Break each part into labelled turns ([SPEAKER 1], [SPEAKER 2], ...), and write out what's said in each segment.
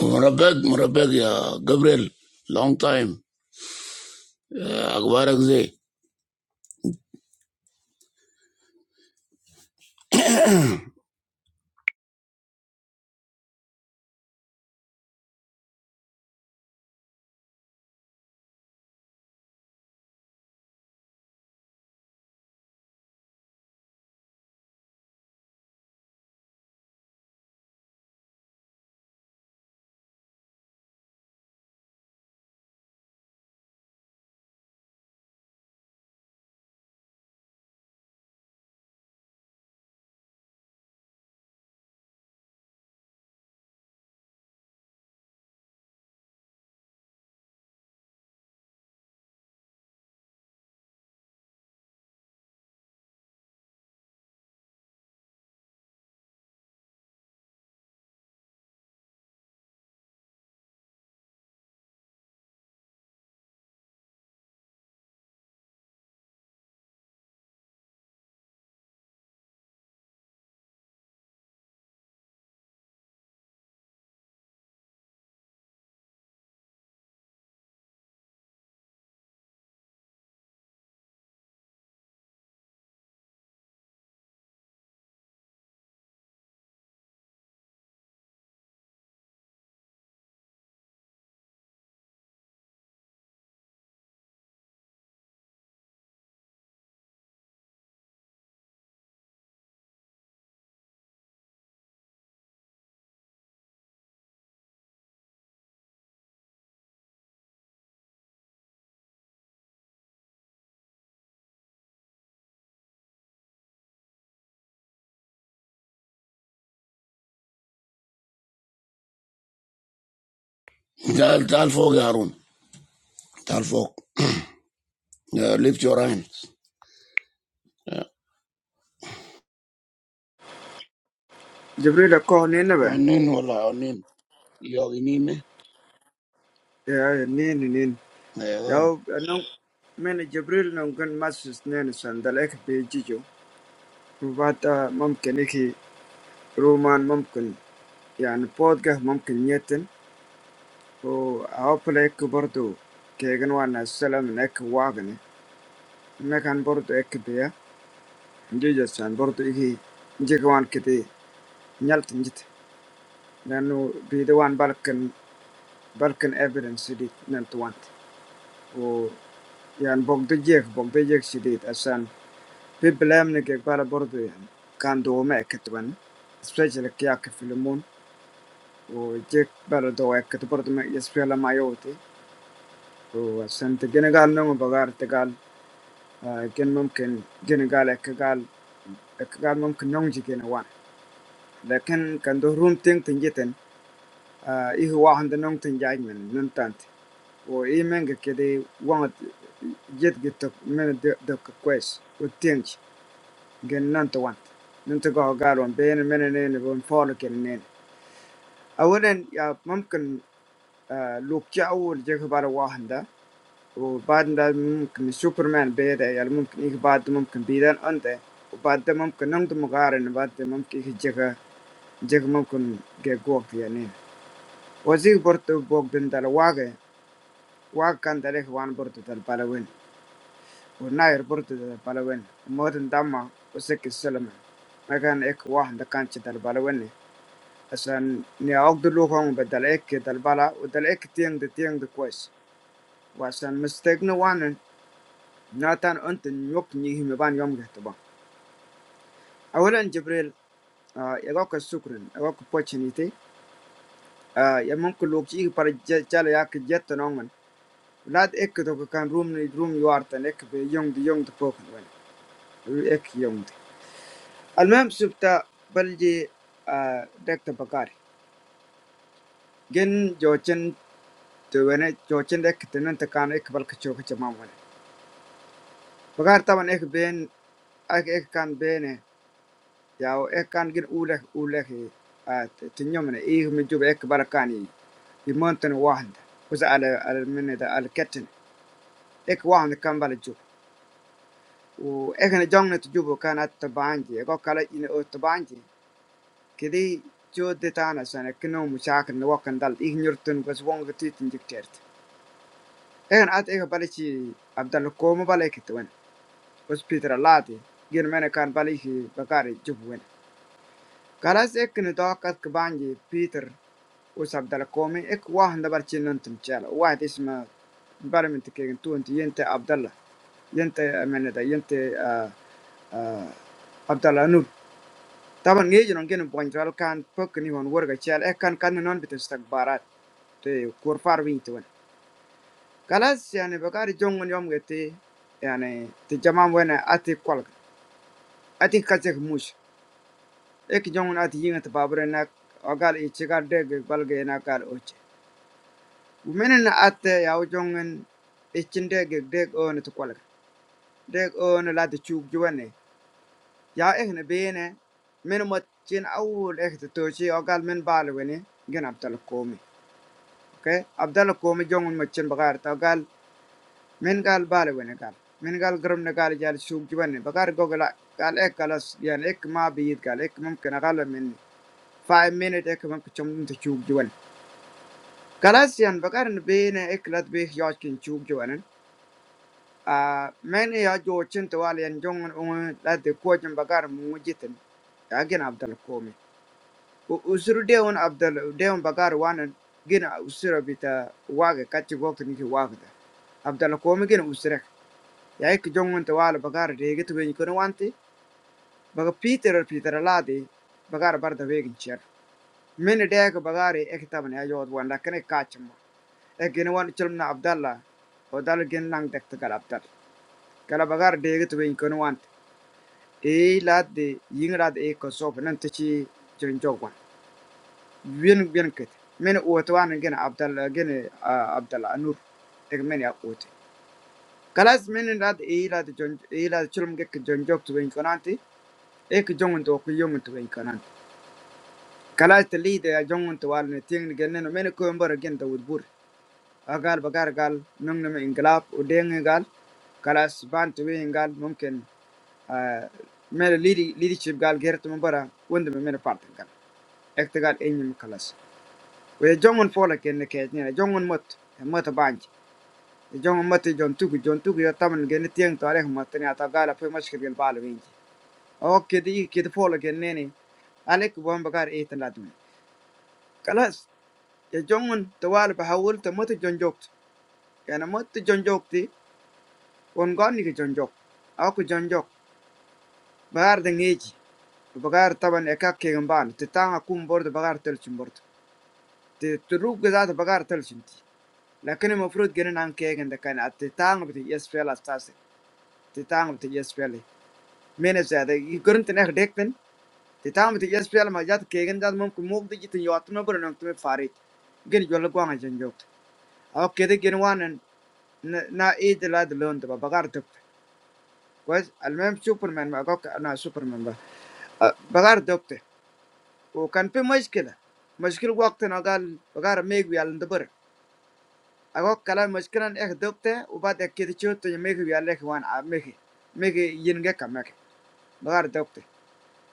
[SPEAKER 1] Murabeg, Murabeg, yeah, Gabriel, long time. Yeah, Akbarak Zay. Tal tal fog, Harun. Tal fog. Yeah, lift your hands. Yeah.
[SPEAKER 2] Jibril akoh nene bɛ
[SPEAKER 1] Onin, wala, onin. Yoginin, eh?
[SPEAKER 2] ya nene nene ya anong men Jibril nong kan masus nene sandalek pe jijo bata mumkin iki ruman mumkin yani podga mumkin yetin o awpele ek bordo kegen wana salam nek wagne mekan bordo ek beya jijo san bordo iki jigwan kiti nyalt njit nanu bide wan balkan balkan evidence dit nantuant och yani bok du gick, bok du gick sig dit. Och sen, vi belämning gick bara bort du igen. Kan du med äcket vän. Speciellt jag filmon. Och gick bara då äcket bort med jag spelar Och sen till Genegal någon bagar till gal. Gen mumkin Genegal äcket gal. Äcket gal mumkin någon gick in wan. Lakin kan du runt ting tingjiten. Ah, ihe wahanda nong tan jaaj men nun tant o i menga kede wangat jet gi tok mena de kwes o tiench gen nan to want nun to go garo ben mena ne bon folo ken ne a ya mumkin luk ja awol wahanda o badda mumkin superman beda ya mumkin ik badda mumkin bidan ante o badda mumkin nang to magare ne badda mumkin ik je ka je ka mumkin ya Ucik bertu bok tentang wajah, wajah antara yang wan bertu terpaluin. Orangnya bertu terpaluin. Mau tentang mana? Ucik keselamatan. Maka kan ek wajah dekanti terpaluin. Asal ni aku duluan mau bertu ek terpala. Udah ek tiang de tiang dekuas. Bahasan mesti ingin wan. Nanti enten yuk nyih membantu. Awalan Jabir, ya aku syukurin. Aku puas nih teh. Ya mau kulogsih pada jalan ya kita nongan. Laat ik het ook kan roem niet roem jwaart en ik bij jong de jong te koken wel. Ik jong de. Almem subta balje dekte bakari. Gen jochen te wene jochen dek te nante kan ik balke choke te mam wene. Bakar taban ik ben ik ik kan bene. Ja, ik kan geen oeleg oeleg te nyomene. Ik me jube ik barakani. Die monten wahand. Was alle alle minne de alle ketten. Ik wahand kan balje. Oh, ekar jang itu juga kan ada bangji, kok kalau ini ada bangji, kdi jodetan asalnya kenomu siapa yang luangkan dal ihnyur tunggu seorang titin jukcert. Ekar ada ekar balik si Abdallah Komi balik itu kan hospital ladi, gimana kan balik si bakari jupuin. Kalau si ekar itu bangji, Peter, us Abdallah Komi, ek wah ndabar cilen tungchela, wah di sini barang itu kayaknya tuan tiyente Abdallah, tiyente mana dah, tiyente Abdallah Nud Tapi ini juga nungkeun ponsel kan, pok nih hon warga cial, ekan kan nengon betul sekbarat tuh kurvaar wing tuan. Kalau sih ane bakal dijungun nyam getih, ane dijaman weh nanti kual. Ati kacemus, ek jungun ati ingat babre neng agal icar deg balgen agal oce. Bu menin nanti ya jungun eschen deg deg on itu kual, deg on lalu cukjuane. Ya eh nabiene, menurut cinc awur ek tujuh agal men balwe nih, gan abdal kumi. Okay? Abdallah Komi Jongun Machin Bakar tau gal min gal bale wene gal. Min gal gerum ne gal jal suk jiban ne bakar gogla gal ek kalas yan ek ma biyit gal ek mumkin agala min 5 minute ek mumkin chum te suk jiban. Kalas yan bakar ne be ne ek lat be yajkin suk jiban. Ah, men ya jochin to wal yan jongun un lat de kojin bakar mu jitin. Agin Abdallah Komi. Usuru deun Abdallah deun bakar wanan gina usura bita waga kachi gokti niki wagda. Abdalla kome gen usrek ya ik jongon te wala bagara de get wen kono wanti baga peter peter ladi bagar barda wegin cher min de ga bagara ek taban ya jod wanda kene kachmo e gen wan chulmna abdalla o dal gen lang dek te gal abdal kala bagara de get wen kono wanti e ladi ying lad e ko sof nan te ci bien bien ket Men o to wan gen abdalla gen abdalla anur ek men ya ote kalas minin rat i rat jon i rat chulum ke jon jok tu ben konanti e ke jongun to ku yongun tu ben konanti kalas te li de jongun to wal ne ting gen ne men ko mbor gen ta wud bur agal bagar gal nung ne inglap u deng gal kalas ban tu wen gal mumkin mere leadership gal gert mo bara wonde me mere part gal ekte gal enyim kalas we jongun fola ken ne ke ne jongun mot mot ban Jungmu itu jontuk, jontuk ya tabun geni tiang tuaré hukmatnya atau galapu masih kagil balu ini. Oh, kedu i kedu folo geni nih. Alek bukan bagar i tanladu. Kalas ya jungun tuaré bahwul temu itu jontok. Karena temu itu jontok ti, bukan nikah jontok. Aku jontok. Bagar dengi aja. Bagar tabun ekak kagam balu. Tertang aku mundur bagar terjun mundur. Terturuk juga bagar terjun ti. Lakunya mufrod geni nangkégen dekane. Tertang udah yesfela stase. Tertang udah yesfeli. manage that you couldn't an addict then the time with the SPL ma jat kegen jat mum ku mug de jit yot no bro nang tu farit gen jol ko ang jen jok aw kede gen wan na e de la de lon de bagar dok was al mem superman ma gok na superman ba bagar dok te o kan pe mushkila mushkil waqt na gal bagar meg wi al de bro agok kala mushkilan ek dok te u ba de kede chot te meg wi al ek wan a meg bagar dok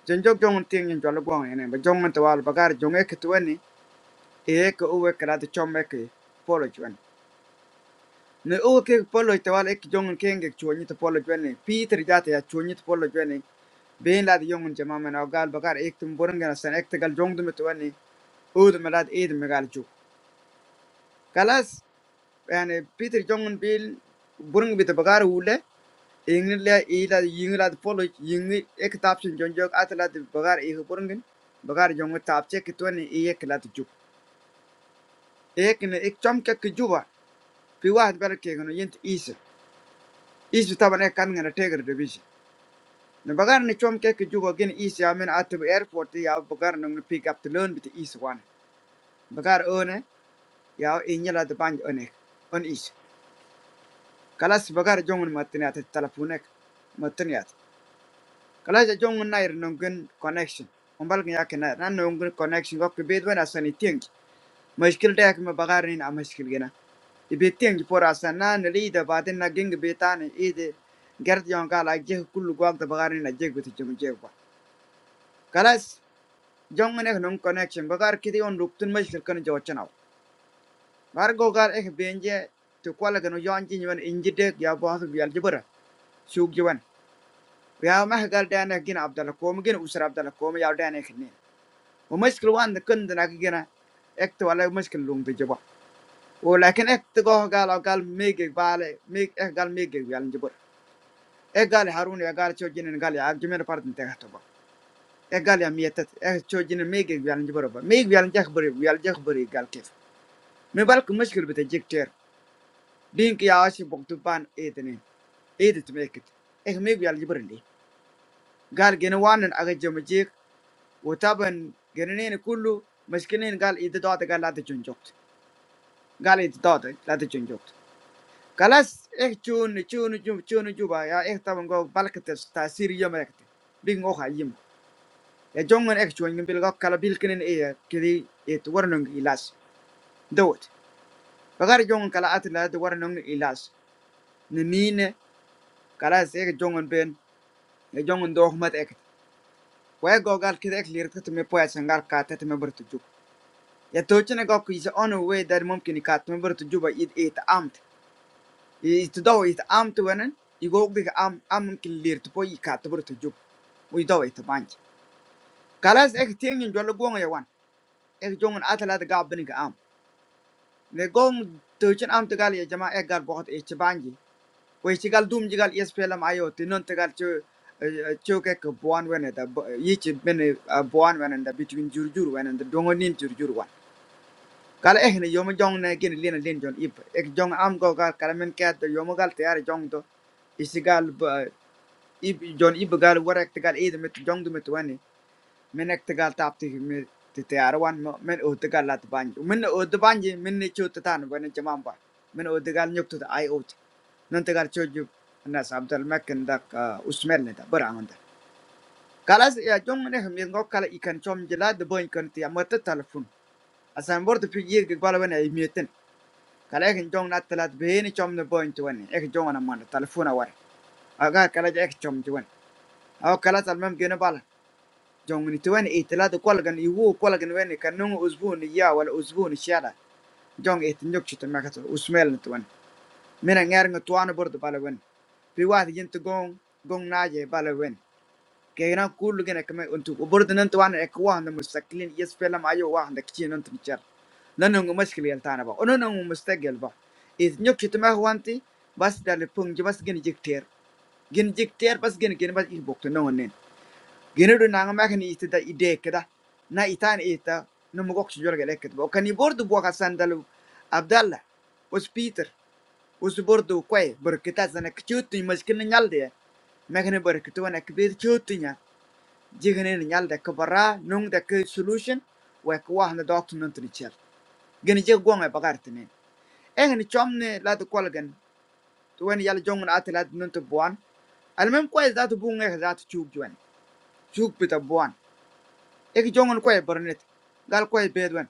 [SPEAKER 2] Jonjo jong ting in jolo gwang yene, ba jong to wal bagar jong ek to weni, he ek uwe krat chom ek polo chwen. Ne uwe ke polo to wal ek jong king ek chwen to polo chwen, Peter jate ya chwen to polo chwen. Bein lad jong jama men au gal bagar ek tum burung gana san ek gal jong dum to weni, ud melad ed megal chu. Kalas yani Peter jong bil burung bit bagar ule Ingla ila yingla polo yingi ek tapsin jonjok atla de bagar e hupurngin bagar jongo tapche kitwani e ek lat juk ek ne ek chomke ke juba pi wahd bar ke gono yent is is taban ek kan ngana tegar de bisi ne bagar ne chomke ke juba gen is ya men atb airport ya bagar nang pick up to learn bit is one bagar one ya ingla de banj one on is kalas bagar jongon matne at telefonek matne at Kala ja jong na connection. Umbal gya kena ran nongin connection go ke bedwen asan iting. Mushkil ta yak me bagari na mushkil gena. Ibe ting por asan na ne li da baden na geng betan ide gert jong ka la je kullu go da bagari na je gutu jong je ba. Kalas jong ne nong connection bagar kidi on ruktun mushkil kan jo chanaw. Bar go gar ek benje to kwala gano yon jin yon inji ya bo hasu bial jibara. Shuk jiwan. Ya mahgal da na gin abdala kom gin usra abdala kom ya da ne ومشكلة وانا كندا ناكي جنا اكت ولا مشكلة لون بجبا ولكن اكت قوه قال او قال ميجي بالي ميج اه قال ميجي قال جبر اه قال هارون يا قال شو جنن قال يا جميل بارد انت هتبا اه قال يا ميتت اه شو جنن ميجي قال جبر با ميجي قال جخبري قال جخبري قال كيف من بالك مشكلة بتجيك تير دينك يا عاشي بقتبان ايه تنين ايه تميكت ايه ميجي قال جبر لي قال جنوان اجا جمجيك وطبعا جننين كله مشكلين قال ايه دوت قال لا تجنجو Kalau itu dapat, lalu cocok. Kalau ekcun, ecun, ecun, ecun, ecun, ya ekta menggak balik ke tempat asalnya mereka. Bingohayim. Jangan ekcun yang bilang kalau bilkinin air, kiri itu warnung ilas, dapat. Bagari jangan kalau ada lalu warnung ilas, nini. Kalau ekcun jangan, jangan dohmat ek. Kau gak gak kiri eklihat tempat mepoya sengkar katet meberutuju. Ya dojane gak kiri seono, kau dari momkin katet meberutuju, ya itu amt. itu doa itu am tuanen, itu guok juga am am kelir tu poj i kata buru tujuh, itu doa itu banj. Kalau seikhc tiangin dua log buang aja wan, ikhjongin atlet gabbing ke am. Negom tujuan am tu gal jema ekar banyak, itu gal dum juga ispelam ayo tinon tu gal cew cew kek buan wenendah, iich men buan wenendah between jurjur wenendah dongonin jurjur wan. Kalau ikhni yom jongin kelirin tinjong, ikhjong am guokar kalamin kaya tu yomgal tiar jong do isgal ib jon ibegal warak tegal ida mit jong du mit wani menek tegal tapti mit tete arwan men o tegal lat banji men o de banji men ne chot tan wani jamamba men o tegal nyokto ai ot nan tegal choju nas abdal makken dak usmel ne da baramanda kalas ya jong ne hem ngok kala ikan chom jela de boy kan ti amata telefon asan bor de pigir ge bala wani ai meten kala ek jong nat talat beheni chom ne boy to wani ek jong ana man telefon awar aga kala ek chom ti wani aw kalas al mem gene bala Jong ini tuan itu telah tu kolgen itu kok kolgen ini karena ushun ini ya wal ushun ini siapa? Jang itu nyok cipta makasih usman itu tuan. Menang ereng tuan berdua pale tuan. Perwasi jen tuong tuong naji pale tuan. Karena kuluk ini kami untuk. Keburutan tuan ekuan demi sekilian yes film ayu wah demi kecilan tuan macar. Nenengmu masih kelir tanpa. Orenengmu masih gel. Is nyok cipta makawan ti. Bas dari pungju bas gin cipter. Gin cipter bas gin gin bas is bukti nong neng. Genero nangem makan isti ta idekta, nai itaan ista nungu koksijol kelak ketemu. Kau kini bordu buang sandalu Abdullah, ujus Peter, ujus bordu kau berketat zane kejutnya meski nengyalde, makan berketat zane kejutnya, jika nengyalde keparah nung dekay solution, uakuah nandok tuh nuntunicar. Genero gue nggak baper temen. Eh genero cumne lato kolagen, tuan nengyal jongun ati lato nuntu buan, almem kau izat buang, kau izat cukup jual, cukup betul buan. एक जोंग उनको ये बरनेट, गाल को ये बेदवन।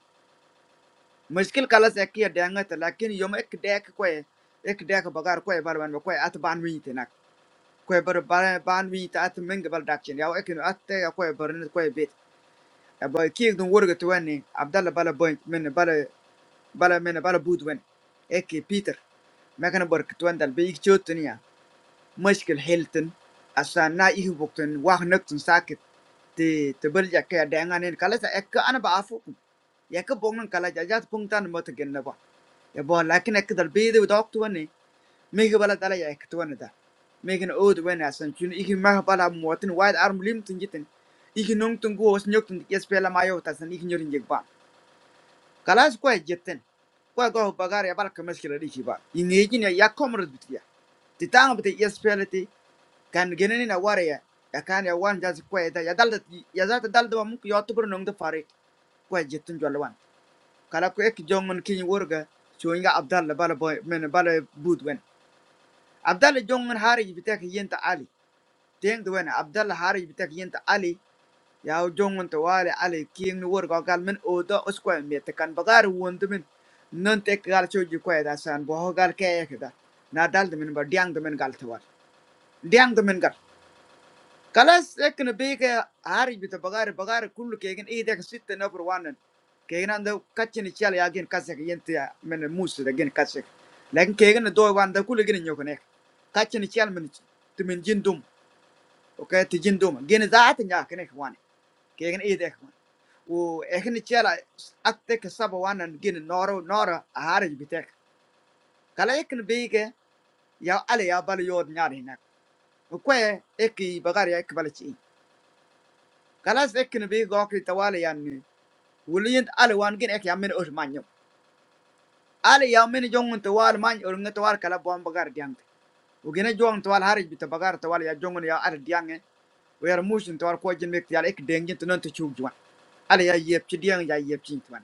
[SPEAKER 2] मुश्किल कलस एक ही डेंगर्ट, लेकिन यो में एक डैक को ये, एक डैक बगार को ये बरन में को ये आठ बानवी थे ना। कोई बर बारे बानवी था आठ मेंग बर डैक्चन। याँ एक न अत्यंग को ये बरनेट को ये बेद। याँ बाई की एक दो वर्ग तो वन हैं। अब्दुल्ला � masih kehilutan asal naik waktu ini wah ngeton sakit di terbelah kayak dengan ini kalau saya ke anak bafuk ya ke punggung kalau jajat punggungan mau terkena apa ya boleh, tapi ekedar beda waktu ini mungkin pada darah ya itu aneh, mungkin old way asal jadi ihmu mah pada muatin wadah mlim tunggutin ihmu nungtung gua senyuk tunggias pelayan maya asal ihmu nyurung juga, kalau itu kual jaten, kual kau bagar ya pada kemeski lebih siapa, ini jinnya ya komrad betul ya, di tanggup teh jas pelayan itu kan genen na nawar ya ya kan ya wan jadi kweta ya dal ya zata dal da mun yo tubur nong da fare kwa jetun jolwan kala ko ek jongon kini wurga shoyinga abdalla bala boy men bala bud wen abdalla hari bitak yenta ali teng de wen abdalla hari bitak yenta ali ya jongon tuh wale ali kini wurga gal men oda oskwa mete kan bagar wondu men nanti tek gal choji kweta san bo kita, ke tuh na dal de men ba tuh de men gal diang tuh men gal Kalau sekian banyak hari kita bagar bagar kulik, kalian ini dekat sifatnya perwalian. Kalian anda kacanya ciala agen kasih yang tiap menemui sudah kalian kasih. Lain kalian dua orang da kulik ini nyokan ya. Kacanya ciala tuh mencium domba, oke, tuh jin domba. Kalian saatnya kalian perwalian. Kalian ini dekat. Wu akhirnya ciala at the sabuwanan kini noro nora hari kita. Kalau sekian banyak ya ale ya bal yaud nyariin ya. Kue ekibagari ekbal cing. kalas ekin bi gokri tawala yanni wuliyint ali wan gin ek yamin ur manyo ali yamin jongun tawal man ur ngi tawal kala bom bagar diang ugina jong tawal harij bita bagar tawal ya jongun ya ar diange wer mushin tawal ko jin mek yal ek dengin tunan tu chug jwan ali ya yep ci diang ya yep ci twan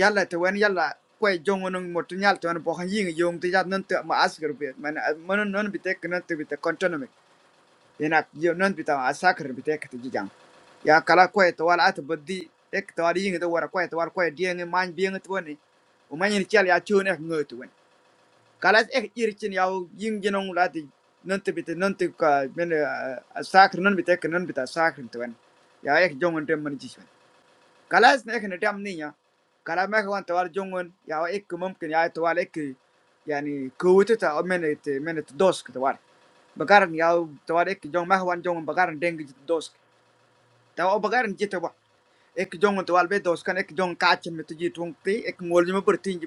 [SPEAKER 2] yalla te wen yalla ko jongun motu nyal twan bo han ying yong ti jat nan te ma asgar bi man man non bitek nan te bitek kontonomi Enak yang nunti tawa asakrim bete ketujujang. Ya kalau kue tawar atau budi, ek tawari yang itu orang kue tawar kue dia yang manj binget tuan ini. Umanya nical ya cium ek ngerti tuan. Kalau ek iri cinau yang genong lagi nunti bete nunti ke bener asakrim nunti bete kan nunti tawa asakrim tuan. Ya ek jangan demen jisman. Kalas na ekin dam niya. Kala meka wan tawar jungun ya wa ikki mumkin ya tawar ikki yani kuwiti ta minute minute dos ki tawar. Bagaran ya tawar ikki jong meka wan jungun bagaran dengi jit dos. Tawa o bagaran jita wa. Ikki jungun tawar be dos kan ikki jong kachin mitu jit wong ti ikki ngol jima bertin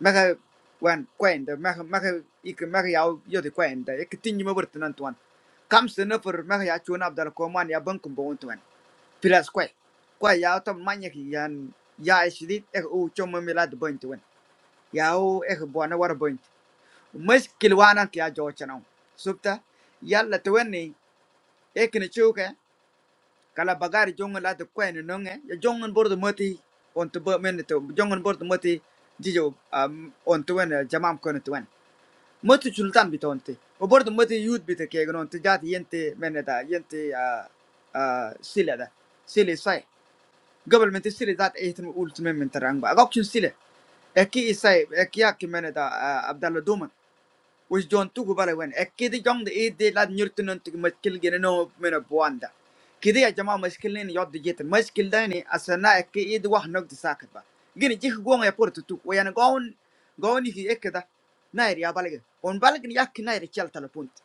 [SPEAKER 2] maka kau kau enda maha maha ik maha yaud yaudi kau enda ek tinggi ma bertentuan kam se nafur maha ya cun abdul kau mania bank kumbau untuan peras kau kau yaud tam manya kian ya esudit eh u cuman melat buat untuan yaud eh buana war buat mes kiluana kia jauh chenau supta ya latuan ini ek nciuk eh kalau bagari jungen ladu kau enda nong eh jungen bordu mati ontu men itu jungen bordu mati dijo ontu enda jamam kau untuan ما انت سلطان بتونتي وبرضه ما انت يود بتك يا جنون تجات ينت من ده ينت آه آه سيلة ده سيلة صحيح قبل ما انت سيلة ذات ايه تم قلت من من ترانبا اقوكشن سيلة اكي اساي اكي اكي من ده آه عبد الله دومن which don't took bala when a kidi jong the e de lad nyurtu non tik maskil gene no mena buanda kidi ya jama maskil ni yod de jet maskil da ni asana e e de wah nok de sakat ba gene jik go ya portu tu o yana gon gon ki e keda nair ya balge on balge ni yak nair chal telepunt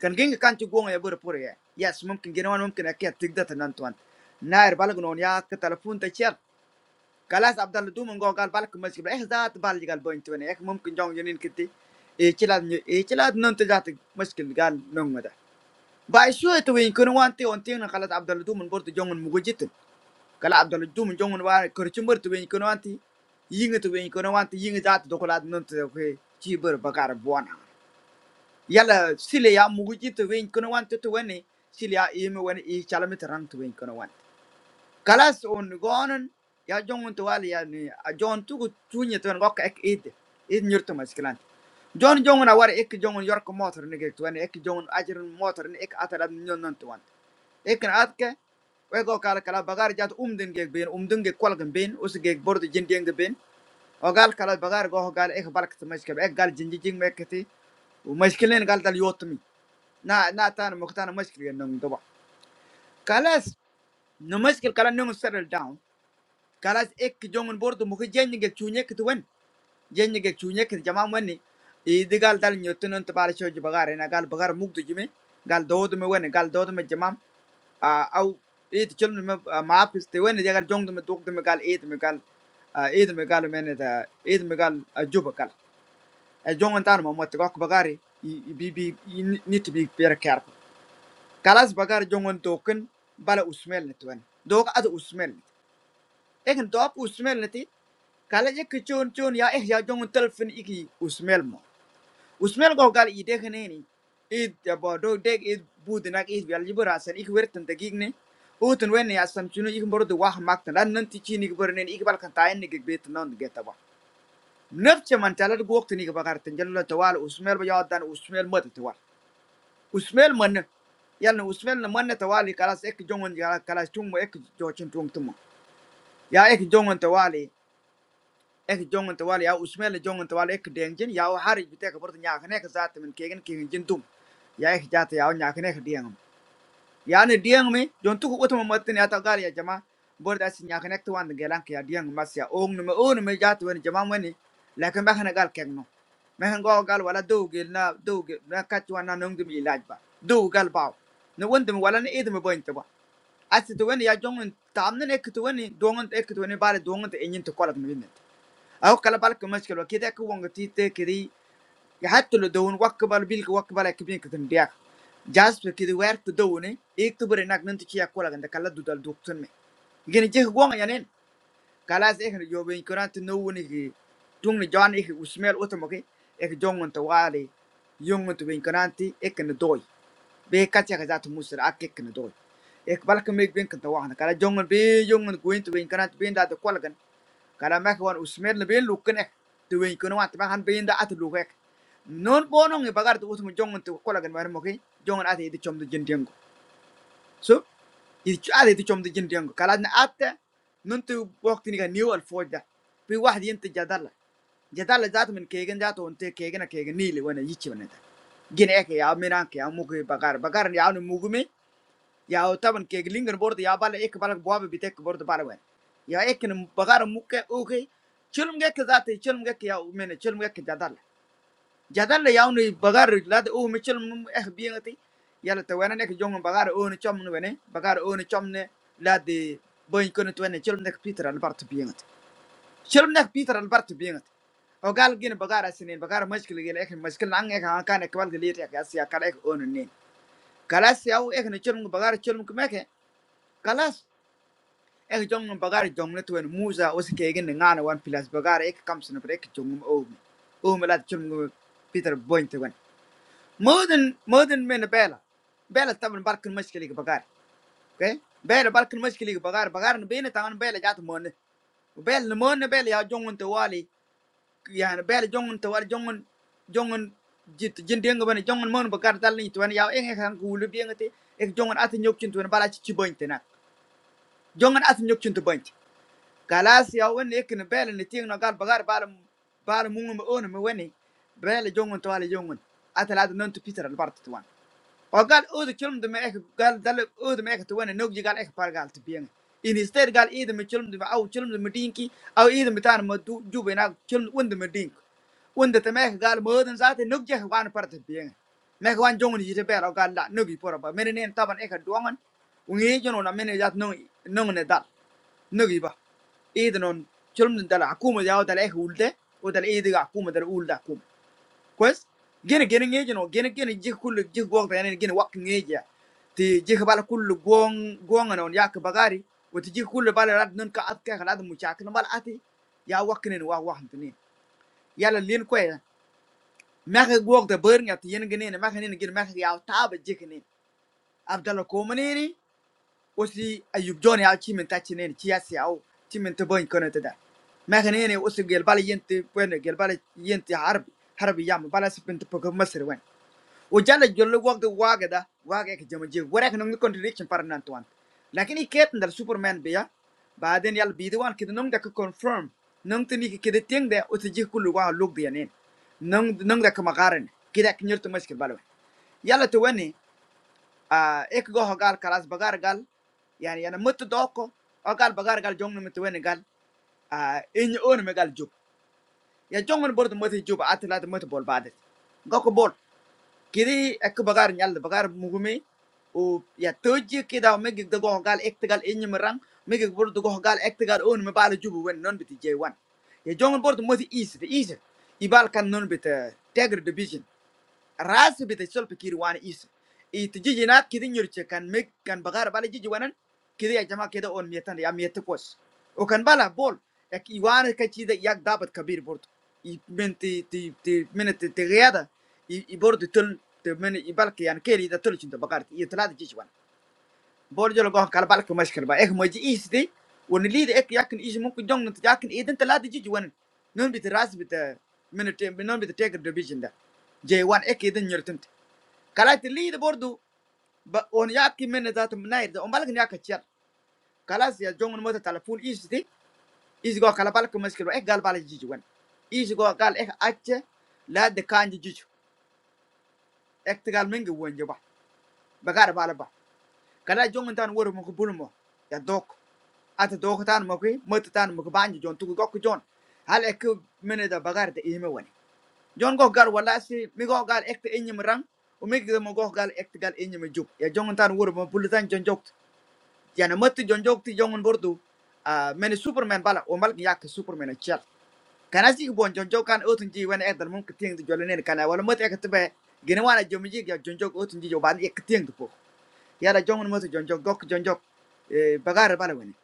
[SPEAKER 2] kan genge kan tu go ya bor por ya yes mumkin gene wan mumkin akia tik da tan tuan nair balge non ya ka telepunt chal kalau Abdal itu mengganggu karbar kemiskinan, eh zat barang juga berintinya, eh mungkin jangunin keti, eh celad, eh celad nanti zat kemiskinan nonggoda. Bagi surat itu yang kunoanti, anti yang salah Abdal itu membuat jangun mukjizat. Kalau Abdal jum jangun baru kerjimbar itu yang kunoanti, yang itu yang kunoanti, yang zat dokolat nanti oke ciber bagar buana. Yala sila mukjizat yang kunoanti itu ini, sila ini ini calamet rangtu yang kunoanti kalas on gonan ya jongon to wali yani a jon tugu tunye to ngok ek id id nyurto maskilan jon jongon a war ek jongon york motor ne gek tuan ek jongon ajrun motor ne ek atara nyon non tuan ek na atke we go kala kala bagar jat umden gek ben umden gek kwal gen ben us gek bordo jindien gen ben o gal kala bagar go gal ek balk to maskab ek gal jinji jing mekati ومشكلين قال دل يوتمي نا نا تانا مختانا مشكلة نم دبا كلاس نمشكل كلا نم سر down kalas ek jongen bordo mu jenye gek chunye kit wen jenye gek chunye kit jama mani i digal dal nyotunon tabar shoji bagare na gal bagar mugdu jimi gal dodo me wen gal dodo me jama a au it chulme me maafis te wen jagal jongdo me dogdo me gal it me gal ايد مقال من ده ايد مقال جوبا قال جونغن تان ما مت كوك بغاري بي بي نيت بي بير كارف كلاس بغار جونغن توكن بلا اسمل نتوان دوك اد اسمل لكن دوب اسمل kala yeki chon chon ya eh ya jong telfin iki usmel mo usmel go gal ide khneni id ya bo do dek id budnak id gal jibur asan ik werten de gigne utun wen ya sam chunu ik bor de wah mak tan nan ti chini gbor nen ik bal kan tayen ni gbet non geta ba nafce man talad go wakti ni bagar tan jallo tawal usmel ba ya dan usmel mat tawal usmel man yalna usmel na man tawali kalas ek jongon ya kalas tumo ek jochin tung tum ya ek jongon tawali ek jongan tawal ya usmel jongan tawal ek dengjin ya o harij bite ka borta nyaak ne ka zat men kegen kegen jin dum ya ek jata ya o nyaak ne ya ne dieng me jon tu ko utma matin ya ta gal ya jama borda si nyaak ne tawan gelan ya dieng mas ya ong ne me on me jata wen jama wen lakin ba kana gal kegno me han go gal wala do gel na do gel na kat wan na nong dum ilaj ba do gal ba ne wondum wala ne edum boin ta ba asti to wen ya jongan tamne ne ek to wen dongan ek to wen bare dongan te enyin to kolat me او kala balka mashkil wa kida ka wanga tite kidi ya hattu lo dawun wakka bal bil ka wakka bal ekbin ka tin biak jas pe kidi wer to dawune ek to bare nak nanti kiya kola ganda kala dudal duktun me gene je wanga yanen kala se ekne jobe in kurant no woni ki tung ni jan ek usmel otomoke ek jongon to wali yongon to ben kuranti ekne doy be katya ka zat musra ak ekne doy ek balka meg ben kan to wahna kala jongon be yongon kuin to ben kurant ben da to kola karena mek wan usmed lebih lukin ek. Tuwing kuno wat makan bin da atu lukek. Non bonong e bagar tu usmu jongon tu kola gan wan moki. Jongon ate itu com tu jentiang ko. So, itu ate itu com tu jentiang ko. na ate non tu waktu ni kan new al foja. Pi wahdi yente jadala. Jadala jatuh min kegen jatuh unte kegen a kegen nili wana yichi wana ta. Gine ek ya minan ke ya mugi bagar. ni ya anu mugi ya teman keinginan borat ya balik ekbalak buahnya betek borat parah banget ya eknya bagar mukae oke cilmu kayak kezatih cilmu kayak ya men cilmu kayak kezatil kezatil yaunya bagar lad ooh cilmu eh biang itu ya tuhannya nih jong bagar ooh ni cuman tuhane bagar ooh ni cuman lad boin kuno tuhane cilmu nih Peter albar tuh biang itu cilmu nih Peter albar tuh biang itu bagar gin bagar asin bagar meski lagi ek meski langgeng angka nekwal geliat ya kalas ya kalas ya ooh ek cilmu bagar cilmu maca kalas ek jong bagari jong le tuen musa os kegen ne ngana wan pilas bagari ek kam sene brek jong o o me lat chung peter boint wan modern modern men bela bela taban barkin mashkili ke bagari okay bela barkin mashkili ke bagari bagari ne bene taban bela jat mon bela ne mon bela ya jong te wali ya ne bela jong te wali jong jong jit jindeng ban jong mon bagari dal ni tuan ya ek ek han gulu biengate ek jong at nyok chin tuan bala chi boint na jong at nyok chin te boyn. kalas ya wani ikin bele ni ting na gal bagar bala bala mungu mi onu mi wani bele jongun to wala jongun atal adu non to peter al bartu tuwan o gal udu kilum de me ek gal dal udu me ek to wani nokji gal ek par gal to biyen in instead gal idu mi kilum de au kilum de mi dinki au idu mi tan ma du jube na kilum undu mi dink undu te me ek gal mo den zate nokji ek wan par to biyen me ek wan jongun yite bele o gal la nogi pora ba menen taban ek duangan ungi jono na menen jat nong nong ne dal Nggih bah, ini non cuma dari aku mau jauh dari eh ulde, udah ini juga aku mau dari ulde aku, kauz. Gimana gimana ini jono, gimana ini jikul jik walk, ya ini gimana walk ini aja. Di jik balik kul guang guangnya on jauh ke bagari, waktu jik kul balik nunt kau kau kau nanti muncak nunt balat iya walk ini walk walk ini. Iya lah lihat kauz. Macam walk de bereng ya, ini gimana macam ini gimana macam ya tab jik ini abdalo komani ini. osi ayub joni al chimen tachinen chia siao chimen to boy kono tada ma khane ne osi gel bal yente bueno gel yente harbi harbi yam bala sipin to poko masir wen o jala jollo wogde waga da waga ke jama je wara kana ngi contradiction par nan tuan lakini ket ndal superman beya, baden yal bidi wan kid nong da ko confirm nong tini ke kede teng da osi je kullu wa log de yanen nong nong da ka magaren kida kinyer to maskil balwe yala to wani ah ek go gal kalas bagar gal yani yana mutu doko o gal bagar gal jongno mutu wen gal ah in on me gal jub ya jongon bordo mutu jub atla mutu bol badet goko bol kiri ek bagar nyal bagar mugumi o ya toji kida me gig go gal ek gal in merang me gig bordo go gal ek gal on me bal jub wen non biti j1 ya jongon bordo mutu east the ibal kan non bit tagger division ras bita solpa kir wan is itu jijinat kidi nyurche kan meg kan bagar bala jiji wanan kidi ya jama kida on mietan ya miete kos o kan bala bol yak iwan ka chida yak dabat kabir bordo i menti ti ti minete te gada i i bordo tul te men i balke yan keri da tul chinta bagar i tlada jiji wan bol jolo go kal balke mashkal ba ek moji is de on lid ek yakin is mumkin jong nta yakin eden tlada jiji wan non bita ras bita minete non bita take division da j1 ek eden nyurtin kalas tiliida bordu ba on yaadki mene zata mnairda on balgin yaka chiyar kalas ya jongon mota telefon isiti isigo kala balka maskiro ek gal bala jiji wen isigo gal ek acce laadde kanji jiju ek tigal mingi wonje ba bagara bala ba kala jongon tan woro moko bulmo ya dok ata dok tan moko mota tan moko banji jon tugu gokko jon hal ek mene da bagara da ime wen jon go gar wala si mi go gal ek te enyim rang o mi go gal ek tigal enyim juk ya jongon tan woro mo bulutan jon jok. Jangan mati jomjob ti jangan boru. Meni Superman bala, orang ni ya ke Superman aja. Karena sih bukan jomjob kan, uang sendiri. Karena ekonomi ketieng itu jualan ini karena. Walau mati ekspor bae, gini warna jomjobnya jomjob uang sendiri jualan eketieng itu. Ya, rajungan mati jomjob dok jomjob bagar bala gini.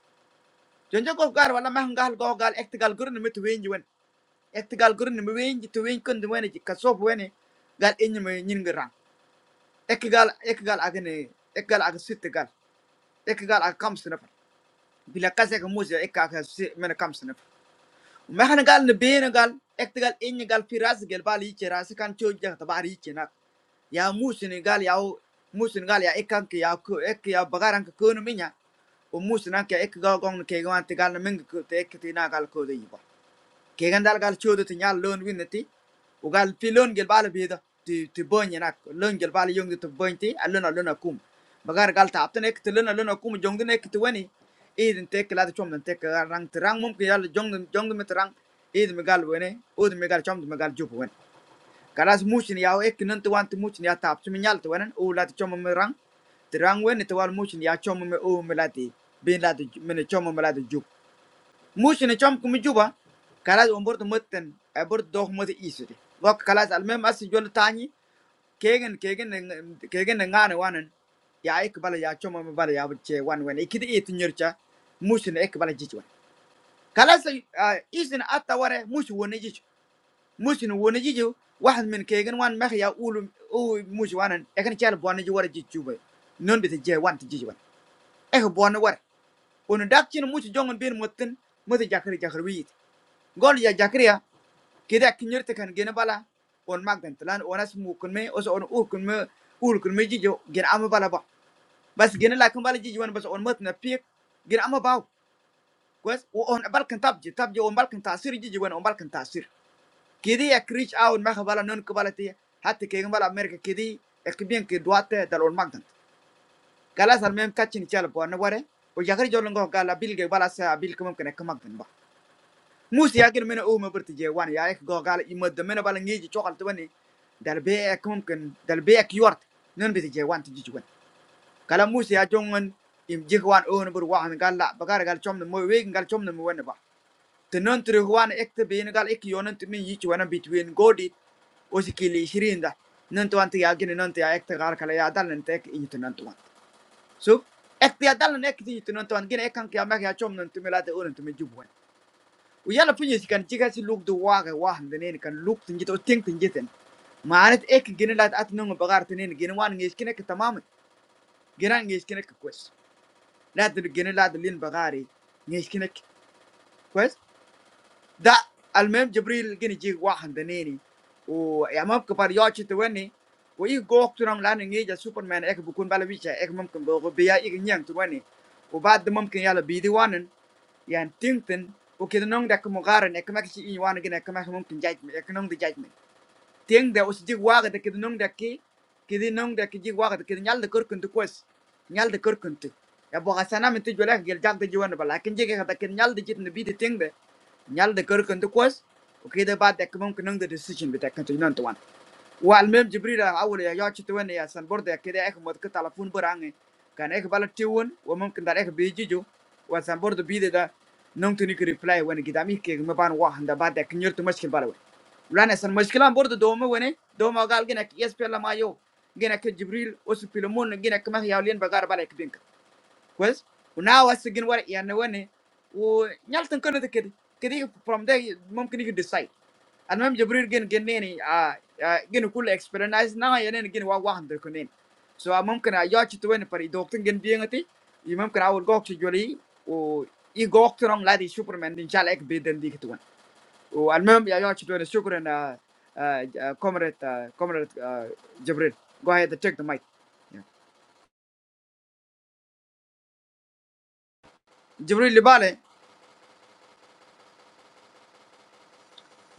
[SPEAKER 2] Jomjob bagar, walau mah enggak kal kal, ekgal guru nemu tuh win jualan, ekgal guru nemu win itu win kon dimuani. Kalsoh buani, gal ini menyin gara. Ekgal ekgal agni, ekgal agustis ekgal ekgal agam sifat. bila kase ka musa ek ka ka si mena kam sanap ma hana gal ne bena gal ek te gal enya gal fi ras gel bal yike ras kan cho ja ta bari yike nak ya musa ne gal ya o musa ne gal ya ek kan ke ya ko ek ya bagaran ka ko no minya o musa na gal ne meng ko te ek te na gal Kegandaan gal jodoh ti nyala lonjir nanti, ugal filon gelbal bihda tu tu banyak lonjir gelbal jongde tu banyi, alon alon aku, bagar gal tapten ek tu lon alon aku jongde ek tuwe ni, iden tekelade cuman tekelar rang terang mungkin jalan jongde jongde meterang iden megal buen, uden megal cuman megal jupuwen, karena semusin ya u ek nanti warna musin ya tapcuma nyala tuwen, u lati cuman merang, terang wen itu warna musin ya cuman u melati bin lati men cuman melati jup Mushin coba kalau ambur tuh mutton, ambur dog mesti isi deh. Waktu kalau asalnya masih jual tani, keding keding keding ngan yang one, ya ekbal ya coba mbak ya cewek one one. Ikut itu nyerca, mushin ekbal jijibun. Kalau seisi nanti wara mushin one jijibun, mushin one jijibun. Wah min keding one, maksudnya ulu ulu mushin one. Ekornya harus buan jiwar jijibun. Nen bisa cewek one jijibun. Eh buan wara, buan daging mushin jangan biar mutton, mesti jahari jahari bih. Gaul jahari ya. kede akinyirte kan gene bala on magdan tlan onas mukunme os on urkunme urkunme jijo gene ama bala ba bas gene la kan bala jijo wan bas on mat na pik gene ama baw kwes o on balkan tabji tabji on balkan tasir jijo wan on balkan tasir kede ya reach out ma bala non ko bala te hatta ke bala amerika kede ekbien ke duate dal on magdan galas al mem kachin chala bo na ware o jagri jolongo gala bilge bala sa bil ko mumkin ek mus yakin mina uma berta je wan ya ek go gal imada mina bala ngeji chokal tawani dal be ek mumkin dal be ek yort non bi je wan tiji wan kala mus ya jongon im je wan on bur wan gal la bagar gal chomna mo we gal chomna mo wan ba te non tri wan ek te bin gal ek yonan te min yichi wan between godi o si kili shirin da non to anti ya gine non te ya ek te gal kala ya dal nan non to so ek te ya dal non to wan ek kan ya mek ya chomna te milate on Ujala punya si kan jika si luka doa kan doa hande nene kan luka tenjat atau tenjat ten, maret ek genelat ati nonggokar tenene genelawan ngejiske ngek tamam, genang ngejiske ngek kuat, lada geneladulil bagari ngejiske kuat da almarhum Jibril gini jiwah handeni, oh emak kembar ya cintuane, kau ikhuk tuh nang lainnya jadi Superman ek bukun balu baca ek mungkin bahwa kebaya ikhnya yang cintuane, kau batin mungkin jalur bidadari yang tingtin, oke tuh nong dek mukarane, ek maksud ini wanita, ek maksi mungkin jadik, ek nong dijadik tieng de os jig waga de kidi nong de ki kidi nong de ki jig waga de kidi nyal de kurkuntu kwes nyal de kurkuntu ya bo hasana min tu jolek gel jak de jiwan bala kin jig ka de kidi nyal de jit ne bi de tieng de nyal de kurkuntu kwes o kidi ba de kumum kunong de decision bi de kuntu non tuan wa al mem jibril awol ya yachi tuwen ya san bor de kidi ek mod ka telefon burange kan ek bala tiwon wa mum kin dar ek bi jiju wa san bor de bi de da nong tuni ki reply wen gidami ke me ban wa handa ba de kinyer tu mashkin bala Renaissance. My skillam boardo doo mu wone. Doo magal ginak experience la mayo. Ginak Jabrill osupilumon ginak kama yahlian bagar balik bingka. Kois? Unawas ginwar iyan wone. Unyal tengkorot kedy. Kedy from there mungkin you decide. Anam Jabrill gin gin ni. Ah ginukul experience. Na iyan gin wawawandeko ni. So amm kena ya cito wane pari. Doctor gin bingati. I mmm kena urgoxijuri. Oo i gogoxirong la di Superman dinchal ek biden di cito wane. Oh, alhamdulillah kita bersyukur dan kamerat kamerat Jibril, go ahead to check the mic. Jibril libalnya,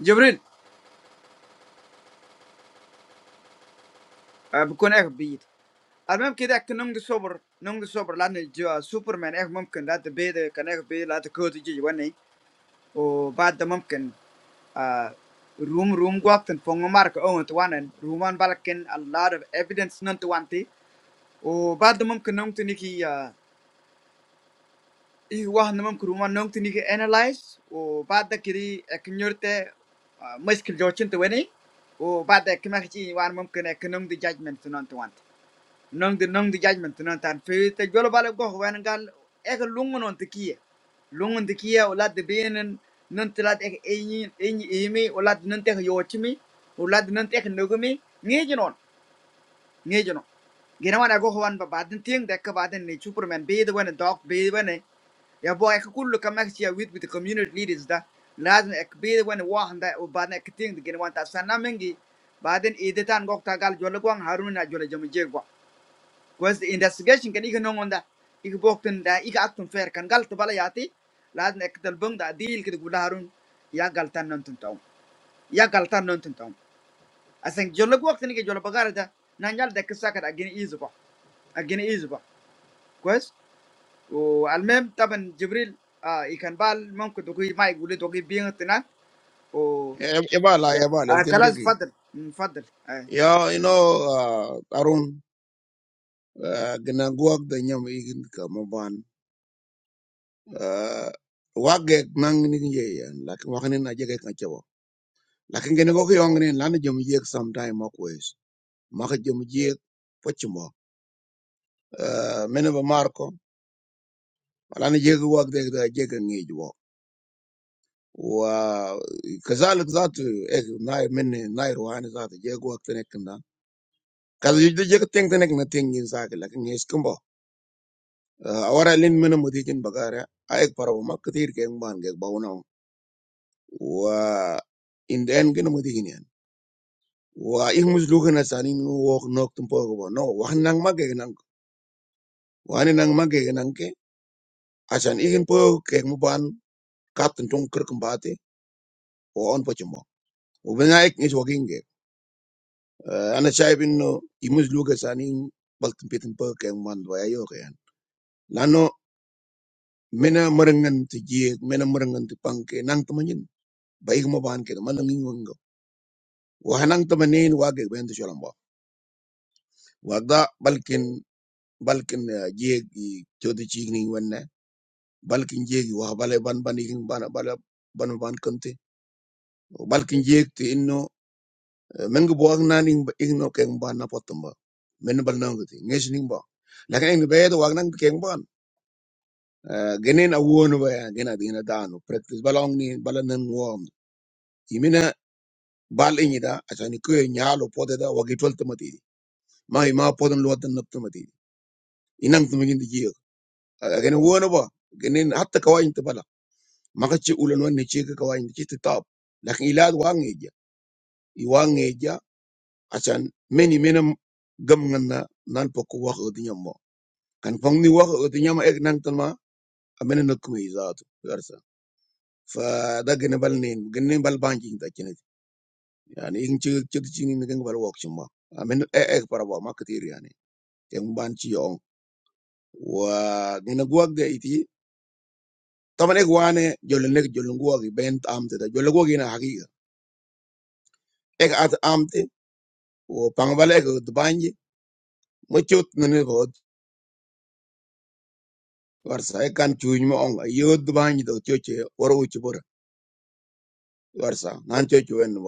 [SPEAKER 2] Jibril bukan eksped. Alhamdulillah kita ek nom de super, nom de super, lah nih jual Superman, mungkin lah terbela, kan eksped, lah terkotori jiwa nih. Oh, badmumkin room room gua tuh punya mark, oh tuanen, rooman balikin a lot of evidence nanti. Oh, badmumkin nom tuh niki ya. Iku wah namun kurma nongti nih analyze, oh pada kiri eknyorte meski jocint tuh ening, oh pada ekmaci wah namun kene nongti judgement tuh nontuan, nongti nongti judgement tuh nontan. Fe itu jual balik gua, orang nggak, ek luang nontki ya, luang nontki ya, olah dibeli neng nontelah ek ini ini ini ini, olah nontelah yocmi, olah nontelah nukumi, nggak jinon. ngejo no gena wana go hoan ba baden tieng dek ka baden ni superman be the one dog be the one ya boy ka kullu kama ka mak chia with with the community leaders da lazim ek be the one wa handa o ek tieng gena wan ta sana mengi baden ide tan gok gal jol gwang harun na jol jam je gwa was the investigation kan ikon ngon da ik bokten da ik aktun fer kan gal to bala yati lazim ek dal bang da deal kid gula harun ya gal tan non tun taw ya gal tan non tun taw asan jol gwak tan ke jol bagara da nanjal dek sakat agin izu gwa agen is va, goed? Oh, al mijn taben Jibril, Ah Ikhansal, Mam kutogui maig, gule togui bieng tina. Oh,
[SPEAKER 1] Eba la, eba,
[SPEAKER 2] Ah
[SPEAKER 1] leftin
[SPEAKER 2] kalas
[SPEAKER 1] jeki.
[SPEAKER 2] fader, fader. Eh,
[SPEAKER 1] Yeah, you
[SPEAKER 2] eh.
[SPEAKER 1] know, uh, Harun, uh, gina guwag da nyam ikin ka maban. Uh, wagek nang ni ye yan, lakin wakanin na jeke kan chabo. Lakin gina goki yongnin, yek sometime makwes. Maka yek, Menambah marco, alangkah jagoan deh dari jagoan ini juga. Wah, kezalik zat itu ek nair meniruannya zat itu jagoan teneknya. Kalau justru jagoan teneknya nggak tinggiin zatnya, kan nggak sekumbah. Awalnya lin menurutin bagaian, aek paraboma kadir keempat banget bau nam. Wah, indahnya ini menurutinian. Wah, ikhmuz luhan asal ini wak nong tempoh kumbah. Nong wak nang mage nang, wani nang mage nangke. Asal ikhempoh keempat ban, katen congker kembati, wauan percuma. Ubinya eknis wakin gak. Anak cah pinno imus juga saking balik tempat tempat kayak umandu ayok kian. Lalu menemurangan tujiak, menemurangan tu pangke nang temenin baik mau banget, malang ingweng. Wah nang temenin wajib banyak salam wa. Wadah balkin balkin tujiak jodiching wengen. Balkin tujiak wah balapan banikin banabala banu ban kante. Balkin tujiak tu inno men gi buwak nan ing ba ing no keng ban na potum ba men bal nang ti ngesh ning ba lakin ing be do wag nang keng ban genen a won ba ya gena dina danu practice balong ni bala nan wom imina bal ing ida asani ko nyaalo pote da wagi tol tamati ma ma podon lo tan nap tamati inang tumigin ti jiyo genen won ba genen hatta kawain ta bala maka ci ulan wan ne ci ka kawain ci ti tab lakin ilad wangeja, eja i wang asan meni menam gam nganna nan pokko wax odi kan pong ni wax nyama ek nang tan ma amene nak mi zaatu garsa fa da gene bal nin gene bal banji ta kine yani in ci ci ci ni ngi bal wok ci ma amene e ek para ba ma katir yani en ban ci on wa gene guak de iti taman ek wane jol nek jol guak ben am te da jol guak ina haqiqa ek at amte, te o pang bal ek du banji mo ci ut ne bo warsa ek kan ci ñu on yo du banji do ci ci waru ci bor warsa nan ci wen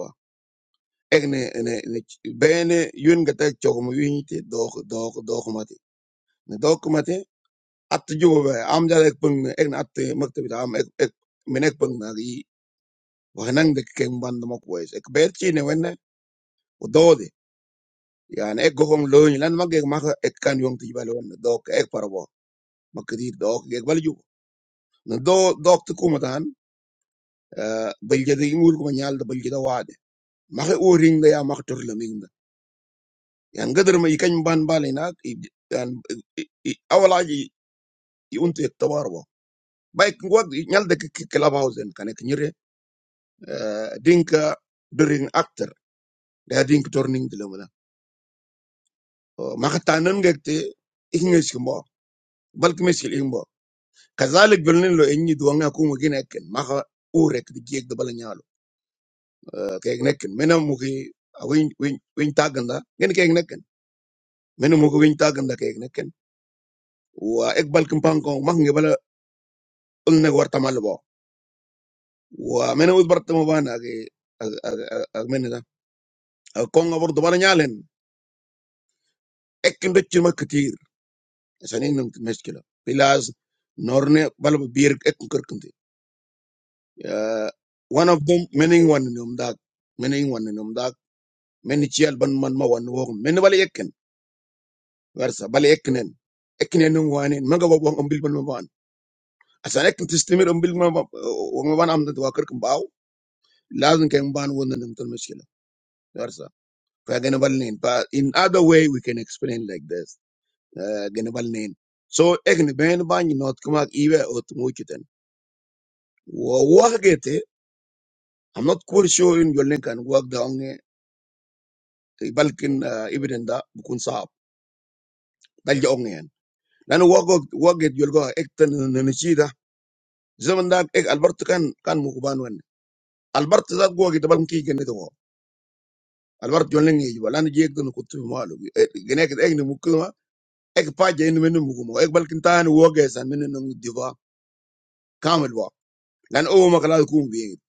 [SPEAKER 1] ek ne ne ne bene yun ga tek chok mo yun te do do do mate ne do mate at jo be am ja ek pung ek na at makte am ek ek men ek pung na gi wa nan de ken band mo ko es ek ber chi ne wen o do de yani ek go hom lo ni lan mag ek mag ek kan yong ti bal wen do ek par bo makdir do ek bal ju ne do do te ko matan bal je de ngul ko nyal de bal je da wade ma o ring da ya mak tur Yan gader mo yakin ban-bali na. Yan awala yun tuwawarbo. Baik ngayo niyal dek kalabaw zen kani kani re. Dingka during actor. Dah dingka turning taluman. Mahatranong gakte ingnis ko mo. Balkemesil ingbo. Kasalikbunen lo engi duwang akumugin nakan. Maha urek di gie dabalanya alo kaignakan. Meno mugi win win win taganda gini kaignakan. Meno mugi win taganda kaignakan. Waa ekbal kumpang ko mah ngi bala ulnegwartamalbo. ومن هو برت مبان اجي من ده الكونغو برضه بان يالن اكن دتش ما كتير عشان انهم مشكله بلاز نورني بلب بير اكن كركنت one of them many one in um that many one in um that many chial ban man ma wan wo many bal ekken versa bal ekkenen ekkenen num wan en maga wo on bil ban ma ban asan ekken tistimir on bil ma wo ma ban am da wa kirkin baw lazim Fa ganabal nin. But in other way, we can explain like this. Uh, ganabal nin. So, ekni ben bany not kumak iwe ot muchiten. Wa wakete, I'm not quite sure in your link and work the onge, balkin uh, ibn da bukun saab. Dal ja onge yan. Lano wagot waget yolgo ekten nanishida. Zaman da ek Alberto kan kan mukuban wan. Alberto da go git balkin ki genne to. Alberto yolnge yiwa lano jek don kutu malu. Gene ek ekni mukuma ek pa je in menu mukumo. Ek balkin tan wogesan menu nung diva Kamu itu, dan oh mereka langsung bilang,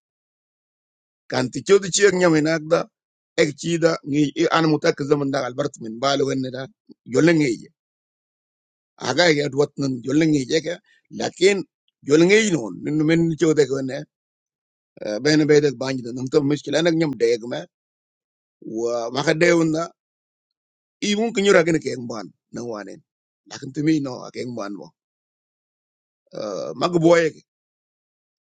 [SPEAKER 1] kan tictoc itu nyampe naga itu, ekcida, ini, ini, ane muter ke zaman daga Albert menbalu gendala, jalan ini, agak-agak dua tahun jalan ini aja, tapi jalan ini non, ini, ini tictoc itu ene, bener-bener banjir, namun terus kita lagi nyampe dek, mah, makanya dek, itu, itu kenyora kita keenggan, nenguanin, tapi tuh mino, keenggan, mah, mau boy,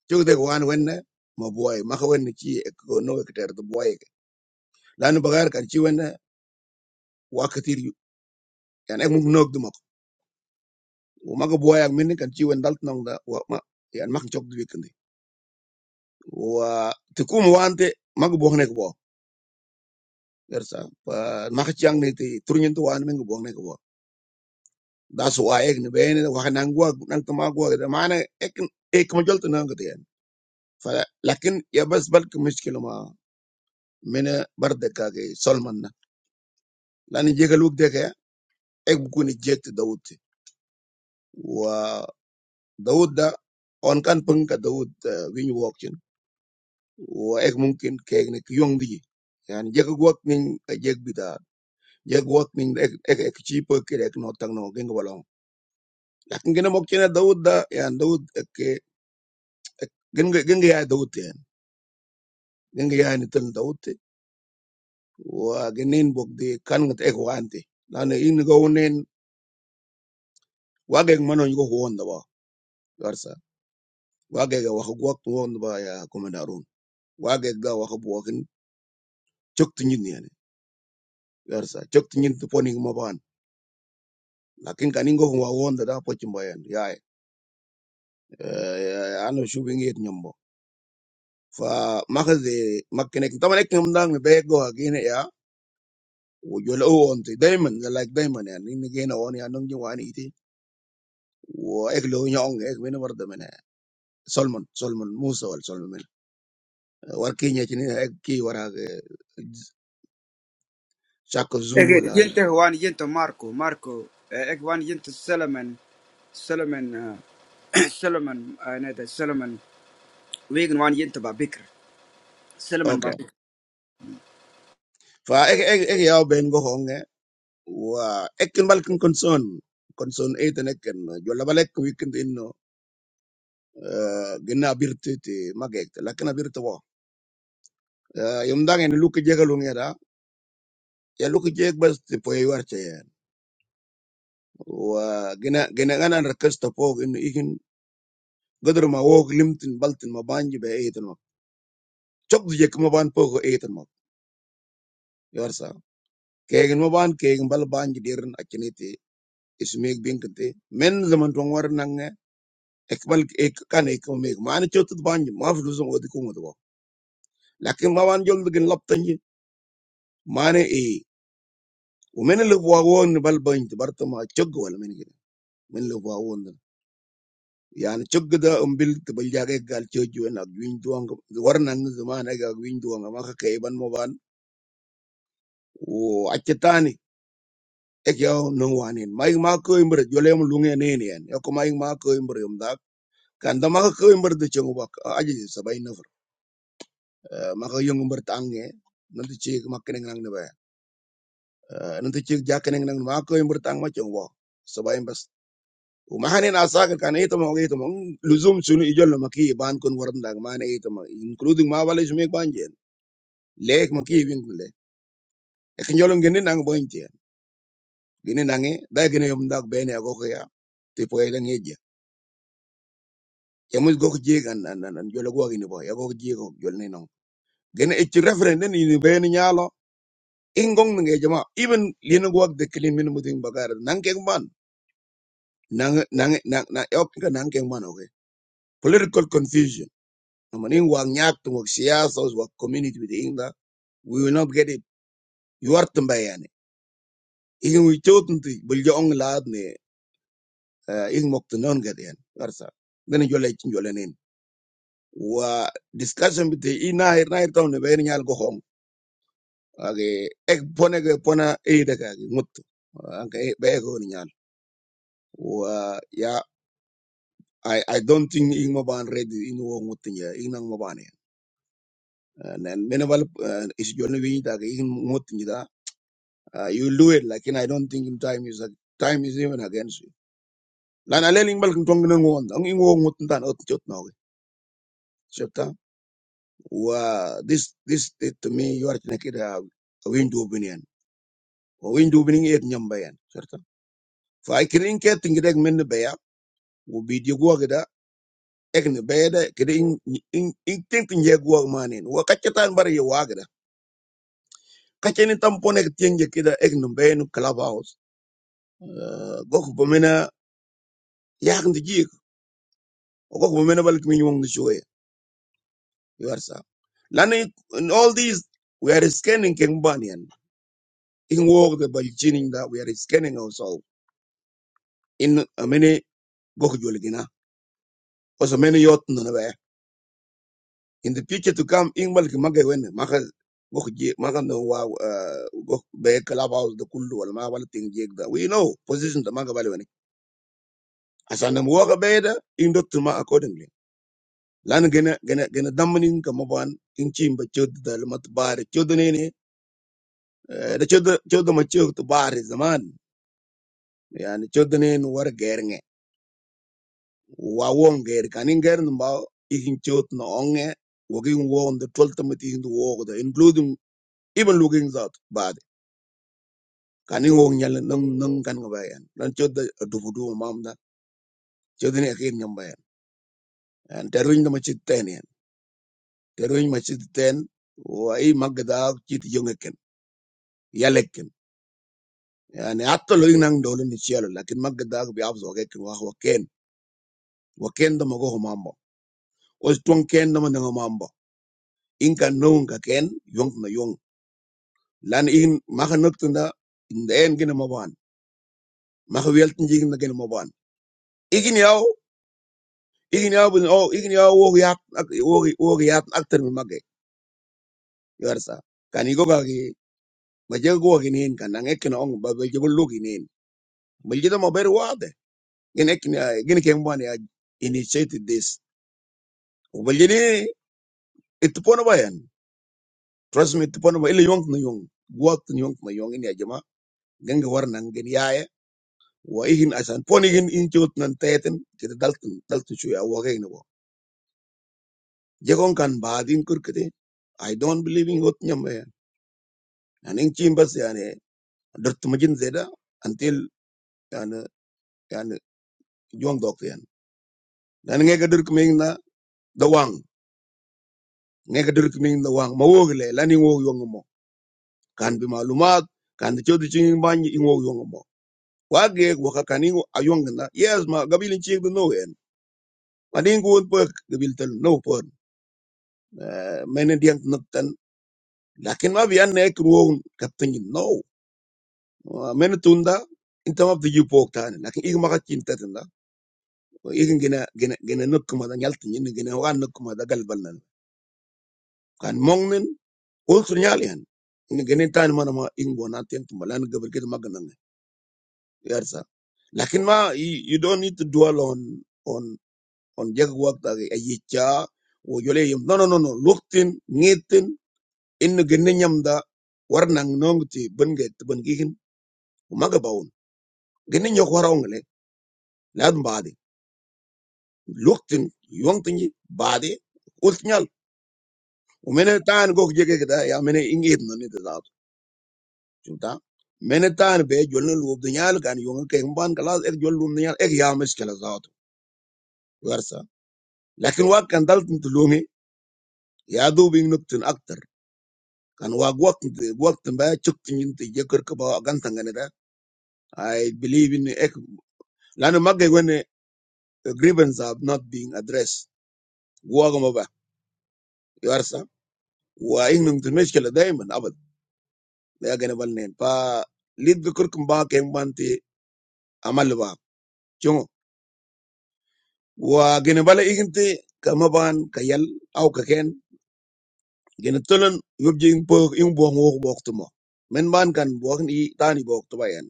[SPEAKER 1] tictoc itu ene, mau boy, makanya nih, ini, kono kita harus boy, lalu bagai kan, sih ene. Waktu itu, ya naik nggak nol domok. Umat kebaya yang menikah cewek dalton nongda, ya anak cok duit kendi. Wah, tukum wanita, mabuah nengko boh. Ya Rasah, makcic yang niti turunin tuan mengebuang nengko boh. Dasu aek nibein, wakan angguang, nang temangguang. Mana ekn ek macul tu nongkadean. Fak, tapi ya pas berke masuk lama, mena berdeka ke Salman lah. Lain juga lu dekaya, ek buku nijek tu Dawud. Wah, Dawud da, onkan punca Dawud win walking. wah ek mungkin kayak gini kuang di, yaan jaguak nih jagi dah jaguak nih ek ek cheapo kayak ek noteng nong genggalong, lakin genggal ini adaud dah, yaan adaud ke gengg genggaya adaud yaan genggaya ini tem dadaud, wah gengin bog di kanget ek wahanti, lalu ini gak unen wajeg mano juga huan dawar, wajar, wajeg gawah jaguak huan dawar ya komandan, wajeg gawah bukan cok tinggi nih yaan, wajar, cok tinggi tuh ponik mau ban, lakin kaning gak mau huan dawar pojimba yaan ya ana shubi ngiyet nyombo fa makazi makinek tama nek nyom dang be go agine ya wo jola o onti diamond ga like diamond ya ni gena on ya nong jwa ni iti wo ek lo nyong ek men war da mena solomon solomon musa wal solomon men war ki nyati ni ek ki wara chako zulu
[SPEAKER 2] Egen,
[SPEAKER 1] wala
[SPEAKER 2] jenteh one, jenteh Marco, Marco. Eh one, jenteh Solomon, Solomon, Solomon. Ah neteh Solomon. Wiegen one, jenteh babikre. Solomon
[SPEAKER 1] okay
[SPEAKER 2] babikre.
[SPEAKER 1] fa ek ek ek ya ben go honge wa ek kin bal kin concern concern eten ek ken jola balek weekend inno gena birte te magek lakina birte Yaudah ini lu kejaga lu ngera, ya lu kejek bos di pojok aja. Wah, gengganaan raksasa pok ini, gedor mau kelimpetin, baltin mau bangjibeh ayo tembak, cok dijek mau bangpo kok ayo tembak. Yaar sa, kayaknya mau bang, kayaknya bal bangjirin aja nanti. Isu mik bingkuteh, mana zaman dua orang nangge, ekmal, kan ekmal, mana coto tuh bangjir, maaf lu senggol dikum tuh pak. Lakem mau bangjol tuh gini laptinji, mana eh, umenel buahwan bal bangjir, baru tuh mau cok gula, menikin, menel buahwan. yani cögda n bil tibilla ge gal cöjuwen ak winy duong war zaman ega ak winy duong ka keiban moban wo acce tani ek yo nong wanin maik ma ko imbre jolem lunge neni en yo ko maik ma ko imbre yum dak kan da ma ko imbre de chengu bak aji sabai nafar ma ko yung imbre tange nanti cik makkening nang ne ba nanti cik jakkening nang ma ko imbre tang ma chengu bak sabai bas ومحنين أساكر كان إيتما وإيتما لزوم سنو إجل مكي بان كون ورم داغ مان إيتما including ما بالي سميك بانجي lek ma ki wing le e ki nyolong gini nang boin tiyan gini nangi da gini yom dak bene ya goko ya ti po ila ngeja ya mus goko jiga nan nan nan jolo gwa gini po ya goko jiga jolo ni nong gini e chi referend ni ni bene nyalo ingong nange jama even lino gwa de kilin min muting bagara nang keng ban nang nang nang nang yok ka nang keng ban okay political confusion namaning wang nyak tu wak siyasa wak community with inda we will not get it you are tumbayani igin wi chotun ti buljo ong laad ne in mokta non gadi yan garsa gani jolle cin jolle nin wa discussion bite i nair nair tawne be ni nyal go hong age ek pone ge pona e de ka mut anka e be ko ni nyal wa ya I, I don't think ing mo ban ready in wo mut nya ing nang mo ban nen men wal is jolle wi ta ge ing mut nya da uh, you do it like and I don't think in time is time is even against you lan aleng bal kin tong nan won ang ing wo mut tan ot jot no ge wa this this it to me you are na kida window binian wa window binin et nyam bayan certa fa ikirin ke tingirek men baya wo video gwa gida ek ne bayada kida in in in tink nje gwa manin wa kachetan bar ye wa gida kacheni tampone tinje kida ek ne bayan club house gok bomena yak balik min yong shoye you in all these we are scanning king banian in walk the balchining that we are scanning ourselves in a many goku joligina also many yot no na in the future to come in mal ki maka goku je maka no wa uh, goku be club house the kullu wal ma wal ting da we know position the maga bale wen asana mu in dot ma accordingly lan gena gena gena damni kamaban maban in chim ba The da mat bar chod ne eh, chod ma chod to bar zaman yani chod ne war wawongeri kaningeri mbao ikin chot na onge wagin wong the twelfth committee in the walk the including even looking that bad kaning wong nyal nang nang kan ngaba yan lan chot da dubu du mam da chot ni akin ngamba yan and teruin da machit ten yan teruin machit ten wa i magda chit yongeken yaleken yani atto lo nang dolo ni chelo lakin magda bi abzo geken wa wa ken wa ken da mago mambo os tuan ken da mananga mambo inka nunga ken yong na lan in maka nöktunda in the end gina maban maka welten jigin na gina maban igin yaw igin yaw bin oh igin yaw wo yak wo wo yak akter mi magge yarsa kan igo ga gi ba jeg go gi kan ang ekin ong ba ba jebul lu gi nin bal jeda mo ber wade gin ekin gin ken bon ya initiated this bal jeni it pono bayan trust me it pono ba ile yong na yong wat na yong na yong ini aja jama ganga war nan ya. Wah ingin asal pon ingin incot nan tayten kita dalton dalton cuy awakein wa jangan kan badin kurke de I don't believe in hotnya men engcimbas ya n derumajin zeda until kan kan juang dokteran nengkak derkmingna doang nengkak derkming doang maugil ya lini woyongmu kan bimalumat kan cuy cuy cuy ingoyongmu waje wakakningu ayuangnya yes ma gabil inci no end malingku unper gabil ter no pun main yang ngetan Lakik ma via nek ruang kepunyai nau, menuntun da, intem apa tuju poktan. Lakik ikan makan cinta tenda, ikan gina gina gina nukum ada nyal tunjine gina hogan nukum ada galbanan. Kan mungkin untuk nyali an, gina tanya mana ma ikan buanati untuk melayan gaber kita magenang. Ya sa. Lakik ma you don't need to dwell on on on jagwalk tadi ayi cia, woyole no no no no luhtin ngihtin, in gina nyamda, warnang nongti bengai tebengiin, umaga bauun. gini ñok wara ngale lad mbaadi luktin yongtin baadi ultnyal umene taan gok jege da ya mene ingit no ni da chuta mene taan be jolna lub dunyal kan yong ke mban kalas ek jol lum dunyal ek ya miskala zaat warsa lakin wa kan daltin tulungi ya du bing nuktin aktar kan wa gwaktin gwaktin ba chuktin yinti jekar ka ba gantan gane da i believe in ek lanu magge gwene grievance are not being addressed gwagama ba Wahing nung tulmes keladeiman, abad. Bagaimana valnent? Pa lidukur kembang kembanti amalwa. Cuma wah gimana? Ijin te kemban kayal, aw kaken. Gimana tulen ngupjing po ing buang buang waktu mu? Menban kan buang ini tanibuak tuayan.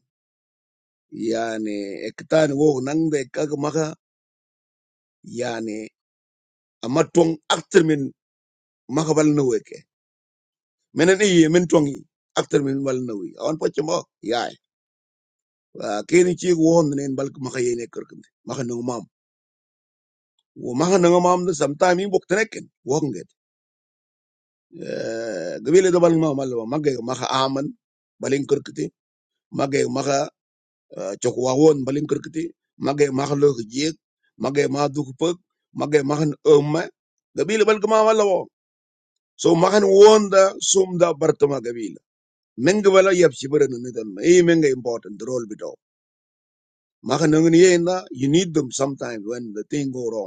[SPEAKER 1] Yani ektaan buang nang dekak maka yani amat tuang aktor min makwal nuweke. Menen ini men tuangi aktor min walnuwe. Awan percuma ya? Kini ci won nen bal ma xey ne kër këm ma xey nangu maam wo ma xey nangu maam sometime yi bok trek wo nget gabele do bal ma mal ma magge ma xa aman balin kër kiti magge ma xa cok wa won balin kër kiti magge ma xa lo jeek magge ma du ko so ma xen won da sum da bartama gabele mengi wala yeb ci bëre na nitan e mengi important role bi Makan ng xey nangu you need them sometimes when the thing go wrong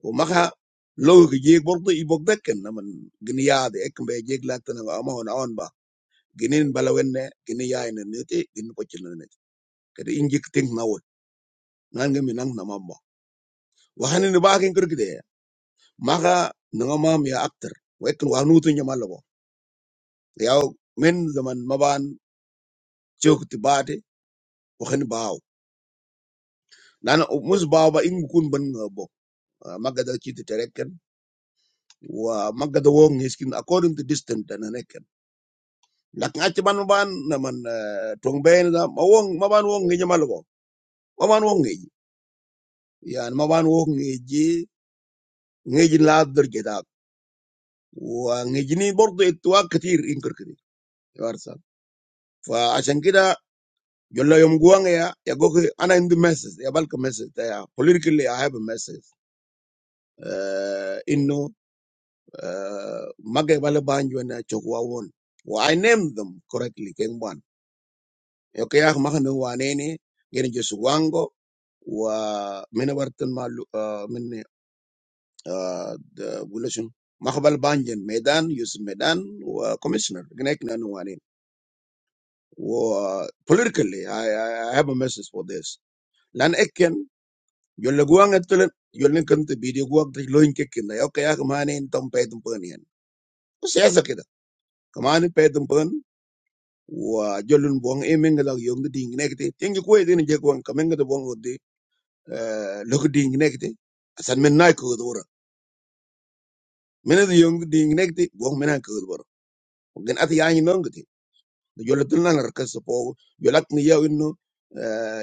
[SPEAKER 1] Umaha logo jebol tuh ibukteknya, namun geniade ekn bejek laten ama hanaanba genin balawenne geniayne ngetik genupacilanne. Karena ingik teng nawa, nangga minang nama mbah. Wah ini bahagin kerjanya. Maka nama dia aktor, waktu wanutunya malu. Dia main zaman maban joke tiba deh, kok ini bawa? Nana umus bawa ingkunban ngabok, magadaki directen, wah magadawong eskin according to distance aneke. lakin acci ban maban naman tong ben da ma wong maban wong ngeji malgo maban wong ngeji yani maban wong ngeji ngeji la derjeta wa ngeji ni برضه اتوا كتير انكر كده يارسا فعشان كده جل يوم جوان يا يا جوكي انا عندي مسج يا بالك مسج يا politically I have a message uh, انه uh, ما قبل بانجو انا تشوا وون و I named them correctly كان بان اوكي ya, اخ ما كانوا وانيني جرين جسوانجو Wah menurut malu mengebulehin makhluk bangyan medan yus medan komisioner gak nggak nuanin wah politically I I have a message for this lan ekjen jalan guang itu lan jalan itu video guang tidak loinkekin lah ya kayak kemarin tempen tempenian usiasa kita kemarin tempen wah jalan buang emenggal lagi yang diinginake tiangku kau ini jagoan keminggal buang di lok diinginake asal menaik kau dua mene de yong ding nek ti wo mena ko bor gen at ya ni nong ti de jol tul na nar kas po jol ni yaw inno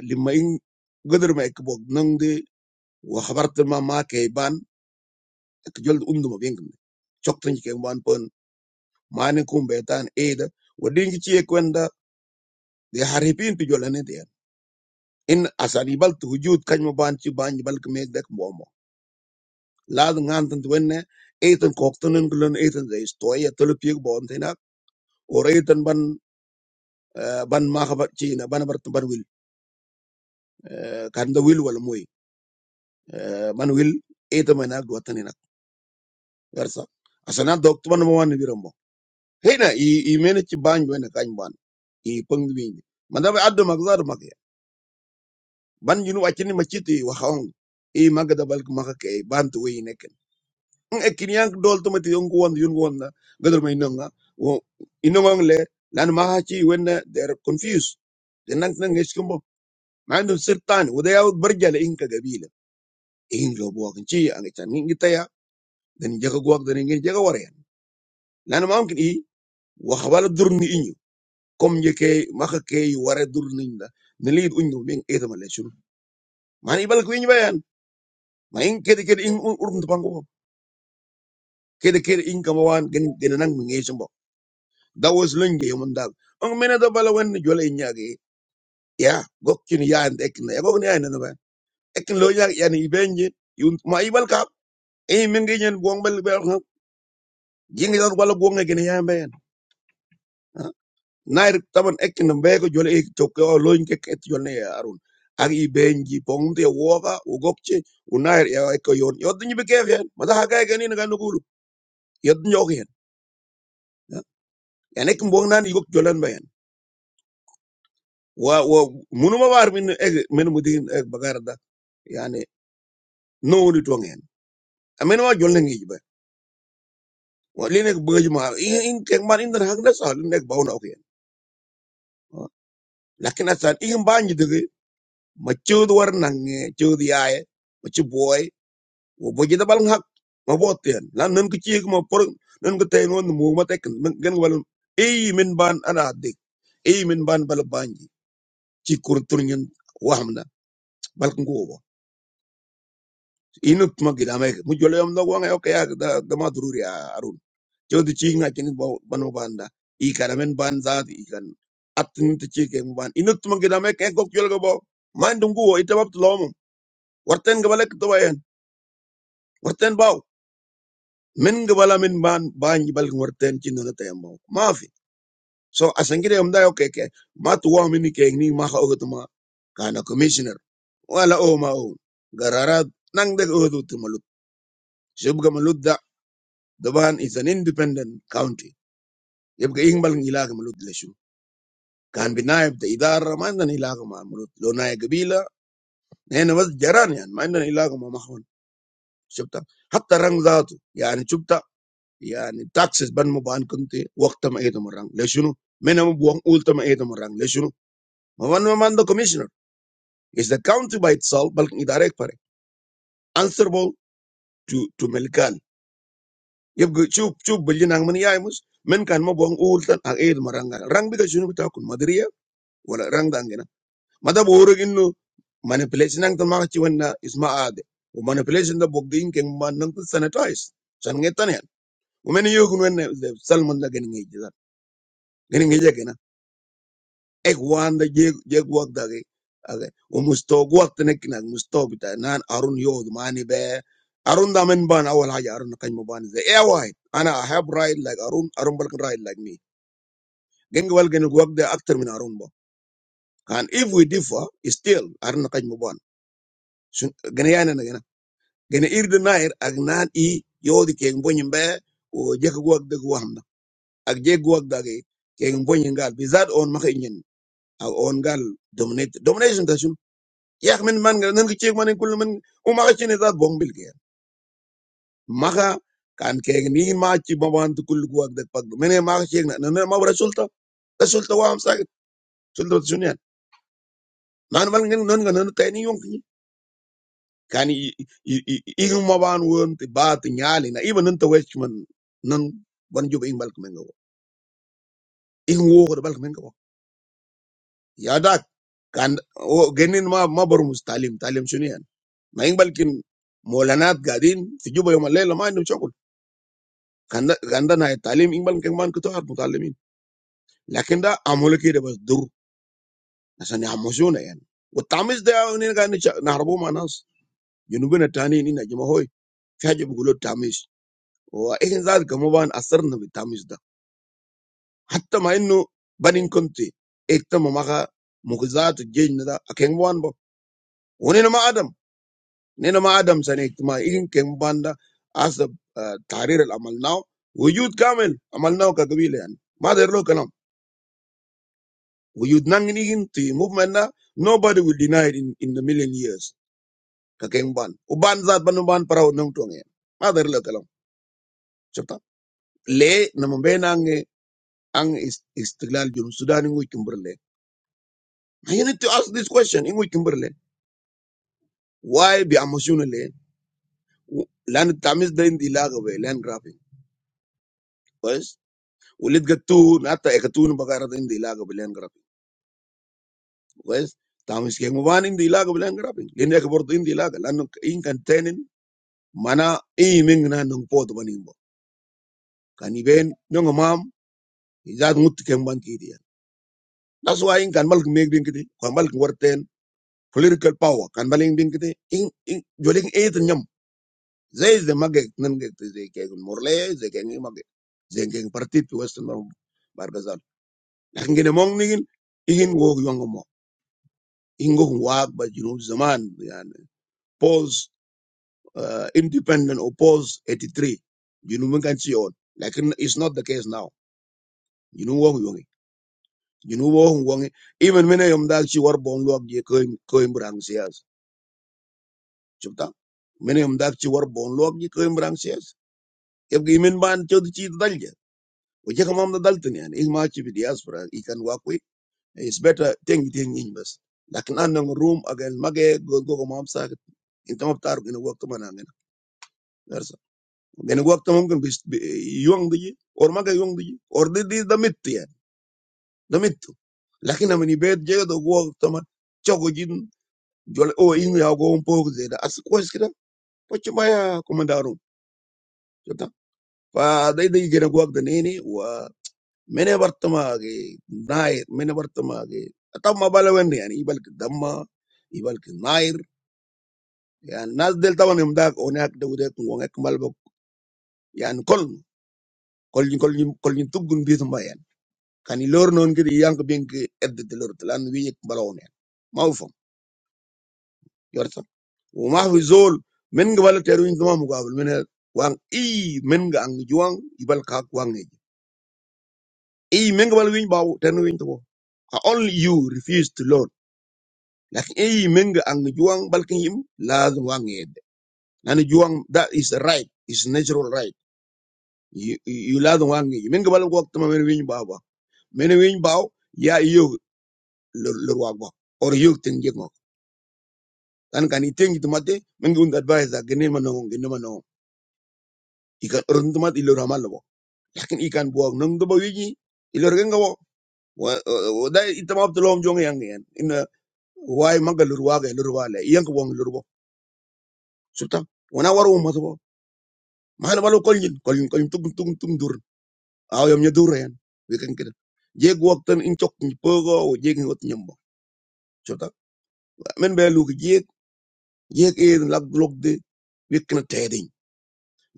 [SPEAKER 1] limma in godur ma ek bok nong de wo khabart ma ma ke ban ek jol undu ma bing chok tin ke ban pon mane kum betan eda wo ding ci e kwenda de haripin ti jol ne de in asani bal tu hujud kan mo ban ci ban bal ke mek dek mo mo la ngan tan wenne eten koktanen gulen eten de stoya tul piek bon tinak Eh, ban ma khabar ci na ban bar ban wil Eh, kan da wil wala moy Eh, man wil e to mena go tanina garsa asana dok to ban mo wan birambo hena i i mena ci ban wena kan ban i pang wi man da addo mag zaru mag ya ban jinu wacini maciti wa khawng i magada balk maka ke ban to wi neken en ekin yank dol to mati yongu won yongu won na gadar may nonga wo inongong le lan ma ha ci wenna they are confused denak nang eskumbo ma andum sirtani wada yaw barjala inka gabila in lo buwa kan ci ang itan ni kita ya dan jaga guak dan ingin jaga warian lana mam kan i wa khabala dur ni inyu kom je ke maka ke ware dur ni da nalid unyu min eta male shuru man ibal ku inyu bayan ma in kede kede in urun to pango kede kede in kamawan gen genanang ngi shimbo that was lunge yumun dal ang mena da bala wan ni jole nyaage ya gokkin ya and ekin ya gokkin ya na ba ekin lo nyaage ya ni benje yun ma ibal ka e min ngi nyen buang bal ba jingi buang ngi gen ya nair taban ekin na mbego jole ek toke o loin ke ket jole ya arun agi benji pong te woga u gokche u nair ya ek yon yod ni be kef yan mata haga ke ni na nugulu yod ni ok yan yan ek mbong nan yuk jolan bayan wa wa munu ma war min ek min mudin ek bagarda yani no ni tong yan amen wa jolne ngi ba wa line ek beuj ma in in ke man in dan hakda sa line ek bawna ok yan lakin asan in banji de ma chud war nange chud yaaye ma chu boy wo bo jida bal hak ma boten lan nan ko ciik ma por nan ko tay non mo ma tek gen wal e min ban ana dik e min ban bal banji ci kur turnyen wahmna bal ko go Inut tuma gida me mu jole yam do wanga okay ya, da da ma dururi arun jodi ci nga ci banu banda i kana men ban zaati i kan at te ci ke mu ban Inut tuma gida me ke gok jol go bo man dungu wo itabab lomu warten ga balak to wayen warten baw min gbala min ban ban jibal ngorten chin na te mo mafi so asangire amda yo keke ma tu wa min ke ni ma ha ogot ma kana commissioner wala o ma o garara nang de o du malut shub ga malut da daban is an independent county yeb ga ingbal ngila ga malut leshu. shu kan bi naib da idara ma ndan ila ga ma malut lo nay gabila ne na jaran yan ma ndan ila ga ma mahon shubta hatta rang zatu yani shubta Iya nih taxes band muban kenti waktu mahe itu merang lesu menamu buang ulta mahe itu merang lesu mohon memandu komisioner is the county by itself balik itu direct pare answerable to to melikal ya begitu begitu beginang meniayus menikam mabuang ultan ahe itu merangga rang bila sihun bital kun madria ora rang dangu nana madam orang inu manipulasi nang temang cewenna is maade manipulasi nang bokding keng ban nang kusana twice changetanya u meniayu kunu nene sel manda keningijajar keningijajar nana ek wanda jeg jeg wak dagi age o mustog wak tenek na mustog bita nan arun yod mani be arun da men ban awal haja arun na kany ban ze e wai ana i have right like arun arun balkan right like me gen wal gen wak de actor min arun ba and if we differ still arun na kany ban gen yana na gen gen ir de nair ag nan i yodi ke mbonyin be o jeg wak de wahna ag jeg wak dagi ke mbonyin gal bizat on makinyin ag on gal dominate domination da yak min man nan ki chek man kul man o ma chini za bong bil gen maka kan keg ni ma chi ma wan tu kul guak dak pag mene ma chek na nan ma bra sulta da sulta wa am sakit sulta sunya nan wal ngin nan nan tay ni yong kan i i ma wan won ti ba ti nyali na iban nan ta wech man nan ban jub ing bal kmen go ing wo ko bal kmen go ya dak kan o genin ma ma bor mustalim talim sunya na ing balkin molanat gadin fi juba yom al-layla ma كان ده كان ده نهايه التعليم يقبل كمان كنت اعرف متعلمين لكن ده عملوا كده بس ضر عشان يحمسونا يعني والتعميس ده هنا قاعدين نهربوه مع ناس جنوبنا التانيين هنا يا جماعه هوي في حاجه بيقولوا التعميس واحنا ذات كمان اثرنا بالتعميس ده حتى مع انه بنين كنت اكتم مغا مغزات الجيجنا ده كان بوان بو ونينا ما ادم نينا ما ادم سنه اجتماع إيه كان بوان ده حسب آه، التعرير اللي عملناه وجود كامل عملناه كقبيله يعني ما دير له كلام Uyudnangin to movement na nobody will deny it in, in the million years. Kakeng ban. Uban zat ban ban para unang tuang yan. Mother lo kalam. Chapta. Le namambe na ang eh, ang is- istiglal yung Sudan ingoy kimberle. You need to ask this question ingoy kimberle. Why be emotionally? Land tamis da hindi lagawe land grabbing. Yes. Ulit gatu nata ekatu na bagara da hindi lagawe land grabbing. Yes. Tamis keng uban hindi lagawe land grabbing. Linya kabordo hindi laga. Lano in containin mana i ming na nung po to kaniben bo nyong mam izat ngut keng ban ki dia that's why in kan mal meg ding kiti kan mal warten political power kan baling ding kiti in in joling eight nyam zay is the magge nan ge te zay ke morle zay ke ngi zay ke parti pi western mar bargazal lakin gene mong nigin igin go yong mo ingo wa ba jinu zaman yani pause uh, independent or pause 83 you know kan si on lakin it's not the case now you know what junu wo wongi even mene yom dak ci war bon lok ji ko ko imbrang sias chupta mene yom dak ci war bon lok ji ko imbrang sias yeb gi min ban ci ci dalje o je kamam da dalten yani ik ma ci diaspora i kan wa ko is better thing thing in bas lakin an nang room again mage go go ko mam sa inta mab tar gene wakta man angen versa gene wakta mum kan bis yong di or mage yong di or di di da mit yani da mit lakin amini bet je work wakta man jol o in ya go un pogo de da as ko skida pochi maya komandaro jota fa dai dai gena go da nene wa mene bartama ge nair mene bartama ge atamma bala wende yani ibal damma ibal nair ya nas del taban im dak onak de ude ko ngak malbo yani kol kol ni kol ni kol ni tugun bi tuma yani kan i lor non gidi yank bink edde de lor tlan wi ek balone mawfam Umahu Zol, Mengevalu teruin sama muka abal. Menang, Ii Mengeangjuang, Ibal kakwangi. Ii Mengevaluin bawa, teruin tuh. Only you refused Lord. Lakih Ii Mengeangjuang, balikin Ii laduwangi. Nanti juang, that is a right, is natural right. Ii laduwangi. Mengevalu waktu sama menewin bawa, menewin bawa, ya Iu luar bawa, or Iu tenjengok. Tanpa niat yang itu mati, Mengeundad advise, gini mana ngomong, gini mana ngomong. Ika orang tuh mati luar malu bawa. kin ikan buang nung do bawiji ilor gen gawo wa wa- da itama to lom jong yang yan ina wai maga lurwa ga lurwa le yang ko wong lurwa sulta wana waru ma to mahal balu koljin koljin koljin tung tung tung dur aw yam nya dur yan we kan kida jeg wak tan in chok ni pogo o jeg ni wat nyambo sulta men be lu jeg jeg e lag lok de wikna tedin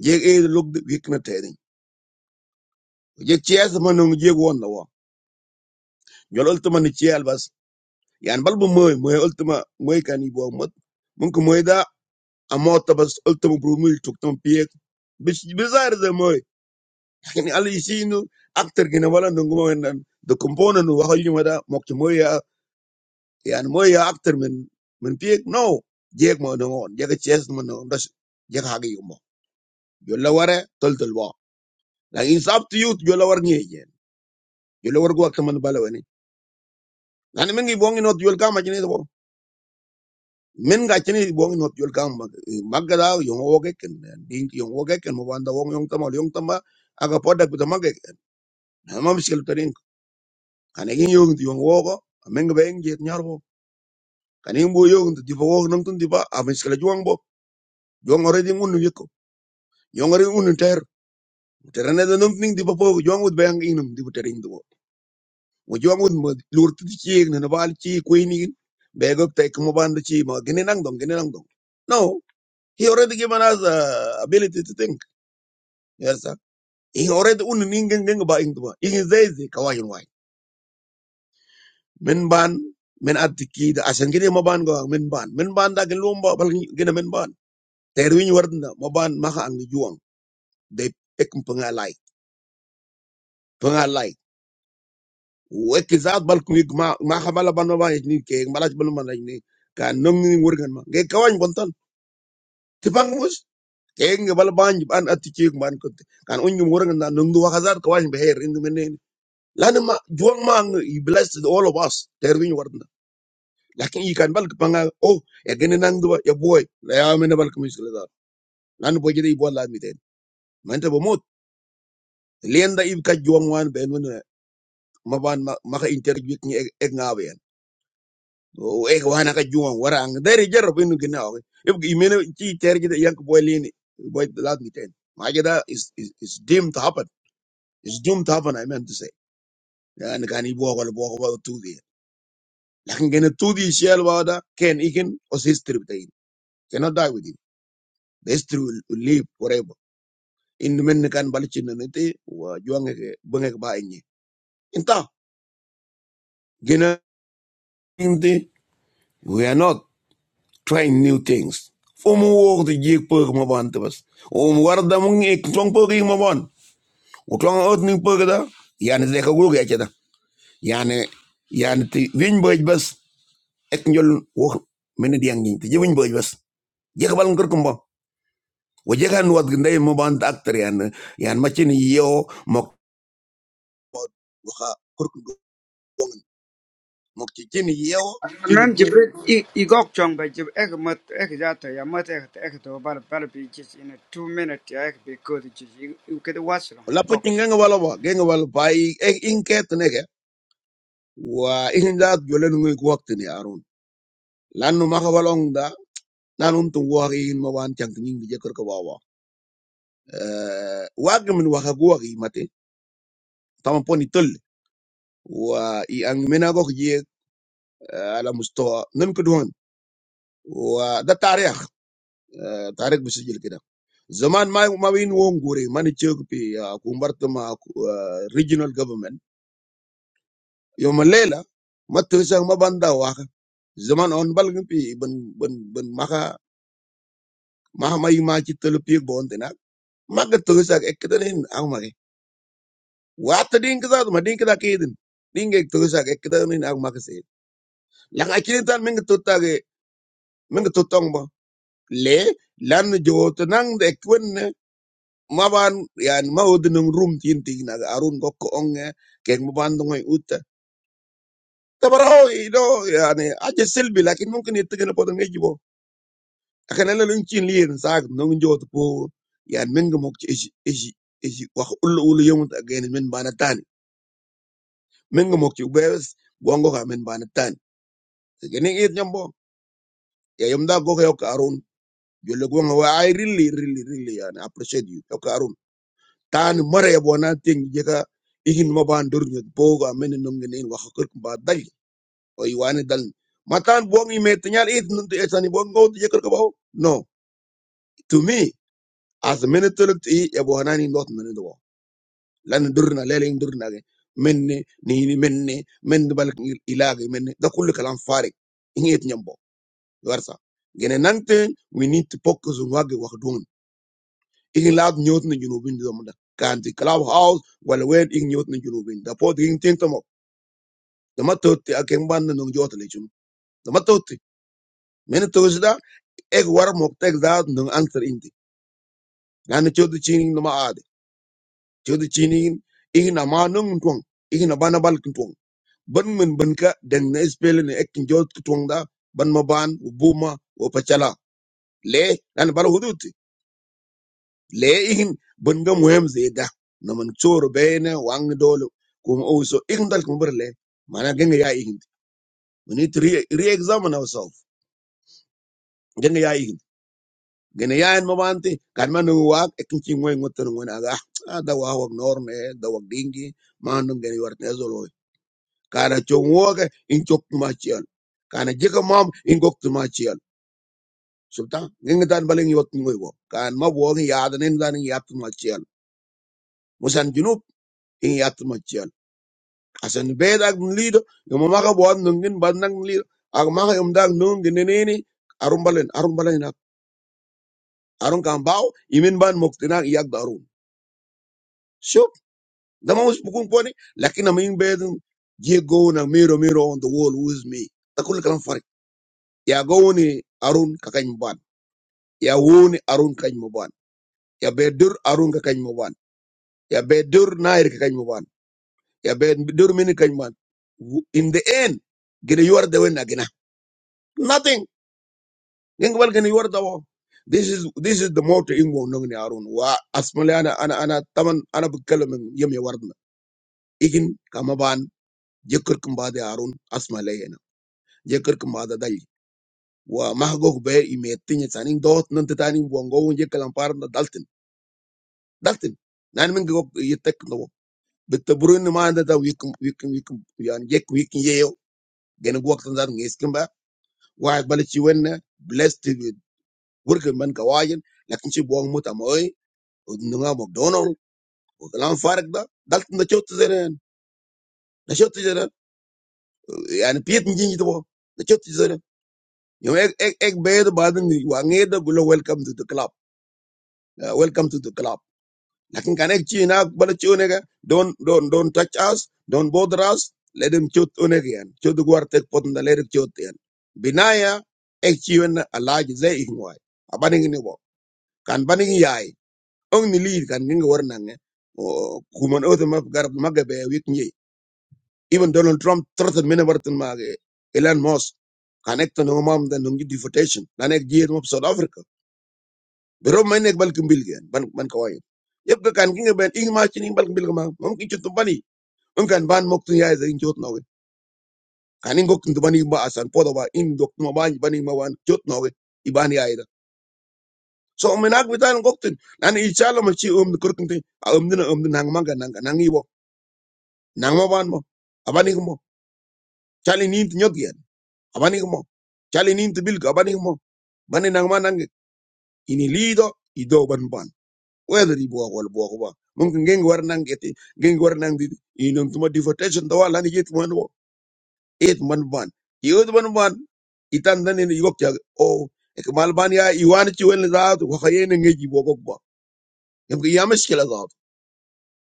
[SPEAKER 1] jeg e lok de wikna tedin jeg chias manung jeg won na wa jolol to man ciel bas ja normal du möhst möhst altma möhst gar nix wollen musst manchmal möhst da am Abend da bist altma Brummel trinkt am Piek bist bizarr der möhst ich bin alle ich seh nur Akteurin oder woanders möhst dann der Komponist oder was auch immer da macht der möhst ja ja möhst ja Akteurin am Piek nein jeder macht den anderen jeder Cheers macht den anderen jeder hakt jemand Jolaware toll toll war da ins After Youth Jolaware nie gehen Jolaware guck mal nur bei Leuten da nimmt die Wohnung in Ostjolka mal nicht wahr men ga chini bong not yol kang mag magada yong woge ken ding yong woge ken mo banda wong yong tama yong tama aga podak buta mag ma miskil tarin kan yong ti yong wogo men ga beng jet nyarbo. wo kan ing bo yong ti bo wog nang tun di ba a miskil juang bo juang already ngun yeko yong ari un ter terane da nang ning di ba bo juang ud bang inum di bu terin do wo juang ud mo lur ti chi ne na bal chi ko ni begok tek mo banda chi ma gine nang dong gine nang dong no he already given us uh, ability to think yes sir in already un ningen ningen ba in tuba in zai zai kawai in wai min ban min attiki da asan gine ma ban ga min ban min ban da gin lomba bal gine min ban terwin warda ma ban ma ha an de ek panga lai wek zat bal ku ma ma ha bala ban ma ban ni ke malaj bal man ni ka nom ni wurgan ma ge kawai bontan tipang mus ke ngi bal ban ban attiki ban ko kan un ngi wurgan da nung du wa hazat kawai be her indu men lan ma juwan ma ang- he blessed all of us terwin warda لكن يمكن بالكح ัง ال، أو، يعني نانجو يا بويد لا أؤمن بالكميسيك لهذا، نانجو كذا يبغى لا أدبيته، ما أنت بموت، ليندا يبغى يواموين بينو، ما كان ما كان تجريدني إغناويان، أو إغوانا كي يوام ورانغ، ده رجع ربينو كناه، يبغى يمينو تي تر كذا يانك بويد ليني، بويد لا أدبيته، ما كذا إس إس إس ديم ت happen، إس ديم ت happen هاي مان تسي، أنا كان يبغى قال بوخبوه توفي، لكن عند توفي شال وادا كان يمكن أو سيس تريبتهاين، cannot die with him، the history will will live forever. indi men kan balichi na niti wa juange ke bunge ke bainyi inta gina inti we are not trying new things fomu wo the jik pug mo ban tebas o mu war da mung ek tong pug mo ban o tong ot ni pug da yani de ka gurgu ya da yani yani ti wiñ boj bas ek njol wo men di yang ni ti wiñ boj bas je ka bal ngur kumba wo je kan wat gndey mo ban ta actor yan yan machin yo mo mukti chin yew chin
[SPEAKER 2] Nan
[SPEAKER 1] do
[SPEAKER 2] Jibril i chong ba jib ek mat ek jata ya mat ek ek in a two minute ya ek bi you get what's wrong
[SPEAKER 1] la po
[SPEAKER 2] gok.
[SPEAKER 1] chin
[SPEAKER 2] ch.
[SPEAKER 1] genga wala ba genga wala ba i e inket nege wa in da jolen ngi ko wakti ni arun lanu ma ka walong da nan um tu wa ma wan chang ni ngi jekor ko wawa eh wa gamin wa ka go ri mate tam poni tol wa i ang mena go ji ala mustawa nan ko don wa da tarikh eh, tarikh bisijil kida zaman ma ma win won gure mani chok pi ah, kumbartama ah, regional government yoma lela ma tosang ma waka zaman on balgin pi ben ben, ban maka maka mai ma ci tele pi bon dina maga tosang ekkedanin ak magi wata din kaza ma din kaza kedin din ge tosang ekkedanin ak maka se la nga kini tan minga totage minga totong ba le lan jowoto nang de kwenne maban yan mawd num rum tin tigna arun gokko onge kek maban ngoy uta tabaraw ido yani aje selbi lakin mumkin yettegene podan ngejibo akan ala lung chin liir saak nung jot po yan men ga mok ishi ishi ishi wax ulu ulu yong ta gen men bana tan men ga mok ci bes gongo ka men bana tan gen ngi et nyambo ya yom da go ka yok arun jolle gongo wa I really really really yan appreciate you yok arun tan mare ya bona ting je ka igin ma ban dur nyot po ga men nung gen en wax kër ba dal o yiwane dal matan bongi met nyal et nuntu etani bongo je kër ka bawo no to me as a minute to look to eat ya bona ni not minute لانه درنا ليلين درنا دي. مني نيني مني من بالك الهي مني ده كل كلام فارغ نيت نيمبو غرسا gene nante we need to focus on wage wax don igin laad ñoot na junubin do mo da kanti club house wala wen igin ñoot na junubin da po igin tinto mo dama totti ak en ban no jota le jum dama totti men to da ek war mo tek da no answer indi nan chodu chini no ma ade chodu chini igin ama no ngtong igin bana bal ban min ban ka deng na spele ni ek njot kutwanga ban ma ban u buma u pachala le nan bal hudut le ihin ban ga muhem zeda na man choro bene wang dolo kum also ihin dal kum berle mana genga ya ihin we need to re- re-examine ourselves genga ya ihin gene ya en mabante kan man wa ek nchi ngoy ngotan ngona ga ah, da wa wa norme da wa dingi man ngene wartne zolo kana chongoke in chok ma chiel kana jika mam in gok sultan ngi dan baling yot ngoy go kan ma bo ngi yaad nen dan ngi yat ma ciel musan junub ngi yat ma ciel asan beda ak lido yo ma ka bo ngin ban nak lido ak ma ka yum dag nung di arum balen arum balen nak arun kan baw imin ban moktina yak darun shop dama mus bukun poni lakin am ing bed je go na miro miro on the wall with me takul kalam farik ya go arun ka ban ya woni arun kany mo ban ya bedur arun ka kany ban ya be dur nair ka kany muban ya be dur mini kany man in the end gina yuar the wen agina nothing ngeng bal gina yuar the wo this is this is the motto in wo nong ni arun wa asmali ana ana ana taman ana bukkalam yem ya wardna igin kama ban jekur kum arun asmali yana jekur kum bade dal wa mahgok be imetin sanin dot nan tani bongo won jekalam parna daltin daltin nan min go yetek no bitta burun ma da wikum wikum wikum yan jek wikum gani gwak tan zat ngis kimba wa bala ci wenna blessed wurga man ka wajen lakin ci bo muta moy nunga mo dono o kalam farak da dalt na ciot zeren na ciot zeren yani piet ngi to na ciot zeren yo ek ek ek be da baden wa ngeda gulo welcome to the club Uh, welcome to the club Lakin kanek chi na bala chi onega. Don't don't don't touch us. Don't bother us. Let him chut unegian Chut guar tek potunda let him chut yan. Binaya ek chi wen alaj ze ihwai. Abaning ni bo. Kan baning yai. Ong ni lead kan ning war nange. O kuman oth map garab magabe wik nyi. Even Donald Trump threatened many Martin Mage. Elon Musk. Connect to no mom than deportation. Lanek jiet mop South Africa. Berapa banyak balik kembali ya, ban ban kawin? Jika kancingnya ini masih ini balik kembali kemana? Mungkin cutu bani? Mungkin ban muk tuh ya, jadi cutu nawe. Kalau cutu bani itu bahasan. Foto apa ini dokter mbany bani mawan cutu nawe? Ibani aida. So menak betul cutu. Nanti calo masih umur kurang tuh? Aumdu na umdu nang marga nang nangiwo, nang maban mo? Abaniku mo? Cali nint nyot ya? Abaniku mo? Cali nint bilka? Abaniku mo? Bani nang marga nang ini lido ido ban ban. whether he bought or bought one. Mungkin geng war nang geti, geng war nang di, inom tuma defotation tawa lani yet man wo, eight man ban. Yod man ban, itan dan ini yuk jag, oh, ekmal ban ya iwan ciwen zaat, wakaye ne ngeji bokok ba. Yang ke yamas kila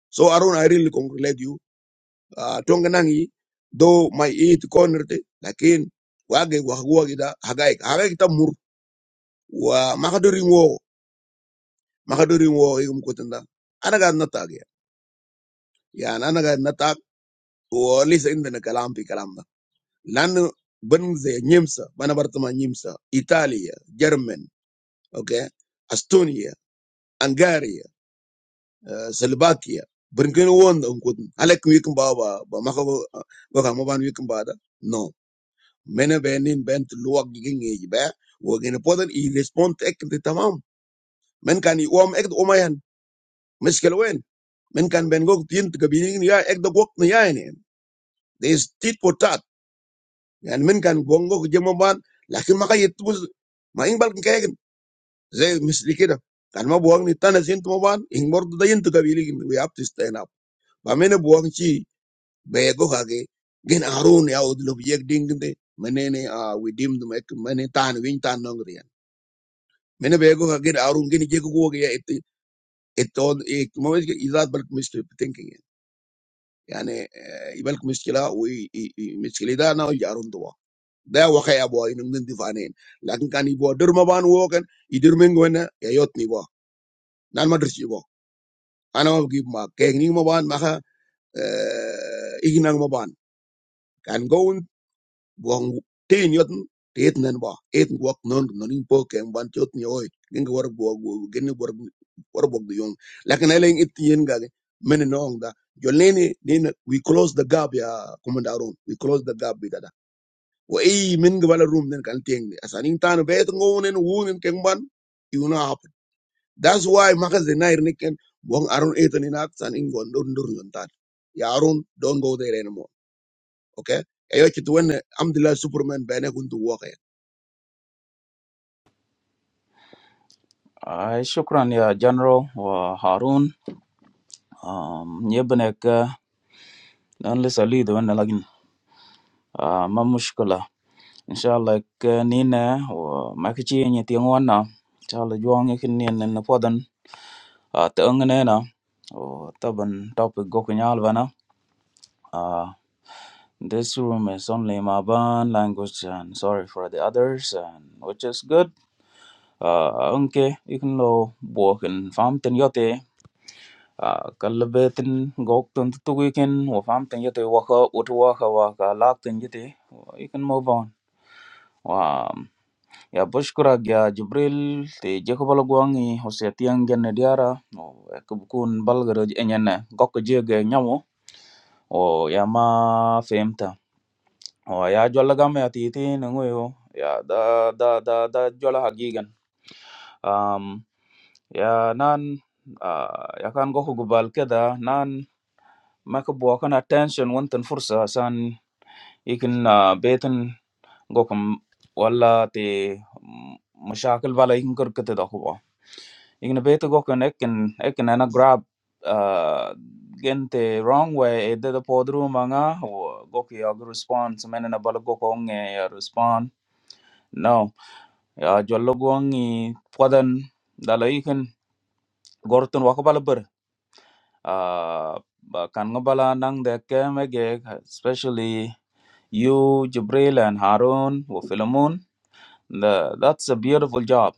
[SPEAKER 1] So Arun, I really congratulate you. Uh, Tonga though my eight corner te, lakin, wage wakagua kita, hagaik, hagaik kita mur, wa makaduring wo, makaduring wo, ikum kutanda. Anaga natagi. Walaupun seindah negaranya kalau nggak kalamba, lalu bangsa nyimsa, mana pertama nyimsa, Italia, German, oke, Estonia, Hungaria, Serbia, berikutnya uang nggak cukup, Halek mungkin bawa, bawa, makanya, bawa mungkin bawa ada, no, menen bener, bent luang gini aja, luang ini podo ini respond ekdo di tamam, menkan iuam ekdo umayan, meskal uen, menkan bent gok tind kebening dia ekdo gok niaen, this titpotat. yang mungkin gugur kejemuan, laki makai itu, maingbal kenek, zeh masrikida, karena buang niatnya sintemuan, ingkardu daya itu kabilik, we have to stand up. Baik mana buang si bayogoke, gen arun ya udah objek dingin deh, mana ne ah we dim itu macam mana tanu, ini tanu nang rian. Mana bayogoke, gen arun geni kekuwogi ya itu itu mau izad banyak masalah pentingnya, yahane ibaluk masalah, masalah dana ya arun tua. da wakai abo ini nggak nanti fanen, lakukan ibo, dermaban ibo kan, idermenguenya, yotni ibo, nan mades ibo, anamakib ma, keling maban maka eh ihinang maban, kan gound buanguk ten yotn, detnen ibo, det work non noninpo kemban yotni oj, ini borbog duong, lakukan hal yang itu yang kageng, meni nongda, jalan ini din, we close the gap ya komandan, we close the gap kita. Woi minggu vala room dengan kanteng, asa nih tanu betung awenin wun kemban itu na apa? That's why makasih na irnike, buang aron itu niat, asa nih gon dor dong nih tan. Ya aron, don't go there anymore, okay? Ayok itu ane, amdelah Superman benar untuk walk ya.
[SPEAKER 3] À, xin cảm ơn các General và Harun. Nhẹ bên cái lần lễ Salud, vẫn là lát nữa. À, một chút khó. Xin chào các Ninh này và Michael, những tiếng Anh nào? Chào là Joang, những Ninh nên là phần thân. À, tiếng Anh này nào. À, the ban topic góc nhỏ vậy nào? À, this room is only in my ban language and sorry for the others and which is good. À, anh K, ý kiến lo bộ hình farm tin y tế. Ah, ka gok tun tu tuwikin wa fam tin yete waka utu waka wa kha wa ka lak tin yete wa you can move on wa ya bashkurak ya jibril te jeko bala gwangi hosya tiang genne diara o ek bukun balgaro enyene gok jege nyamo o ya ma femta o ya jolla gam ya titi nangoyo ya da da da da jolla hagigan um ya nan ah, ya kan gok gubal keda nan ma ka buwa kana attention wantan fursa asan ikin uh, betin gokum wala te mm, mashakil bala ikin karkata da huwa ikin beta gokum ekin ekin ana grab uh, gente wrong way edda da podru manga wo goki yag response menena bala gokong ya respond no ya jollo gongi podan dala ikin gortun wakabala uh, ba- kan ngabala nang de kemege especially you Jibril and Harun wa Philemon the, that's a beautiful job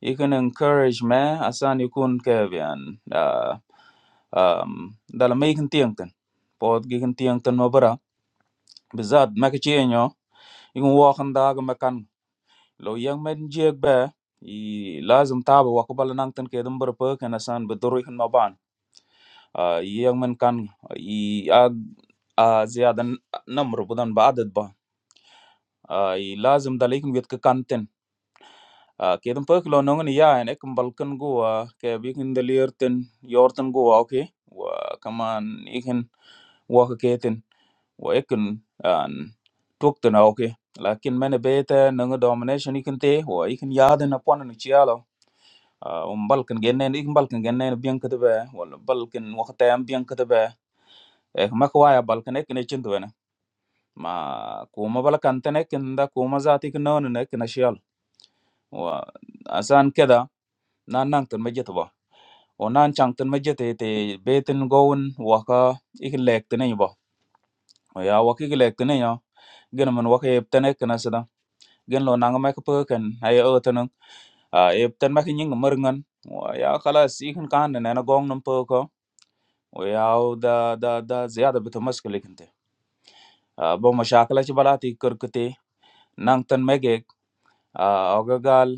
[SPEAKER 3] you can encourage me asan yukun kevian uh, um dala mekin tiangtan pod gikin tiangtan mabara bizat makichienyo yukun wakan daga makan lo yang men jiek be i lazim taba wakabala nangtan kedum berpe kan asan bedurui kan ah ini orang makan ini ag azi ada namun pada badat ban ah ini lazim dalek nggak ketik kantin ah kita perlu nongengi ya ane ke Balkan go a kayak begini dalearn ten yorten go a oke wah keman ikon waktu keten wah ikon an truck tena oke, tapi mengebetan nongengi domination ikon teh wah ikon ya ada napa nanti cialah ah um Balkan genne ikon Balkan genne biang ketebah Balkan waktu tembiang ketebah eh ma ko waya bal kane kine chintu wene ma kuma bala kantene kinda kuma zati kino nene kina shial wa asan keda na nang tan majeta ba o nan chang tan majeta te betin goun waka ikin lek tene ba ya waka ikin lek tene ya gena man waka yeb tene kina sada gen lo nang ma ka pekan ay o tene a yeb tan ma kinying merngan wa ya khalas ikin kan nene na gong nam peko wa ya da da da ziyada bitamaskalikin te bo mashakala ci balati nang tan megek uh, ogagal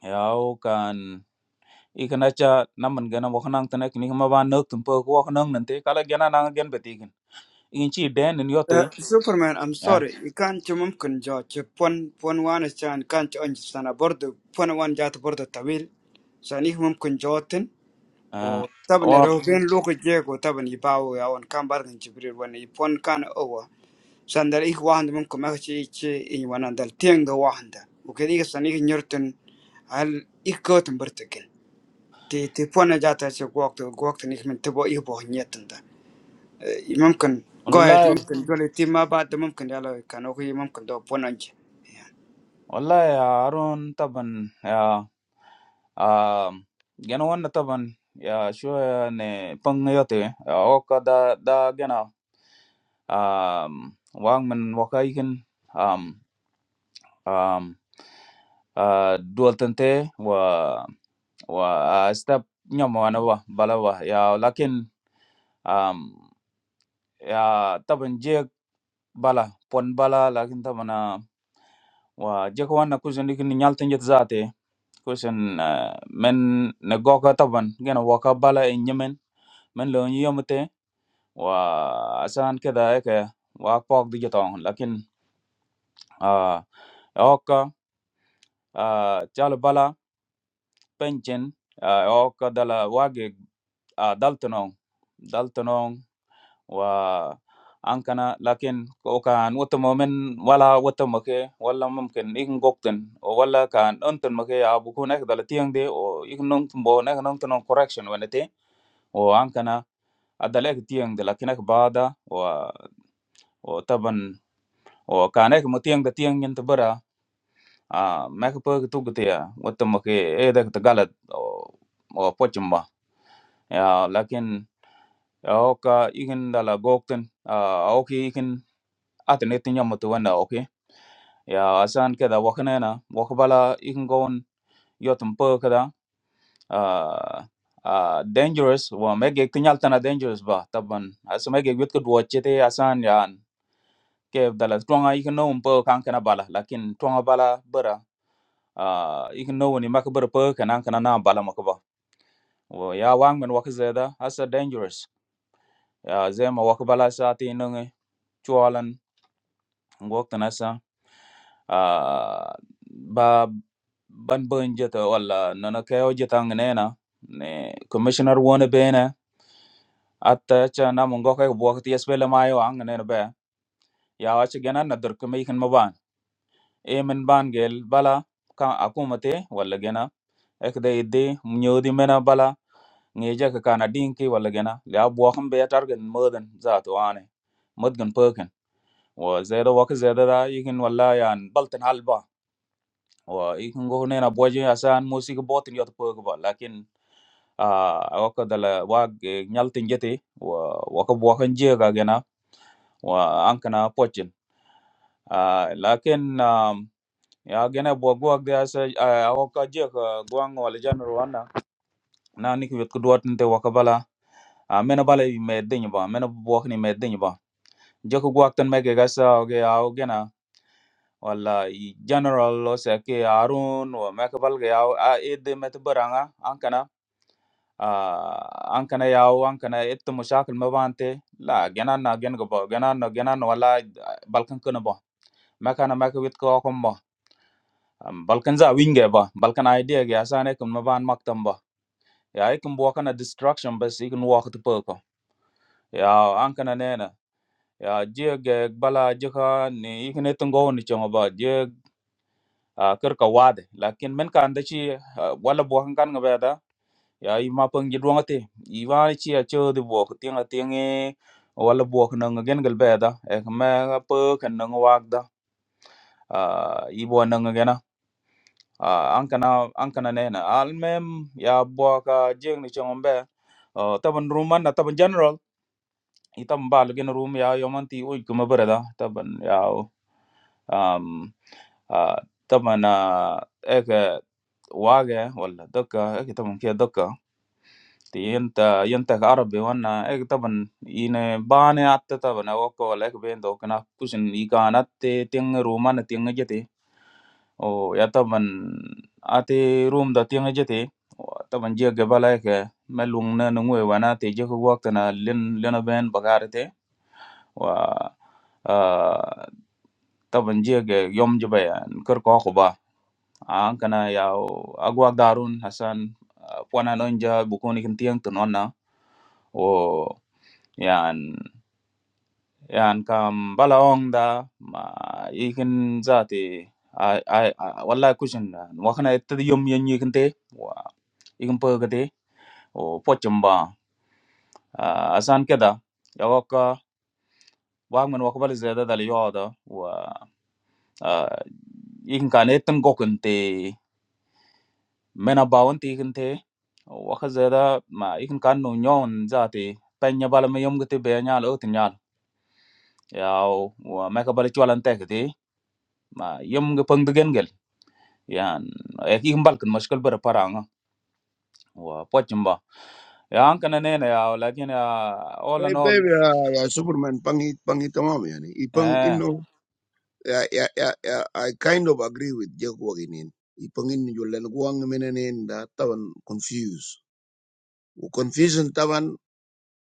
[SPEAKER 3] yao kan ikana cha naman gana wak nang tan ek ni ma ba nok tum po wak nang nante kala gana nang gen betigen in chi den in
[SPEAKER 2] Uh,
[SPEAKER 3] yote
[SPEAKER 2] Superman, I'm
[SPEAKER 3] eh
[SPEAKER 2] sorry. You can't you mumkin jo chip pon pon wan is chan can't understand a board pon one jata board of tawil. So ni mumkin jotin
[SPEAKER 3] eh,
[SPEAKER 2] o taban a
[SPEAKER 3] wa
[SPEAKER 2] robin look jeg o taban i bawo ya on kan bargan Jibril when i pon kan over. sandal ik wahanda mumkin makci ichi in wanan dal tianga wahanda ukedi ik san ik nyortin hal ik kotin bertikin ti ti pona jata che gwakta gwakta nik min tibo ik nyetanda mumkin go ahead
[SPEAKER 3] wallahi
[SPEAKER 2] mumkin jole ti ma ba da mumkin yalo kan oku mumkin do ponanje
[SPEAKER 3] wallahi ya arun taban ya um gana wanna taban ya shu ne pang yote ya, oka da da gana um wang man wakai um um uh dual tente wa wa uh, step nyama wana wa bala wa ya lakin um ya taban je bala pon bala lakin tabana wa je ko wana kusen dik ni nyalta njet zate kusen uh, men ne goka taban gena waka bala en yemen men lo ni yomte wa asan keda eke wa pok di jetong lakin uh, oka uh, chalo bala pension uh, o kadala wage uh, daltonong daltonong wa ankana lakin o kan wata momen wala wata make wala mumkin ikin gokten o wala kan onten make ya buku nek tiang de o ikin nong tumbo nek nong tunong correction wenete o ankana adala ek tiang de lakin ek bada o o taban o kan ek mutiang de tiang yin tabara a mek pe tu gtia wata make e dek tagalat o o pochimba ya lakin ya, oka ikin dala gokten ya, oki ikin atin itin yamatu wanda oki ya asan keda wakanena wakabala ikin gon yotun po kada ah, ah, dangerous wa mege tinyal tana dangerous ba taban asa mege gwit ko duwachete asan yan ke dala twanga ikin no po kan kana bala lakin twanga bala bara ah, ikin no ni makabara po kana kana na bala makaba ya wang men wakazeda asa dangerous ya zema wakabala sati chualan ngok tanasa ah, ba ban ban jeta wala nana kayo jeta ngnena ne commissioner wona bene atta cha na mungo ka bwakti yesbele mayo angnena be ya wacha gena na dur kemi kan maban e men ban gel bala ka akumate wala gena ek de idde nyodi mena bala ngeja ka kana dinki wala gena ya bwakham be targen modan zato ane modgan perken wa zeda waka zeda da yikin wala yan baltan halba wah, ikung gue nenein a budgetnya asal musiknya botin jatuh pergelap,lahkan, ah, aku kadal gua ngalatin jadi, wah, wakak bukan jek aja n, wah, angkana pochin, ah, lahkan, ya aja n buat gua deh asal, ah, aku jek guang wajah general, nah, nani kubet kudu atin teh wakak bala, ah, mana bala ini mending ban, mana bukan ini mending ban, jeku gua aktin megagas aja aja n, wala i general, seke arun, wah, megak bala aja a, ide metubaran a, angkana Anka na yau, anka na itu masalah mbawa ante, lah genan na gen gak boh, genan na genan wala Balkan kene boh, makanan makan itu kau kembah, Balkanza winge boh, Balkan idea gak, asalnya kau mbawa an maktab boh, ya ikun bukan an destruction, besikun waktu purko, ya anka na nene, ya jek gak wala jekan, ini ikun itu gawu nicipa boh, jek kerka wad, lakin menka ande si wala bukan nggak beda. ya i ma pang ji duang te i chi a che de bo tiang a tiang e wala bo ko nang gen gal ba da e ma ga kan nang wa da a i bo nang gen na an kana an kana ne na al mem ya bo ka jeng ni chong be taban ruman na taban general i tam ba gen room ya yo man ti uj ko ma da taban ya um ah, taban ek wage wala dokka ek taban kia thì hiện tại hiện tại ở Arabi vân na, cái tập an, in ban anh ở tập an na, có lẽ bên đó cái na cuốn anh đi cái anh ở tiếng Romani tiếng cái gì, oh, cái tập an, ở tieng Romani tiếng cái gì, oh, tập an chỉ có cái balay cái, mà lúc na nung vân na, thì chắc có lúc na lên lên bên Bulgaria thế, oh, ah, tập an chỉ có cái yom jiba, còn có khua ba, anh cái na, cái ao, cái quá darun Hasan, phụ nhân anh jia, bu cô niken tiếng Tân An na, oh yan yan kam bala ong da ma ikin zati ai ai wala kushin wa khana et yom yan yikin te wa ikin pa gade o pochum ba asan keda yawoka wa man wa kbal zeda dal yoda wa ikin kan etan gokun te mena bawon te ikin te wa kha zeda ma ikin kan no nyon zati penya bala me yom gate be nyal o tinyal yaw wa me ka bal chwalan te gade ma yom ge pang yan e ki mbal kan mashkal bara paranga wa pochimba ya an kana ne na ya lakin ya all
[SPEAKER 1] Hey
[SPEAKER 3] in all
[SPEAKER 1] baby, ya ya Superman pangi pangi temam ya nih. Ipan, you
[SPEAKER 3] eh
[SPEAKER 1] know ya ya ya I kind of agree with Jack Hogan ini. Ipanin julen guang menenin dah, tawan confuse. W confusin tawan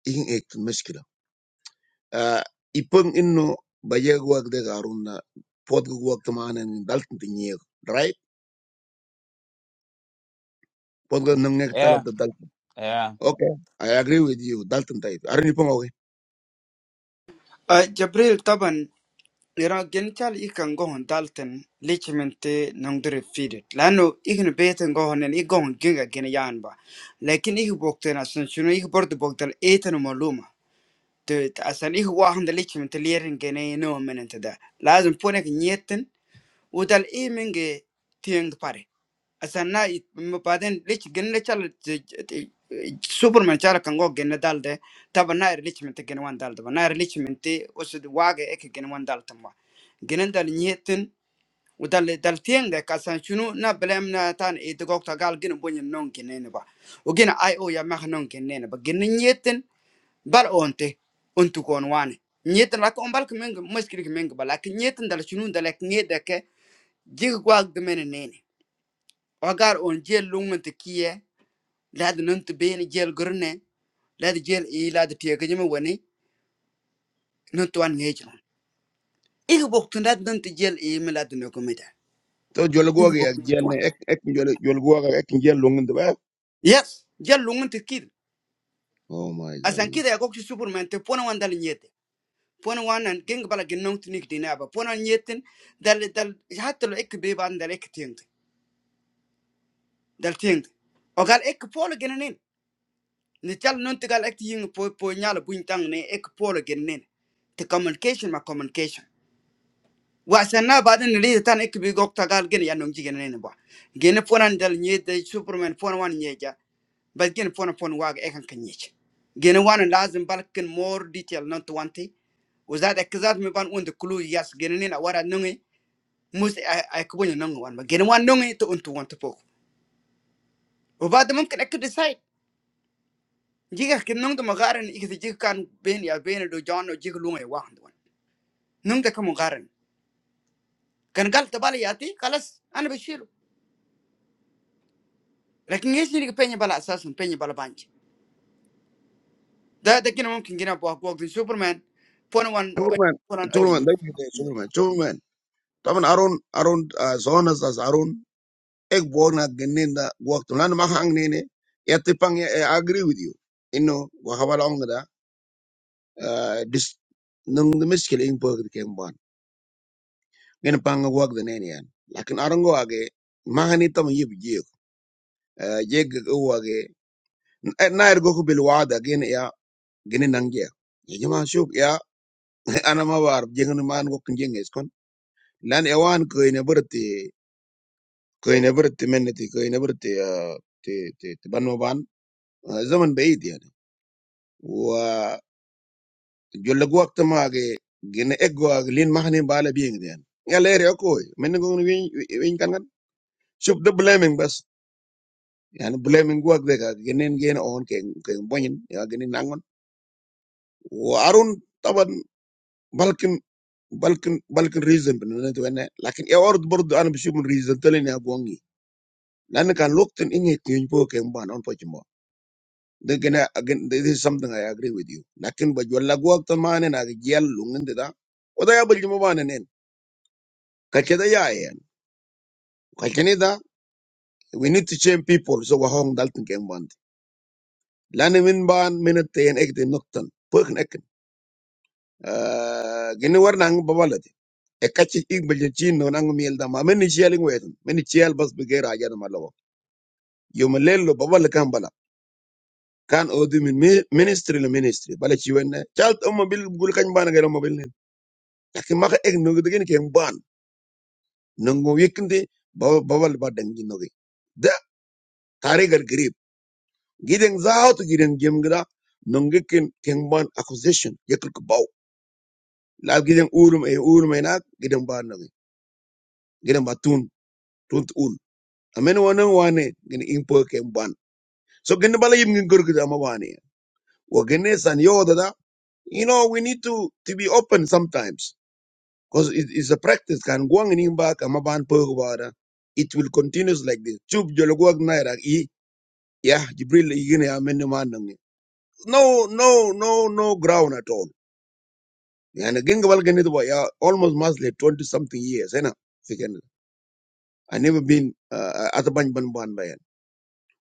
[SPEAKER 1] ingin action meskilam. Ah, ipung inno baye guak de garunda pod guak tamane dalton tinye right pod guak nangne
[SPEAKER 3] eh
[SPEAKER 1] talab da dalton
[SPEAKER 3] eh
[SPEAKER 1] okay i agree with you dalton type arin ipung okay
[SPEAKER 2] jabril taban ira genital ikan gohon dalten lichimente nongdure fidit lanu ikni beten gohon en ik gohon ginga gene yanba lakin ik bokten asan shuno ik bordo bokdal etan maluma Jadi, asal ikhwan dari lichmentulirin gini nomennya ada. Lalu emponik nyetin, udah eming g tiga par. Asal na ibu badan lich gendel cale superman cale kanggo gendal deh. Tapi na lichmenti gengwan dal deh. Na lichmenti usud wahe ek gengwan dal tuh. Gendal nyetin, udah dal tiga. Karena cunu na bela menata itu kok takal geng bonya nong gini napa. Ugena IO ya macan nong gini napa. Gendal nyetin bal onte ontu kon wane nyet la ko bal kemeng muskil kemeng bala ke nyet ndal chunu ndal ke ngeda ke jig gwag de mene nene ogar on jel lungun kiye lad nun ben jel gurne lad jel e lad tie ke jeme woni nun to an ngej non ig bok tun lad nun jel e me lad no komeda
[SPEAKER 1] so jol guak
[SPEAKER 2] ig
[SPEAKER 1] ya
[SPEAKER 2] bok nun
[SPEAKER 1] jel
[SPEAKER 2] to
[SPEAKER 1] ne ek ek jol jol guak e, ek jel lungun de ba
[SPEAKER 2] yes jel lungun te kid
[SPEAKER 1] oh my
[SPEAKER 2] asan kid
[SPEAKER 1] goodness
[SPEAKER 2] ya gok superman te pona wan dal nyete pona wanan geng bala genong non tinik dina ba pona nyeten dal dal hatta lo ek be ban dal ek tieng dal tiŋ o gal ek polo gene nin ni chal non ti gal ek ti ying po po nyala buñ tang ne ek polo gene te communication ma communication wa sanna baden ni li tan ek bi gok ta gal gene ya nong ji gene nin ba gene ponan dal nye de superman pon wan nye ja ba gene pon pon wa ek kan kan nye ci. wan lazim balkin more detail non to wanti وزاد اكزاد مي بان اون كلو ياس جنين ورا نوني موس اكبون نونغ وان جن وان نونغي تو انت وان تبوك وبعد ممكن اكد Jika kin nong tuma garan ikiti jig kan ben ya ben do jono jig lunga ya wahan duan nong ta kamu garan kan gal ta yati kalas ana bashiru lakin ngesi ni penye bala asasun penye bala banji da da kina mumkin gina bo bo din superman pon wan
[SPEAKER 1] superman
[SPEAKER 2] pon an
[SPEAKER 1] superman
[SPEAKER 2] anjin
[SPEAKER 1] thank you thank you, superman superman taman arun arun ah, zonas as arun ek bona gennenda guak tulan ma hang ne ne yatipang i agree with you inno wa hawala Ah, dis nung the miskel in pog de ken bon gen pang wag de nen yan lakin arango age mahani tam yib je je go wage nair go ko bil wada gen ya gen nang je ya jama shub ya ana ma war jengen man go kin jenges kon lan e wan ko ne burti ko ne burti men ko ne burti ti ti ti ban ma ban Ah, zaman bayid yani wa jolle go waqt ma age gen eggo age lin mahani bala bieng den ya lere ko men go ni win kan kan? Just the blaming, bas. An blaming guak deka. Ginin gin a hon keng keng bonyin. Yaa ginin nangon. Waa arun, tawon, but kyun, but kyun, but kyun reason puno. Nae tuane. Lakun yaa orud orud anu bishubun reason tali na guangi. Nane kan nokten inget yung po keng ban on pojmo. De kena again. This is something I agree with you. Lakun baju all guak tamane nageal lungin de ta. Odaya baju mo banane nene. Kacida yaa yen. Kacida we need to change people so waa hon dalten keng ban. Lame min ban mina tayn ekde nokten pojnek. Eh, gini war nang babala di e kachi ik baje chin no nang miel da ma meni chialing wetan meni chial bas bigera aja na malawa yo melelo babala kan bala kan odi min mi- ministry le ministry bala chi wenne chalt umma bil gul kan bana gero mobil nen lakin maka ek no gudegen ken ban nango yekinde babal ba dangi no da tarigal grip giden zaaw to giden gem gida nonge ken ken ban accusation yekul ko baw la giden urum e urum e nak giden ban no giden ba tun tun amen wana wane gin impo ken ban so gin bala yim gin gurgu da ma wane wo gin san yo da da, you know we need to to be open sometimes because it is a practice kan gwang ni ba ka ban po ba da it will continues like this chub jolo gwag na ra i ya jibril i gin ya men ma nan ni. no no no no ground at all and gin bal gin da ya almost mostly 20 something years you know Fikin. I never been uh, at a ban ban ban by.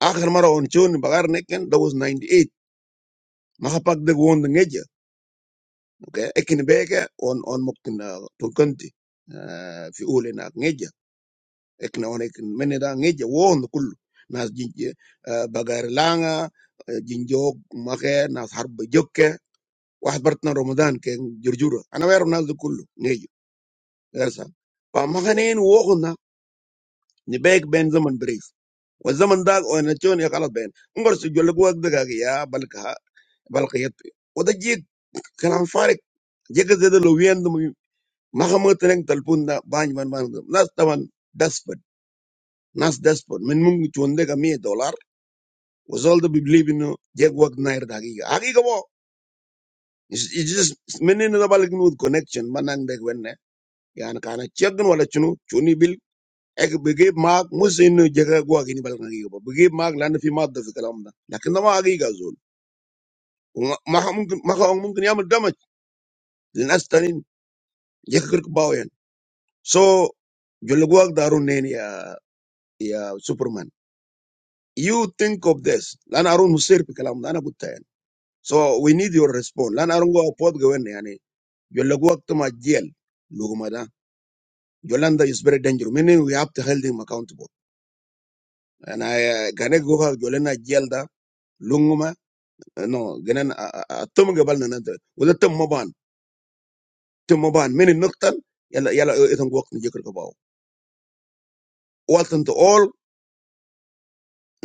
[SPEAKER 1] Akhir mara on chun bagar neken that was 98 mahapagdag won ngeja okay ekin beke on on muktin to kanti fi ule na ngeja ekna on ekin meneda ngeja won kullu nas jinje bagar langa jinjo make nas harb jokke واحد برتنا رمضان كان جرجورة أنا بعرف الناس دي كله نيجي يرسل فما خنين ووخنا نبيك بين زمن بريف والزمن ده وانا تشون يا خلاص بين انقر سجل لك وقت دقاق يا بلقها بلقيت وده جيك كلام فارق جيك زي ده لو وين Mahamutleng Talpunda Bany Van Van. Nas Taman despot, Nas despot. Min Mung Chundega me dollar was all the believe in Jagwag Nair Dagiga. Agiga wo. It's it's just it's many in the Balik Nud connection. Manang de Gwenne. Yan Kana Chagan Walachunu, Chuni Bill. Ek begave mark mus in Jagwag in Balkangiba. Begave mark land if you mad the Kalamda. Lakanama Agiga Zul. Maham Munkin Yamal Damage. Linastanin Jakirk Bowen. So, Jolagwag Darun Superman. You think of this. Lan arun musir pi kalam da, ana gutta yani. So we need your response. Lan arun go apod gwen yani. Yolla go akta ma jail. Luguma da. Yolanda is very dangerous. Meaning we have to hold him accountable. And I uh, gane go ha yolena jail da. Lunguma uh, no ganan atum gabal na nanta. Wala tum maban. Tum maban. Meaning nuktan. Yalla yalla uh, itong go akta jikr kabaw. Walton to all.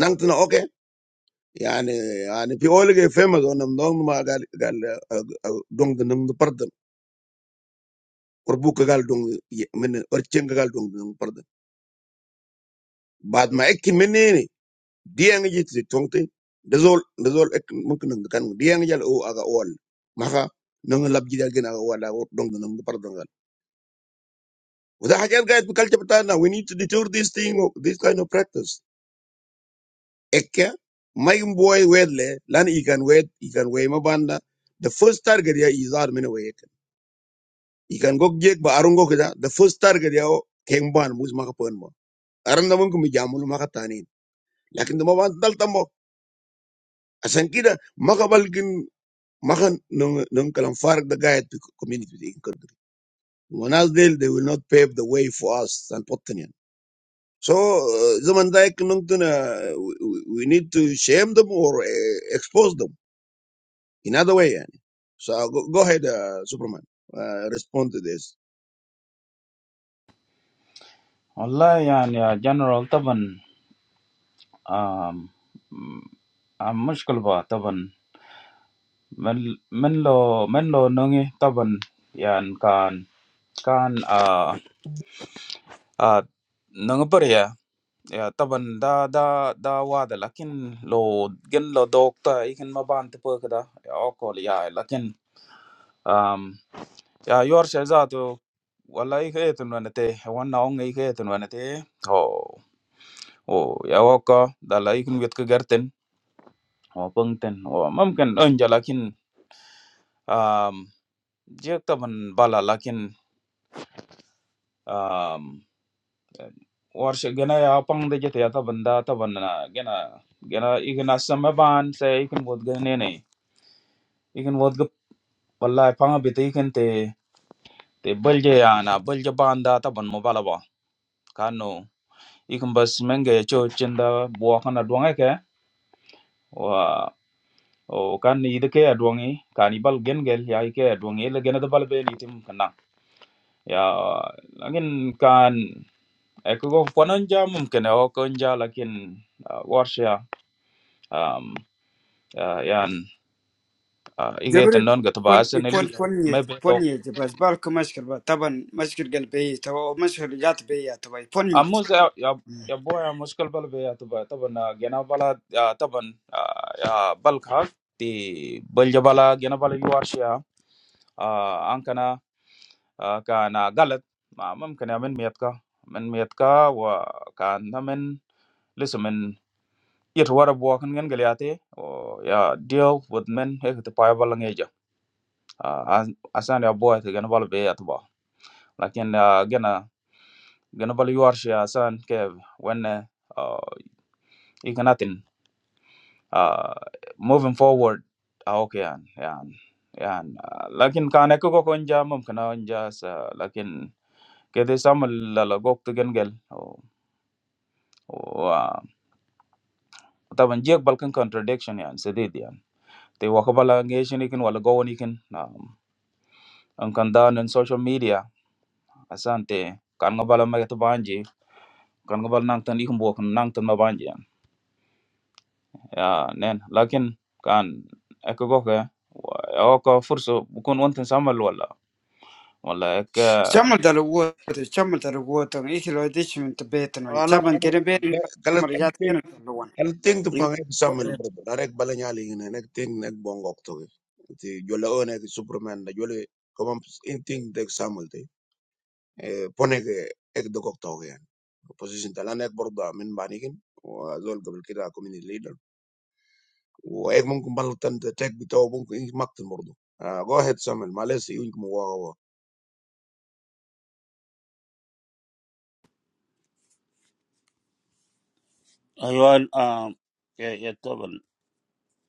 [SPEAKER 1] Nangtana okay. يعني يعني في اول جاي فيما قلنا من ضمن ما قال قال دون or bu kagal dong ye- men or ceng kagal dong dong parda bad ma ekki menene diang ji ti tongte dazol dazol ek mumkin nang kan diang jal o aga wal maka nang lab ji dal gen aga wala o dong nang parda ngal wada hajat gayat bi culture we need to deter this thing this kind of practice ekka may boy wedle lan i can wed i can way mabanda the first target ya izar men way ek i can go jek ba arungo kida the first target ya kengban mus maka pon mo aran namun mumkin mi jamul maka tani لكن ده ما بعد ده تمه عشان كده ما قبلكن ما خن نن كلام فارق ده قاعد community دي كده وناس ديل they will not pave the way for us and Pottenian so uh, زمن ده يمكن نمتن we we- we need to shame them or uh, expose them in other way يعني so go, go ahead uh, Superman uh, respond to this
[SPEAKER 3] والله يعني يا جنرال طبعا آم آم مشكل با طبعا من من لو من لو نغي طبعا يعني كان كان آ آ ya taban da da da wadah, tapi lo kan lo dokter, ikut mbantu perke da ya okoli ya, tapi ya yoris aja tuh, walaikumsalam nete, waalaikumsalam nete, oh oh ya wakka, dah lah, ikut ngerti, pengertin, mungkin, enggak, tapi ya taban bala, tapi warsha gena ya pang de jete ya ta banda ta banna gena gena igna sama ban se ikin bod gene ne ikin bod ge wallahi pang bi te ikin te te balje ya na balje banda ta ban mo bala ba kanu ikin bas menge cho chinda bo kana duange ke wa o kan ni de ke aduangi kani bal gen gel ya ike aduangi le gena de bal be ni tim kana ya lakin kan eko go ponanja mumkin o konja lakin warsha um ya yan ige ten
[SPEAKER 2] jibril
[SPEAKER 3] don ga tuba
[SPEAKER 2] pon
[SPEAKER 3] asen eli
[SPEAKER 2] pon pon
[SPEAKER 3] me
[SPEAKER 2] yeji
[SPEAKER 3] be to
[SPEAKER 2] pon yeji bas bal ko mashkil ba taban mashkil gal bayi tawa mashkil jat bayi ya tawa pon yeji
[SPEAKER 3] amuz ya ya ya boya muskil bal be ya tuba taban ah, gena bala ah, taban ah, ya ya bal ka ti bal ja bala gena bala yuar shia ah, an kana ah, kana galat ma mam kana min miyat ka min miyat ka wa kan na min lisu min yit wara bo kan gen galiate o ya deal with men he bala ngeja asan ya boya bala be ya tuba lakin ah, Gana bal yuwarsh ya san kev wenne uh, ikanatin uh, moving forward ah, okay yan yan yan uh, lakin kane ko ko nja mum kana nja sa lakin kede samal lala gok to gengel o o ah, taban jek balkan contradiction yan sedid yan te wakabala ngeshin ikin wala gowon ikin um, ang kandan in social media asante kan ngabala magatu banji kan ngabala nangtan ikin buwakan nangtan mabanji ya neng, tapi kan ekogoh ya, waa kalau first bukan untuk sambil wala, wala ek.
[SPEAKER 2] chamal dal wo chamal dal wo to ikilo dishmin tabetan
[SPEAKER 1] Oh
[SPEAKER 2] wan
[SPEAKER 1] no,
[SPEAKER 2] chaban
[SPEAKER 1] I
[SPEAKER 2] kene ben
[SPEAKER 1] أنا
[SPEAKER 2] chamal jat
[SPEAKER 1] أنا
[SPEAKER 2] kene to
[SPEAKER 1] Hal ting to pang ek samal bro. Darek bala nyali ngene nek ting nek bongok to. Ti jola o nek superman da jola komam in ting dek samal te. Eh, Pone ke ek dokok to ke yan. Position tala nek borda min banikin. Wa zol gabal kida community leader. Wa ek mungkin baltan te tek bitaw mungkin in maktin bordo. Ah, Go ahead samal. Males yun kumu wa wa. wa.
[SPEAKER 4] Ayol, um, ya, ya taban,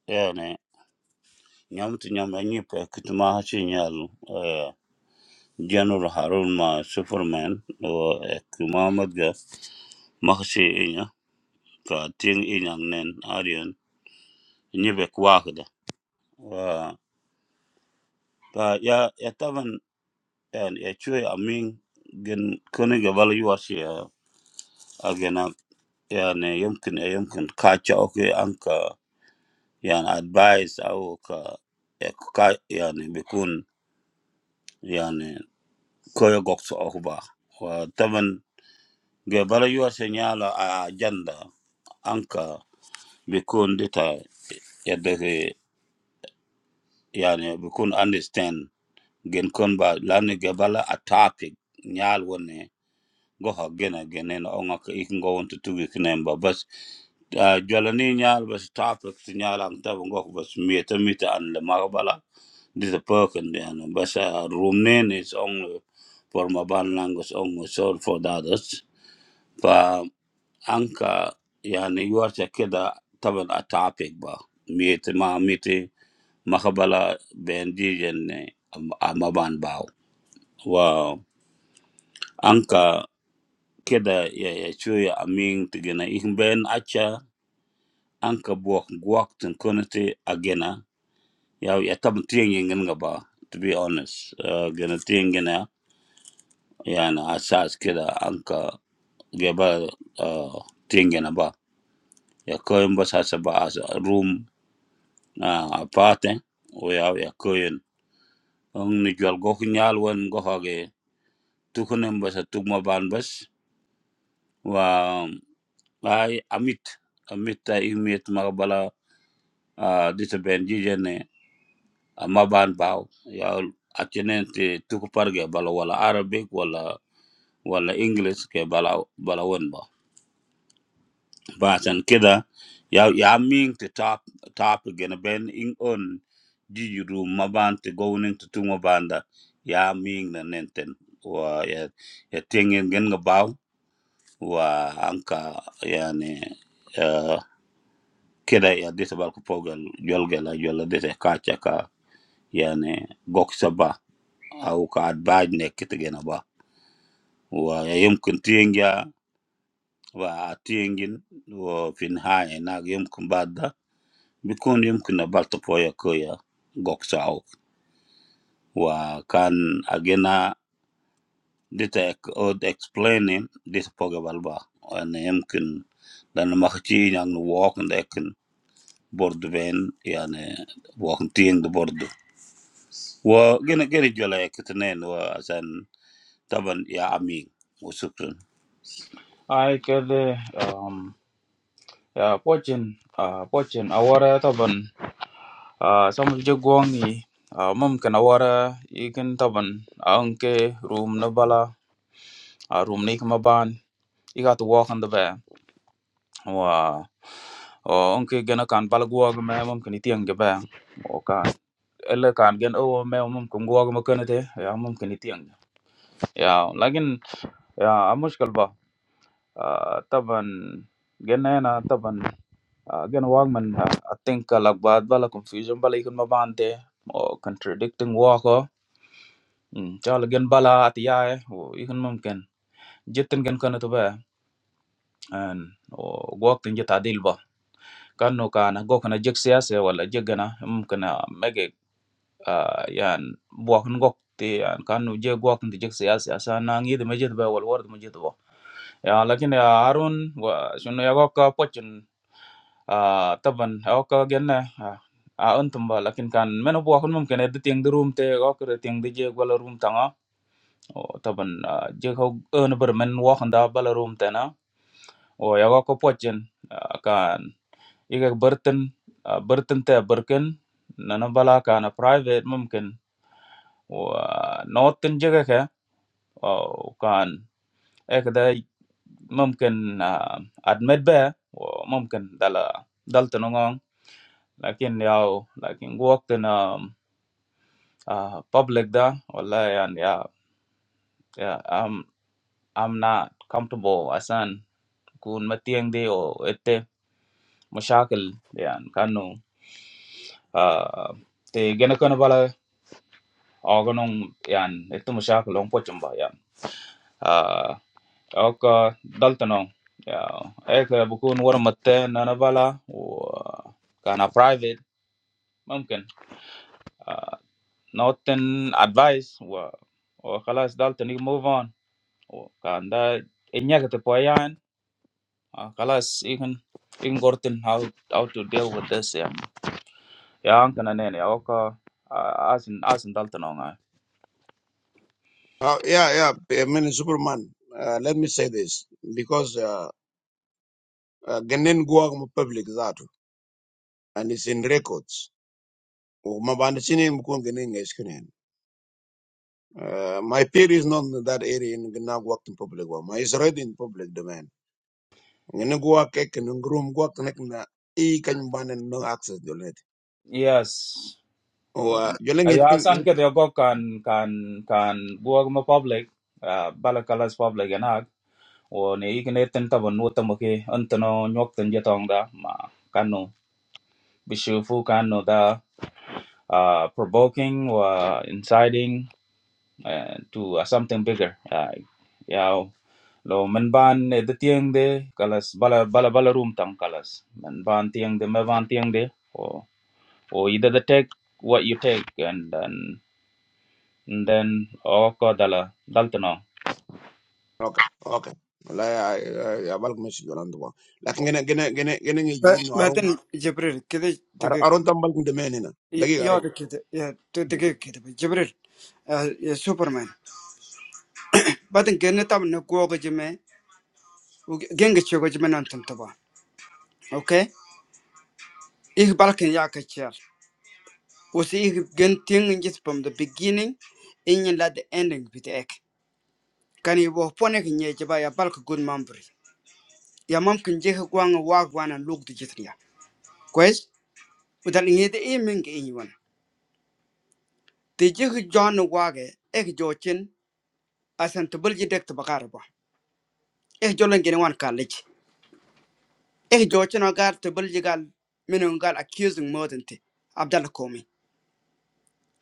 [SPEAKER 4] ya ne, nyamtu nyam anyi pe kituma hachi nyal, eh, General Harun ma Superman, o Muhammad ga, makasi inya, ka ting inyang nen, arian, nyi be kwakda. Wa, ka ya, ya taban, ya, ya chue amin, gen kone ga bala yuwasi ya, agena, ya ne, yumkin, ya yumkin, kacha oke anka, ya advice au ka, ya, ka, ya ne, bikun, koyo gokso okuba wa taban ge bala yuwa se a agenda anka bikun dita yadege yani bikun understand gen kon ba lani ge bala a topic nyal wone goha gena genen onga ka ikin go wanta tugi kinen ba bas ah, jwala nyal bas topic ti nyala ang taban gok bas miyeta mita an le magbala dita perkin yani bas room nene is only for mobile language only sold for the others anka yani yuwarta kida taban a topic ba miyeti ma miti makabala bendijen ne a maban baw wa anka kida ya ya chuya amin tigina ihin ben acha anka buwak guwak tin kuniti agena ya ya taban tiyengin nga ba to be honest uh, gina tiyengin ya yani asas kida anka geba uh, tiyengin ba ya koyin ba sasa ba as room ah apate o ya ya koyen on ni jol go nyal won go hoge tukunem basa tugma ban bas wa ay amit amit ta imit magbala ah dita ben jijene amma ban baw ya acenen te tuku parge bala wala arabic wala wala english ke bala bala won ba Basan kida ya ya ming to top top gonna ben in on jiju room maban to go nin to tuma banda ya ming na nenten wa ya ya tingen gen ga baw wa anka yani uh, kida ya dita bal ko pogal jolga la jolla dita kacha ka yani gok saba au ka adbaj ne kit gena ba wa ya yumkin tinga wa tingin wa fin haya na yumkin bikun yumkin a balta poya koya gok saw wa kan agena dita ek- od explaining dita poga balba ane yumkin dan makchi yang nu walk and ekin bordu ben yani walk tiing de bordu wa gena gena jola ekitnen wa asan taban ya amin wa shukran
[SPEAKER 3] Aike deh ya poin, poin awara tabun. Sambil jagoan nih, mungkin awara ikan tabun, angke rum nebala, rum nikma ban, ikat uang ande be, waa, angke jenak kan pelaku agama mungkin itu ande be, waa kan. itiang ga ba Elah kan, gen awo, mohon mungkin gua gak makan itu, ya mohon kenyit yang. Ya, oke, kan. Ya, agak susah, bah. Tapi, genai na, tapi, gen gua mungkin, I think, kalau bawah bala confusion, bala ikut mabante, or contradicting gua kok. Jual gen bala ati ya, oh, ikut mungkin. Jatun gen karena tuh, bah. Or gua tinggal tadil bah. Karna kan, gua kena jeksias ya, bala jekna mungkin a meg. yaan buah nangok tian kan uji buah nanti juga siapa siapa nangidu mungkin bawa luar itu mungkin tuh ya, tapi ya arun wahcunnya gak kapotin tabun gak kena arun tambah, tapi kan men buah numpuknya itu yang di rumah gak keret yang dije buah luar rumah tanga tabun jika arun bermain buah anda buah luar rumah tiana oh ya gak kapotin kan jika bertun bertun tia berken nanabala karena private mungkin wah, not in juga ya, oh kan, ekda mungkin admire, mungkin dalam dalam tenong, tapi niaw, tapi waktu na public dah, allah ya, ya, ya, I'm I'm not comfortable, asan kun mati yang deo, ete masalah, lian, karena, the genakan pala organong, lian itu masalah, lompok cumba ya, ah Oka, daltanu ya. Eh, bukan urut mata, nanabala. Karena private mungkin. Noten advice. Kalau sudah, nih move on. Karena ini gak tepuyain. Kalau ini kan, ini gurutin how how to deal with this ya. Ya angkana nih nih. Oka, asan asan daltanu enggak.
[SPEAKER 1] Ah, Yeah, yeah. superman. Uh, let me say this because uh, uh, Ghanaian go public that and it's in records. ومبانتشيني بكون جنين يشكنين uh, my peer is not in that area in going work in public one my is already in public domain ngene go work ek in room go work nek na e kan ban and no access jolet
[SPEAKER 3] Yes.
[SPEAKER 1] o joleng
[SPEAKER 3] Ayo asan
[SPEAKER 1] is
[SPEAKER 3] ke dekat kan kan kan buat cuma public. Bala kalau public ya nak. và nếu người ta vẫn vô tâm khi anh ta nói nhóc tin giả thằng đó mà cán nó, bị sư phụ cán nó đó, à provoking và inciting uh, to uh, something bigger, yeah, yeah, lo men ban để tieng de, calas bala bala bala room tang calas, men ban tieng de, men ban tieng de, oh, oh, ida de take what you take and then, and then all ko dalla, dal ta nao?
[SPEAKER 1] okay okay la ya bal mesh jolan do lakin ngene ngene ngene ngene ngi
[SPEAKER 2] Ba-
[SPEAKER 1] yin no aron
[SPEAKER 2] Badan Jibril kede
[SPEAKER 1] ar-
[SPEAKER 2] degeg
[SPEAKER 1] aron tambal domain ina
[SPEAKER 2] y-
[SPEAKER 1] dagi aron
[SPEAKER 2] yode kede ya to degeg kede ba Jibril ah, ya Superman badan gene tam na gogo jime u- genge chego jime nan tam taba okay ich balken ya ka chiar usi ich gen ting in from the beginning in yin the ending bit ek kan i bo pone ke nye good memory. ya mam kun je gwang wa gwana luk de jitria kwes udan ngi de e menge in yon de je jon ek jo asan tubulji dek tubakarba eh jolen gene wan college eh jochino gar tubulji gal minun gal accusing modente abdalla komi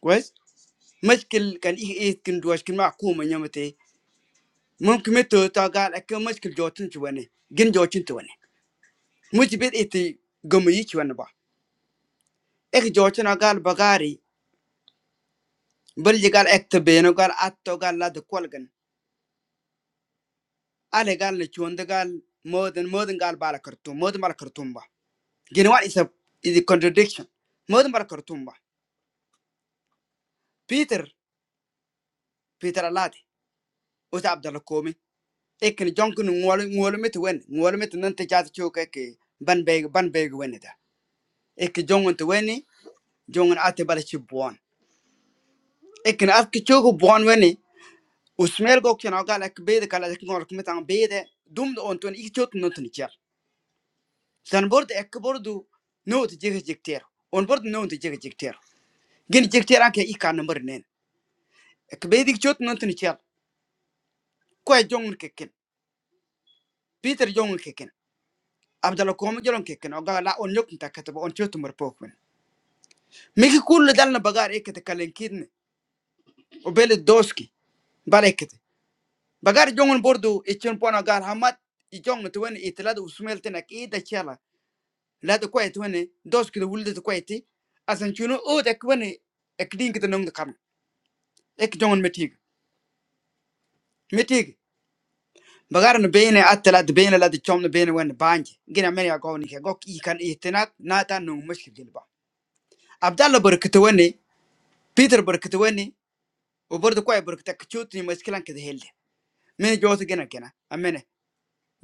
[SPEAKER 2] kwes mashkil kan ih eh kin duwash kin ma kuma nyamate mumkin mito ta gal akke mashkil jochin ci wane gin jochin ci wane muji iti gomu ci wane ba eh jochino gal bagari bulji gal ekta beno gal atto gal la de kolgan ale gal le chonde gal modin modin gal bala kartum modin bala kartum ba Gene what is a is a contradiction. Modern bar Peter Peter Alati uta Abdallah Komi. Ekin jonkin ngol ngol mit wen ngol mit nan te jati chuka ban beg ban beg wen da. Ekin jongon te weni jongon ate bala chi buon. Ekin at ki chuka buon weni usmel go kina gal ek bede kala ek ang bede dum do onton ik chot not ni chel. San bord ek bordu not jige jikter. On bord not jige jikter. Gen jikter anke ikan number nen. Ek bede chot not kwe jongun keken peter jongun keken abdala komi jolon keken oga la on yokunta kataba on chotumar pokwen miki kullu dalna bagar ekete kalenkidne o bele doski bal ekete bagar jongun bordu ichon pona agar hamat i jongun tuwen itlad usmeltenak ida chala lada kwe tuwen doski de wulde kwe e ti asan chuno o de kwen ekdin kete nong de kam ek jongun metig metig bagar no bene atla de bene la de chom no bene wen banje gina men ya gowni ke gok i kan itinak nata nong mushkil Abdallah barkitawani peter barkitawani obordo kuay barkitak chutni maskilan kada helde mene jota gena gena amene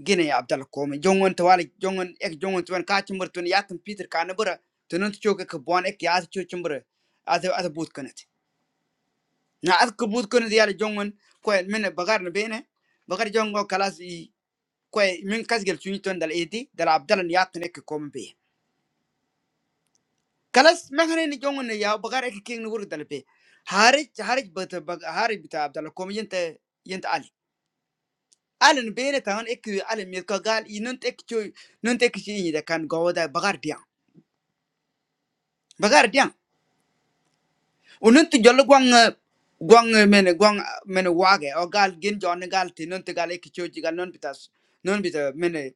[SPEAKER 2] gena ya abdalla komi jongon tawali jongon ek jongon tuan ka chimbur tun yatin peter kana bura tunun choke ka bon ek yat chu chimbur ada ada but kanat na ad ka but kanat yala jongon kuay mene bagar na bene bagar jongo kalas i kuay min kasgel chuni ton dal edi dal abdalla yatin ek kalas mahne ni jongo ne ya bagare ke king nur dalbe harij harij bat bag harij bita abdal kom yente yente ali ali ne bene tan ek ali mi ka gal inun tek chu nun tek chi ni da kan go da bagar dia bagar dia unun tu jol gwang eh, gwang men gwang men wage o gal gen jon gal ti nun te gal ek chu ji gal non bita non bita men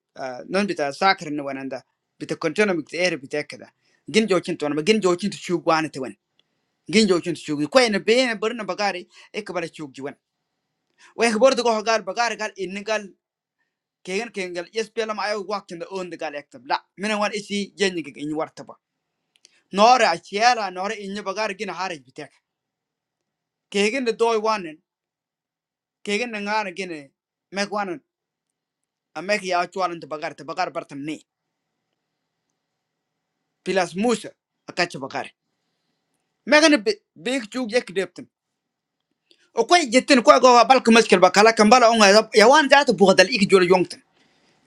[SPEAKER 2] non bita sakre ne wananda bita kontono mi te er bita kada gin jochin to ma gin jochin tu chu gwan جين جو شنت شوقي كوين بين برنا بقاري إك برا شوق جوان وإك برضو قه قال بقاري قال إن قال كيغن كيغن قال يس بيلم أيو وقت إن أون قال يكتب لا من وان إسي جيني كيغ إن ورتبا نورا أشيالا نورا إن بقاري جين هارج بتاعك كيغن دوي وانن كيغن نغانا جين ميك وانن أميك يا أشوال إنت بقاري تبقاري برتم ني بلاس موسى أكاتش بقاري ميغن بيك شوق يك ديبتن وكوين جتن كوي قه بالك مشكل بقالا كمبالا أونغا يوان ذات بوغدال إيك جول يونغ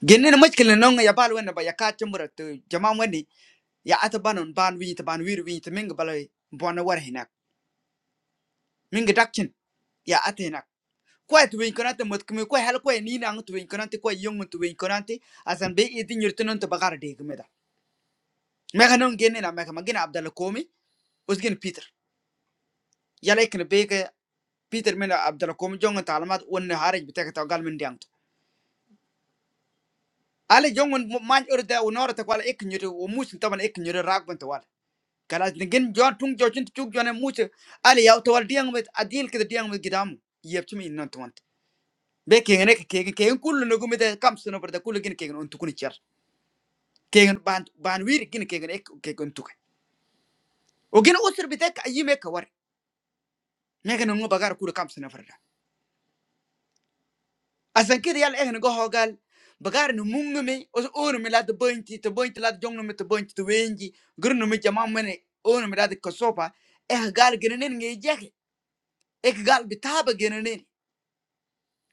[SPEAKER 2] genne na mashkil ya bal wenna ba ya ka chambra to jama wani ya ata banon ban wi ta ban wir wi ta minga bala bona war hinak minga dakchin ya ata hinak kwai tu win konante mot kme kwai hal kwai ni nang tu win konante kwai yong tu win konante asan be itin yurtunon to bagara de gmeda mega non genne mega magina abdal komi usgen peter ya lekin be ke peter mena abdal komi jonga talmat wonna haraj bitaka ta gal min diang ale jongon man urde unorata kwala ek nyure o musin taban ek nyure ragban kalas nigin jon tung jo chin chuk jone muche ali yaw to wal diang mit adil kid diang mit gidam yep chimi non to want be kegen ek kegen kegen kullu no gumit kam suno berda kullu gin kegen on tukuni char kegen ban ban wir gin kegen ek kegen tuk o gin usur bitek ayime ka war megen no bagar kullu kam suno farda asan kid yal ehn go hogal bagar no mungme os on mi lad bointi to bointi lad jongno mit bointi to wenji gurno mi jama mene on mi lad kosopa eh gal ginen ngi jeke ek gal bitaba ginen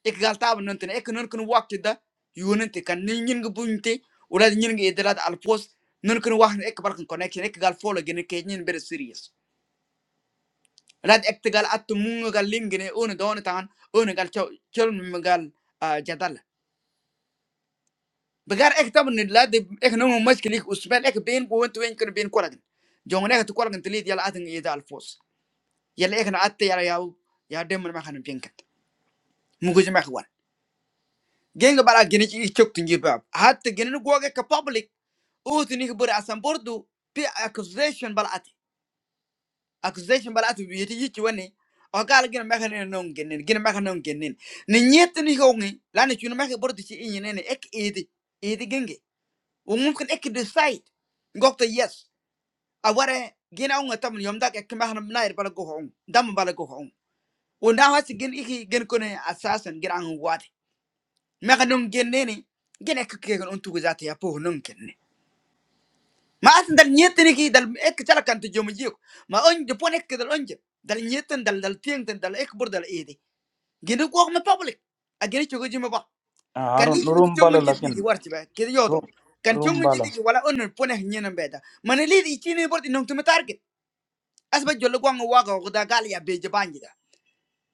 [SPEAKER 2] ik gal taban non tene ek non kun wakti da yunente kan ni nyin gi bunte wala nyin gi idelat al post non kun wax ek bar connection ek gal follow gene ke nyin ber serious lad ek te gal at munga gal lim gene on don tan on gal chaw chol mi gal ah, jadal bagar ek taban ni lad ek non mo maskili usman ek ben ko wonto wen kun ben ko lagin ek to ko lagin tilit yalla atin ida al post yalla ek na atte yalla yaw ya dem ma xanam pinkat mugo jema xwan genga bara gene ci chokti ngi bab hat gene go ge ka public uti nik bur asan bordu bi accusation balati accusation balati bi yiti yici wani o gal gina meka ne non genin gina meka non genin ni nyet ni hongi lani chuna meka bordu ci inyi nene ek idi idi genge o mumkin ek decide ngokta yes aware gina unga tamun yom ek meka nam nair bala go hong dam bala go hong o na hasi gin iki gin kone assassin gina an wati meka non genene gina ek kegen untu guzati ya po non ken ma asin dal nyetene ki dal ek chala kan to jomo jiko ma onje pon ek dal onje dal nyeten dal dal tieng ten dal ek bur dal ede gene ko ma public a gene chogo jima ba
[SPEAKER 3] À, à,
[SPEAKER 2] kan lich min to
[SPEAKER 3] room bala,
[SPEAKER 2] chongun jit ni ki
[SPEAKER 3] nhưng
[SPEAKER 2] warti ba ke
[SPEAKER 3] room
[SPEAKER 2] yodom kan
[SPEAKER 3] room
[SPEAKER 2] chongun jit
[SPEAKER 3] bala,
[SPEAKER 2] ki wala onnen pon ek nyenen beta man li di chini bur di nong to target as ba jollo gwango waga ko da gal ya be jabanji da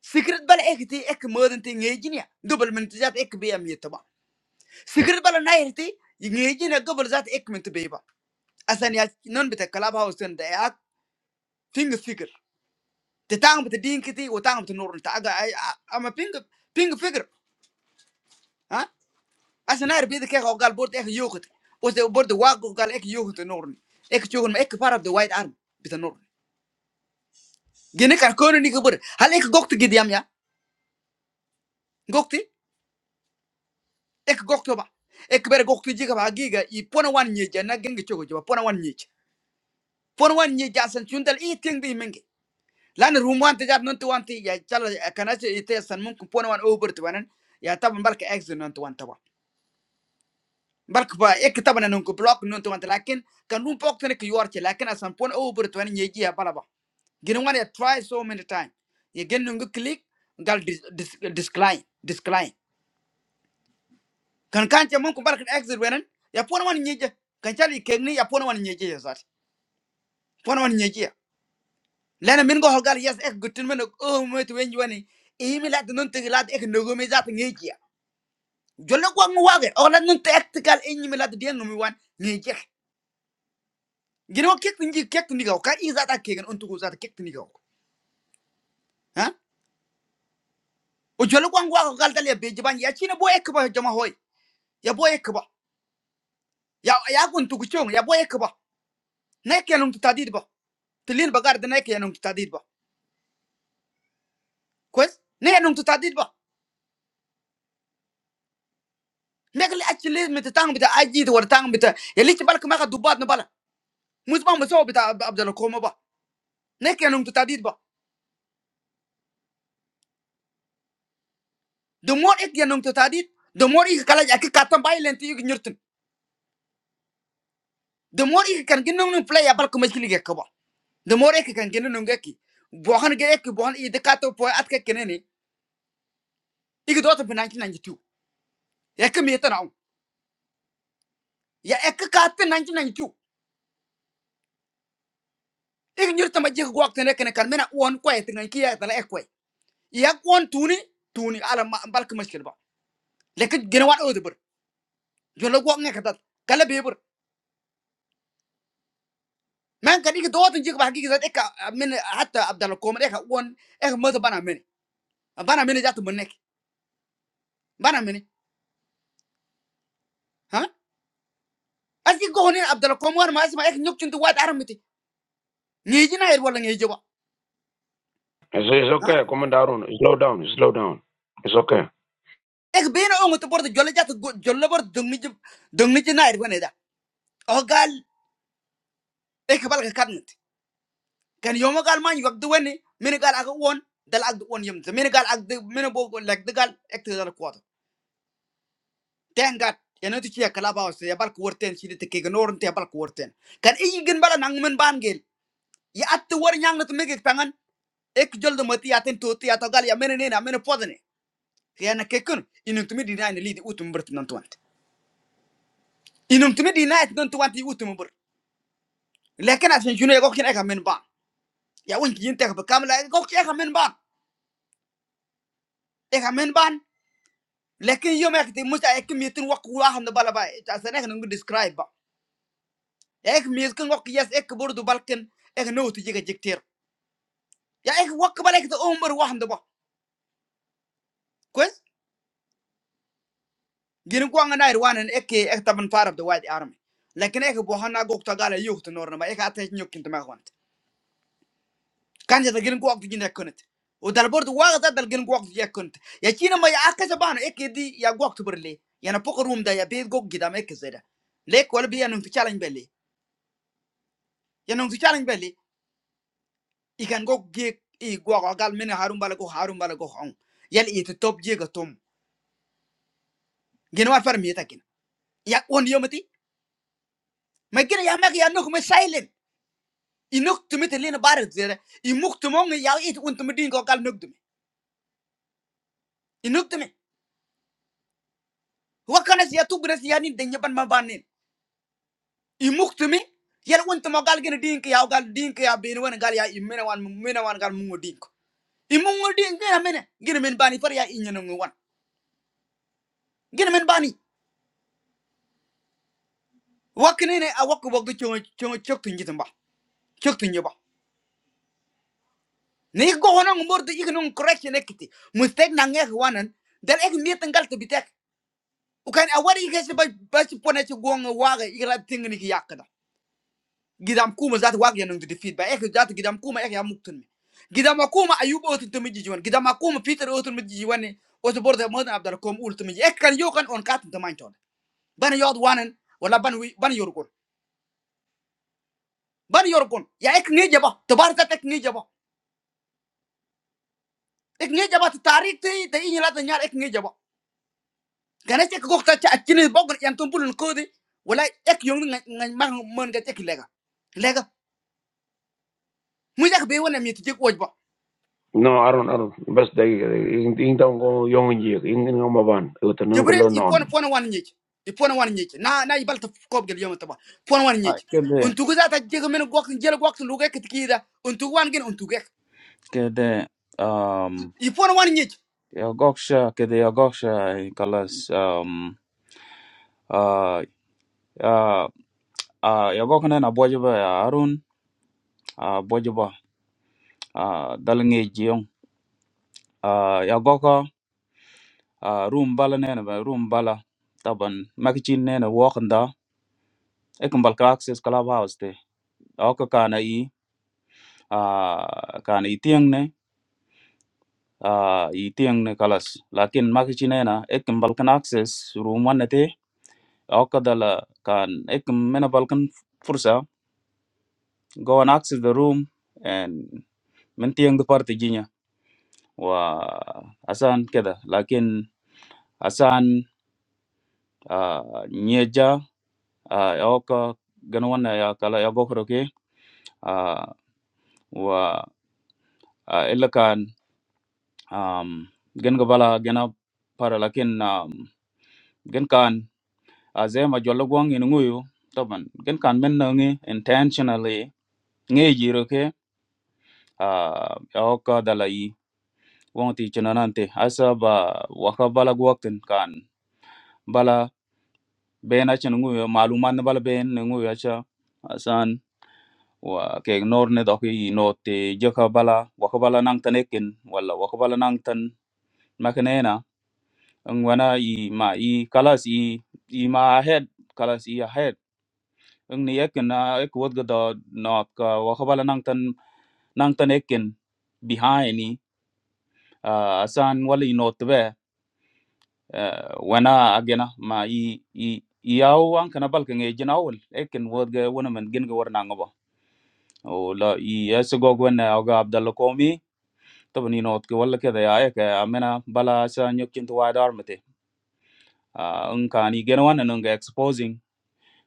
[SPEAKER 2] secret bal ek ti ek modon ti ngejinia double min to jat ek be am yetta secret bal nayrti ngejinia double zat ek min to be ba asan ya non bita kalab house ten da pinga fikir te tanga bata din kiti wa tanga bata nurun ta aga ai- a- ama pinga pinga fikir ha asa nair bida keka o gal borte ek yogurt wate borte wago gal ek yogurt nurun ek chogun ma ek part of the white army bita nurun gene kan kono ni kabur hal ek gokti gidiyam ya gokti ek gokto ba ek bere gokti jiga ba giga i pona wan nyeja na genge chogo jiba pona wan nyeja pon wan ye jasan chundal i ting di mengi lan rum wan te jab non te ya chala kana over te wanan ya taban barka exit non bark ba ek tabana non ko block non to wanta lakin kan dum pok tane ko yorche lakin asan pon o bur to ne ji ya ya try so many time ye gen no click gal dis- dis- discline discline kan kan che mon ko bark exit wenan ya pon wan nyeje kan chali kegni ya pon wan nyeje ya zat pon wan nyeje ya lena min go hogal yes ek gutin men o mo to wen wani e mi lat non te lat ek no go me zat ngeje jollo ko ngwa ge o lat non ek gal e mi lat de no gino kek tinji kek tindiga ka in zata kegen untugu zata kek tindiga ha o jolo kwa ngwa ka dal ya beji ban ya china boye ka ba jama hoy ya boye ka ba ya ya gun tugu chong ya boye ka ba ne ke num tutadid ba tilil bagar de ne ke num tutadid ba kwes ne num tutadid ba ne ke achile mit tang bita aji de war tang bita ya lich bal ka maka dubat no bala mus ba muso bita abdal koma ba ne ke num tutadid ba the more ek ya num tutadid the more ik kala ya ki katam bailenti yug nyurtin the more ik kan ginung play ya bal ka mashkili ka ba de more ke kan gene non gaki bohan ge ek bohan i de kato po at ke kenene igi dota be 1992 ek mi tan on ya ek ka te 1992 igi nyur tama je ko wakte ne kene kan mena on ko et ngan ki ya ek ko ya on tuni tuni ala ma balk mushkil ba lekin gene wan o de bur jo lo gok ne ka bur man kan igi dota je ba gi zat ek eh, min eh, hatta abdal komer ek on ek mo bana men bana men jatu men nek bana men ha asi go honen abdal komer ma asma ek nyuk chintu wat aramiti ngeji na er wala ngeji
[SPEAKER 1] it's, it's
[SPEAKER 2] eh,
[SPEAKER 1] okay commander aron slow down slow down it's okay
[SPEAKER 2] ek beli orang untuk borat jual jatuh jual borat dongmi jum dongmi cina irwaneda, oh kal, ek kal kekar nanti, karena jama karman waktu ini, menegar agu one, dal agu one jam, menegar agu menegar, menegar ek tuh ada kuat, ten gat, ya nanti cia kalabau sih, ya bal kuat ten ciri tekekan orang tebal kuat ten, karena ini gini barang ngamen banget, ya atuh orang yang nanti mengek pengen, ek jual dompet, yatin tuherti, yata gali ya meni nene, meni podo nene, karena kekin, inum tuh meni nai neli di u tumbor nontuan, inum tuh meni nai nontuan di u tumbor. Lakukan asisten jurnalis gokil ekaman ban, ya orang kiriin takut kamu lagi gokil ekaman ban, ekaman ban. Tapi yang mereka temukan ekam itu waktu orang dulu bahwa asisten itu menggambarkan ek misalkan gokil ya ek berdua, ek not juga jeter. Ya ek waktu berapa umur orang itu? Guys, di negara Iran ek ek taban farf the white army. Tapi ek bukan goktak ada yurtnorma, ek atasnya kau kintu macam itu. Kan jadi gini gua tuh jinak kan itu. Udah berdua gua sudah jadi gini. Ya cina mau ya agak sebanyak ini ya gua tuh berlebih. Yang aku rumda ya beda gua giatnya kezada. Lebih kalau biar nunggu challenge beli. Yang nunggu challenge beli, ikan gua giat. Igua gakal menaharun balikoh harun balikoh ang. Yang itu top jago tom. Jangan malafir mietakin. Ya aku diamati. Mungkin ya mereka yang nukme silent. Inuk tuh meterline baru zada. Inuk tuh mohon ya itu untum diin gakal nukdom. Inukdom. Wakanas ya tuh beres ya ini dengapan mabarnin. imuktumi yel wontuma gal gene dinki yaw gal dinki ya beni wana gal ya imena wan mene wan gal mungo dinko imungo dinki na mene gene men bani par ya inyano ngi wan gene men bani wakne ne a wakko bogdo chongo chongo chokto ngitum ba chokto nyoba ne go hono ngordo igno ng correction ekiti mistake na ngek wanan dal ek miet ngal to bitek ukan a wari ikes ba ba ci pone ci gonga waga igla tingni ki yakda guidance come ذات وقت يعني نقدر نفيد بآخر ذات guidance come آخر يوم ممكن guidance come أيوب أوت متجي جوان guidance come peter أوت متجي جوانه وسبورت المود عبد الله كوم أول تمجي إك كان يوم كان أنقطع تدمين تون بنيواد وانن ولا بنيو بنيو ركون بنيو ركون يا إك نيجا ب تبارك تك نيجا ب إك نيجا ب التاريخ تي تي نلا تنيار إك نيجا ب غنيشك كوك تشي أجنبي بقول ينتون بولن كودي ولا إك يومي مان مان جت كلاكا لكا مي جاك بي ونام يتجي كوبي
[SPEAKER 1] No, I don't, I don't. Best day, in in tang ko yong ji, in in ngam ban, utan ng
[SPEAKER 2] Jibril
[SPEAKER 1] ko
[SPEAKER 2] ibuana
[SPEAKER 1] non.
[SPEAKER 2] ibuana waninge, ibuana waninge, na na ibalat kopi liyametabah, ibuana waninge.
[SPEAKER 3] cái gì?
[SPEAKER 2] Untuk itu ada jago menugak jago tugas lu kek dikira, untuk wanjen untuk kek,
[SPEAKER 3] Kede um
[SPEAKER 2] ibuana waninge.
[SPEAKER 3] Yogosha Kede Yogosha Kalas um uh uh uh Yogokane na Bojiba ya Arun uh Bojiba uh Dalange Jiong uh Yagoka uh Room Bala Nena ba Room Bala Taban Makichin Nena Walkanda Ekambalka Access Clubhouse te Oka Kana i uh Kana i tiang ne uh i tiang ne Kalas Lakin Makichinena kan Access Room Wanete Aku dalah kan, ek menambahkan fursa. Gawan akses the room and mentiang departiginya. Wah, asan keda. Lakin asan nyejah. Aku ganuan ya kalau ya boker oke. Wah, elokan genge bala genap paral. Lakin gen kan, aza majulah guang inguio. Taman. Gen kan menangge intentional aye. Ngaji oke. Aku dalah i. woŋ ti chinanante asa ba waka bala gwaktin kan bala ben acha nguyo maluman na bala ben nungu nguyo acha asan wa ke ignore ne doki no te joka bala waka bala nang tan ekin wala waka bala nang tan makanena ngwana i ma i kalas i i ma ahead kalas i ahead ng ni ekin na ek wot gada not ka waka bala nang tan nang tan ekin behind ni Ah, asan wala i not be Eh, wana agena ma i i yaw an kana balka nge jina wol ekin wodga wana man gin ga warna ngaba o la i yasgo gwana oga abdalla komi tabani not ga walla kada ya eka amena bala sa nyokin to wada armate an kani gena wana nunga exposing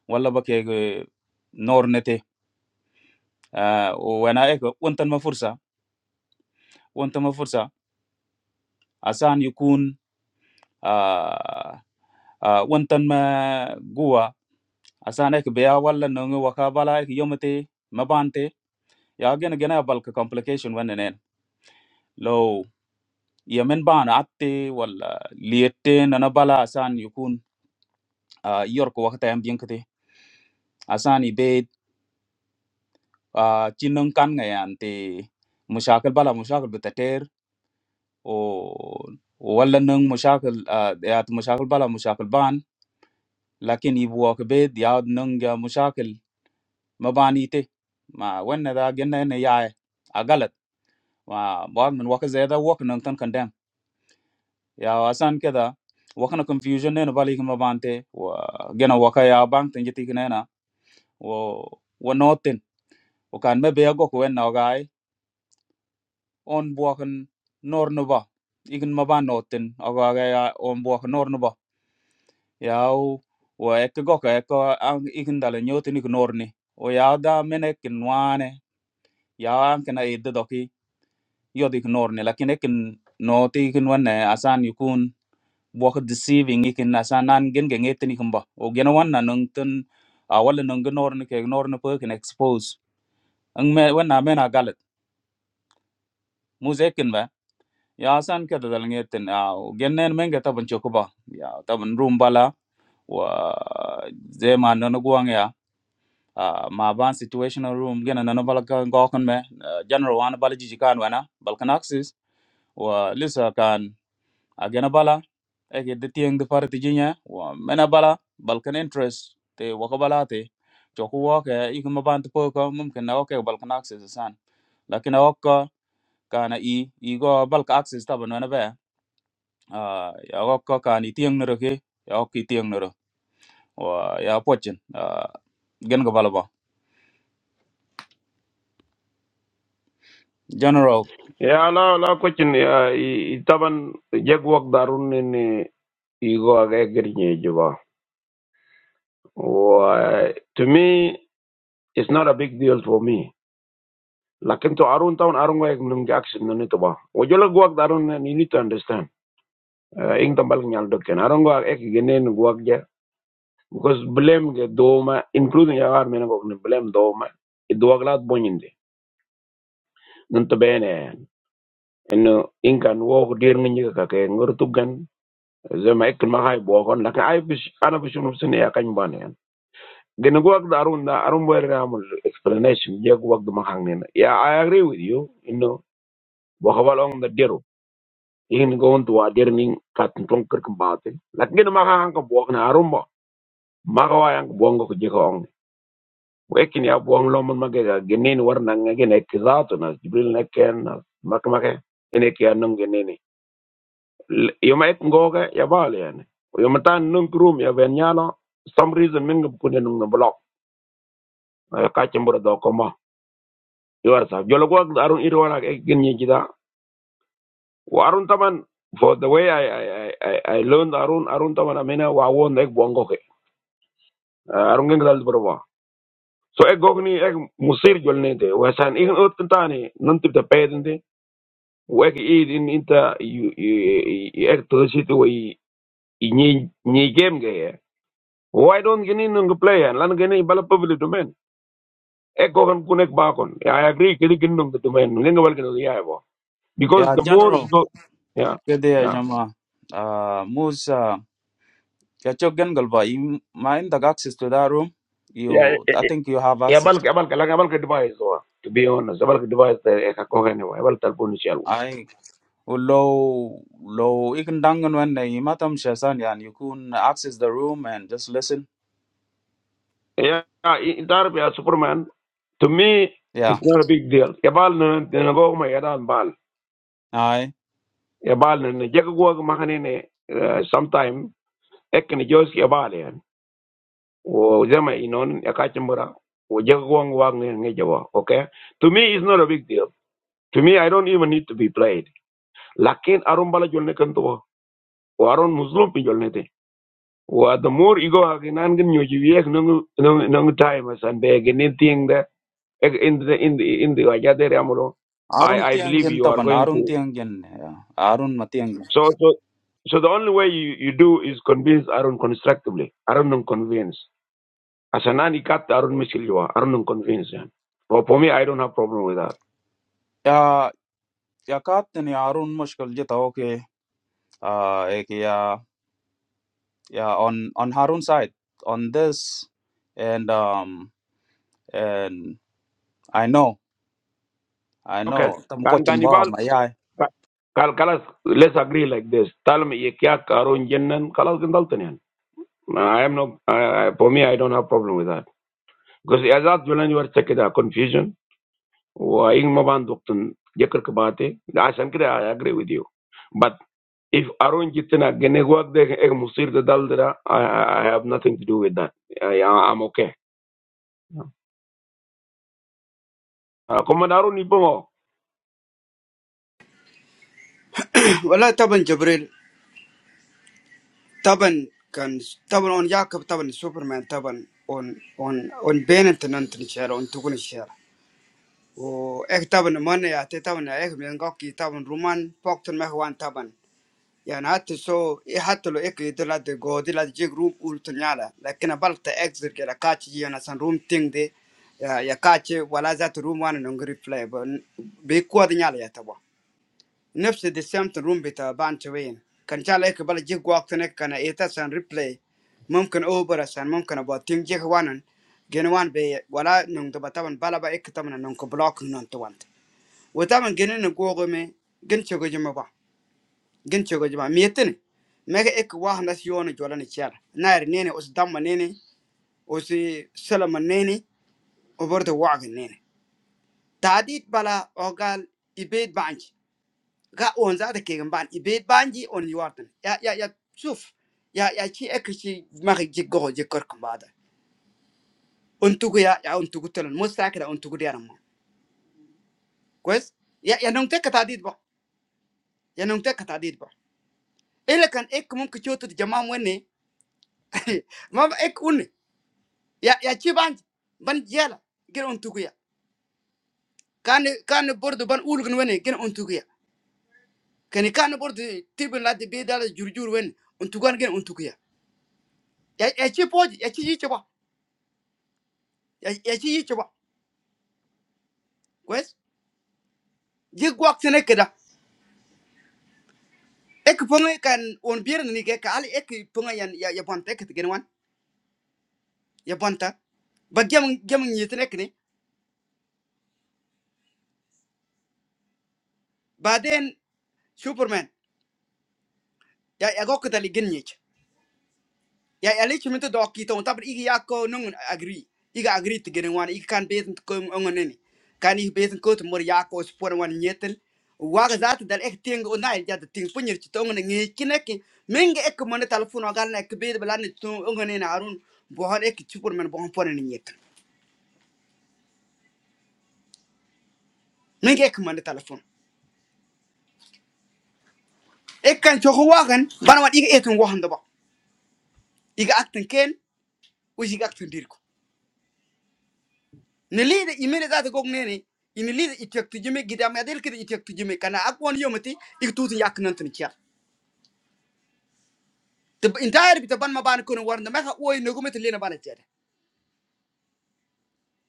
[SPEAKER 3] walla bake ga nornete o wana eka wontan ma fursa wontan ma fursa asan yukun ah, ah, wontan asan ek beya wala nungu waka bala ek yomte mabante ya gen gena balka complication wannenen lo yemen ban atte wala liette nana bala asan yukun ah, yorko wakata yam binkete asan ibe chinnun kan ngayan te mushakil bala mushakil betater o wala nung mushakil ya mushakil bala mushakil ban lakin ibu wakbe ya nung ya mushakil mabani te ma wanna da genna ne ya agala và bạn mình walk rất là walk nung tan condemn, yeah asan cái đó walk nó confusion đấy nó vào đi không vào ban thế, cái nó walk cái nhà banh, tiếng thì cái này na, nó nói tin, hoặc là mình bây giờ có quên nó cái ai, on bước anh nở nó vào, ý kiến mà ban nói tin, anh quay lại on bước anh nở nó vào, yeah, hoặc cái góc cái góc anh ý kiến đó là nói tin ý kiến nở đi, hoặc là mình cái cái no anh, yeah anh cái này để được ok, giờ đi nở đi, là cái này nói tin ý kiến vấn đề asan yukun bok deceiving ikin na sa nan gen gen etin ikin ba o gen wan na nung tun a wala nung gen nor ni ke nor ni pe kin expose ang me wan na me na galit muze kin ba ya san ke dal ngi etin a o gen nen men ga taban choku ba ya taban room bala wa ze ma no no guang ya a ma ban situational room gen na no bala ka ngokon me ah, general wan bala jiji kan wana balkan axis wa lisa kan a gen bala ege de tieng de parti jinya wa mena bala balkan interest te waka bala te choku waka iku mabant poka mumkin na waka balkan access san lakin awaka kana i igo balka access taban wana ba ah, ya waka kana i tieng nero ke ya waka i tieng nero wa ya pochin ah, gen ga bala ba general
[SPEAKER 1] Ya la la ko chin ya i i taban jeg wak darun ni i go ag egri ni juba. Wa to me it's not a big deal for me. Lakin to arun taun arun wa ek nung action na nito ba. Wo jolo guak darun ni you need to understand. Uh, ing tambal nyal dokken arun guak ek genen guak ja because blame ge doma including ya ar mena ko blame doma. Duwag lahat bonyindi. Nanto bene انه ان كان وو دير من يكا كاك نغرتو كان زي ما اكل ما هاي بوغون لكن اي بش انا بشوف نفسي يا كان بان يعني جن وقت ارون دا ارون وير نعمل explanation جاك وقت ما هانين يا اي اجري وذ يو انه بوخبال اون دا ديرو in going to a derning kat ton kirk batin lakin ma hang ko bok na rumba ma ko yang bong ko je ko ong wekin ya bong lo man mage ga genen war ngene ek zato na jibril na ken na mak make ene ke anong L- yoma ek ngoge ya bale yani yoma tan nung room ya ben nyalo some reason min ngam kunde nung no block Eh, ka chembur do ko ma yor sa jolo go arun ir wala arun taman for the way i i i, I learned arun arun taman amena wa won ek bongo ke Eh, arun ngeng dal so ek gogni ek musir jolne de wa san ik ot tani non tip de peden de wa ek id in inta ek to situ wa i ni Why don't you need to play and lan gini bala public domain? Eko kan kunek bakon. Yeah, I agree. Kiri gini nung domain. Ngenga bal gini yeah bo. Because
[SPEAKER 3] ya
[SPEAKER 1] the more
[SPEAKER 3] general
[SPEAKER 1] you go, yeah,
[SPEAKER 3] kede ya
[SPEAKER 1] yeah.
[SPEAKER 3] jama ah, musa ya chok gen gal ba i ma inda access to that room you
[SPEAKER 1] Yeah,
[SPEAKER 3] i think you have
[SPEAKER 1] ya bal ke bal ke bal ke device wa. To be honest, bal ke device te eka ko gani wa. Bal talpun ni
[SPEAKER 3] access Low, low. If you're wondering when they might come, yeah, and you can access the room and just listen,
[SPEAKER 1] Yeah, intar pe Superman. To me,
[SPEAKER 3] yeah,
[SPEAKER 1] it's not a big deal. Ya bal na na go ma ya dan bal.
[SPEAKER 3] aye.
[SPEAKER 1] Ya bal na na jaga go ma kani ne sometime ek ni jos ya bal wo zama inon ya wo jaga wang nge jawa okay to me it's not a big deal to me i don't even need to be played lakin aron bala jolne kan to wo aron muslim pin jolne te wo the more ego agi nan gen nyoji nung nang nang time as and beg anything that in the in the in the ajade ramulo i
[SPEAKER 3] Arun
[SPEAKER 1] i believe
[SPEAKER 3] Tiangyan,
[SPEAKER 1] you are
[SPEAKER 3] Tawan.
[SPEAKER 1] going
[SPEAKER 3] Arun
[SPEAKER 1] to
[SPEAKER 3] Tiangyan, yeah. Arun Matiang.
[SPEAKER 1] so so so the only way you, you do is convince Aaron constructively. Aaron don't convince. As a nanny Arun Mishilwa, Arun convinced. For, for me, I don't have problem with that.
[SPEAKER 3] Yeah, yeah. Kat, ni Arun. Moskall. Just okay. Ah, okay. Yeah. Yeah. On on Harun's side. On this, and um, and I know, I
[SPEAKER 1] Okay.
[SPEAKER 3] know. Tamp po
[SPEAKER 1] Can
[SPEAKER 3] cumbah
[SPEAKER 1] Cannibal,
[SPEAKER 3] maya.
[SPEAKER 1] Kal Kalas, let's agree like this. Tell me, Yekiak, Arun Jenan, Kalas Gandaltanian. I am no, I, I- for me, I don't have problem with that. Because as that, when you are checking the confusion, Wa وإن ما بندقتن ذكر كباتي Asan كده I agree with you. But if Arun Jitna Genegwak the Egg Musir the Daldra, I I- I have nothing to do with that. I, I- I'm okay. Uh, Commander Arun Ipomo.
[SPEAKER 2] Walau taban Jibril taban kan taban on jakab taban Superman taban on on on benenten entin share, untuk ini share. Oh ek taban mana ya teh taban ya ek menggakki taban Roman fakturn mahuan taban. ya nah tuh so itu lo ek itu lah dego de lah jg room ultunyalah, karena banyak tuh ek juga lah kaca jangan sampai room tingde ya ya kaca walau zat room one nunggu replay, berikutnya lah ya tuh, nafsu disam tuh room betul banjirin, kan caleh kebal jg waktu neng karena itu sampai replay, mungkin over sampai mungkin ngebawa tinggi ke one, gen one be, walau nunggu betaban balap ek tuh nengko block nontuan, betaban geneng ngegojem gen coba coba gin chogo jama miyetin mega ek wah nas yoni jola ni chara nair nene us damma nene us salama nene obordo waag nene taadid bala ogal ibed banji ga on zata kegen ban ibed banji on yuartan ya ya ya suf ya ya chi ek chi magi jiggo jikkor kumbada untugu ya ya untugu tolan mustakira untugu diaram kwes ya ya nong tek taadid ba ya nong tek taadid ba ele kan ek mum ko chotu jama wonne mama ek unne ya ya ci ban ban jela gin on tukuya kan kan bordo ban ulgun wene gin on tukuya kan kan bordo tibin la de be dala jurjur wen on tukan gin on ya ya ya, ci poji ya ci yici ba ya ya ci yici ba kwes je gwak sene keda ek ponga kan on bier ni ke ka ali ek ponga yan ya ya bonta ek gin wan ya bonta ba gem gem ni tene kne baden superman ya ya gokta li gin yici ya election mi to dok ki to tabar igi yakko nungun agree iga agree to gene wan igi kan beten ko ngonene kan igi beten ko to mor yakko spor wan nyeten waga zat dal ek ting o nai ja de ting punyer ci to ngone ngi kineke menga ek mon telephone o gal nek be blan to ngone na arun bo hon ek ci men bo ponen nyeten menga ek mon telephone ek kan ci wagan ban wan etun wahan da ba iga akten ken o iga akten dir ni lida imene zata gog neni ini lida itek tujime gidam adel kida itek tujime kana akwon yomati iktutu yak nan tan kiya te entire bita ban ma ban kono warna maka oy no gumete lena bana jeda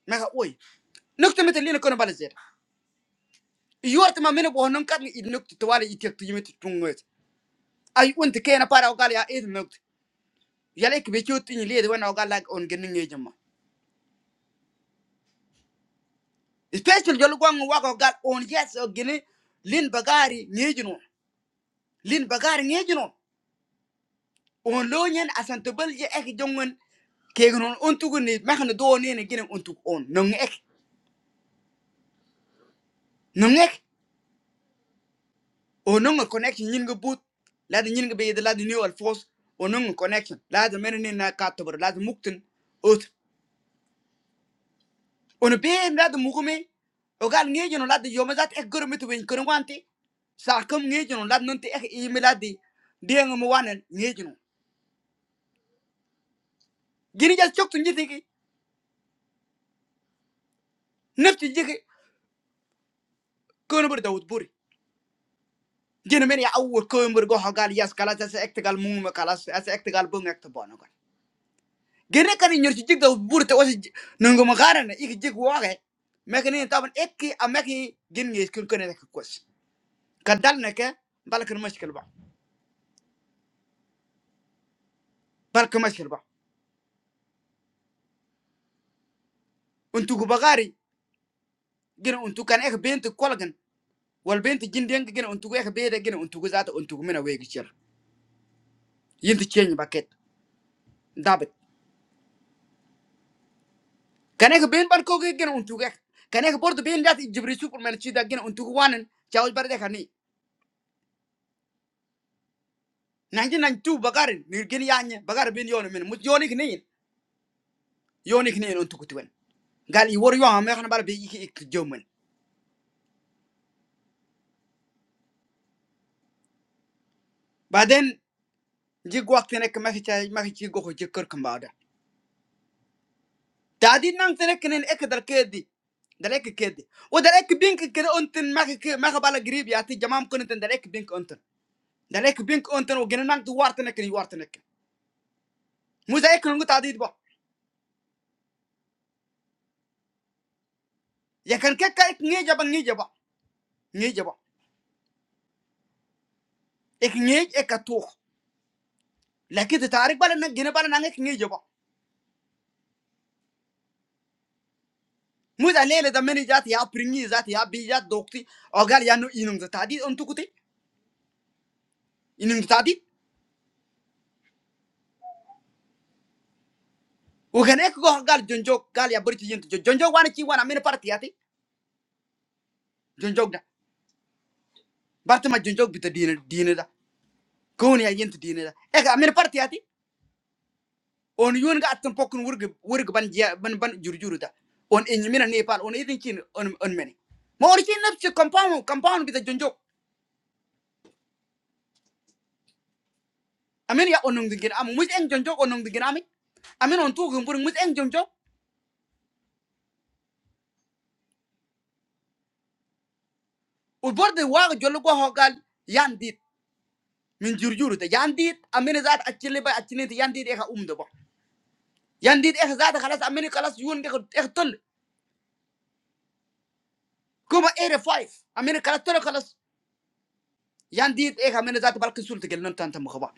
[SPEAKER 2] maka oy nokta mete lena kono bana jeda yorta ma mene bo non kan i nokta to wala itek tujime tungoy ay unti kena para ogal ya ed nokta yale ke be chot ni lida wana ogal lag on genne ngejama special jol gwang wako ogal on yes o gene lin bagari ngejino lin bagari ngejino on lo nyen asan to bal je ek jongen kegen on on tugu ni mekhan do ne ne ginen on tugu on nong ek nong ek o nong connection nyin go but la de nyin go be de la de new alfos o nong connection la de men ne na ka to bor la de mukten ot on be la de mugume o gal ngi jono la de yoma ek gor mitu ben kor wanti sa kam ngi jono la de non te ek e mi la de de ngam wanen ngi jono gini jal chok tu njiti ki nepti jiki kono bur dawut buri Gene men ya awul koymbur go hogal yas kala sa ektegal mum kala sa ektegal bung ekte bono gon. Gene kan nyor ci jigda burte wasi nungu ma garana ik jig waxe mekani taban ekki ameki meki gin ngi kun kone rek kos. Kadal neke balkan mashkil ba. Balkan mashkil ba. Untu gu bagari gene untu kan ek benti kolgan wal benti jindeng gene untu ek bede gene untu go zata untu mina wegi cer. Yinti chenyi baket. dabet Karena kebentar kau kek gini untuknya, karena kebordu benda jadi justru super menicita gini untukku wanen coba berdehani. Nanti nanti tuh bagarin, mungkin ya anje bagar bini yoni, mut yoni ke nih, yoni ke nih untukku tuan. Kalau iwar joah mereka baru bikin ikjaman. Ba denn jik waktu mereka masih caya masih cikukoh jikur kembaran. Tadi nanti mereka nih ek darke di, dari keke di, udah ek bingkun kau untuk mereka mereka bala gribi hati jamam kau nih tentang ek bingkun untuk, dari kebingkun untuk, ugen nang tuh wartanek nih wartanek. Muzakir ngut tadi itu. यकर क्या क्या एक न्यूज़ अब न्यूज़ अब न्यूज़ अब एक न्यूज़ एक अख़बार लेकिन इतारिक बार न गिने बार नांगे न्यूज़ अब मुझे ले लेता मेरी जाती आप प्रिंगी जाती आप बिज़ात डॉक्टरी अगल यानू इन्होंने तादी उन्होंने कुते इन्होंने तादी उगने कुछ अगल जंजोक अगल याबोर on yun ga atin pokun wurgu wurgu ban jia ban ban jurjuru ta on enyimina nepal on itin kin on on meni ma on kin napsi compound compound bita jonjo amen ya onung dingin am mus eng jonjo onung dingin ami amen on tu gumbur mus eng jonjo u borde wa jollo go hogal yandit min jurjuru ta yandit amen zat achile ba achine ta yandit e ka umdo ba yandit e zat khalas amen khalas yun ga e tol kuma ere 5 amen khalas tol khalas yandit e amen zat balkin sulta gelnon tantam khaba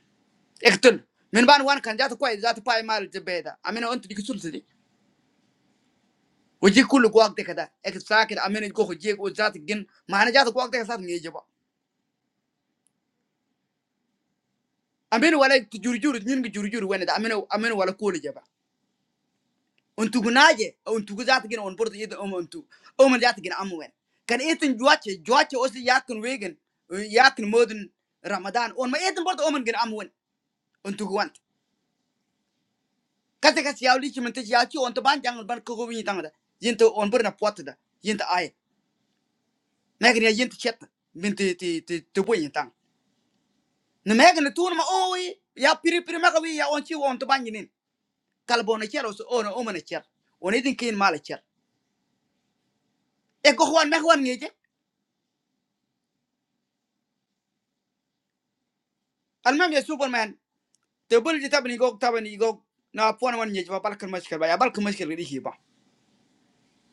[SPEAKER 2] ektol minuman wan kan jatuh kau jatuh paymar jebeda. Aminu untuk dikucur sedih. Hujiku lu kau tidak ada. Ekstra kita aminu itu kau hujiku jatuh gin. Mahaan jatuh kau tidak kasat nyejebak. Aminu wala jujur jujur tuh jujur wujud aminu aminu wala kau nyejebak. Untuk naji, untuk jatuh gin, untuk jatuh gin, untuk aman jatuh gin amuan. Kan itu juaca juaca osi jatuh weekend, jatuh modun ramadan. On, ma itu baru tuh aman gin amuan. Untuk wan. Kata kata si awal itu menteri jatuh. Untuk banjang ban kau kau menyitang ada. Yentu onbor na puat ada. Yentu aye. Megan ya yint chet bin ti ti ti ti boyin tang. Na megan na tuun ma oi ya piri piri maka wi ya on chi on to banginin. Kalbo na chero so ono o mana cher. On idin kin mala cher. E ko hwan me hwan ngeje. Al mem ya superman. Te bul di tabni go tabni go na pon wan ngeje ba balkan mashkal ba ya balkan mashkal ri hi ba.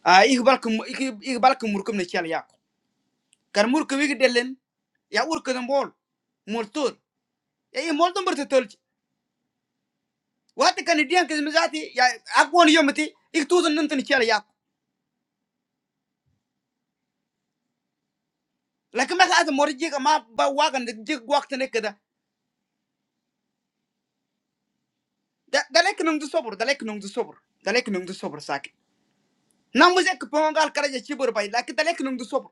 [SPEAKER 2] A ig balkan ig ig balkan murkum na chel ya. Kar murkum wi delen ya urkan bol. Multur. Ya i molton berte tolch. Wat kan dian ke mizati ya akwon yomati ik tuun nantan chel ya. Laki mesra ada mori juga, ma bagian di waktu nega, dah dahlek nunggu sabur, dahlek nunggu sabur, dahlek nunggu sabur saja. Namun jika penggal kerajaan cibur bayi, laki dahlek nunggu sabur,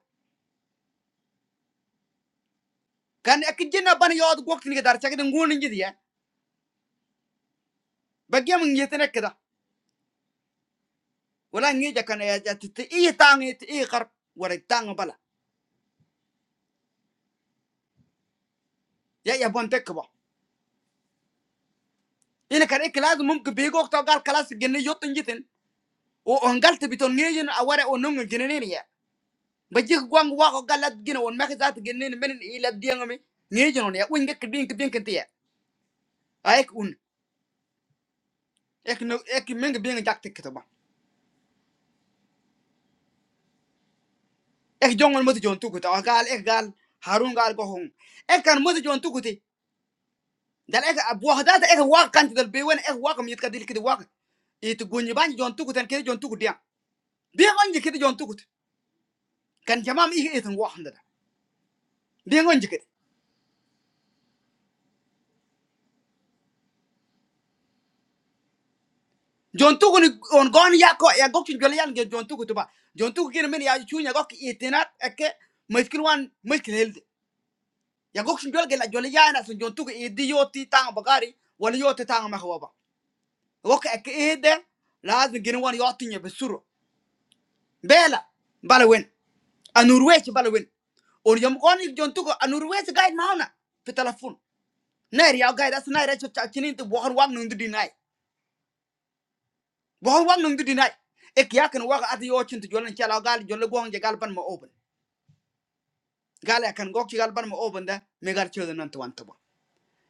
[SPEAKER 2] karena akhirnya napan ya waktu nega darjah itu nguning jadi ya, bagaimana jadinya nega, orang nginek karena ya jatuh, ini tang ini ini garb, orang tang apa lah, ya ya bukan dek boh. Ini karena kelazu mungkin bego waktu gal kelas jenjang yatun jatun, orang kelu itu betul nginek orang orang nginek ini ya. ba jik gwang wa ko galat gina won maki zata ginin menin ila dianga mi ni jono ne wing ke bin ke bin ke tiya aek un ek no ek meng bin jak tik to ba ek jongon moti jon tukuta wa gal ek gal harun gal ko hon ek kan moti jon tukuti dal ek abu hadata ek wa kan dal be wen ek wa kam yit kadil kidi wa it gunyi ban jon tukutan ke jon tukuti ya bi ngonje kidi jon tukut kan jamam i et wa handa bi ngonji jontugu ni on gon ya ko ya gok chul yan ge jontugu tuba jontugu kin men ya chu nya gok itinat eke muskil wan muskil hel ya gok chul gol ge la jol ya na so jontugu idi yoti tang bagari wala yoti tang ma khwaba gok eke ede lazim gin wan yoti nya besuro bela bala wen anur wech bala wen on yom gon ik jontugu anur wech gaid mauna fi telefon nair ya gaid as nair cho chinin tu bohar wang nundu dinai Wah wang nung di nai. Ek ya kan waka ati yo chintu jolan chala gal jolle gwang je galpan ma open. Gal akan kan gok chi galpan ma open da me gal chodo nan tuan tuba.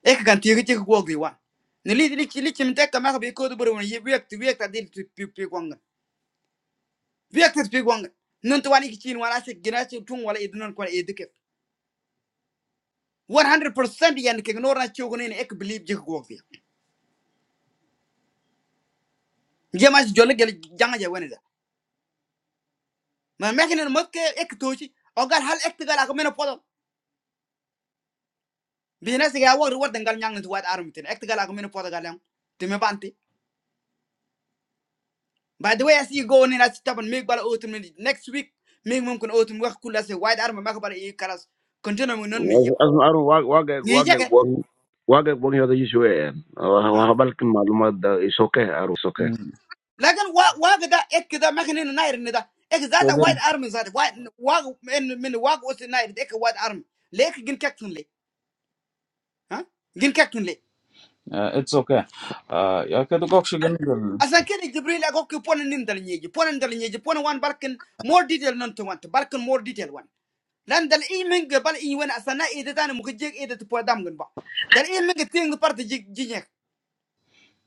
[SPEAKER 2] Ek kan tiri chik gwag di wan. Ni li li chi li chim tek ka ma bi ko du buru wan ye wiek ti wiek ta dil ti pi pi gwang. Wiek ti pi gwang. Nun tuan ik chin wala se gina chi tung wala idunan kwa edike. 100% yan ke nor na chogo ni ek believe je gwag di. Je ma jolle gel janga je wani da. Ma mekin mat ke ek tochi. O gal hal ek gal ak mena podo. binasiga wak ruwar dangal nyang tu wat arum tin ek tigal agmin pot galang timme banti by the way as you go in as tapan mig bala otum next week mig mum kun otum wax kula se wide arum mak bala i kalas continue mun non ni yo
[SPEAKER 1] Asmara warga warga
[SPEAKER 2] ni
[SPEAKER 1] warga
[SPEAKER 2] jake
[SPEAKER 1] bukan warga bukan itu juga ya
[SPEAKER 2] ha
[SPEAKER 1] wabah balik malam ada isoké asoké
[SPEAKER 3] Hmm.
[SPEAKER 2] lakin wa wa da ek da makhin nair ni da ek zata
[SPEAKER 3] Okay.
[SPEAKER 2] wide arm zata wide wa min min wa os nair ek wide arm. lek gin kektun le ha gin kektun le
[SPEAKER 3] Uh, It's okay. Ah, yeah. I do not see any of
[SPEAKER 2] asan kene jibril agok pon nin dal nyeji pon dal nyeji pon wan barkin more detail non to want barkin more detail wan لأن دل إل مينك بال إيوانا السنة إيدتان مكجيك إيدت بودام عن باق دل إل مينك تينو بارت جيج جينجك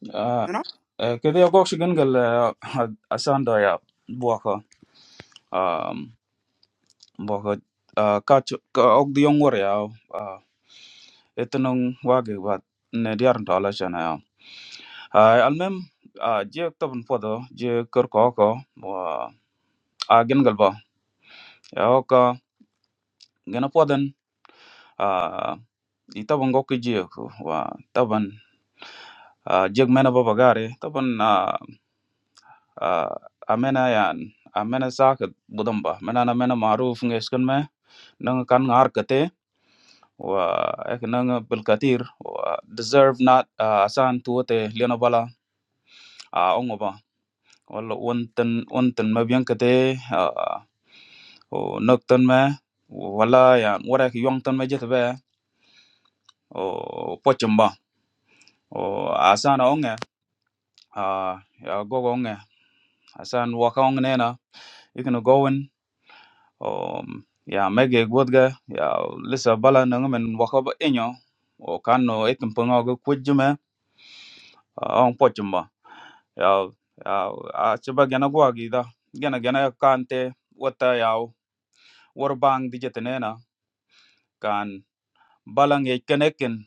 [SPEAKER 3] the.
[SPEAKER 2] نا
[SPEAKER 3] Eh, Kede ya gok shigen gel eh, ha- asanda ya buaka um, buaka ah, ka ch- ka ok di yong war ya ah, etanong wage bat ne diar nta ala shana ya. Ai, Almem ah, je tabun podo je kar ko ko wa a gen gel ba ya oka gena poden uh, i taban go kije wa taban ah, jeg mena baba gare taban ah, ah, amena yan amena saka budamba mena na mena maruf ngeskan me nang kan ngar kate wa ek nang bilkatir wa deserve not ah, asan tuote lena bala a ongo ba wala wonten wonten mabyan kate ah, o noktan me wala yan wara ki yongtan me jetbe o pochamba o asana onge uh ya go gonge asan wakong nena ikno gowen um ya mege godga ya lisa bala nang men wakaba enyo o kanno ikin pungo go kujuma on pochumba ya ya a chiba gena gwa gida gena gena kante wata ya war bang dijetenena kan balang e kenekin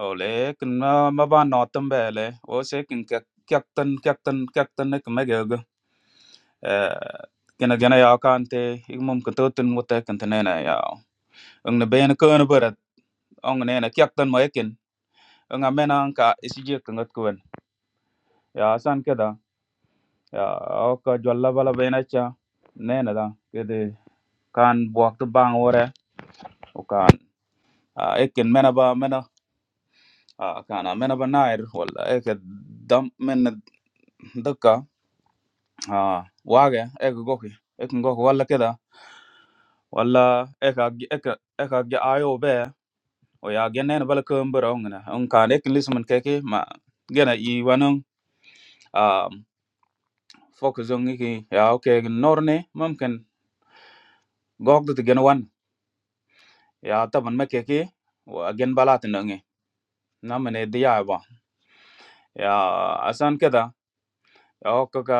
[SPEAKER 3] ole kin ma ba notambe le o se kin kyak kyak tan kyak tan kyak tan eh, gina gina ya kante ik mum kan totin muta kan tanena ya ang na bayan ko na barat ang na na kyak tan mayakin ang amena ang ka isije kan gat ya san keda ya ok jwalla bala bayna cha nena da kede kan buak to bang ore o kan ekin mena ba mena ah, kan mena ba nair wala ek dam mena dukka ah, wage ek goki ek goki wala keda wala ek ag- ek ek ayo be o ya gen ne bal ko mbara ngana on ka ne kin lisman keke ma gena i wanon um focus on ki ya okay norne mumkin gogdo te gen wan ya taban ma keke wa gen balat nange namane diya ba ya asan keda ya okka ka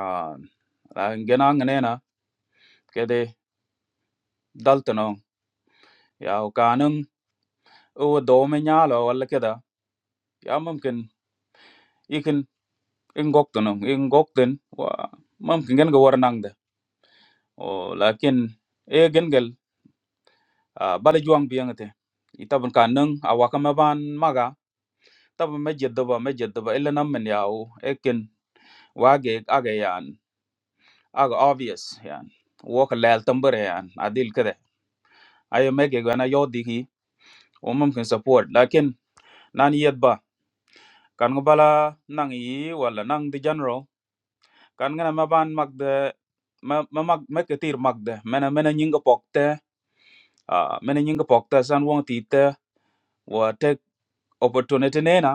[SPEAKER 3] ah, Ah, gena ngenena kede daltono ya kanung o do me nyalo wala keda ya mumkin ikin ingoktono ingokten wa mumkin gen go warnang o lakin e gengel ah, bala juang biyangte itabun ka nang awaka maban maga tabun majedaba majedaba illa namman yawo ekin wage aga yan aga obvious yan woka lal tambare yan adil kade ayo mege gana yodi hi o mumkin support lakin nan yedba kan nga bala nang yi wala nang di general kan nga na maban magde ma ma mag meketir magde mena mena nyinga pokte ah mena nyinga pokte san wong tite opportunity nena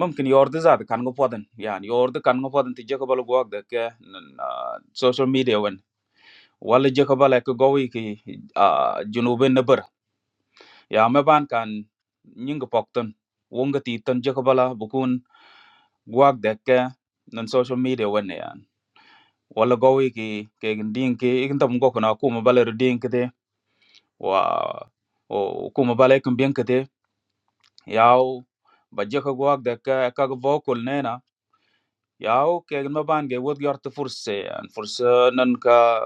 [SPEAKER 3] mumkin yordi zat kan go podan yani yordi kan go podan ti jeka bal go ak ke ah, social media wen wala jeka bal ek go wi ki ah, junubin na bar ya me ban kan nyinga pokton wonga ti tan jeka bala bukun go ak ke nan social media wen yan wala go wi ki ke gin ki igin tam go kana kuma bal er din ki de wa o kuma bal ek bin ki de yaw ba jeka go ak ke ka go kul nena Ya oke ma ban ge wot yorti furse an furse nan ka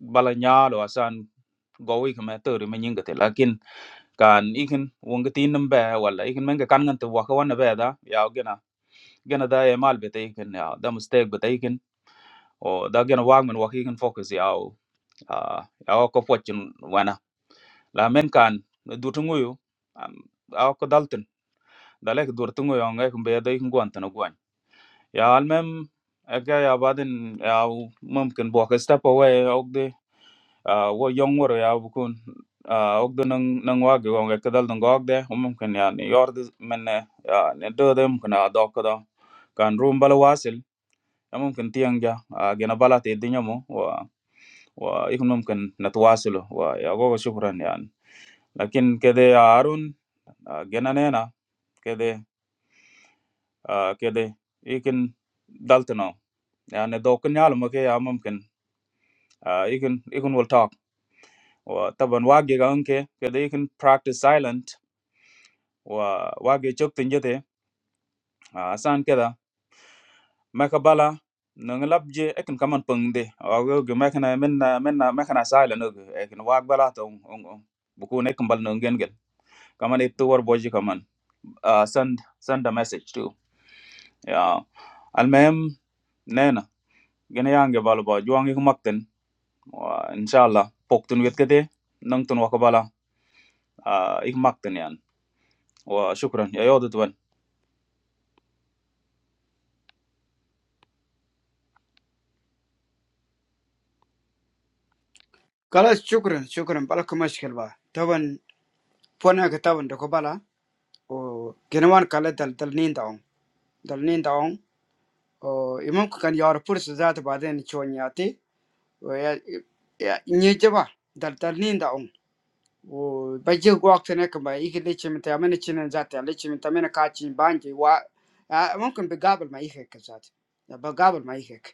[SPEAKER 3] bala nyalo asan gowi kama tori ma nyinga te lakin kan ikin wonga tinam be wala ikin menga kan ngan te waka wana be da ya gena gena da e mal bete ikin ya da mistake bete ikin o da gena wagman waka ikin focus ya o ah, ya o ko pochin wana la men kan dutunguyu am a ko dalton dalek durtunguyu ngai kumbe da ikin guantana ya almem, ekde ya badin ya mungkin buka step away, oke, ah, gua younger ya aku kun, ah, oke dengan dengan gua juga, ekde dal dengan oke, mungkin ya New York mana ya New York itu mungkin ada oke, kan rum bela wasil, mungkin tiangnya, ah, jenabalah tidinya mu, wah, wah, itu mungkin nat wasil, wah, ya gua kecuali orang ya, tapi kedai ya arun, ah, jenabnya na, kedai, ah, kedai, ikon dal tenau, ya, New Yorknya almu ke ya mungkin uh, ikun ikun will talk wa taban wage ga unke kada ikun practice silent wa wage chok tin jete uh, asan kada makabala nang labje ekin kaman pengde wa ge makana menna menna makana silent og ekin wag bala to on on buku ne kambal nang gen gen kaman it to war boji kaman uh, send send a message too yeah almem nena gene yange balo ba juang ik makten inshallah poktun wet kete nang tun wakabala ik makten وشكرًا، يا يعضد ون
[SPEAKER 2] كلا شكرا شكرا بالك مشكلة تابن فناكتا تابن ركوبالا أو كنوان كلا دل دل نينداون دل نينداون أو إمام كان يارفس زاد باديني شوانياتي ويا يا نيجوا دل دل نينداون oh bijak waktu nak mbak ikhlas cinta ama nacina zatnya ikhlas cinta mana kacian banji wa mungkin begabul mbak ikhlas zat, begabul mbak ikhlas.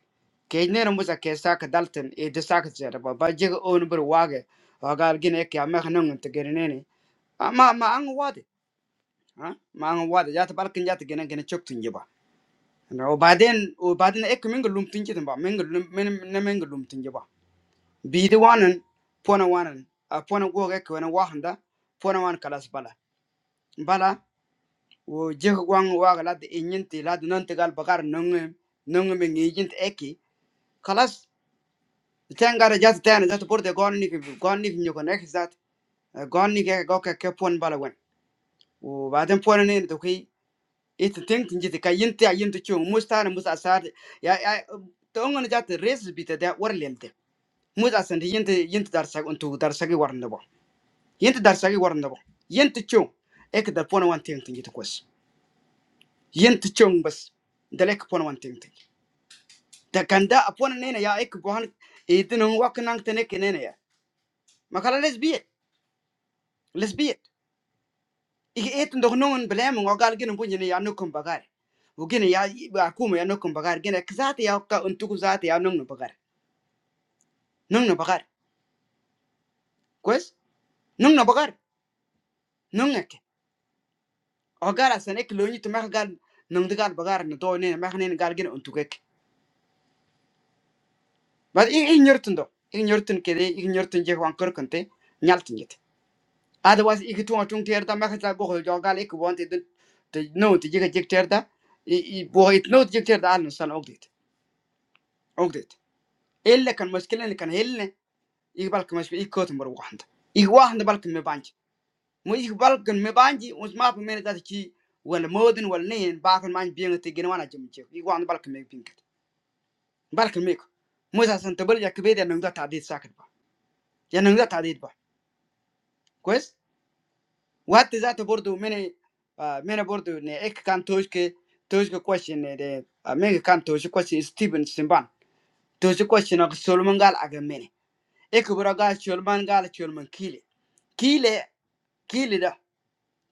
[SPEAKER 2] Karena rumusnya kesak dalten itu sakit zat, bah bijak orang berwarga warga lagi nengkau ama ngono itu keren nengkau, ma ma angwade, ah ma angwade, jatuh balikin jatuh kena kena ciptin juga. Oh badan, oh badan ek mengelum tinjikan, mengelum mengelum tinjikan. Biduanan, puanan, puanu gua kau yang wahanda, puanan kalas bala bala wo jeh gwang waga la de inyinti la de nonte gal bakar nonge nonge me ngijint eki kalas tengara jat tena jat burde gonni ki gonni ki nyoko nek zat gonni ke go ke ke pon bala wen wo baden pon ne to ki it think njiti ka yinti a yinti chung mustana musa asar ya ya to ngon jat res bita da warlente musa san yinti yinti dar sag untu dar sagi warnda bo yinti dar sagi warnda bo yinti chung ek dar pon wan ting tinjiti kwes yen ti chong bas dale ka pon wan ting ting da ganda a pon nene ya ek bohan edin wak nang tene ke nene ya makala les biet les biet ik et ndo non blem ngo gal gen bunye ne ya nukum bagar wo gen ya ba kuma ya nukum bagar gen ek zati ya ok ka untu ku zati ya nung no bagar nung no bagar kwes nung no bagar nung ek o gara san ek lo ni to mak gal nung de gal bagar no do ne mak ne gal gen untu kek ba i i nyortundo i nyortun kede i nyortun je wan kor kante otherwise ik tuong tuong ter da ma kha go jo gal ik want it the no the jig jig ter da i bo it no jig ter da an san ogdit ogdit elle kan mushkila kan helle ik balk mas ik kot mar wahnd ik wahnd balk me banj mo ik balk me banji us ma pe men da ki wal modin wal nen ba kan man bien te gen wana jim che ik wahnd balk me pinket balk me ko mo sa san tabal ya kbe da nang da ta dit sakat ba ya nang da ta dit ba Waktu saya tuh bordu, meni, meni bordu nih. Ek kan tujuh ke, tujuh ke question nih. Ada, minggu kan tujuh question Stephen Simban. Tujuh question aku sulung mengal, agan meni. Ek beragai sulung mengal, sulung kile. Kile, kile dah.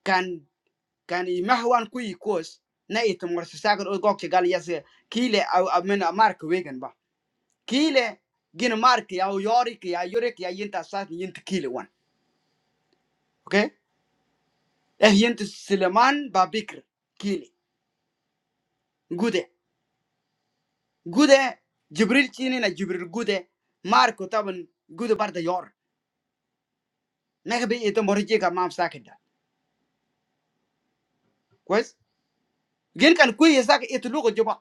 [SPEAKER 2] Kan, kan imahwan kui kurs. Nai itu mursus sakur udah gak kegal jaz. Kile atau meni Mark Wegan ba. Kile, gin Mark ya, Yori ki, Yori ki ayentasat nyentikile one, oke? eh ehiyent Suleman ba Bikr kili gude gude Jibril chini na Jibril gude Marko taban gude barda yor nek bi ito morje ka mam sakida kwes gen kan kuy ya sak ito lugo joba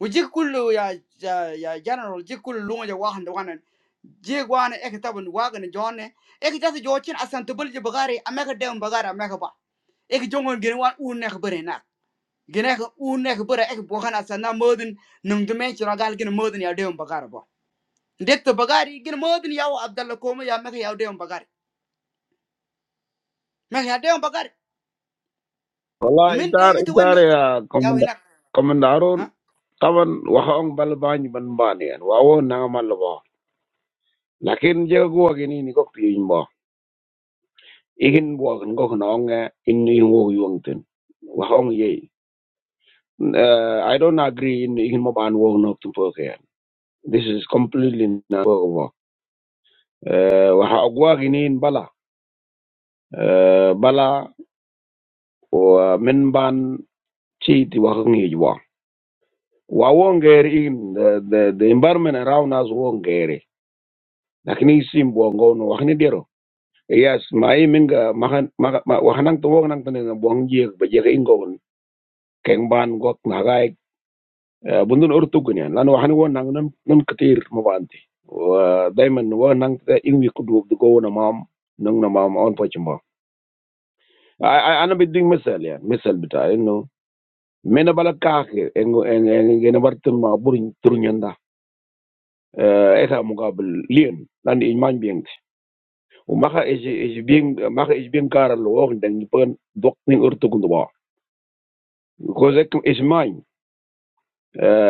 [SPEAKER 2] o kullu ya ya ya general jik kullu lungo ja wahan da wanan je gwana ek taban wagan jonne ek jasa jochin asan tubul je bagari ameka dem bagara ameka ba ek jongon gen wan un nek bare gene ko une ko bora ek bokan asana modin nung dume chira gal gene modin ya deum bakar bo det to bagari gene modin yaw abdalla koma ya mek yaw deum bagari mek ya deum bagari
[SPEAKER 1] bala
[SPEAKER 2] min de
[SPEAKER 1] entar
[SPEAKER 2] ke to
[SPEAKER 1] entar
[SPEAKER 2] woni
[SPEAKER 1] ya
[SPEAKER 2] yaw
[SPEAKER 1] komandan
[SPEAKER 2] ina
[SPEAKER 1] komandan Ron
[SPEAKER 2] ha
[SPEAKER 1] kawan waha ong balbanj banbanian wawan ngamalewa, tapi jika gua begini niko tiapin ba, ingin bukan gua kenalnya ini yang woyu angtin waha ong yeh, I don't agree ini ingin mau ban wong naftun pergi ya, this is completely ngawo waha aguah ini bala Uh, bala wa min ban chi ti wa ngi wa wa won in the, the the environment around us wongeri. ngeri lakini sim bo ngono wa ni dero yes mai min ga mahan wa hanang to wong nang tane na bo ngi ba je ngi ngon keng ban gok na gai bundun urtu lan wa ni won nang nam nam katir mo banti wa daiman wa nang ta inwi kudu go na mam nang na mam on po chimbo I, I, أنا misal مثال يعني مثال بتاعي mena bala kaake en en en gena wartum ma burin turnyanda eta mukabil lien dan in man biengt o maga is is bien maga is bien karal lo og den pen dok ni urtu kundu ba ko zek is man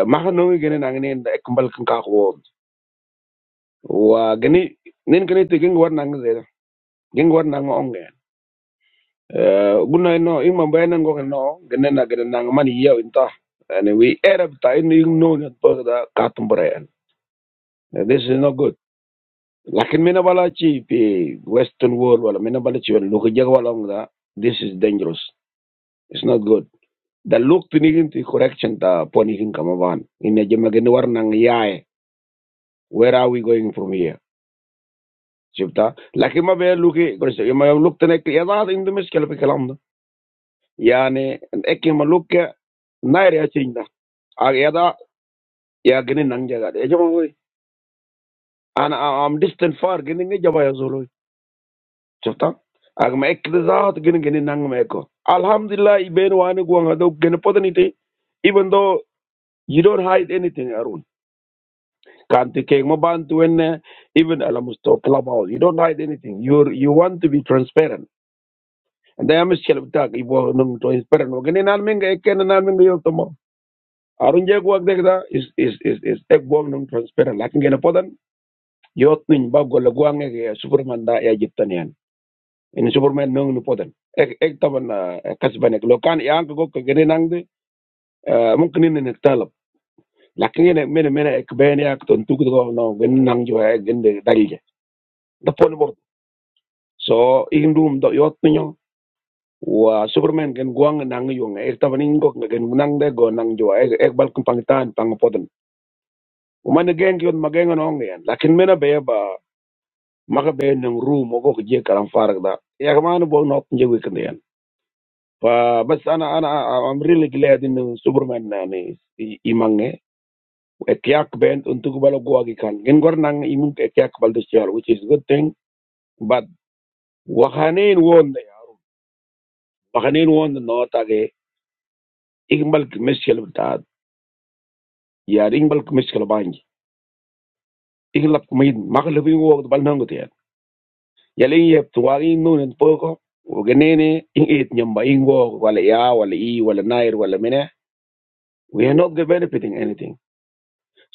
[SPEAKER 1] maga no gena nangne da ek bal kan wa geni nen geni te war nang zeda geng war nang onge gunna no in man bayanan go no gena na gena nang man yaw inta and we arab ta in no na to da katum brayan this is not good Lakin mina bala chi fi Western world wala mina bala chi wala luka jaga wala nga this is dangerous. It's not good. The look to nigin to correction ta ponihin kamaban. Inna jema gani war nang yae. Where are we going from here? Chipta. Lakin ma be luki kursa yama yam look to nek yada in the miskela fi Yani ek yama look ke nair ya chinda. Ag yada ya gini nang jaga. Ejama hoy. Ana I'm distant far gini ngi jaba ya zolo. Chofta? Ag ma ek de zahat gini gini nang ma eko. Alhamdulillah, iben wani guang ado gini Even though you don't hide anything, Arun. Kanti keng mo bantu wenne, even alamusto clubhouse. You don't hide anything. You you want to be transparent. And then I'm shelf tag ibo nung to transparent. Gini nan minga ekken nan minga yok Arun je guang dekda is is is is ek guang nung transparent. Lakin gini potan yot nin ba gola guang ege superman da ya jiptan Ini superman nangin nupoten. Ek ek tuhan kasih banyak lokal. Iya angkut ke generang deh. Mungkin ini yang ditalab. Lakiin ini mana-mana ek bener ya keuntung itu kalau nang generang jawa ek gede tadi ya. Tepung itu. So, in room atau yacht punya. Wah superman kan guang nangi uangnya. Ek tuhan ingat nggak generang deh guang nang jawa ek ek bal kempanitan pangapoten. Umat negen kiot magen ngono ya. Lakiin mana beba? Maka bener nang room. Angkut jarak jauh farida. Iya kemana buang nautnya gue kendiyan. Pas anak-anak memilih kelihatin superman nih si imange, actyak band untuk balok gawagikan. Kenkornang imung actyak baldecil, which is good thing. But bahkanin won, bahkanin won not aga. Ingbal miscelbidad, ya ingbal miscelbange. Inglap kumid, maklubing walk balang gudek. Ya liyep, walinunin poko. Kenene ingit nyambai ingwo, walaya, walaii, walainair, walamenah. We are not get benefiting anything.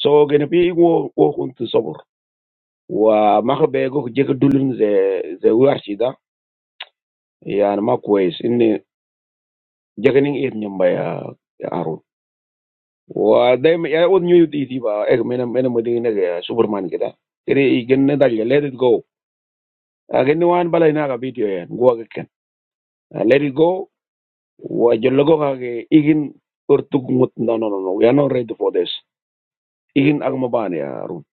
[SPEAKER 1] So kenpi ingwo walk untuk super. Wah, mak bego jika dulun zeze warshida ya mak wise ini jangan yang irnjamba ya arut. Wah, deh, ya udah newyork itu apa? Eh, mana mana mendingan ya Superman kita. Kiri ingin ntar ya Let It Go. Agen wan balai naga video ya, gua kiken. Let It Go. Wah, jual gokake ingin tertukut. No, no, no, no. We are not ready to for this. Ingin agama ban ya arut.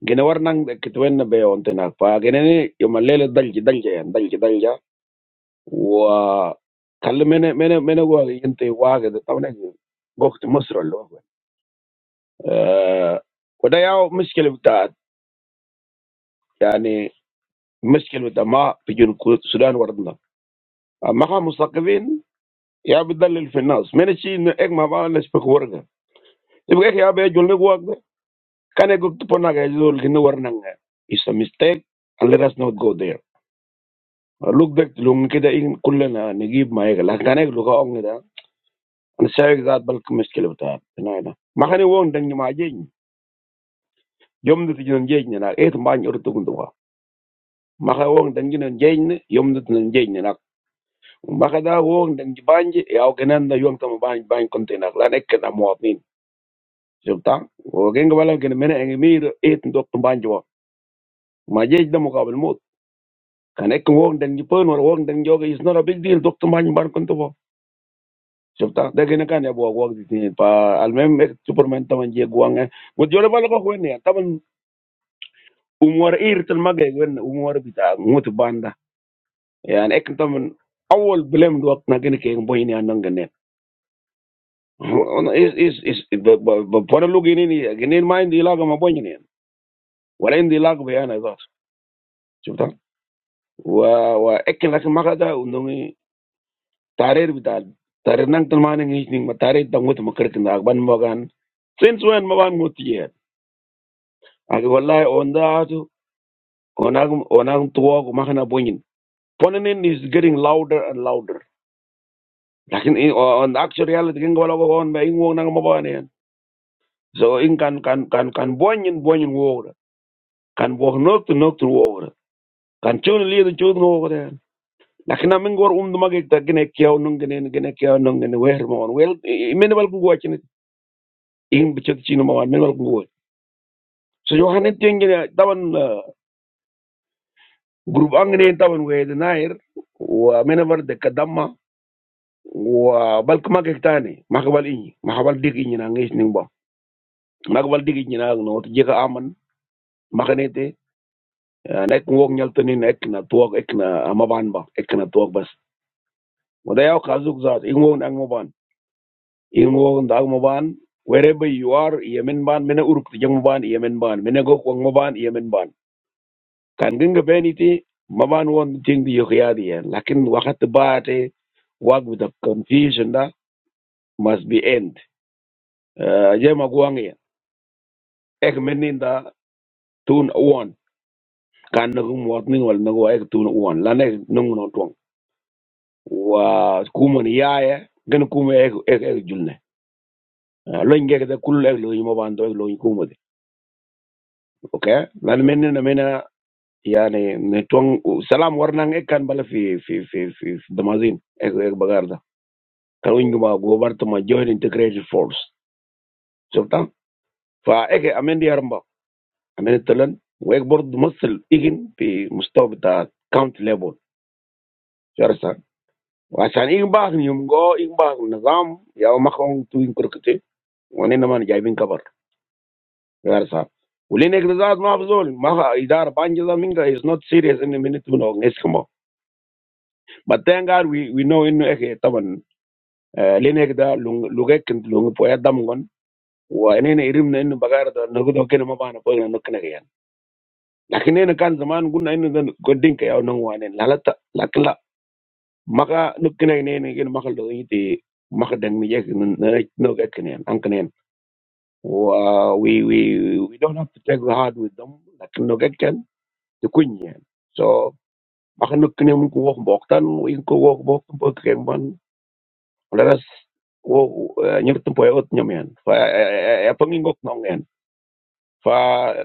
[SPEAKER 1] Gena warang deketuin ngebayon tenar. Pak, gini, cuma lelet dengi dengi ya, dengi dengi. و خلي من من من واقع انت واقع ده طبعا وقت مصر اللي هو آه وده يا مشكله بتاعت يعني مشكله بتاع ما في جنوب السودان وردنا ما خا مثقفين يا بتدلل في الناس من الشيء انه اك ما بقى الناس بك ورقه يبقى إيه يا بيجول لك واقع كان يقول تبنا يقول كنا ورنا is a mistake and let us not go there look back لهم كده إيه كلنا نجيب ما يقل لكن كان يقول Sey zaat bal ka mishkila bitaat. Inaida. Makani wong dang nima jeng. Yom dit jin jeng ni nak. Et maany ur tukun duwa. Maka wong dang jin jeng ni. Yom dit jin jeng ni nak. Maka da wong dang jibanji. Yaw genan da yom tama banj banj konti nak. Lan ekke na muatnin. Sibta. O genga wala gena mena engi mir. Et ndok tum banj wa. Ma jej da mukabil mut. Kan ekke wong dang jipun or wong not a big deal. Dok tum banj banj konti wa. Sibta. kan ya buwa uang di sini. Pa almem ek superman taman je guang eh. Mut jole bala ko Umar Ir telah magai, Umar kita mutu banda. Yang ekn taman awal belum dua kena kini kehbu ini anu genet. Is is is. Ponen log ini ini genet main tidak mau bujini. Walau tidak mau ya nasor. Coba. Wah ekn lagi makarja undungi tarir kita tarir nang termaan ingin matarit tangut makretinda agban makan. Since when makan mutiye? Agi walai onda itu onak onak tua ku makar nabujin. Ponen ini is getting louder and louder. lakin i- o- on the actual reality kin wala on ba in wong nang mabane yan so in kan kan kan kan bonyin bonyin wora kan bo nok to nok to wora kan chun li to chun wora yan lakin amin gor um dum agik ta gene kyaw nung gene gene kyaw nung gene wer mo on wel i- i- men wal ko wachin in bi chino mo men wal ko wo so yo hanen ten gene taban uh, group angne taban we de nair wa men de kadamma wa bal kuma ke tani makabal inyi makabal dig inyi na ngis ning ba makabal dig inyi na no to jeka aman makanete nek ngok nyal tanin ek na tuok ek na amaban ba ek na tuok bas wada yaw kazuk zat ingwo na maban ingwo na maban wherever you are yemen ban mena uruk jang maban yemen ban mena gok wang maban yemen ban kan ginga beniti maban won ting di yokyadi ya lakin wakat baate wag with the confusion da must be end Eh, jema guang ya ek meninda tun one kan nagum watning wal nagwa ek tun one lanek nung no Wah kumun ya ya kan kumu ek ek ek jurne loingge kita kul lu ing mau bandot loingkumu deh oke mana mana mana ya ini netuan salam warnang ek kan balas di di di di di dalam sini ek ek bagar deh kalau inggih mau gubar tuh mau join integrasi force coba? Fah ek amendia rumbo amenditulen ek bord musel ikin di mustahab ta count level jelasan. Karena inggih bah ni umgoh inggih bah nazar ya makwong tuh ingkukte, mana mana jadi ingkubar. We are sad. We're not serious in a minute. to know نسكمه. But thank God we we know in no matter what we do, we can do. We don't have to take the hard with them. لكن نوجك ti kunyen so makan nuk kene mun ko wok bok tan in ko wok bok tan pok ken ban let wo nyam tan ot nyam fa ya pangin gok nong fa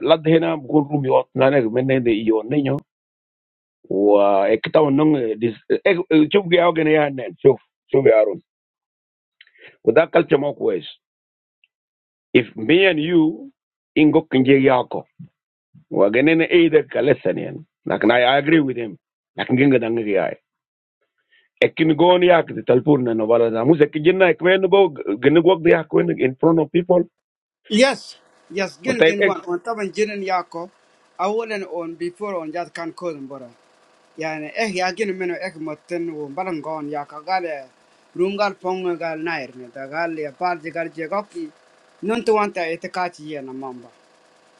[SPEAKER 1] lad gun rum yot na ne men ne de yo ne wa ekta nong eh, dis chuf ge aw gene yan nen chuf chuf ya run da culture mo kwes if me and you in gok nje yako wa gene either ka lesson yan like i agree with him like nginga dangi ekin go ni yak the telephone na wala na music jinna ekmen go gnu the yak in front of people
[SPEAKER 2] Yes, yes,
[SPEAKER 1] o
[SPEAKER 2] gen
[SPEAKER 1] type
[SPEAKER 2] gen
[SPEAKER 1] ek
[SPEAKER 2] wan on taban jinin yako awolen on before on jat kan kodan bora. Yani eh ya gen meno eh motten wo balan gon yaka gale rungal ponga gal nair ne da gal ya parti gal je goki non to wanta ete kachi mamba.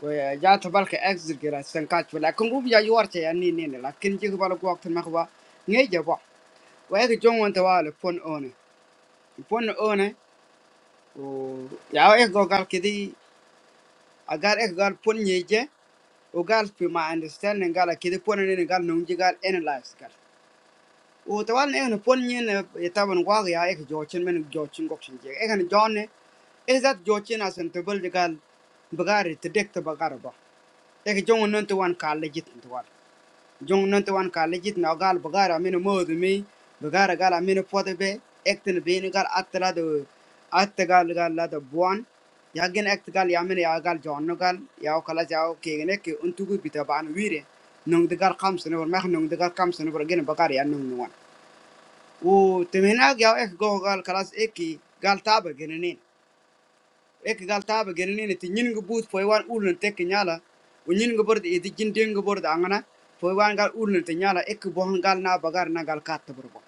[SPEAKER 2] Wah, jatuh balik ekspergirah sengkak juga. Kongup jahuar caya ni ni ni lah. Kencing balik doktor macam apa? Ni je pak. Wah, ekcijung wan tuwal pun ohne, pun ohne. Oh, ya ek google kiri. Agar ekgal pun ni je. Ogal tu mah understand ni. Galah kiri pun ni ni galah nungsi gal analyze gal. Wu tuwal ni kan pun ni ni. Ita bungkawa gaya ekcijochen menjocchen doktor ni. Ekhan John ni. Ezat jocchen asing tu balik gal. Bagari detect bagaruba. Ekcijung wan tuwan kahli jitan tuwal. jong non to wan ka legit na gal bagara mino modu mi bagara gal mino pote be ekten be ni gal atla do atta gal gal la do buan ya gen ekt gal ya mino ya gal jonno gal ya o kala jao ke gene ke untu gu bita ban wire nong de gal kam sene bor mak nong de gal kam sene bor gen bagara ya nong ni wan o temena gal ek go gal kalas eki gal taba gene ek gal taba gelini ti nyin ngi but poy wan ulun tek nyala u nyin ngi bordi idi jin den ngi bordi angana poy wan gal ulun te nyala ek bohon gal na bagar na gal kat burbo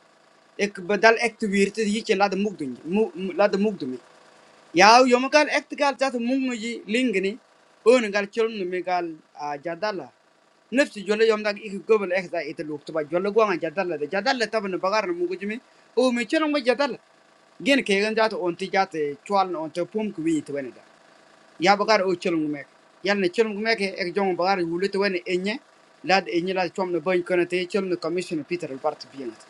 [SPEAKER 2] ek badal ek tu wirti yiche lad mugdun lad mugdumi yaw yom gal ek ti gal jat mugnu ji lingni on gal cholnu mi gal ah, jadala نفس جولا يوم داك إيك قبل إخدا إتلوك تبا جولا قوانا جدالة ده جدالة تبن بغارنا موجودة مي أو ميشلون ما جدالة جين كيغن جاتو أنتي جاتو pum أنتي بوم كوي تبني ya bakar o chelum mek yal ne chelum gumek ek jong bakar wulut wen enye lad enye lad chom ne boy kono te chelum ne commission peter al part biengat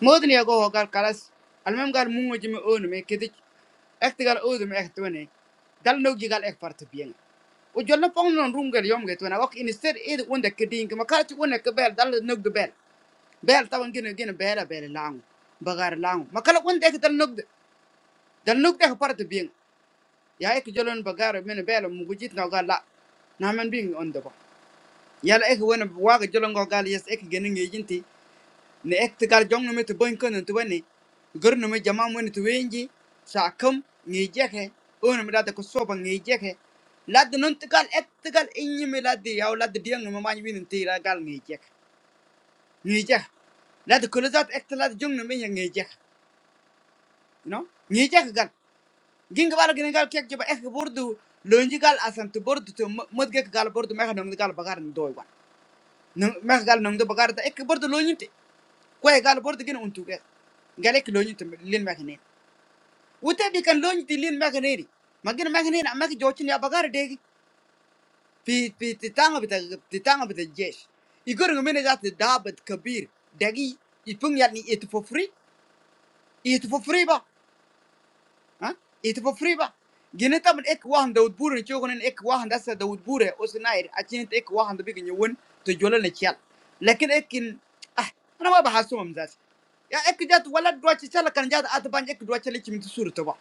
[SPEAKER 2] modni ya go hogal kalas al mem gal mungo jimi on me kedik ek tigal o me ek twene dal no jigal ek part bieng o jolna pong non rungal yom get wen ok instead ed wonda kedin ma kala ti wonda bel dal no de bel bel tawan gene gene bela bela lang bagar lang makala wonda ek dal no dal no ek part bieng ya ek jolon ba garo mene belo mu gujit no gal la na man bi on do ba yala ek wona waga jolon go gal yes ek gene ngi jinti ne ek te gal jong no me te bon kon to wani gor no me jama mo ne to wenji sa kam ngi jeke on me da ko soba ngi jeke lad non te gal ek te gal inyi ya lad diang no me man winin te la gal ngi jek ngi ek te lad jong no me ngi no ngi jek gini kalau gini kalau kayak coba ek boruto logikal asal tuh boruto tuh mau mau kayak kalau boruto mereka nunggu kalau bagarin doyan mereka kalau nunggu bagarin tuh ek boruto logi tuh kok ek kalau boruto gini untung ya gak ada logi tuh lil magne itu tapi kan logi tuh lil magne ini, makanya lil magne, makanya jocin ya bagarin dek bi bi tangan bi tangan bi terjess, iku orang menehati daa bet kabir, dagi i punya ni itu for free, itu for free ba Itu pribadi. Jadi ntar pun ek wahan Daud buru nih, coba nih ek wahan dasar Daud buru. Ose naik. Aci nih ek wahan tapi gini, uin tujuan ngecil. Lainkan ekin. Ah, nama bahasa mau menjajah. Ya ek jatuh walat dua cincin, kalau jatuh aduh banjir dua cincin itu surut tuh.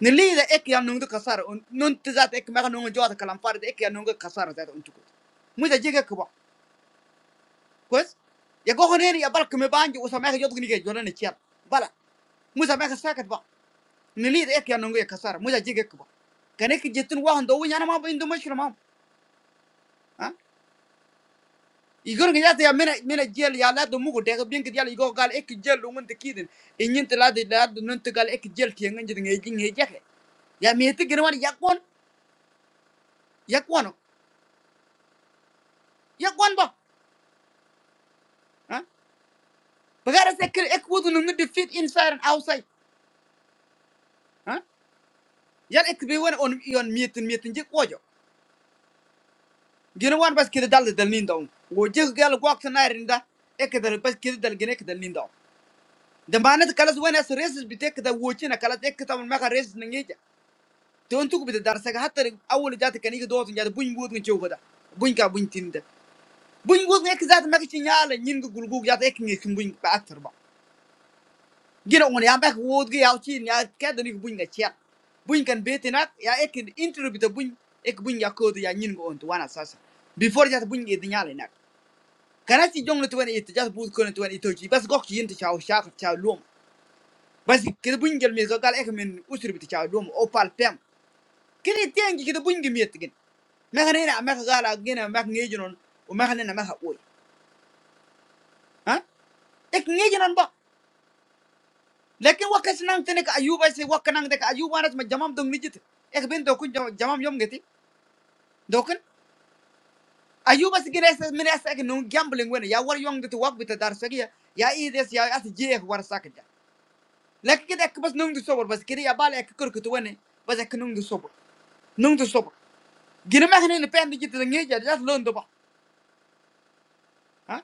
[SPEAKER 2] Nili itu ek yang nunggu khasar. Nunt jatuh ek mereka nunggu jatuh kalampari. Ek yang nunggu khasar jatuh unjuk. Muda jaga kuat. Guys, ya kau kan ini ya baru kembaran jadi ucap mereka jatuh nih kejualan ngecil. Baik. Muda mereka serak tuh nilid ek ya nungu ekasar muja jig ekba kane ki jetin wahan do wunyana ma bindu mashra ma ha igor ngi yata ya mena mena jel ya la do mugo de ga bin ki yal igo gal ek jel lu ngun tikidin inyin tla de la do nun gal ek jel ti ngi jid ngi ngi jeke ya meti gir war yakon yakwano yakon ba ha bagara se ek wudu nungu defeat inside and outside ha yal ek be won on yon mietin metin jik wojo gina wan bas kida dal dal nin daw wo jig gal gwak tanarinda ek dal bas kida dal gine ek dal nin do. demarin kalau tuh hanya so reses bete ketemu ucapin aku kalau bete ketemu mereka reses nengi aja tuh untuk bete darah segala hatta aku lewat ke nego dua orang jadi bung bung itu juga ada bung kau bung cinta bung itu nggak kezat mereka cina lagi ningo gulung gulung jadi ek nengi pun bung patah terbang gila orang yang bung bung itu ya ucapin ya kado niku bung keciar bung kan bete nak ya ek intro bete bung ek bung ya kau tuh ya ningo untuk wana sasa before jadi bung itu nyalenak karena si jong itu tuh nih terus bung kau itu tuh nih terus jadi pas gokil ente cah ustad cah lom basi kede buñgel mi zo gal ek min usri biti chaw dum o pal pem kede tengi kede buñgi mi etgin ma khane na ma gala gena ma ngeji non o ma khane na ma oy ha ek ngeji non ba lekin wakas nang tene ka ayuba se wakanang de ka ayuba ras ma jamam dong nijit ek ben do kun jamam yom geti do kun ayuba se gina se min ek no gambling wen ya war yong de wak bita dar sagiya ya ides ya as je ek war sakja lekin kede ek bas nung du sobor bas kede ya bal ek kurkutu wen bas ek nung du nung du gina ma hene pe andi jitna ngi ja jas lon doba ha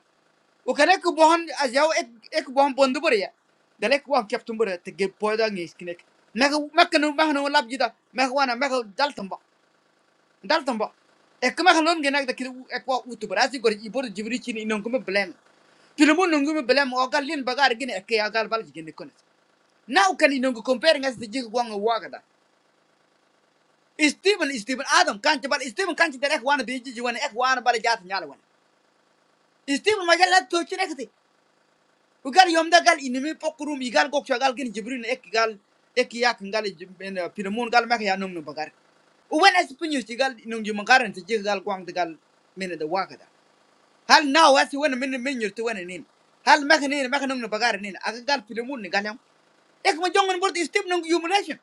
[SPEAKER 2] o kare ko bohon ek ek bohon bondu bari ya dalek wa captain bari te ge poida ngi skinek maka maka no mahno lab jita maka wana maka dal ba dal ba ek ma lon ge nak da kiri ek wa utu bari asi gori ibor jibri chini non ko blem tulumu nungu mi bilem o gal lin bagar gini eke ya gal bal gini konet now can you compare ngas de jigu wanga waga da Stephen Stephen Adam kan coba Stephen kan der ek wana be jiwana ek wana bal jat nyala wana. Still majalla tochine kiti. Ugal yomda gal inimi pokrum igal gokcha gal gin jibrin ek gal ek yak gal pinamun gal mak ya nung nung bagar. Uwen as pinyus gal nung jum garan ti jig gal kwang ti gal mena da wakada. Hal now as wen min min yur ti wen nin. Hal mak nin mak nung nung bagar nin aga gal pinamun ni gal yam. Ek ma jongon bort still nung humiliation.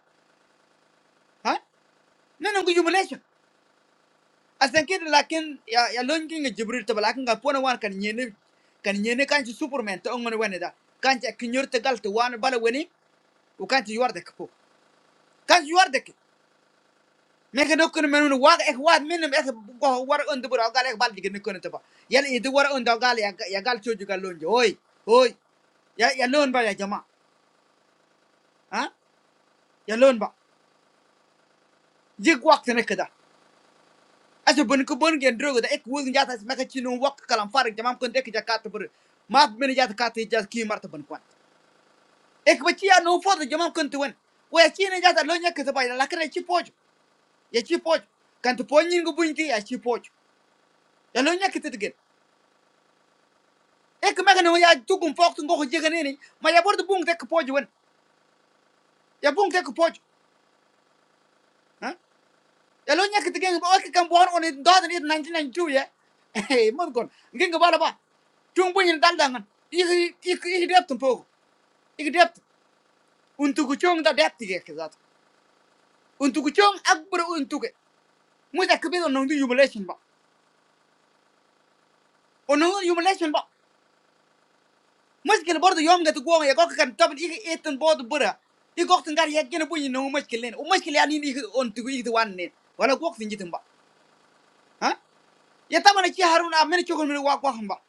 [SPEAKER 2] Ha? Nung humiliation. asan kid lakin ya ya lon kin ga jibril to lakin ga pona wan kan nyene kan nyene kan ci superman to ngon wene da kan ci kinyor te gal to wan bala weni u kan ci yor de ko kan ci yor de ke me nokon men wa ek wa men ek go war on de bura gal ek bal digne kon to ba yal e war on da gal ya ya gal to juga lon jo oy oy ya ya lon ba ya jama ha ya lon ba jig wakt ne kada aso bun ko bun gen drogo da ek wuzin jata meka ci no wak kalam farak jama kon de ke jakata bur ma men jata kata jata ki marta ban e ko ci ya no fodo jomam kunti wen ko ya ci ne jata lo nyaka to bayda lakre ci pojo ya ci pojo kan to ponni ngu bunti ya ci pojo ya lo nyaka to digen e ko maga no ya tugum fokto ngo ko jegane ni ma ya bordo bung tek pojo wen ya bung tek pojo ha ya lo nyaka to gen ba ok kan bon on do da ni 1992 ya e mon gon ngen bala ba cung bunyin dal dangan igi igi igi deptum pogo igi deptum untuk cung da depti ge kizat untuk cung akbar untuk mu da kebe no ndu jubilation ba O nama humanization, bah, meski kan baru tuh yang nggak tukguang ya, kok kan tapi itu eten baru tuh berah. Di waktu tengah ya kita punya nama meski lain, o meski lain ini on tukguidu warnen, wala guok sengijtembah, ah? Ya taman itu harun, apa ini cokelat merah guah guah mbak.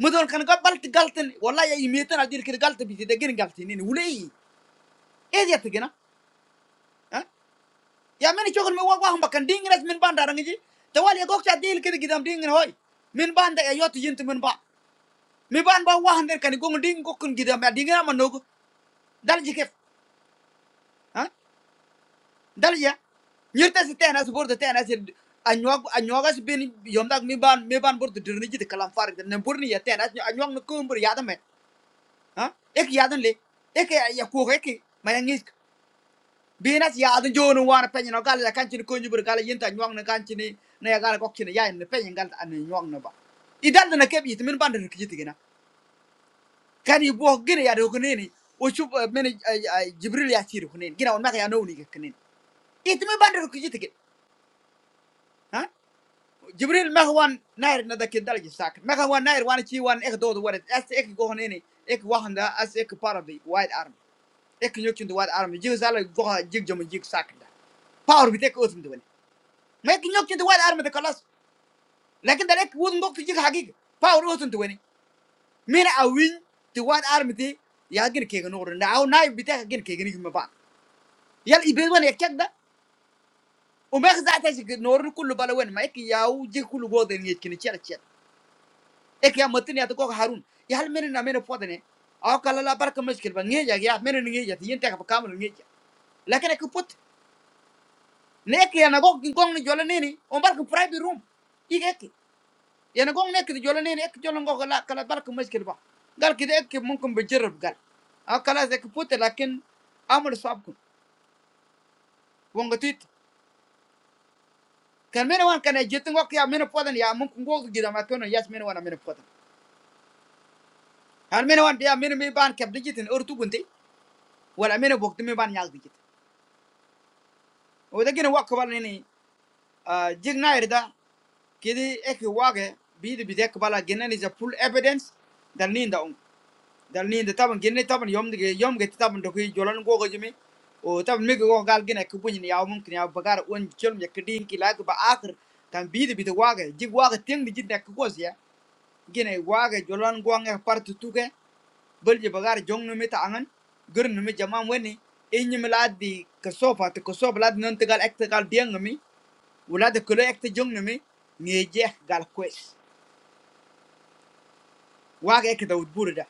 [SPEAKER 2] Mudah kan kalau tegal ten, wala ya imiternadiirke tegal tuh bisa dekiran jatuhin ini. Ule ini, es ya tuh gina, ah? Ya mana cokelat merah guah guah mbak kan dingin ras minpan darangiji. Tewal ya guok chat dingin ke dekida dingin hoy. Minpan tak ya jatuh jatuh minpan, minpan bah guah guah dengan kani guong dingkokun gida, dia dingin apa nogo? Dari jiket. Hah, dale ya. Nyata sih teh anak seburuhteh anak si anjwang anjwang asih begini, yaudah main ban main ban buruhterunjuk di kalang fari. Nampur nih ya teh anak anjwang ngekumpul, yaudah men. Hah, ek yaudah nih, ek ya kau ek, malingis. Beginas yaudah nih jono wana penjengok kali, kanci ngejubur kali. Entah anjwang ngekanci nih, naya kali kok cina ya ini penjengok ane anjwang napa. Idan tuh nakem itu main ban terkijit gina. Kali buah gini yaudah kuni ini, ujup men jibril ya siru kuni. Gino orangnya ya nuni kene. Itu main ban terkijit gina. Hah. jibril mek wan nair na dakin dalji sak mek wan nair wan chi wan ek dodo wan as ek go ini, ek wahanda as ek parabi white army ek nyokin the white army jig sala go jig jom jig sak da power bi tek otum dwani mek nyokin the white army da kalas lakin da ek wud ngok jig hagig power otum dwani mina a win the white army ti ya gin ke gnor na aw nay bi tek gin ke gni ma ba yal ibe wan ek da وما خزعتش نور كله بلا وين ما يك ياو جي كله جودن يكن ek ya matni ato ko harun ya hal mene na mene podane aw kala la bar kamas kirba nge ja ya mene nge ja tiyen ta ka kamal nge ja lakin ek put ne ek ya na go gong ni jola ne ni on bar ko private room ik ek ya na gong ne ek jola ne ni ek jola go kala kala bar kamas kirba gal kide ek mumkin be jarab gal aw kala ek put lakin amul sab ko wonga tit kan mene wan kan je tingo ya mene podane ya mumkin go gida ma kono yas mene wan mene podane hal mene wan ya mene mi ban kep digitin urtu gunti wala mene bokti mi ban yag digit O tapi kalau wakwala ini jadi ngairda, kiri ek wak eh bidu bidak wakala, generasi full evidence dalinin daun, dalinin. Tapi generasi taman yom dek yom gede taman dokei jualan gua gajem. O taman mikro kal generasi kupuji ni awam kini bagar unjul mekidiin kila tuh bahakir tan bidu bidu wak eh jadi wak tenjuk bidak kagus ya generasi wak eh jualan guang eh partitu ke berjibagar jang nume taangan, gun nume zaman we ni ini melati kasopat kasop melati nontgal ekgal diengmi ulah itu kalau ekte jombi ngejek galquest wah ekte udah buru dah,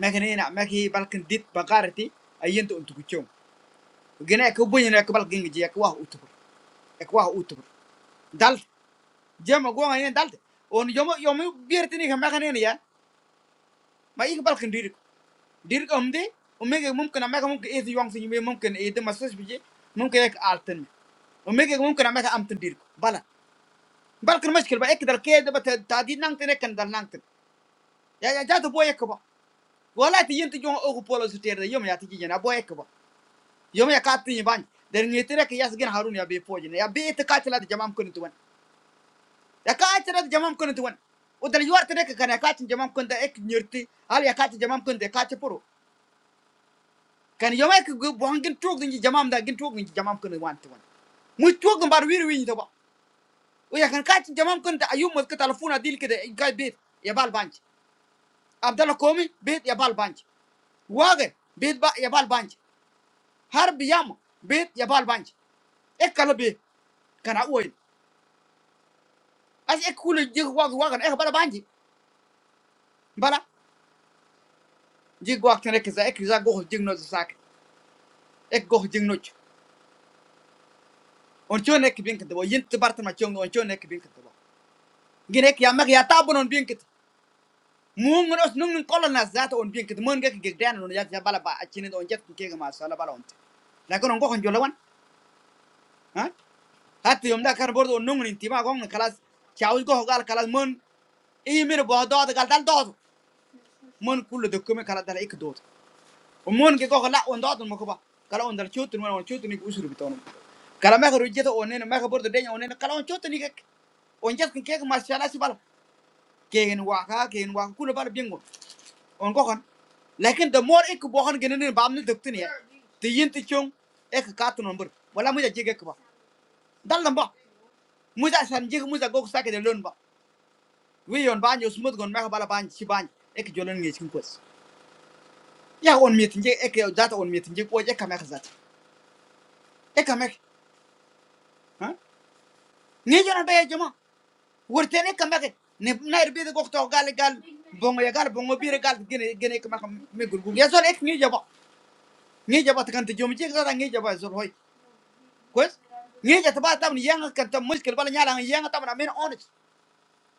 [SPEAKER 2] macam ini nak, macam ini balik ngedit bagar tadi, aja tu untuk gacung, gini ek tu boleh nih ek balik ngejek dia ek wah udah, ek wah udah, dal, jam aku ngajen dal, oni jombu jombu biar tini kan macam ini ya, malik balik ndiri, diri kau mende, umi kamu kenapa kamu ini uang sini, umi kamu ini itu masuk biji, kamu kayak altern, umi kamu kenapa kamu altern diri, bala, balik rumah sekarang, ek kau kalau kayak dapat tadi nangten ek kau nangten, ya ya jatuh boleh ek kau wala ti yinti jong ogu polo su yom ya ti jina bo ek ba yom ya ka ban der ni tere ke yas gen harun ya be poje ya be te ka de jamam kun tuwan ya ka tela de jamam kun tuwan o dal yuar tere ke kana ka jamam kun da ek nyurti al ya ka ti jamam kun de ka poro kan yom ek bo hangin trog din jamam da gin trog din jamam kun wan tuwan mu trog din bar wir wi to ba o ya kan ka ti jamam kun da ayum mo ke telefona dil ke de ga be ya bal banj abdalla komi be ya bal banj waage be ba ya bal banj har biyama bet ya bal banji e kala be kana oil as e kule jig wag wagan e bala banji bala jig wag tane ke za e za go jig no sak e go jig no on chon e bin kete bo yint barta ma chon on chon e bin kete bo gine ke ya mag ya tabon on bin kete mum ngos nung nung kolon na zata on bin kete mon ge ge dan on ya ya bala ba achine on jet ke ga ma sala bala on lakin on goxon jolawan ha hatti yom da kar bordo nungni tima gong kalas chawi gox gal kalas mon imir bo dood gal dal do mon kulle dokume kala dala ikdot mon ge go la on dot mo ko ba kala on dal chotun mon chotun ni usuru biton kala ma ru jeta onen ma ka bordo denya onen kala on chotun ni ke on jas kin ke ma shala si bala ken wa ka on go kan lakin the more ik bo kan genen ba amne doktin ya te yinti chong ek ka tu nomber wala mu ja jege ko ba dal lamba mu ja san jege mu ja go sa ke de lon ba bala ban si ban ek jolen ngi sin ya on meeting je ek yo zata on meeting je ko je kamek zata e kamek ha ni jona be jama wurte ne kamek e. ne nair be go to gal gal bongo ya gal bongo bire gal gene gene kamek me gurgu ya zon ek ni jaba ni jaba kan te jom je zata ni jaba zor hoy kwes ni jata ba tam ni yanga kan tam muskil bala nyala yanga tam na men honest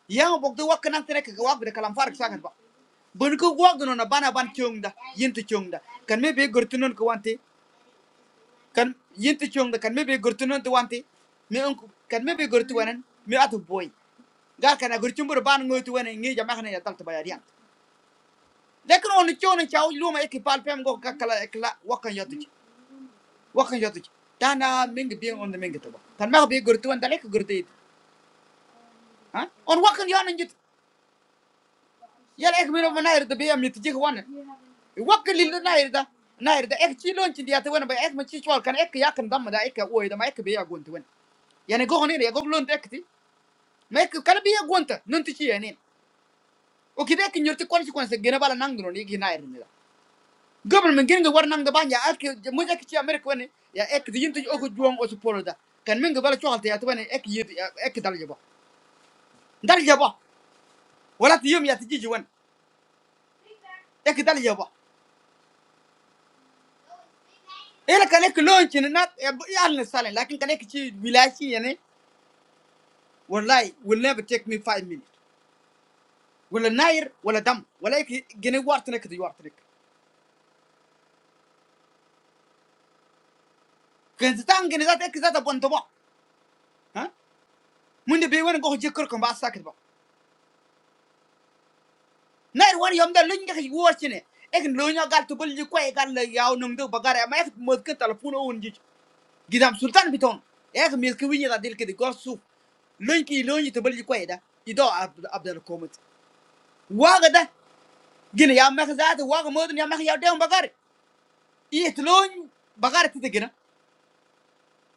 [SPEAKER 2] yanga bokto wakkan tan ek wak de kalam farak sakan ba bun ko wak no na bana ban chungda yinti chungda kan me be gurtunon ko wante kan yinti chong da kan mebe gurtu non tu wanti me onku kan mebe gurtu wanan me atu boy gal kana gurtu mbur ban ngoy tu wanan ngi jama kana ya tam tabaya riang lekin on chong chaw luma ekipal pal pem go kakala ekla wakan yotu ci wakan yotu ci dana ming bi on da ming to kan ma be gurtu wan dalek gurtu it ha on wakan yana njit yala ek mino manair da be am jik wan wakan lil nair da nair da ek ci lon ci diata wana ba ek ma ci chwal kan ek yakan dam da ek oy da ma ek be ya gontu wan yani go honin ya go lon ekti mais que kala biya gonta non ti ci yanin o kide ki ñorti consequence gene bala nang non yigi na irin la gobal men gene war nang da banja ak mo ak ci america woni ya ek di yinti o ko juwon o support da kan men bala choxalta ya tabane ek yidi ek dal jabo dal jabo wala ti yum ya ti jiji won ek dal jabo ela kan ek lon na ya al salen lakin kan ek ci wilaci yani wallahi will never take me five minutes ولا ناير ولا دم ولا هيك جنيه وارتنك دي وارتنك كنت تان جنيه ذات هيك ذات بنت بقى munde be wona go jekkor ko mba sakit ba nay won yom da luñ ngaka wortine ek luño gal to bulli ko e gal yaw num do bagare ma ek mod ke telephone on ji gidam sultan biton ek mis ke wiñi da dil ke de gorsu luñ ki luñi to bulli ko e da ido abdal komat waga da gina ya mak zaata waga modun ya mak yaw de bagare it luñ bagare tite gina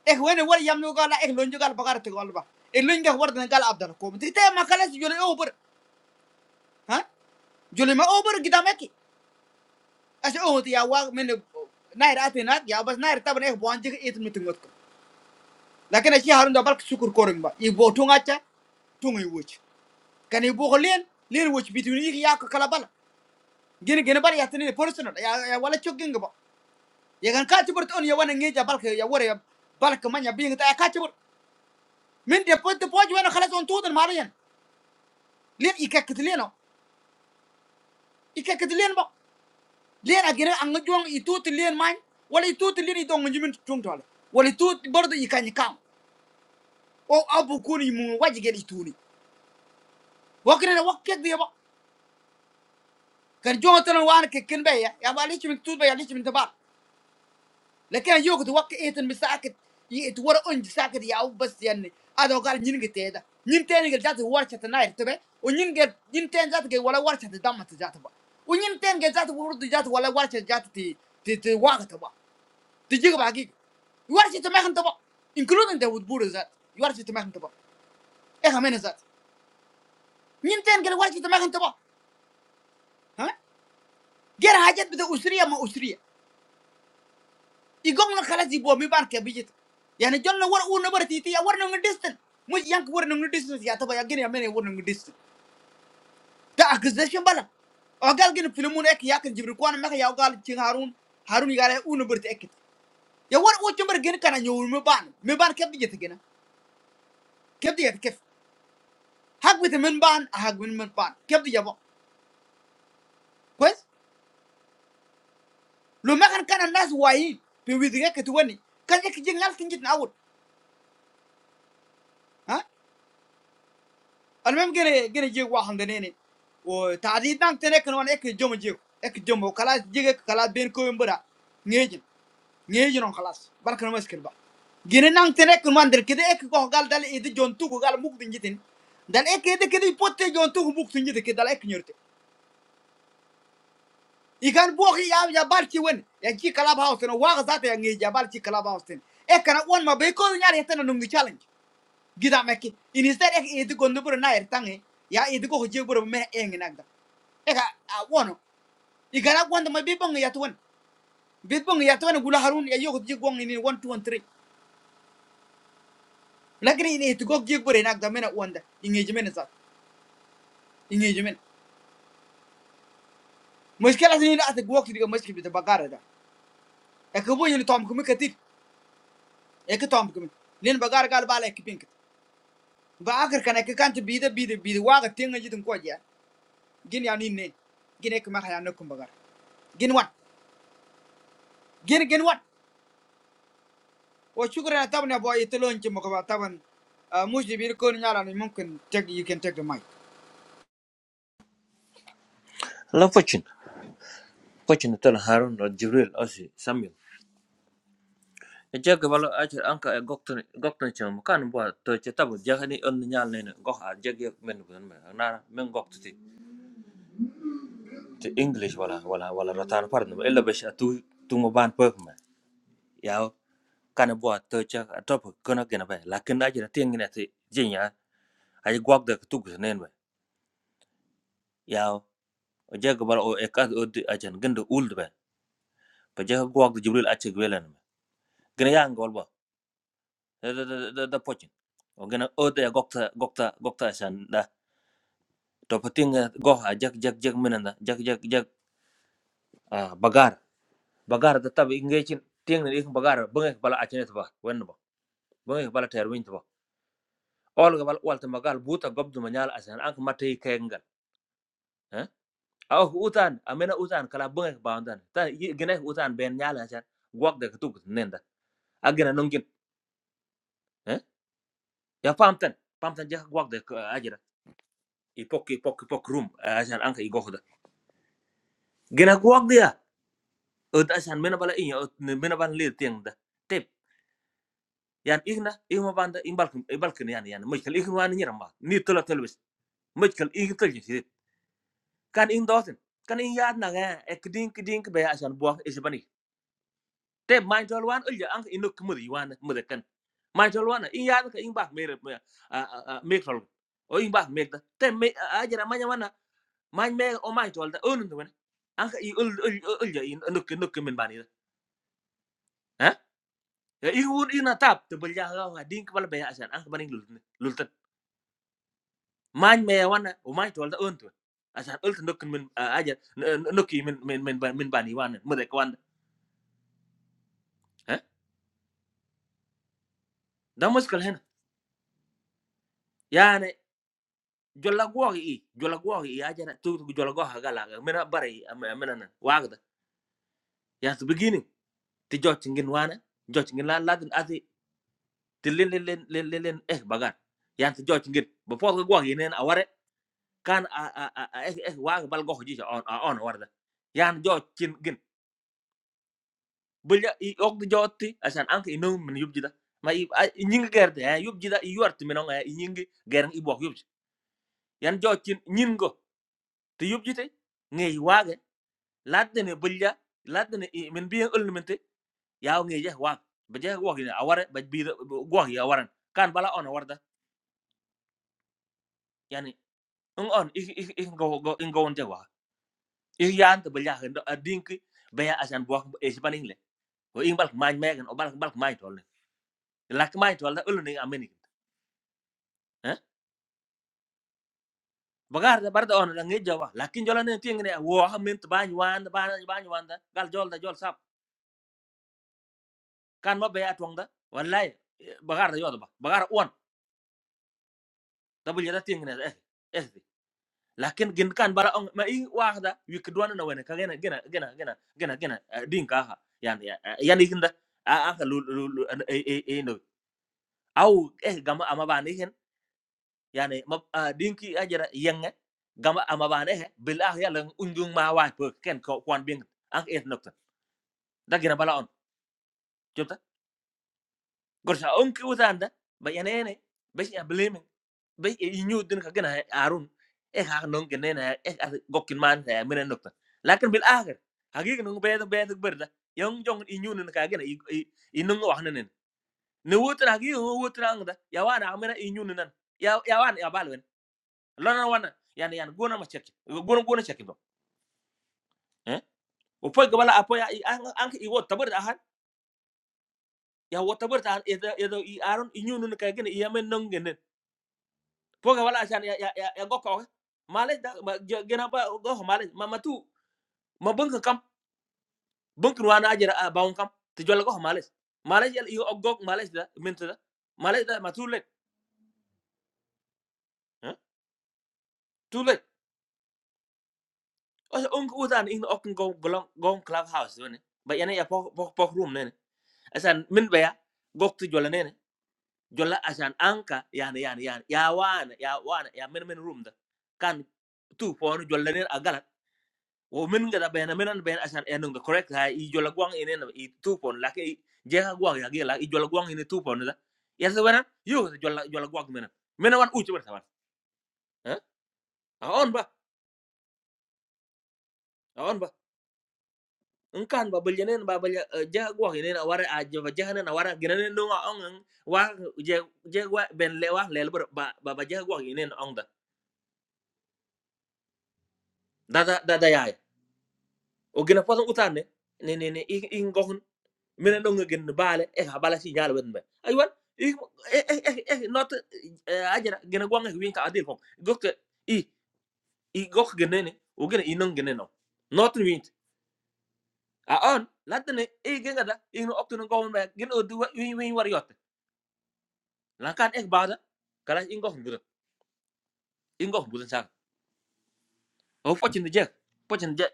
[SPEAKER 2] ek wona wala yam no gal ek luñ gal bagare te gol ba e luñ ngaka wardan gal abdal komat te ma kala jole over ha jole ma over gidam ekki ase oŋoto ya wa mene nair atinat ya bas nair taban eh bonje it mitingot ko lakin ashi harun da balk sukur koring ba i bo tunga cha tunga i wuch kan i bo len len wuch bituni i ya ko kala bala ya personal ya ya wala chogging ba ya kan ka tibur on ya wana ngeja balk ya wore ya balk manya bi ngata ya ka tibur min de pot de poj wana khalas on tudan marayan len i ka kitleno i ka kitlen ba len agene an ngajong i tut len man wala i tut len i dong njimin tungtole wala i tut bardo i kan o abu kuni mu waji gedi tuni wakina na wakke de ba kan jonga tan wana ke ken be ya ya ba lichi min tut be ya lichi min tabar lakin yo ko wakke eten mi saket yi et wara on saket ya u bas yanne ado gal nyin ge teda nyin tene ge jatu war chata na ir tebe o nyin ge nyin tene jatu ge wala war chata damma ta jatu ba o nyin tene ge jatu wurdu jatu wala war chata jatu ti ti ti waga ta ba ti jiga ba gi war chata ma ta ba including the wood buru zat war chata ma ta ba e ha mena zat nyin tene ge war gerah hajat betul usria mausria, i Gong ngelakar jiwa, mibaan kita bijak, yahne John lawar unuber titi, lawar nunggu distant, mus yang kuar nunggu distant, siapa yang geni ameni kuar nunggu distant, dah kisah siapa lah, agak geni filmun ek jakar jibrukuan, macam agak jeng Harun, Harun ikan eh unuber titik, yahne lawar unuber geni karena nyuwun mibaan, mibaan kita bijak, yahne kita ya kif, hak betul mibaan, ah hak betul mibaan, kita jawab, guys, lo macam karena nas wae, pilih betul ya ketuhan nih, karena kita jengal sengit naud, ah? an memang gini gini juga wahan denger nih, wah tadi nang tenek nomor ekjum jitu, ekjum, oke lah jige, oke lah biar kauin berak, ngijin, ngijin orang kelas, baru nomor skripa, gini nang tenek nomor dikerjain ek gak hal dari itu jontung bukan muk dingjitin, dari ek itu kita ipot jontung bukan sengjitu kita lah eknyerte, ikan buahnya ya jebal cewen, ya cik kalabaus teno warga zat ya ngijah jebal cik kalabaus ten, ek karena orang mah bekerja di sana nunggu challenge, kita mekik, ini setelah itu gondobur naer tange, ya itu gak hujur buru meh engin agda. eka a wono igara gwanda ma bi bonga yatwan bi bonga yatwan gula harun ya yogo ji ini one, two, 2 three. lakini ini to gog ji gore nak da mena wanda ingeji mena sa ingeji mena mushkila ni na ta gwak diga mushkil bi ta bagara da e ko bo yuni tom kuma katif e ko tom kuma len bagara gal bala e kipink ba akar kana ka kanta bi da bi da bi da waga tenga ji tin koja gin ya ni ne gin e kuma nakum bagara gin wan gin gin wan o shukran tabna boy itolon ci mo ko taban ah, mushdi bir ko nyala ni mumkin take you can take the mic
[SPEAKER 5] La focin, focin tal Harun la Jibril asi Samuel. E jega balo achir anka e goktan goktan chum kan bo to che tabu jahani on nyal ne go ha jegi men men na men gokti ti English wala wala wala ratan parno ella besh atu tungo ban pek Ya kan bo to che top kono gena be lakin na jira tieng ne ti jinya ay gok de tu gus nen be. Ya o jega balo o e ka o gendo uld be. Ba jega gok Jibril achir gwelen. Gena yang gol Da da da da da pochin. Ogena ode ya gokta gokta gokta san da. To patinga goha jak jak jak minanda jak jak jak ah, bagar bagar da tab ingechin tingna ik bagar bunga bala achenet ba wen ba. Bunga bala terwin ba. Olga bala walta magal buta gobdu manyal asan ank matay kengal. Eh? Aw utan amena utan kala bunga baandan. Ta yi- gina utan ben nyala asan gwak de tuk nenda. Agena nongin. Eh? Ya pamtan pamtan jak gwak de ajira. Ipok ipok ipok room asan anka igohda. gena guak dia ot asan mena bala inya ot mena ban le tieng da tep yan igna igma ban da imbal imbal ken yan yan mujkal igma wan nyira ma ni tola tolbes mujkal ig tol ji kan in doten kan in yaad na ga ek ding ding be asan buak is bani tep main tol wan ulja ang ino kmud yiwan mud kan main tol wan in yaad ka in bak mere me tol o in bak me da tep me ajara manya wana main me o main tol da onun do an ka i ul ulja in nuk nuk min bani ha ya ibu ibu ntar tebel jahalah ngading kepala banyak asan ah kepancing lulut lulut main mainnya wanah umain tuh ada untuh asan ulter dokumen aja nuki min min min min baniwan mereka wanah dah meskalnya ya nih jual gua ini jual gua ini aja nih tuh jual gua hagalah mana barai mana nih wajar ya sebegini dijauh cingin wanah jauh cingin lah lah tuh asih telin telin telin telin eh bagar ya sejauh cingin bapak gua ini awalnya kan a a a eh eh wa bal go ji on on warda yan jo chin gin bulya i og di jotti asan ank i nung min yub jida ma i a- i nying gerde eh yub jida i yuart min on eh, i nying gerang i bok yub ji. yan jo chin nyin go te yub jite ngey waage ladde ne bulya ladde ne i- min biyen ulni yaw ngey je waag ba je ni aware ba bi go ya waran kan bala on warda yani ng on i i i go go in on je wa i yan te bulya hendo adinki be asan bok e sipaning ko ing balk mañ megen o balk balk mañ tol lak mañ tol da ulu ni ameni ha bagar da barda on la ngi jawa lakin jola ne tingi ne wo ha min to bañ wan bañ bañ wan da gal jol da jol sap kan ma be atong da wallahi eh, bagar da yodo ba bagar on da bu jeda tingi ne eh eh di. lakin gin kan bara on ma i wax da wik duwana na wena ka gena gena gena gena gena gena eh, din ka ha yan ya, eh, yan ikinda a a ka lu lu lu- an- eh eh eh no aw eh gama ama bani يعني ما ب- آه، دينكي أجر ينغ gama ama bane he bil ah yalla undung ma wa pe ken ko kwan bing an et nokta dagina bala on jopta gorsa on ki utanda ba yanene be ya blame be e nyu din ka gana arun e ha non genena e gokin man he mena nokta lakin bil akhir hagig nung be be berda yong jong i nyu nin ka gana i nung wa hanen ne wotra hagig wotra ang da yawana amena i nyu nan ya yawana ya bal lana wana yani yani gona ma cheki gona gona cheki do eh o foy gabala apo ya an an i wo tabar han ya wo tabar da han edo edo i aron i nyunu ne kagene i yamen nongene po gabala asan ya ya ya gokko male da ma- jo- gena ba go male ma ma bank kam bank wana ajira baun kam te jolla go male male yel i oggo male da minta da male da ma tulet eh tulet o on ko utan in okko go golong go club house ne ba yana ya po po room ne asan min ba ya gokto jolla jolla asan anka yani yani yani ya wana ya wana ya men men room da kan tu pon jolla nen agalat wo men ngada bena menan ben asan enung correct ha i jolla guang inen i tu pon la ke jeha guang ya gela i jolla guang inen tu pon da ya se wana yo jolla jolla guang menan menan wan uci bertawan ha aon ba aon ba engkan ba beljenen ba belja eh, jeha guang inen awara aja ba jeha nen awara genen nunga ong wa je je wa ben lewa lelber ba ba jeha guang inen ong da da da da ya o gena poton utande ne ne ne ik ik gokun minen ɗon gen baale e ha bala si ñaala wen ɓe aywan ik not ajana gena gwanga winka adil fom gokte i i gok genene o gena i geneno not win, a on laddene e genga da ino optuno gowon ɓe gen o du win win war yotte lankan ek baada kala in gokun budan in gokun budan saka o foccinde jeg foccinde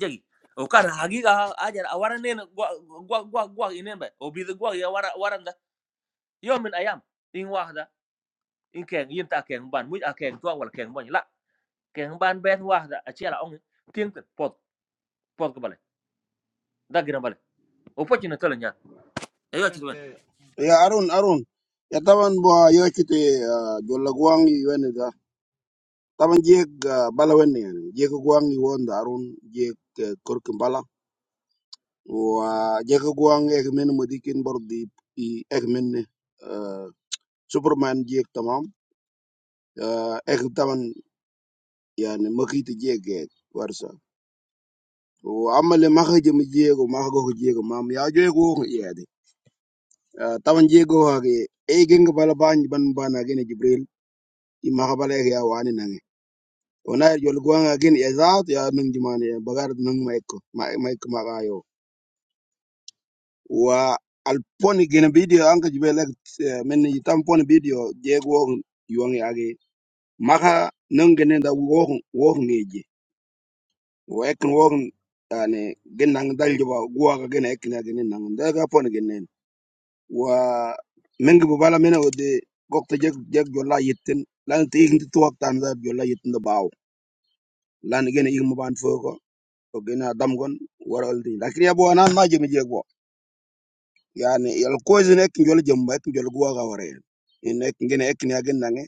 [SPEAKER 5] jegi o kan hagiga ajana a wara nena gwa gwa gwa inen ɓe o bida gwa ya wara wara Yau min ayam, ingwah dah, ingkeng, yentak keng ban, muih akeng tua walak keng ban, lah keng ban bent wah dah, aceh lah om, tiang ter pot, pot kepala, dah geram balik, opo cina tulen ya, ayo ayo cuman,
[SPEAKER 1] Ya Arun, Arun. Ya taban bo ah, yo kiti jolla guang yi wen da. Taban jeg bala wen ni. Jeg guang yi won da Arun jeg korkin bala. Wa jeg guang ek men modikin bor di i ek men ne. Superman jeg tamam. Ah, Ek taban yani makiti jeg ek. warsa. o amma le maka jëm jeego maka go jeego mam ya jeego ko yede tawan jeego ha ge e genga bala bañ ban bana gene jibril i maka bala ya wani nange ona jol gonga gen ya zaat ya nung jumane ya bagar nung maiko maiko maka yo wa al gene video anka jibril ek eh, men i poni video jego, yuang ya ge maka nung gene da wo wo ngeje wo ek wo ane gen nang dal jiba guwa ga gene ek na gene nang da ga poni gene Wah, mengapa malam ini waktu kok terjadi gelar yitten? Lalu tidak itu tuh waktu anzar gelar yitten dibawa. Lalu kemudian ibu band foto, kemudian adam kon waraldi. Tapi ya bukan maju maju juga. Yang ini kalau kuisnya kini jual jombat itu jual gua kawalnya. Ini kini kini agendanya.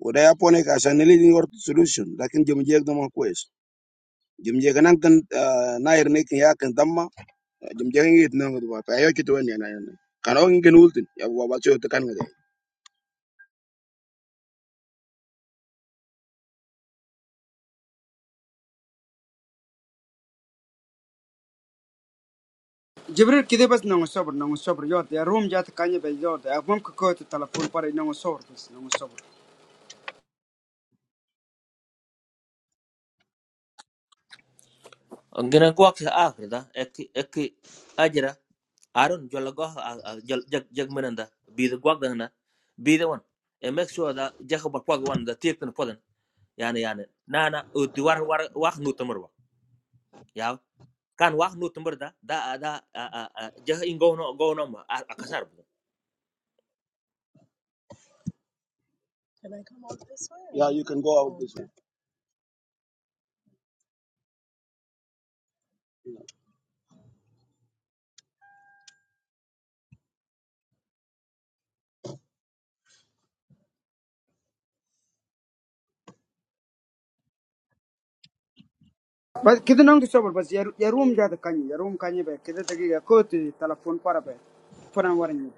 [SPEAKER 1] Udah ya punya kasihan elit ini harus solution. Tapi jam juga cuma kuis. Jam juga nangkent naik ini kini kentama jam juga yitten nangkut apa? Ayok itu wni kan? Karena ini kenuh tin. Ya,
[SPEAKER 2] Jibril kide bas nongo sobr nongo sobr yod ya room jat kanye be yod ya mum ko ko telefon pare nongo sobr bas nongo sobr
[SPEAKER 5] gengen kuah seah, gitu dah, ek ek ajarah, arun jalagoh jal jagmenanda, be the one, be the one, and make sure dah, jaga berkuah one, dah tiang ter poten, ya ne ya ne, nana udih war war kuah nutmeg ya, kan kuah nutmeg dah, dah dah jah inggo no go no ma, akasar.
[SPEAKER 1] you can go out this way.
[SPEAKER 2] bas kide nongo sobr bas ya ya room jat kanye ya room kanye be kide dagi ya ko te telefon pare be foran waran ni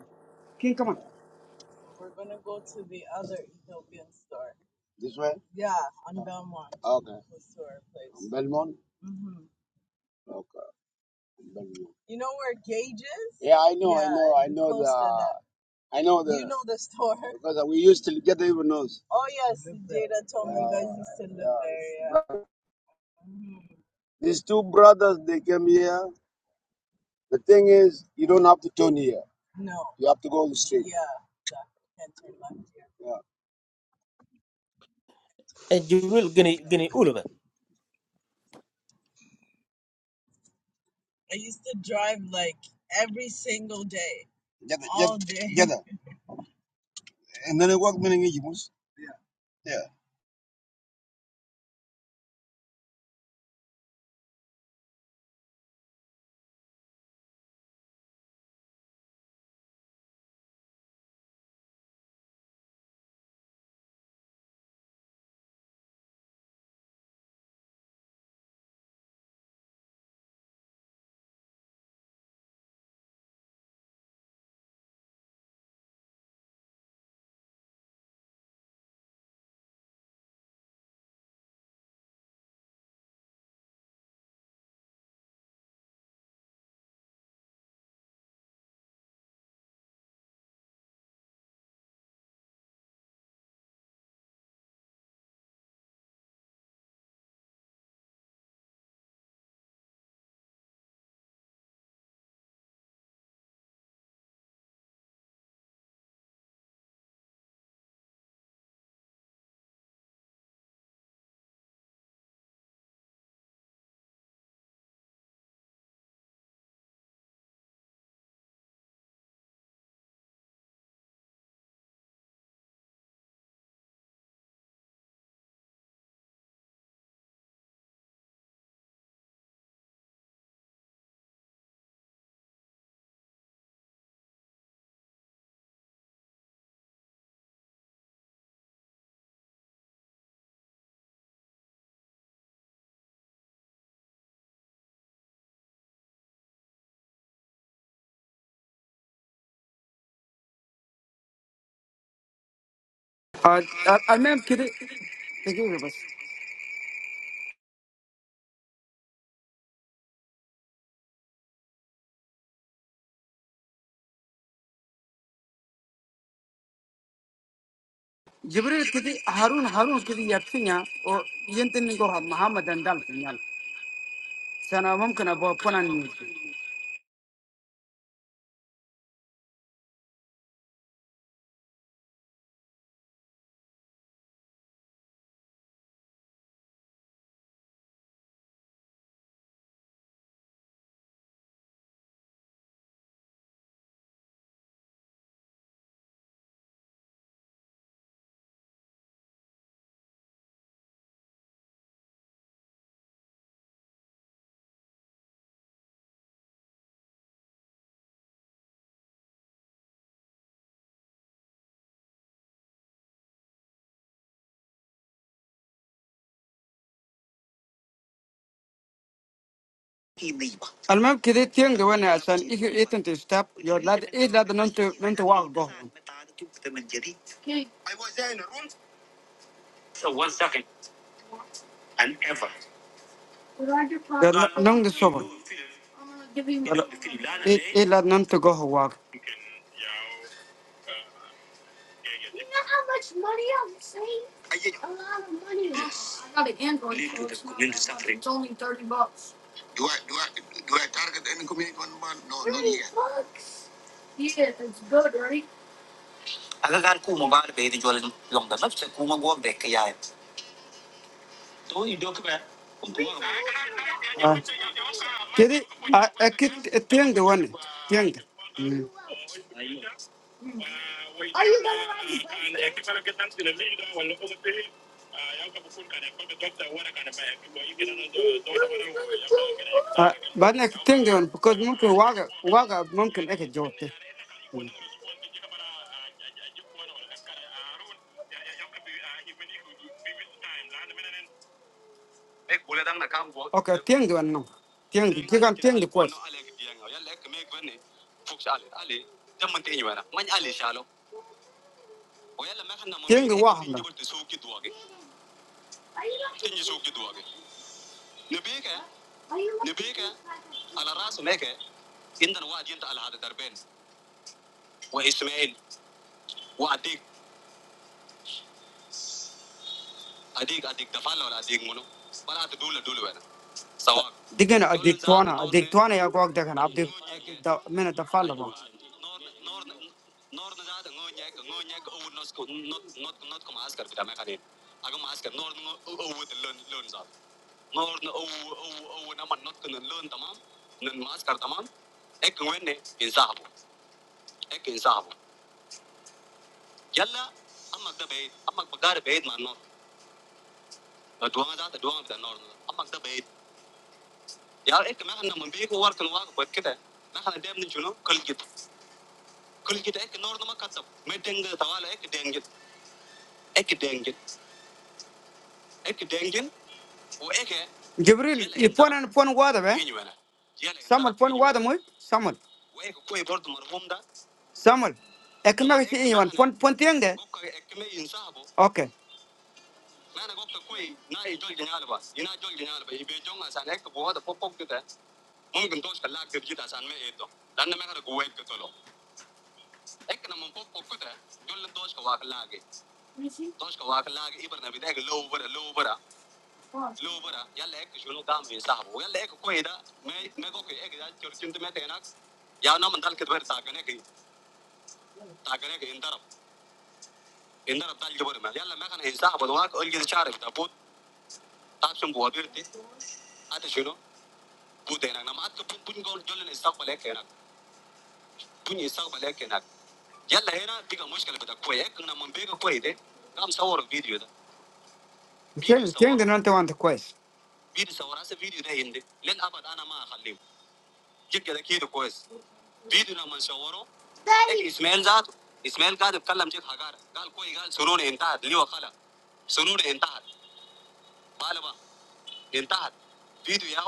[SPEAKER 2] king kama
[SPEAKER 1] This way. Okay. Belmont? Okay. Belmont. Yeah, I, know, I know because we used to get even knows. These two brothers, they came here. The thing is, you don't have to turn here. You have to go straight. Yeah.
[SPEAKER 5] الجميل قني قني أولبا
[SPEAKER 1] Jaga and then it work meaning Egypt. Yeah.
[SPEAKER 6] Alma, kiti, kiti, bas. Jibril kiti, Harun, Harun kiti, Yafinya, or Yenteniko, Muhammadan Dal, Daniel. Sana mung kana po pona ni. Alma, kiti, tiyong wanaasan. If you eaten this step, your lad, each lad nung to nung to walk go. So one second, and ever. Long the sobon. E lad nung to go walk. You know how much money I'm saving? A lot of money. Yes. I got an Android phone. It's It's only 30 bucks. Do I do I do I target any community one month? No, not 30 bucks? Yeah, it's good, right? Agagar kuma ba da bai dijual long da nafsa kuma gwab da kaya. To i dok ba. Really? Ah, kedi Ah, a kit tiang de wan tiang. But next thing one, because monkey waga waga monkey eke jote. Okay, thing one no. Thing one, you can thing one. Thing one waha no. نبيك نبيك إيه؟ على راسه ميك عندنا واحد ينتقل هذا دربين واسماعيل واديك اديك اديك دفعنا ولا اديك منو ولا تدول دول وين سواء دقنا أديك توانا أديك توانا يا قوك دقنا أبدي من الدفالة ما نور نور نزاد نونيك نونيك او نوت نوت نوت كم عسكر في دمك عليه اقوم عسكر نور او لون لون زاد ngor na o o o na man not kana learn tamam nan maskar tamam ek wenne insabu ek insabu yalla amak da bayt amak bagar bayt man not دوام ذات دوام بتاع النور اما كده بعيد يا ايه كمان احنا من بيكو ورك نواقف بس كده احنا دايما شنو كل جد كل جد ايه النور ما كتب ما دنج طوال ايه دنج ايه دنج ايه دنج وإيكه جبريل يبون أنا بون واضح به إني وانا يلا سامل بون واضح مو سامل وإيكه كوي برضو مرهوم ده سامل أكمل يلا في إيه وان بون إنسابو بون تيان ده قوكا إكمل إنسابو أوكي ما أنا قوكا كوي ناي جول جنال بس ينا جول جنال بس يبي جون عشان هيك بوادا بوب بوب كده ممكن توش كلاك ترجع عشان ما إيده لأن ما كده قوي كتلو إيك نمن بوب بوب كده جول توش كواك لاجي توش كواك لاجي إبرنا بدأك لو برا لو برا Look, brother. Ya like to show no damn visa. Ya like who? Ida. Me, me goke. Ida. Yesterday, I'm tenax. Ya no Mandal kidwer tagane ki. Tagane ki indarab. Indarab tagi jober ma. Ya la. Ma ka na visa. But do maak all these chars. Ta po. Ta apsum buhavir thi. Ate show no. Bu tenax. Na maat po puny gaun jo len visa ba lek enak. Puny visa ba lek enak. Ya la ena diga mushkil po da. Koi ek na mandi ga koi ide. Kamsa or video da. Kya? Kya ende na tevante koi? Video sa orasa video da ende. Len abad ana ma khaliy. Jikka da kiyo koi. Biden sama orang itu, Ismail Zat, Ismail kau itu kalau mencegah kau, kau ini kan suruh nentah, Delhi wakala, suruh nentah, bawa bawa nentah, Bido ya,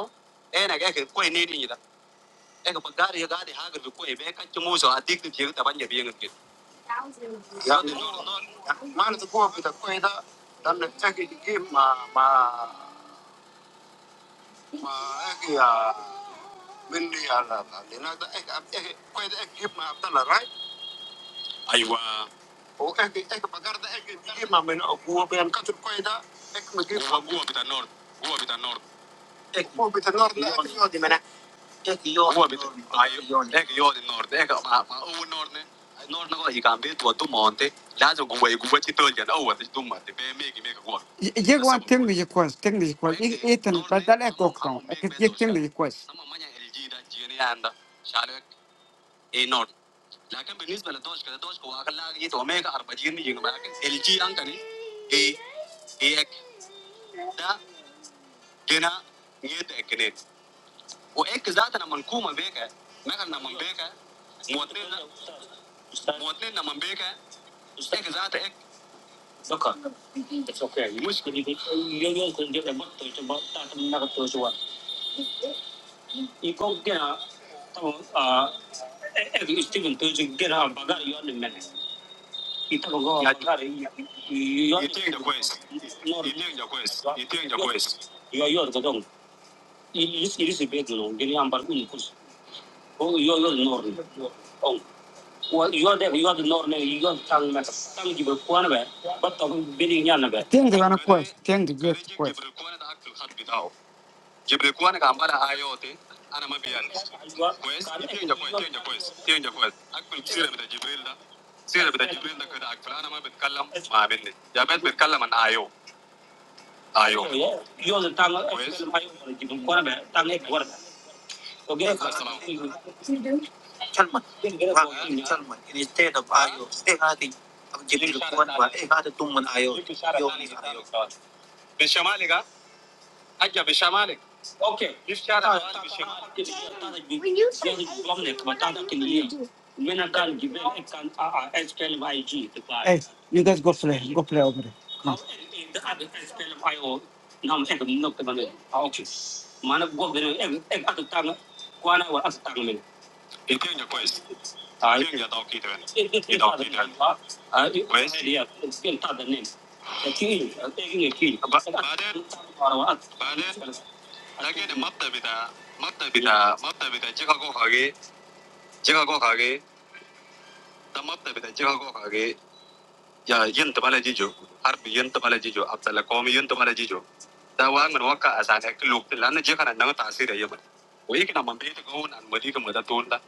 [SPEAKER 6] eh naga kek kau ini ini gitu, eh kebakar ya gada dihagar, bukau ini mereka cemojso, adik itu dia itu tambah nyebiengan gitu. Yang di luar tuh, media lah, lina tuh, eh kau itu, eh kau itu, gimana kau lari? Ayo bang, oh eh kek, eh kebakar tuh, eh gimana menak buat yang katur kau itu, eh kau itu, eh kau itu, tenar nih. ايوه لكن يقعد النهارده لكن مع مع اول نهارده النهارده قاعد يكامبي تو تو مونتي لازم جوا جوا تشي تولجن اول تشي دوما تبي ميجي ميجا جوا Jeg بس var ابو جوا tænkt i kurs, tænkt i kurs. Ikke وينتي eten, for نهارده der er اما godt اما dog. Jeg ميج kan Okay. Teng di mana quest? Teng di quest. Gibber Quanaka, Iote, Anamabian. Quest, change the quest, change the quest, change the quest. I could see the Gibrilla, see the Gibrilla could act Planama with Kalam, my bin, Jabet with Kalam and Io. Io, you're the Tang Quanabe, Tang Equanabe. เอ้ก็ชั้นมาความที่ชั้นมาคือสเตทับอายุสเตท้าที่ทำจิตหรือคนว่าเอ้ก็จะตุ้งมันอายุโยมเป็นชาวอะไรกัน Aja bisa malik. Okay. Bicara awal bisa malik. Kita tanda gini. Jadi problem ni kebetulan tak kini. Mana kan given kan ah SPLM IG the guy. Hey, you guys go play. Go play over there. Come How in the other SPLM IO nam ek nok teman ni. Okay. Mana gua gini ek ek atut tang. Kuana wa atut tang 一遍じゃこいし、一遍じゃ倒けて、一度だけ、あ、あ、もう一回や、スケートでね、えっちん、えっちんえき、ば、ばで、ばるわ、ばで、だけでマットビタ、マットビタ、マットビタ、じゃがごかけ、じゃがごかけ、じゃマットビタ、じゃがごかけ。Ya, Yun tinggal aja juga. Harus Yun tinggal aja juga. Apalagi kami Yun tinggal aja juga. Tahu aja menurut kak asalnya. Kalo lu bilangnya jika ada nggak tafsir aja, bukan? Kalo kita mau di tempat kita mau di tempat tuh, nggak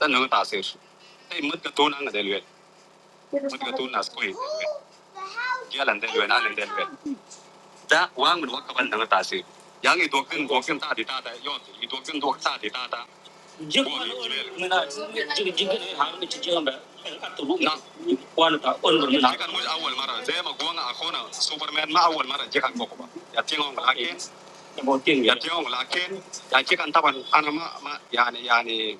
[SPEAKER 6] ada nggak tafsir. Tapi mudik tuh nggak ada lu, mudik tuh nggak ada sekali. Dia ada lu, dia ada lu. 在万物多可完成的大事，养一朵更多更大的大单，要是一朵更多大的大单。jikwaɗo mina jiga jiggaɗo ha woni jijigamɓe atto ɗum wano ta on ɗo mina 这个我是阿文嘛的，这么光啊可能 Superman 嘛阿文嘛的，这个我不吧，也听我拉 Ken，ebo 也 tengi 听我拉 Ken，也这个他们看嘛嘛，yani yani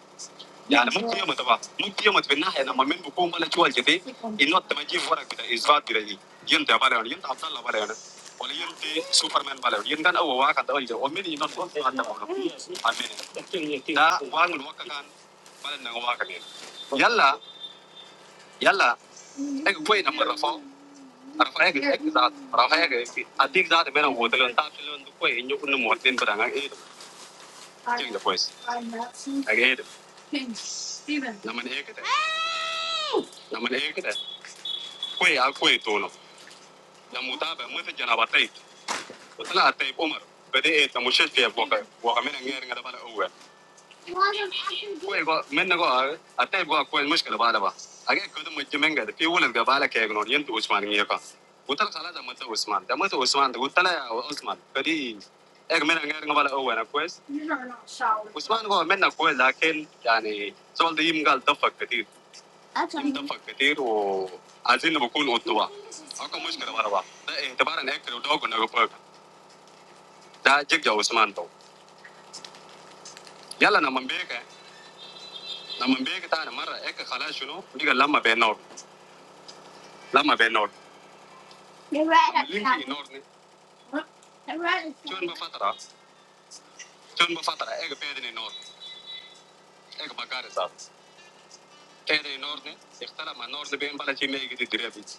[SPEAKER 6] يعني ممكن يوم تبع ممكن يوم في الناحيه لما من بكون انا شوال كده انه تمجي ورق بتاع اثبات بتاع دي ينت بالا ولا ينت عبد الله بالا ولا ولا ينت سوبرمان بالا ولا ينت او واقع ده ولا ومن ينت فوق حتى امين لا وان الواقع كان بالا انه واقع يلا يلا اك كوي نمبر رفع رفع اك اك ذات رفع اك اديك ذات بينا وتلون تاب تلون كوي انه كنا موتين بدنا ايه جيل ده كويس اجيد لما ايه كده We are going to go to the mosque. اتفق كثير وعايزين بكون قدوة. اكو مشكلة مرة ده اعتبارا هيك ودوق نغفك ده جيجا وعثمان تو يلا انا من بيك انا من بيك ثاني مرة هيك خلاص شنو ديك لما بينور لما بينور لينكي نورني شلون بفترة شلون بفترة هيك بيدني نور هيك بقاري صار تاني نورني اختلى مع نورني بين بلا شيء ما يجي تدريبيت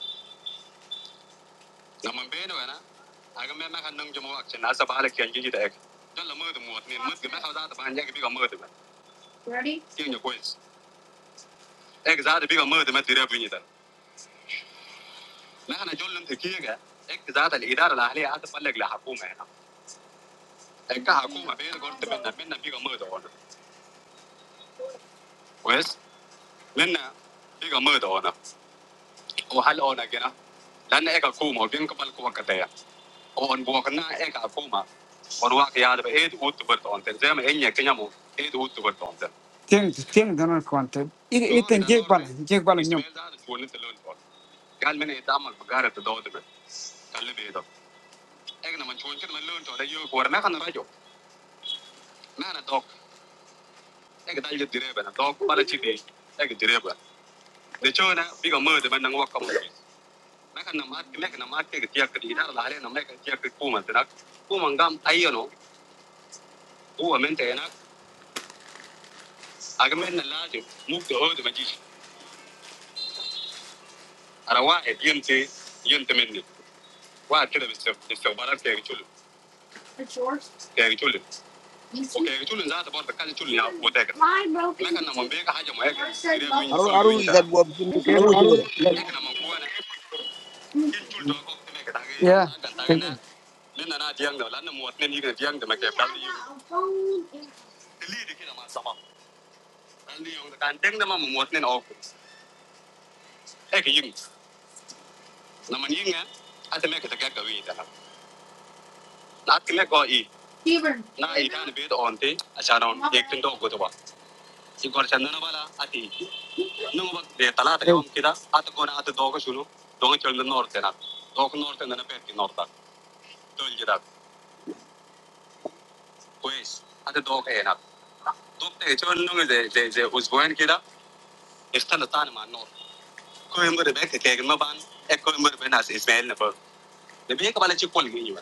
[SPEAKER 6] نعم بنو هنا، هذا ماء ماء كان نعم جمالك شناس سبا لكين جي جي تأك، جت لميته موت مي موت ماء خزان سبا يجي بيكام موت، تأك، تيغ يا كويس، تأك زاد بيكام موت ماتيرة بيجي تأك، لا أنا جلنت كيعك، تأك زاد الإدار لاهلي أتبلغ له حكومة هنا، تأك حكومة بنو قرط بننا بننا بيكام موت أوه نا، بننا بيكام موت أوه نا، أو حال أوه نا كنا، لأن تأك الحكومة بين كبلكومة كتيا. on bookna ek akuma on wak yaad ba eed ut bertonten zem enya kenyamo eed ut bertonten Tiene, tiene tener cuenta. Y, y ten llega para, llega para el ñom. ismail da ko ne telon ko gal mena idamal bagara to dod be kalle be do ek na man chon ken man lon to da yo ko na kan rajo na na dok ek dal je direba na dok bala chi de ek direba de chona biga mo de man ngwa kam na kan na mat mek na mat ke ga tiak di na la le na mek tiak ku man te na ku man gam ayono ku men te na أجمعنا لازم مو كهود مجيء أنا واحد ينتي ينتمني واحد كده بس استقبالات كده يقولون كده يقولون وكده يقولون زاد برضه كده يقولون يا متاجر لكن أنا من بيجا حاجة ما يجي كده وين
[SPEAKER 1] Arun
[SPEAKER 6] يقول كده
[SPEAKER 1] Arun
[SPEAKER 6] وين
[SPEAKER 1] you got
[SPEAKER 6] تنا
[SPEAKER 1] what you the can which over.
[SPEAKER 6] لكن أنا من قوة أنا يقول ده كده ما كده يا كده لأن أنا ديانج ده لأن مواطنين يجي ديانج ده ما كده بتاعي اللي كده ما سمع اللي يوم كان ديانج ده ما مواطنين أوكس هيك يمس na maninga ate me kete gaga wi dana na ate me go i even na i dan be on te achara on ek tin do go to ba i gor chandana wala ati no ba de tala te om kida at go na at do go shunu do go chalna nor te na do go nor te na pe ki nor ta to il jira pues ate do go na do te chon no de de de us boen kida ikhtala tan ma nor ko em go de be ke ke ma ban ek ko em go be na ismail na ba de be ka bala chi kol gi ni ba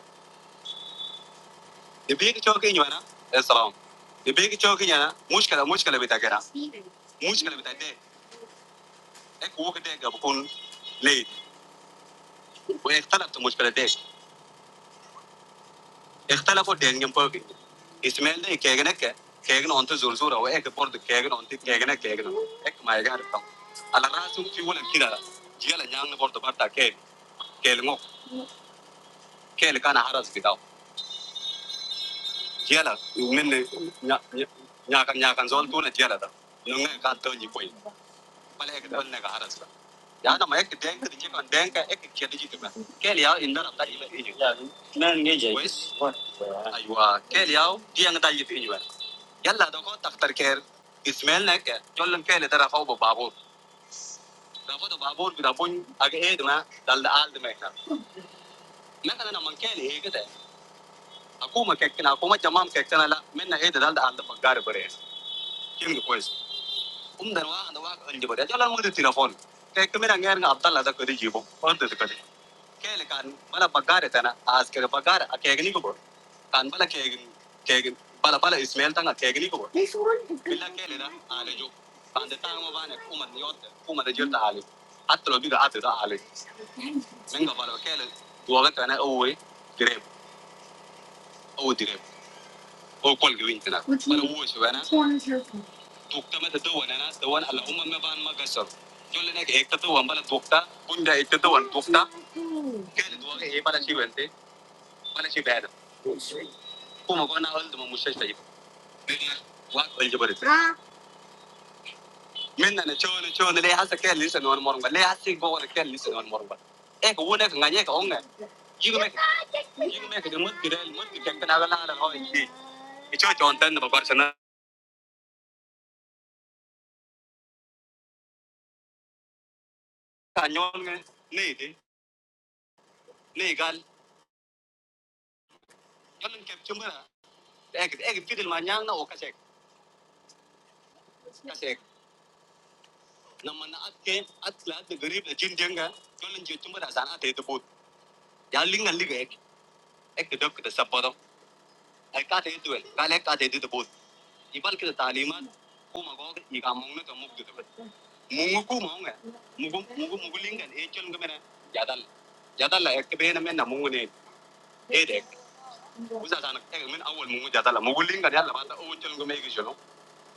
[SPEAKER 6] دبيك تشوكي نوانا السلام دبيك تشوكي نوانا مشكلة مشكلة بتاعنا مشكلة بتاعنا إك وقت ده بكون ليت وإختلفت مشكلة ده اختلفوا ده نجم بوكي اسمه ده كأجنة ك كأجنة أنت زور زورا وإك برضه كأجنة أنت كأجنة كأجنة إك ما يجي عارفهم على رأسهم في ولا كده جيلا نجم برضه برتا كيل كيل مو كيل كان حرس بتاعه جيلا من نيا نيا كان نيا كان زول تونا جيلا ده نعم كان توني بوي بالك ده نعم حرس 然后那么一个点去的个点个一个去的几个嘛，改了引导了大一个一句，为是哎呦啊，改了第二个大一个一句，原来都讲 doctor care Ismail nak jalan ke leda rafau babur, rafau tu babur bila pun agak eh tu mana dal dal tu mereka. Mereka kan nama ke leh ke tu, aku mak kek aku mak jamam kek tu nala, mana eh dal dal tu bagar Kim tu kuis, um darwa anda wa anjir beri, jalan muda telefon. Kek tu mereka ngerang abdal ada kiri jibo, orang tu tu kiri. Kele kan bala bagare tana as kere bagare Akegni ko bor. Kan bala kegni kegni bala bala Ismail tanga kegni ko bor. Billa kele na ale jo. Kan de tanga bane kuma ni yotte kuma de jirta ale. Atlo biga ate da ale. Menga bala kele duwa tana owe direb owe direb o kol gwin tana. Bala wo shi bana. Tukta mata dawan ana dawan ala umma me ban magasar. Jolle nek ekta dawan bala tukta kunda ekta dawan tukta. Kele duwa ke e bala shi Walaupun beda, kok mau gak naik dul, mau muncul lagi. Minta, waqil juga beri. Minta ngechor, ngechor, leh asik ya, listen on morungga, leh asik bawa deh, listen on morungga. Eh, kau udah nggak nyengir, kau enggak. Ibu me, ibu me, sejumur tidur, tidur jengkel, nggak ada kau lagi. Icha content, mau baca nana. Anjol nggak? Nih deh, nih gal. Kalau nggak capture, eh, eh, gitu dimanja, nggak oke sek. Oke sek. Namun saat ke, saat saat tergerib, jinjengga. Kalau nggak capture, dasarnya itu but. Jalir nggak lih, eh, eh, ke dok, ke dapur. हर कार्य तो है, काले कार्य तो तो बोलते हैं। इबाल के तालीमन को मगोग इकामोंगन का मुक्त होता है। मुगु को मांगे, मुगु मुगु मुगुलिंग का एच चलने में नहीं जाता। जाता ला एक बेहन में ना मुगु ने ए एक। उस आसान के लिए में अवॉल मुगु जाता ला मुगुलिंग का नहीं ला बात ओ चलने में एक चलो,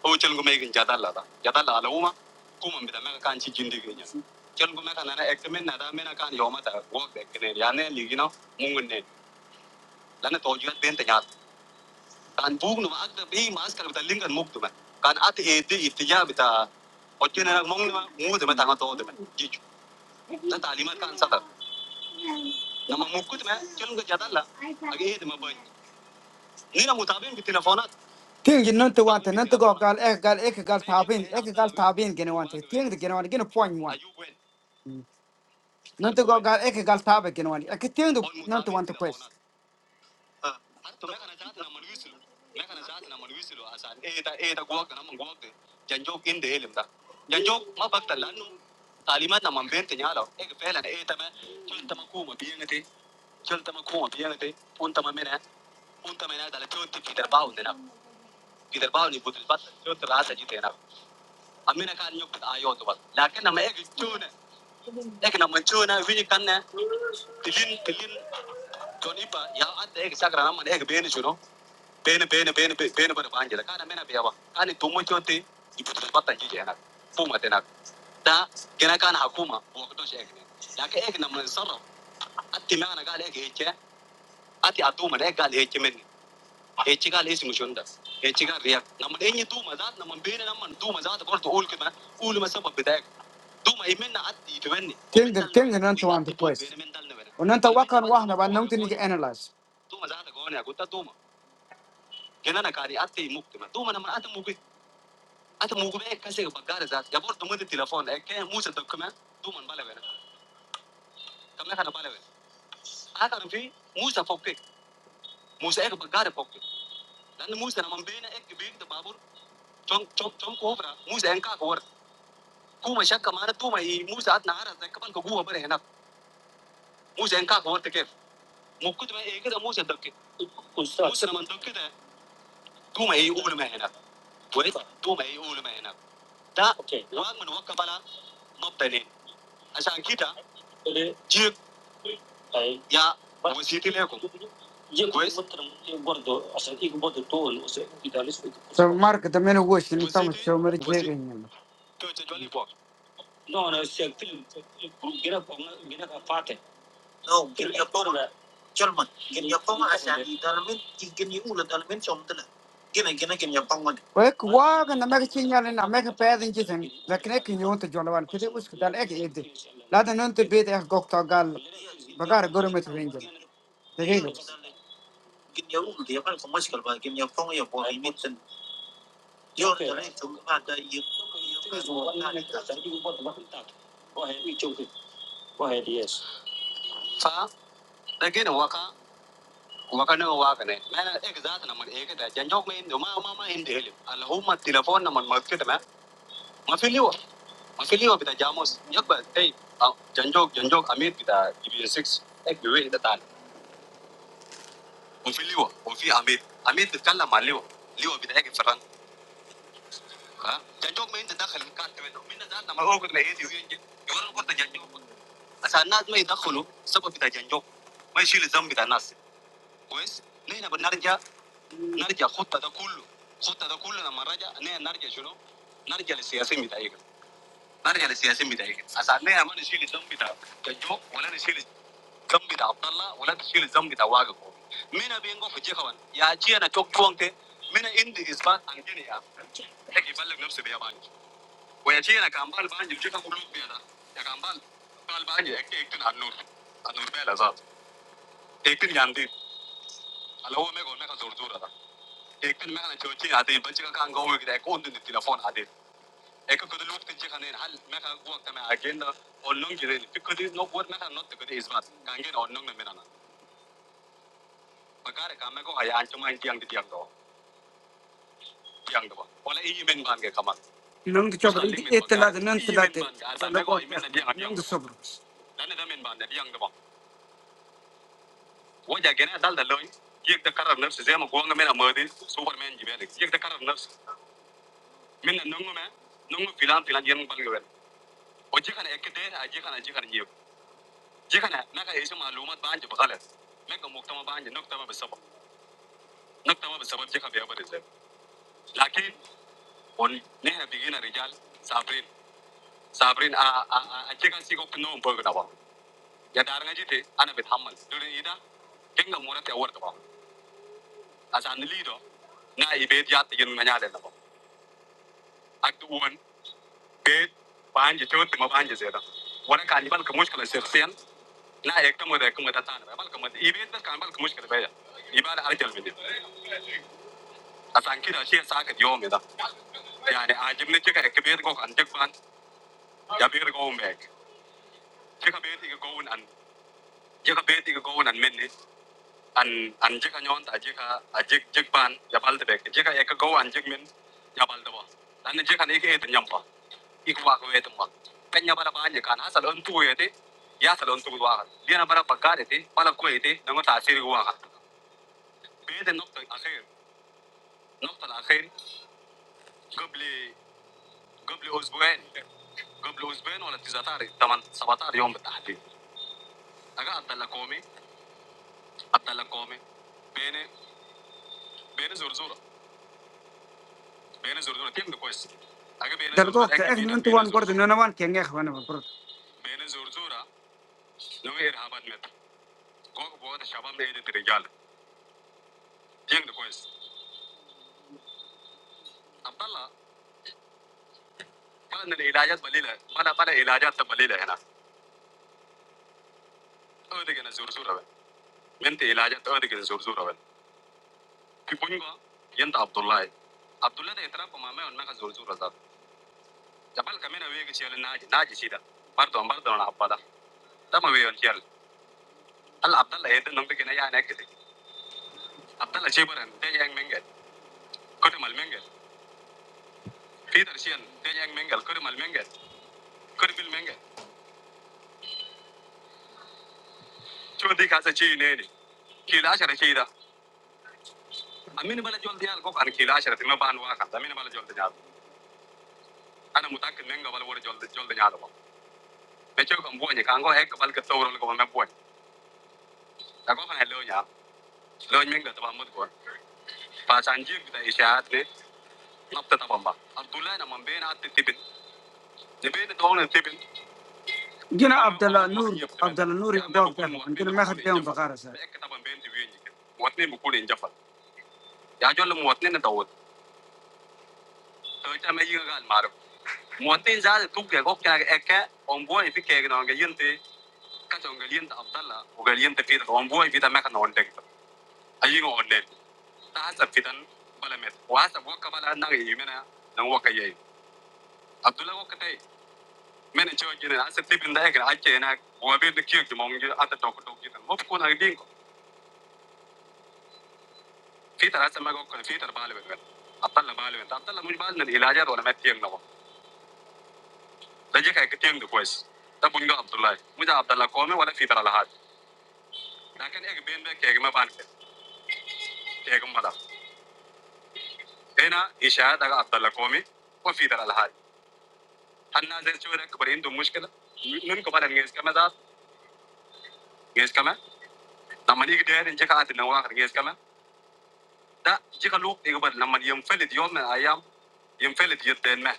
[SPEAKER 6] ओ चलने में kan bukan mau agak tapi masker kita lingkaran muk itu kan ati itu istiyah betul, ojeknya orang mau nih mau itu memang mau itu, jadi itu, nanti lima kan satu, nama muk itu kan, jangan kita lal, lagi ati mau boy, ni yang mutabim itu nafona, tiang jinno tuh wante, nanti kau gal ekgal ekgal tabin, ekgal tabin kita wante, tiang itu kita wanti, kita poinnya, nanti kau gal ekgal tabi kita wanti, ektiang itu nanti wantu quest. Hari tuh mereka nazarin aman Luisilo, mereka nazarin aman Luisilo, asal eh ta eh ta gua kan aman gua deh, janjok ini hilim ta, janjok mau bagter lalu, kalimat nama membentengi alam, eh kepelan eh temen, jual temaku mau biang nanti, jual temaku mau biang nanti, untama mana, untama mana, dalam jodipi terpaut deh nak, terpaut nih butuh bat, jodipasaji deh nak, amira karyawan itu bat, laki namanya jual, laki namanya jualnya, wujudnya, kirim kirim, joni pak, ya ada eh sakral nama eh bentengi പേന് പേന് പേന് പേ- പേന് പേര് വാങ്ങിയത് കാനമേന പേവാ കാലി തുമ്മച്ചോത്തി ഇപ്പത്തഞ്ച് ചെയ്യണം പൂമത്തിനാ da gina kana hakuma wakto shekne da ek na mun sarra na gale ke ke atuma da gale ke men e gale isi mushunda e gale riya na mun tuma za na mun na mun tuma korto ul kuma ul ma bidak tuma imenna atti to tenga tenga nan to antu pues wakan wahna ba nan tini analyze tuma za ta gutta tuma gina na kari atti muktima tuma na mun atti mubi أنت موجبه كذا شيء بقعد هذا يا بور دمجه تلفون، هكين موسى تركمه دومان باله غيره، كمله كان باله غيره. أنا كان في موسى فوقي، موسى إيه بقعد هذا فوقي. لأن موسى أنا مبينه إيه كبير ده يا بور. جم جم جم كهوفنا، موسى إنك هوفر. قوم يا شكل كمان، توما إي موسى أتنهار هذا كمان كقوه بره هنا. موسى إنك هوفر تكيف. موكوت معي إيه كده موسى تركيه. موسى أنا من تركيه دوما إي أول ما هنا. بيت دوما إي أول ما هنا. تا. أوكي. واق من واق كمالا. مبتدئين. I said, "Kita, today, yeah, we see that we go, we go." So Mark, the men who go, see me, some of them are very clever. No, no, see, I'm going to get up, I'm going to get up. No, gini ya pom la. Chol man, gini ya pom asa di dalamin, i gini ula dalamin chom tala. Gini gini gini ya pom man. Wek wag na meg chinyal na meg pedin jiten lakne ki yonta jolawan kete us dal ek ede la da non te bede ek gokta gal bagar gormet wenjel degega bas Gini ya ula dia kan kemas kalau bah, gini ya pom ya the ini ten. Jor dari chom ada ya. Fa, lagi ni waka. Wakannya nggak wa kane? Mena eksotik namun ekstra. Janjok main, mau mau mau main deh. Alhamdulillah telepon namun market mana? Mau filiwo? Mau filiwo? Pintar jamu. Janjok, hey, Janjok, Janjok Amir pintar. Ibnu Six, Ibnu itu tahan. Mau filiwo? Mau fili Amir. Amir di kandang malu. Liu pintar. Janjok main itu tak hilang. Minta tahan namun. Oh, kau main Ibnu yang jualan kau tak Janjok. Asal niat main tak kulu. Semua pintar Janjok. Main cilik zaman pintar nas. Guys, nih nabrnardin ya. نرجع خطة ده كله خطة ده كله لما رجع نحن نرجع شنو؟ نرجع للسياسيين بتاعيك نرجع للسياسيين بتاعيك عشان نحن ما نشيل الذنب بتاع كجو ولا نشيل الذنب بتاع عبد الله ولا نشيل الذنب بتاع واقف مين بينقو في جيكوان يا جي انا توك توانتي مين عندي اثبات عن جيني يا هيك يبلغ نفسه بيا بانج ويا جي انا كان بال بانج جيكا قلوب بيا ده يا كان بال بال بانج اكتن اكتن على النور على النور بيا لازات اكتن ياندين على هو ميغو ميغا زور زور ده I don't know. I don't know. I don't know. I don't know. وجيكنا اكدير اجيكنا اجيكنا نيو جيكنا نكا ايش معلومات بانج بغلط نكا مكتما بانج نكتما بالسبب نكتما بالسبب جيكا بيابر ازاي لكن ون نحن بيجينا رجال صابرين صابرين ا ا ا جيكا سيكو كنوم بغنا با يا دارنا جيتي انا بتحمل دون ايدا كينغا مورتي اورد با عشان ليدو نا يبيت يات ين منيا لنا با اكدو ون بيت بانج شوت ما بانج زيدا وانا كان يبان كمشكله شخصيا nah ektemu, ektemu, datang. Bapak kemudian ibu itu kan bapak khusus kerja ya. Ibaral hari jumat a. Sakingnya sih sakit jauh muda. Jadi, aja pun juga ekibet kok anjek pan. Jambet kok mau baik. Jika bethi kekawan anjek bethi kekawan anjek anjek anjant aja ka aja jek pan. Jbal tuh baik. Jika ekakawan anjek min jbal tuh. Dan jekan ini itu nyambo ikhwa ku itu mak. Penyabar apa aja kan? Hasal untuk ku itu ya salur untuk ku ikhwa. Dia nampar apa kagak itu? Malah ku itu dengan sahiri ku ikhwa. بعيد النفط الاخير النفط الاخير قبل قبل اسبوعين قبل اسبوعين ولا 19 8 17 يوم بالتحديد اجا عبد الله كومي عبد الله كومي بين بين زرزوره بين زرزوره تم كويس اجا بين زرزوره درجات اكيد احنا بين انت بين وان برضه زرزوره انا وان كان يا اخوان برضه بين زرزوره لو ارهابات مت كوك بوغ الشباب ده ايدي رجال تم كويس عبد الله بلد العلاجات بليله بلا بلا علاجات بليله هنا اودي كنا زرزوره بنت علاجات اودي كنا زرزوره Kipungo, Yenta Abdullah. Abdullah de Trap Mama and Maka Zurzu Raza. Jabal Kamina Vigil Naji Naji Sida. Barton Barton Abada. Tamawi on Hill. Al Abdullah Eden Numbigana Naked. Abdullah Cheber and Tejang Minget. Kotimal Minget. Peter Shian, Tejang Mingle, Kotimal Minget. Kotimal Minget. Chudi Kasachi Nedi. Kilasha Shida. A minimal Jol the Alcock and Kilasha at the Maban Waka, the minimal Jol the Yard. And a Mutakan Minga Valor Jol the Jol the Yard. Mecho Kambuan, you can go heck about the Toro Government Point. Tago and Loya. loh juga temanmu itu, pas anjir kita istirahat deh, abdullah abdullah namanya naat tipen, tipen itu orangnya tipen, jadi naabdullah nur, abdullah nur itu abdullah, mungkin nama kita yang fakir saja. ketemu abdullah di bumi ini, muatnya buku diinjafar, ya jual muatnya ntau muat, terus yang lagi nggak marah, muatnya jadi tuh kayak kok kayak omboh ini kayak orang kayak ini, kaca orang kayak ini abdullah, bukan ini tapi itu, omboh ini kita maca non tek, aja yang nggak ada, tahan sepi tan, balameh, wah sebuk kabala nang ini gimana, nang buka yai, abdullah kok ketai من أجل جنراعة ستي بنداءك، أكيناك، وما بيدك يجيك، ممكن جي أتدوك توك جي، ممكن هادي فيتراس ماكو فيتر باله بعدين، أبدل باله بعدين، أبدل موج بازن إيلاجه دولا متيانناه، لجيك هيكتيان دو كويس، تبون جوا أبدل لا، مجا أبدل كومي ولا فيترالهارج، لكن إيه بيمبي كيما بانك، كيما لابد، هنا إيش آه ده أبدل كومي ولا فيترالهارج، هن نازل جويرك برين دموجكلا، من كمال عن جيسمه داس، جيسمه، نماني كديار نجيك أدنواعك الجيسمه. दा जिसका लूप एक बार नमन यम्फे लियो में आया, यम्फे लियो तेन में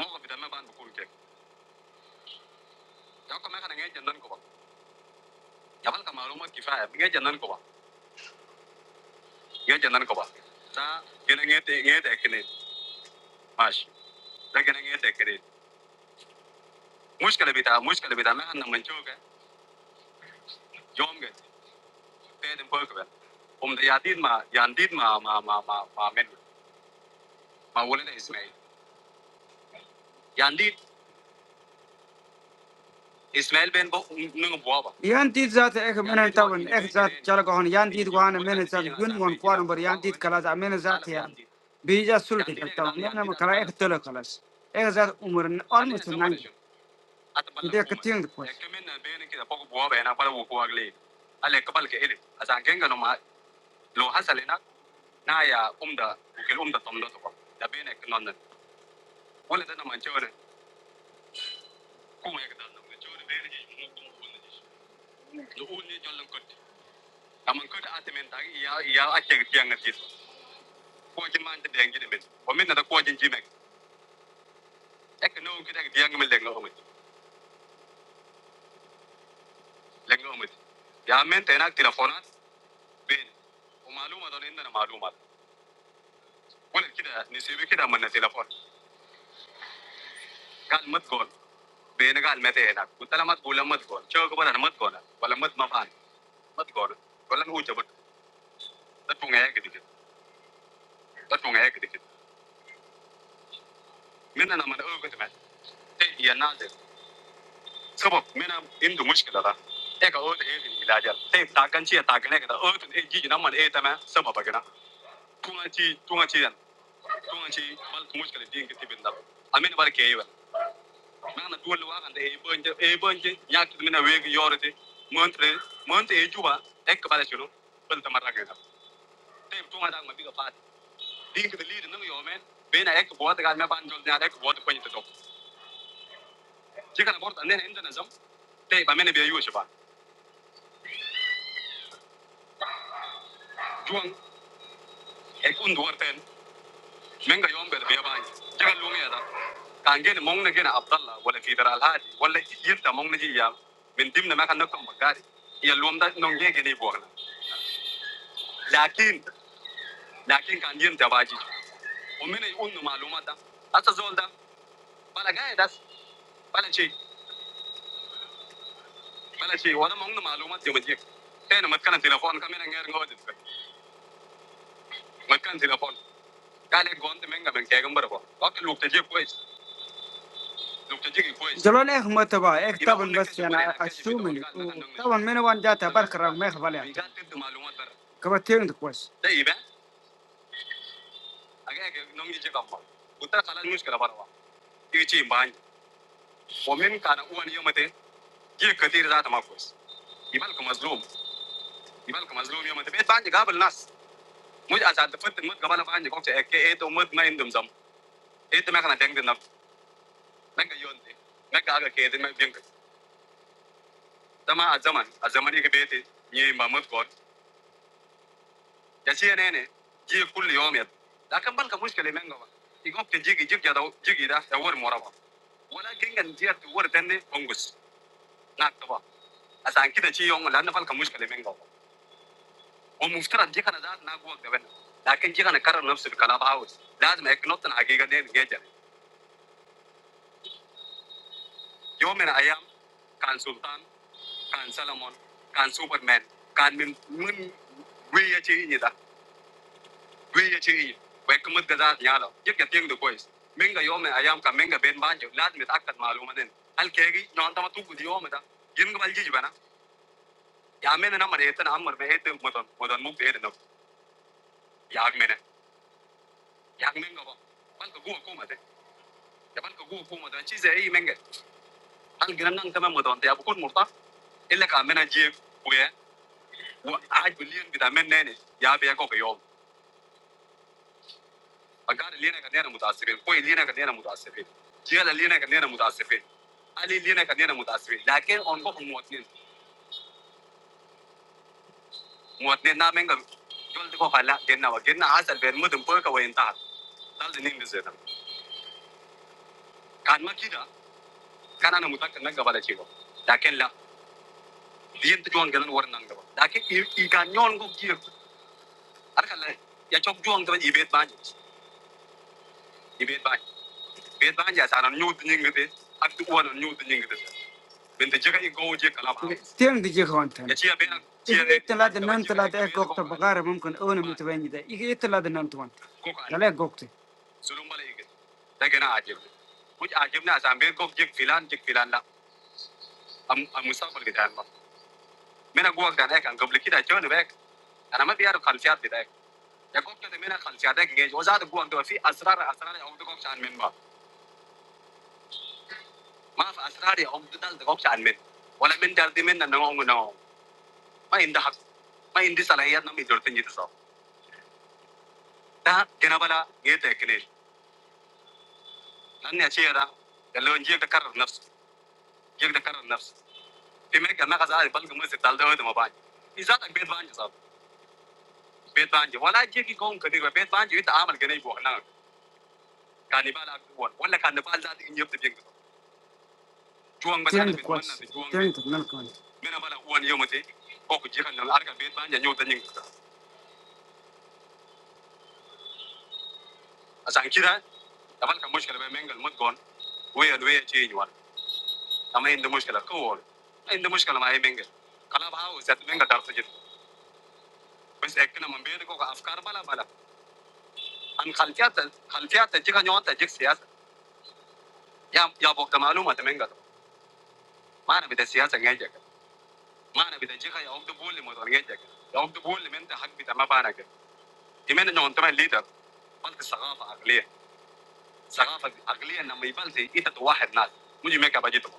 [SPEAKER 6] मौका विधम्म बांध बकुल के, जबकि मैं खाने गया जन्नत को बांध, जबकि मैं मारुमो किफायत गया जन्नत को बांध, गया जन्नत को बांध, ता गया गया ते गया ते करे, माश, ता गया गया ते करे, मूस का लेबिता, मूस का लेबिता में हम न يسمعي من بوابه.يان تيد ذات إخمينة تابن، إخزات جالقهني. يان تيد غوانة مينزات جون وان فوارن بري. يان تيد كلازه مينزات يا بيجا سلطه كتام. نحن ما كلام إخ تلا كلاز. إخزات عمرن أرمس نانجي. يديك تيغد كويس. إخمين بيئة كذا بكوابه هنا برضو كوابلة. أليك قبل كهري. أزان كينكنا ما لو هسالنا نايا أمد بقول أمد تمنو تبع. دبئي نك نانن. ولا تنا ما نجورن. كومي كدا نجورن. بئي نجيم. لو نجي جالم كت. amma ko da atamen ta ya ya ake tiyan na tis ko jin man da yangi da min o min na ko jin jimek ek no ko da tiyan min lenga o min lenga o min ya men ta na telefonat bin o maluma don inda na maluma wala kida ni sai kida man na telefon gal mat gol bin gal mate na ko tala mat gol mat gol cho ko bana mat gol wala mat mafan mat gol wala hu jabat da tunga ya gidi da tunga ya gidi min na man o ko ta te ya na سبب منها عنده مشكله ده هيك اوت ايه في العلاج تي تاكن شي تاكن هيك اوت ايه جي نما ايه تمام سبب كده تون شي تون شي تون شي بل مشكله دي كتي بندا امين بركه ايه نانا دول واقع عند ايه بنج ايه بنج ياك من ويك يورتي مونتري مونت ايه جوا هيك بلا شنو بل تمرة كده تي تون دا ما بيغا فات دي كده ليد نم يومين بين هيك بوات قاعد ما بانجول نار هيك بوات كوين تدوك جي كان برضه عندنا عندنا نظام تي بامين بيا يوشبا جوان هيك اندورتين Menga yombe de baba. Jega luongi ada. Kandi ne mong ne kena abdal la. Wale federal ha. Wale yinte mong ne ji ya. Mintim ne ma kanu kumukari. Ia luongda nonge ge ne boarna. Zakin, zakin kandi yinte baaji. Ominai unu malumada. Ata zolta. Palagaya das. Palanchi. Palanchi. Wada mongnu malumat yomaji. Teno matkan sila phone kamiranga enga wajiska. Matkan sila phone. Kala gonte menga meng kagamba bo. Waka luong teji bois. زلول إيه متبا إيه طبعا بس أنا أشومني طبعا من وين جات بركة رغم ما يخبل يعني كما تيرند كويس ده يبان أجا نومي جي كمبا وترى خلاص مشكلة برا يجي بان ومن كان أول يوم متى جي كتير ذات ما كويس يبالك مظلوم يبالك مظلوم يوم متى بيت بان جاب الناس مش أصلا تفت مت قبل بان جي كويس إيه إيه تومت ما يندم زم إيه تما كنا تيجي نف ما كيوندي ما كأجا كيدين ما بينك تما الزمن الزمن يكبيتي يي ما مت كور Jadi aneh nih, dia kuliah om ya. Tapi kalau kamu sekali menggawa, itu pasti jigi jigi ada jigi itu teror moraba. Walaupun kan jadi teror tende kongus, nak tua. Asa angkita jadi orang lain kalau kamu sekali menggawa, mau mufthiran jika nazar nak gua kebena. Tapi jika nakeran nafsur kalau bahaus, dasa eknotan agi gak deh gadget. Jauh men ayam, khan Sultan, Khan Salman, Khan Superman, Khan min min buaya jigi itu. Quy chứ gì? Quét cái mứt cái ra thì nhà đó. Giết cái tiếng được quấy. Mình cái yom này ayam cả mình cái bên bán nhiều. Lát mình tắc cắt mà luôn mà nên. Al kê gì? Nó tao mà tu cái yom mà ta. Yên cái bao nhiêu vậy nè? Nhà mình nó mà để tên ham mà để tên một tuần một tuần mục để được. Nhà mình nè. Nhà mình cái bao. Bạn cái gua cũng mà thế. Cái bạn cái gua cũng mà thế. Chỉ dễ ý mình cái. Ăn cái năng tâm một tuần thì à một tắc. Ile ka mena jie kuye. Wa ai billion vitamin nene. Ya be ko ke yom. và gà lấy na cần nè muỗi à sẽ về, cò lấy na cần nè muỗi à sẽ về, chim lấy na cần nè muỗi à sẽ về, anh lấy na cần nè muỗi à sẽ về, nhưng mà anh không muỗi nên muỗi nên na mèn gặp, giờ đi coi phải là cái na vặt cái na hả sẽ về mới đem pô cái vây ta, ta lên đi chơi đó, cá mà kia đó, cá này muỗi ăn cá mà bao da chết đó, nhưng mà cái này diện tích của anh cái này nó quá nặng đó, nhưng mà cái cá nhỏ anh không chịu, anh không lấy, vậy cho anh cái này, anh về ba, về ba, về ba anh nhớ là nhớ đến những cái đấy, anh cứ quên những cái đấy. بنت جيكا إيكو جيكا لابا تيم دي جيك هونتن يجي بين جيكا تلا دنان تلا ده قوقت بقارة ممكن أون متوين ده إيه تلا دنان توان تلا قوقت سلوم بالي إيجي لكن أنا عجب كوج عجبنا أسام بين كوج جيك فلان جيك فلان لا أم أم مستقبل كده أنا من أقوى كده هيك أنا قبل كده جون بيك أنا ما بيعرف خلفيات بدايك يا كوج كده من خلفيات هيك جيج وزاد قوة ده في أسرار أسرار أو ده كوج عن من ما ما في أسرار أو ده دل ده كوج عن من ولا من دل دي من أنا ما هو ma indah ma ini salahnya ya namu dijodohin jadi saud, dah kenapa lah ini teh kene, nanti aja ya ram, kalau yang jaga dkar nafsu, jaga dkar nafsu, di mana kalau mau kezalim, paling kemudian setaldo itu mau bany, di sana bed banjir saud, bed banjir, walau diaki kaum kediri bed banjir itu amal kene ibu anak, kanibala buat, walau kan depan jadi nyebut jenggut, chuang banyu, chuang banyu, chuang banyu, kenapa lah buat nyiut masih, kok diakan orang bed banjir nyiut aja, asangkiran, tapi kan musik kalau main genggam mud kon, buaya buaya aja ini warna ما عنده مشكله كول ما عنده مشكله مع اي بنجر كلام هاو زت بنجر دارت جد بس اكنا من بيرك افكار بلا بلا ان خلفيات خلفيات تجيك نيوان تجيك سياسه يا يا بوقت معلومه تمنجر ما انا بدي سياسه نجيك ما انا بدي جيك يا عبد بولي مدور نجيك يا عبد بولي من انت حق بتاع ما بانك يمين انه انت ما ليدر بلت ثقافه عقليه ثقافه عقليه لما يبلت انت واحد ناس مجي ميكا بجيتك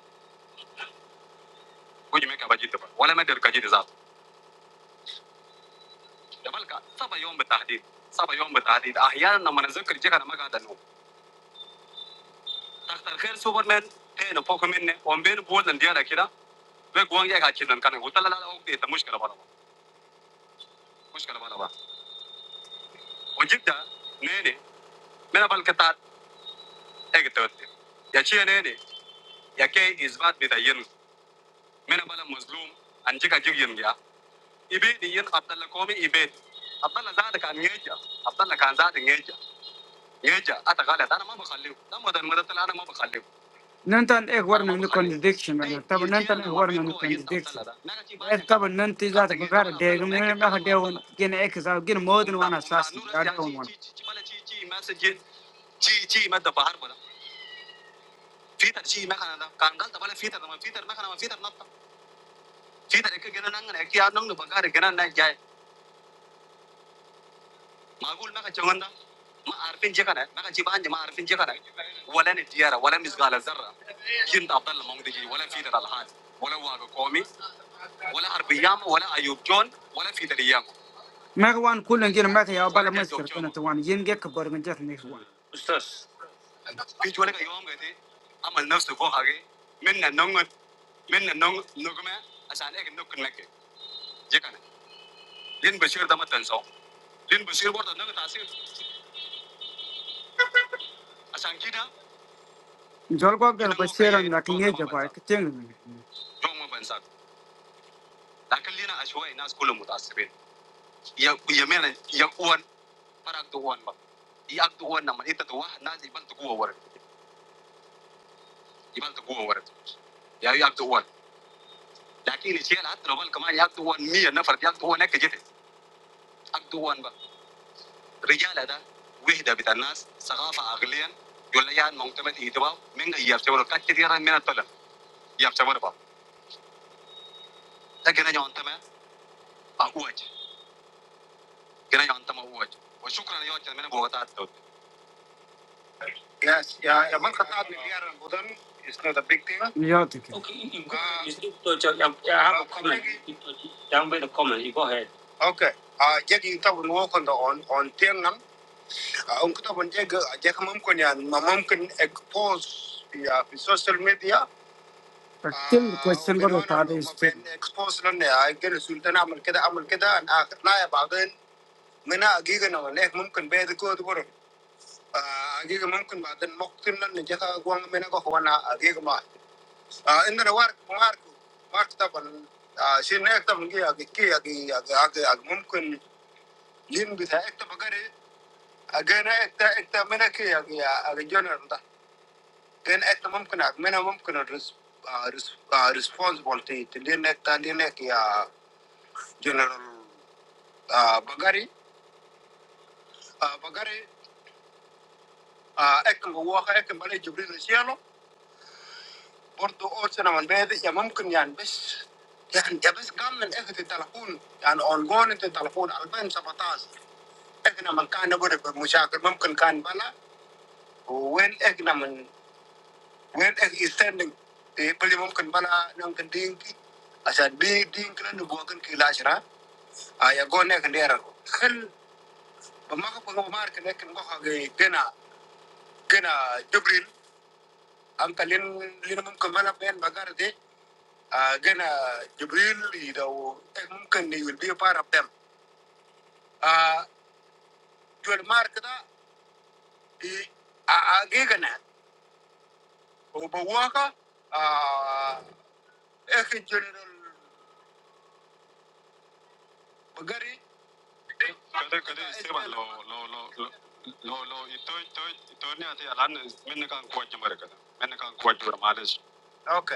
[SPEAKER 6] مجي ميكا بجيتك ولا ما تلقى جيت ذاته يا بلك سبع يوم بالتحديد سبع يوم بالتحديد احيانا لما نذكر جيك انا ما قاعد انوم Arkadaşlar her Superman en pokuminne on beni bulan diye rakira ve guangya kaçırdan kanı utala la ok diye tamuş kala bana muş kala bana o cidda ne ne mena bal katat ek tövbe ya çiğ ne ne ya ke izbat bir tayin mena bala mazlum anca kacık yin ya ibe diyin abdallah komi ibe abdallah zaten kan ngeja abdallah kan zaten ngeja ngeja ata gala dana ma bakalliu dana madan madan talana ma bakhallu Nantan ek var nantu konjedikshenagar. Tavan nantan ek var nantu konjedikshenagar. Tavan nanti zada bhagara deygun. Mere maha deygun kine ek zada kine modhuwa na sastu dar kumon. Chii chii maa se je chii chii maa the paar bola. Feeta chii maa kana da. Kangal the paar feeta the paar feeta maa kana the paar feeta ek kine naanga ekia naanga bhagara ekina naek ja. Magul maa ka chongonda. Ma arfinje ka na. Maa ka chibanje ma arfinje ka na. Walla ne chira walla misgala zara. Kine abdal mongde chira walla feeta dalhat. Walla waru kumi. Magwan, kulengiru Maghaya, baalamuskaru natuwan. Yinke kbaruganjath nikuwan. Mustas. Pejwale ka yom gati. Amal nusuvo hage. Min na nungut, min na nung nugme. Asan ek nugun meke. Jekan. Yin beshir damatansaw. Yin beshir bhatanagat asir. Asan kida. Jolko ayan beshir ayna kinye japaik chen me. Wrongo bensa. Dakeli na ashwa na schoolamuta asipen. Ya ya me na ya uan. أكدوهن ب. إذا تدوه الناس إذا تدوه الناس يبان تقوه ورث. يبان تقوه ورث. ياوي أكدوهن. لكن الشيء لا تروهن كمان يأكدوهن مية نفر. ياكدوهنك جد. أكدوهن ب. رجال هذا. ويهذا بيت الناس سقافة أغلين. يقول ليه أن معتمدين هيدواو. منجا يفحصوا لك. كتير يا ران منا تلا. يفحصوا لك. تكنا يوم تما. أوعج. كنا يوم تما أوعج. وشكرا لي أوج. كنا بوعات أتلو. Yes, yeah, Yamal Khattab, Nidiyar and Budan is not a big deal. Yeah, okay. Okay, you go, uh, you sleep to your, yeah, I have a comment. Down by the comment, you go ahead. Okay. Uh, jag in tab no kon da on on tengan uh, on kuta bon jag jag mam kon yan mam kon expose ya fi social media Still question برضه تعالى expose لنا اقدر سلطان اعمل كده اعمل كده انا لا يا بعدين من اجيك انا ممكن بيت كود برضه ah agi kemungkinan dan mungkin nanti jika gua nggak menang kok kena agi kemana ah ini adalah mark, mark, mark tapi ah si next apa agi agi agi agi agi agi agi mungkin lain bisa ektpagari agenya ekta menakih agi agi general itu kan ekta mungkin agi menak mungkin res res response volte itu lainnya kita lainnya kia general bagari bagari ekta gua apa ekta mana itu berisi apa Ordo order namun beda ya mungkin ya bis ya bis gamen ektn telepon ya nang angon ektn telepon alban sebatas ektn namun kan udah bermujaer mungkin kan bala when ektn namun when ektn isending di beli mungkin bala nang kedingki asal bidding kena dibuatkan kilas lah ayah gono kendiara kan pemakaian pemakaian ektn kau harga kena kena jbrin angkalin lima mungkin bala alban bagar deh uh, again, uh, Jibril, you know, mungkin he will be a part of them. Uh, jual market ah, i a gigan at Obawaka, uh, Ekin General Bagari. Kada kada istiwa lo lo lo lo lo itu itu ito ni ati alam mana kan kuat jemar kada mana kan kuat jemar malas. Okay.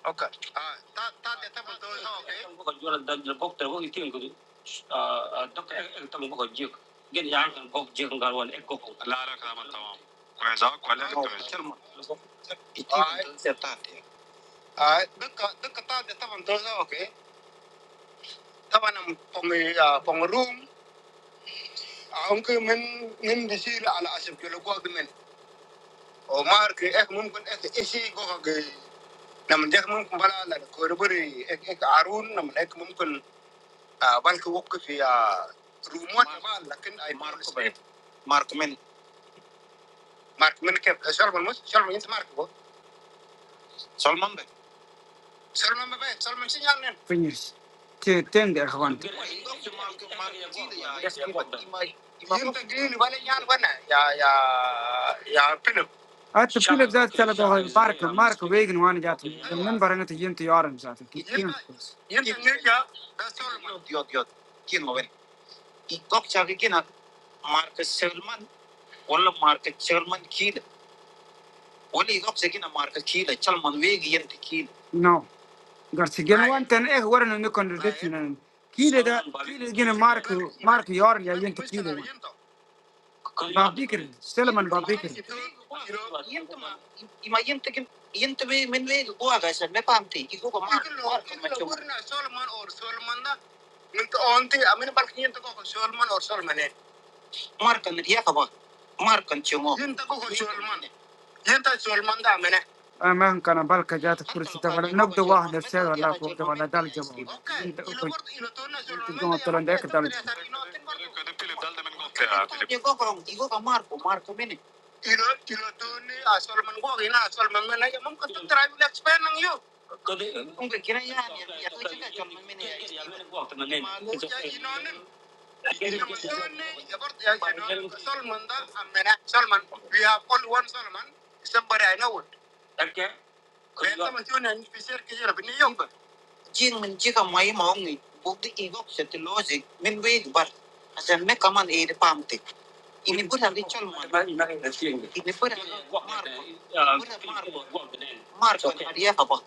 [SPEAKER 6] Okay. ah, ta- tate table to is okay. ko jula dan jula ko tawo itin ko ah dok e tamu ko jik gen yang kan ko jik ngal wan e ko ko لا لا كلام تمام كويس اه كويس كويس Alright. Alright. Duka duka tate table to is okay. Taba nam pong uh, pong room. Ang ko men ngin bisir ala asip kilo ko agmen. O mark ek mumkin eh isi ko kag naman jak mumkin bala la ko ruburi ek ek arun namun ek mumkin بنك وقف يا رومون لكن أي مارك من مارك من كيف سلمان مش سلمان أنت مارك هو سلمان بيت سلمان ما بيت سلمان سيجانين فينيس تين ده أخوان يمكن تجيني ولا يان ونا يا يا يا فيلم أنت فيلم ذات كلا ده مارك مارك ويجن وانا جات من برهنة تجين تيارم ذاته يمكن يمكن يا ده سلمان ديوت ديوت كين وين يدك شاكي كنا مارك سلمان Ole marca, Chalman quiere, Ole es obsequio de la marca quiere, Chalman vende yendo quiere. No, García. No, Juan tiene eh, Juan no tiene condición. Quiere de, quiere que la marca, marca de orni a quien te quiere. Va a vender, Chalman va a vender. ¿Y ma yendo qué? Yendo ve, me ve, ¿dónde va esa? Me parece, ¿qué coño marca? ¿Oro, no? Chalman oro, Chalman da, ¿no te oíste? Ah, me lo parque yendo cojo Chalman oro, Chalman le marca un día como, marca un chongo. ¿Yendo cojo Chalman? Yenta shol manda mene. مهما كان بالك جات Anto الكرسي lo ده kan ولا junuba نبدأ shol واحد manda في mena ولا diara shol كنت ولا manda. دال جماعة Okay, انت ila gordo ila tonna shol انت manda جماعة ya طلع manda عندك esa دال tria sar ino tin bardo. كده فيلم ده ده من قلت يا فيلم Llegó con, llegó con Marco, Marco, mene. Ilo ilo tonni a shol man go ina shol man mena ya mumkin tu trai bila explain nang yo. Mumkin kira ya ya tu chinga shol man mene ya. Malu ya ino nen. Solomon, Solomon, we have only one Solomon, somebody I know it. Okay. Kaya tama siya na fisher kaya na biniyong ba? Jing man jika may maong bukti igok sa tilosi min palm bar. Asa me kaman e de pamti. Ini pura di Solomon. Ini pura Marco. Marco. Marco Maria Haba.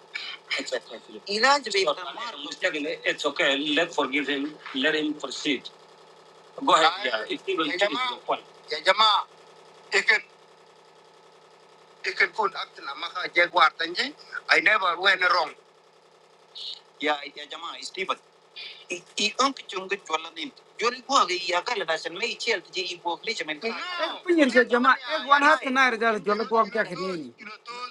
[SPEAKER 6] It's okay. Let forgive him. Let him proceed. Go ahead. Yeah, Ya, it will يا it is جماعة your point. يا جماعة it can it can kun act la maka jaguar tanji I never went wrong. Ya ya jamaah i i unk chunga chola nin jori go ga ya ga la san mai chel ji i bo kle chamen pinyin ke jama e wan hat na ir dal jol ko am tak ni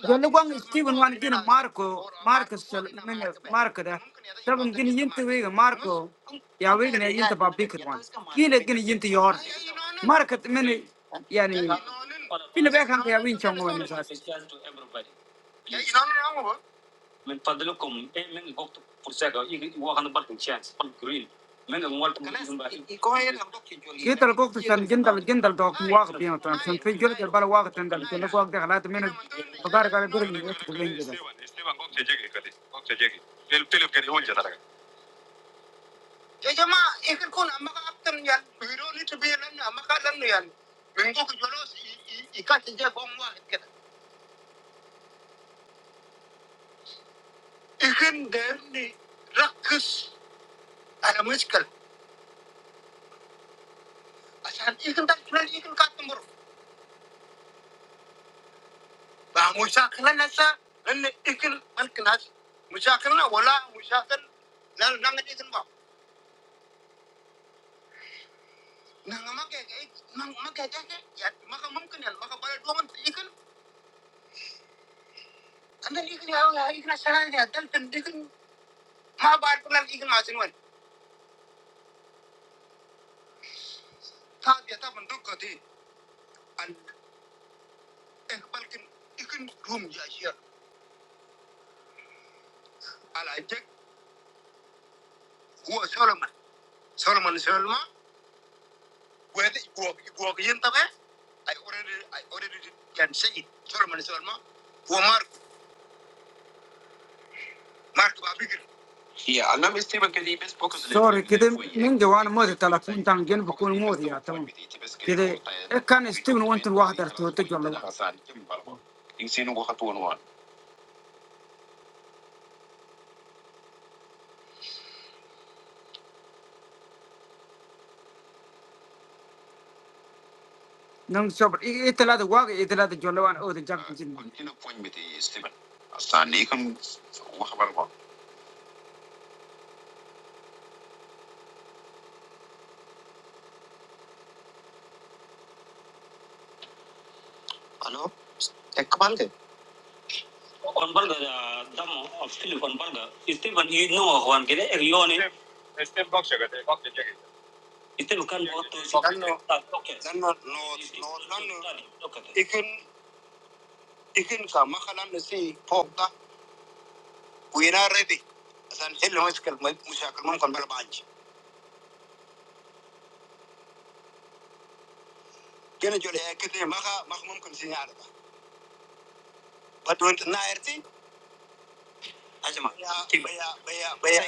[SPEAKER 6] jol ko ang steven wan gin marco marco sol marco da tabun gin yint we marco ya we gin yint ba bikir wan kile gin yint yor marco men yani pina be kan ya win chong wan sa من فضلكم من غوت فرساغا يوخن برك تشانس جرين من الموال كيتر غوت سان جندل جندل دوك واخ بيان تان في جرد البال واخ تندل تلك واخ دخلات من فقار قال جرين يستبين جدا استيفان غوت تجيكي كدي غوت تجيكي تل تل كدي اول جدارك يا جماعه يمكن كون اما اكتم يعني بيروني تبين لنا اما قال لنا يعني من غوت جلوس يكاتجا قوم واحد كده يمكن دارني ركز على مشكل asal ikan tas nelayan ikan katmur, bah muda akan nasi, nih ikan makan nas, muda akan nawa lah, muda akan nang nang ikan bak, nang nggak makan, nggak makan, nggak makan, mungkin ya, makan mungkin ya, makan banyak dua makan ikan, anda ikan apa ikan nasi nih, ada jenis ikan, mah batu nelayan ikan macam apa? saat dia tak mendukung dia, ane bapak ikan rum jasir, alajek buas Solomon, Solomon selama. sí al menos estima que hay pocos errores sorry que de ningún modo tal punto tan gen fue como dijeron que de es que han estimado ante un jugador tu objetivo es si no va a tu lado no es sobre este lado de agua este lado de jugadores de la gente aló qué pasa on barga da damo of silk on barga istim an i no hwan gede er yoni istim box ga de box de jege istim kan bo to si kan no okay kan no no no kan no okay ikin ikin ka makalan ne si pokta kuina ready asan hello muskal mushakil mum kan bal banji gene jole ya kete maka maka mum kan sin ala ba badon na erti ajma baya baya baya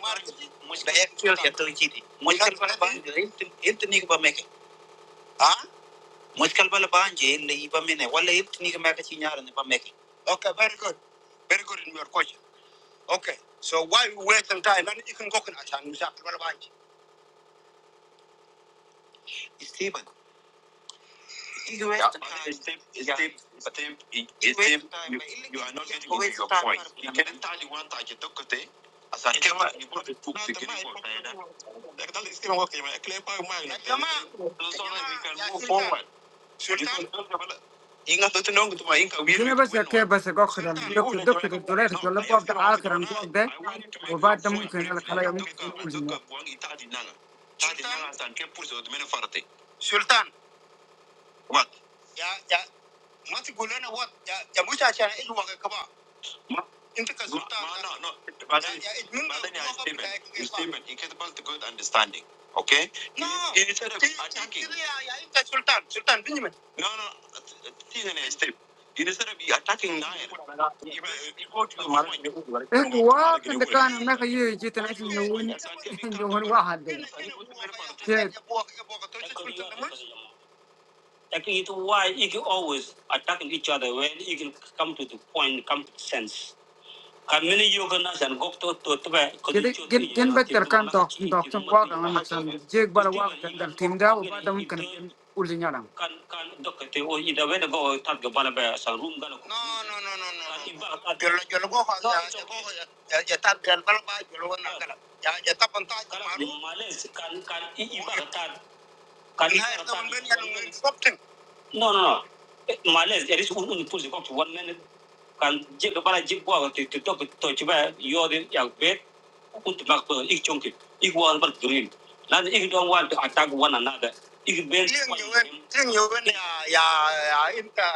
[SPEAKER 6] market mushkil ya to chiti mushkil ba intin intin ni ba meke ah Muskal bala banje le iba mene wala ibt ni meka chinyara ne Okay, very good. Very good in your question. Okay. So why we waste some time? And you can go and ask him something bala banje. Stephen, you waste yeah. some time. Steve, yeah. Steve, Steve, Steve, you, you, are not getting into your point. You can entirely want to get dokote. As I came out, you put the two second for Diana. Like that is still working. I claim by mine. Come on. So so we can move forward. Sultan, ingat tuh tenong tuh maingkawir. Saya berasa kebasa kau kira doktor doktor itu leh jualan pautan alat kran tuh deh. Wadah mungkin kalau yang tuh. Sultan, wadah ya ya masih gula na wadah ya ya muka cahaya itu wakai kau. ما انت كسلطان no, no. بعدين جائد منك بعدين يا ستيفن ستيفن you can't build good understanding okay no instead of كده- attacking كده يا يا انت سلطان سلطان بنجمن no no ستيفن يا ستيفن instead of attacking Nair you you go to the point انت واقف انت كان هناك يجي تنعش نون عشان كده نون واحد شيت Like it why you can always attacking each other when you can come to the point, come to sense kan mini yoga na san to to to ba ko كده di chot جن ni جن ya بكتر كان na دوك chi واقع ma مثلا جيك بلا واقع تندر تيم جا وبعد ممكن to جن قول لي نعم kan kan dok te o i da wen go tar no no no no no jolo jolo go ha ya ya go gan bala ba jolo na ga ya ya ta ta maru males kan kan i i kan i ba no no no males there is un un pusi ko one minute kan jik bala jik bo ti ti to to ti ba yang bet put mak bo ik chonki ik wan bar green nan attack one another ik ben Jing yuwen jing yuwen ya ya ya inta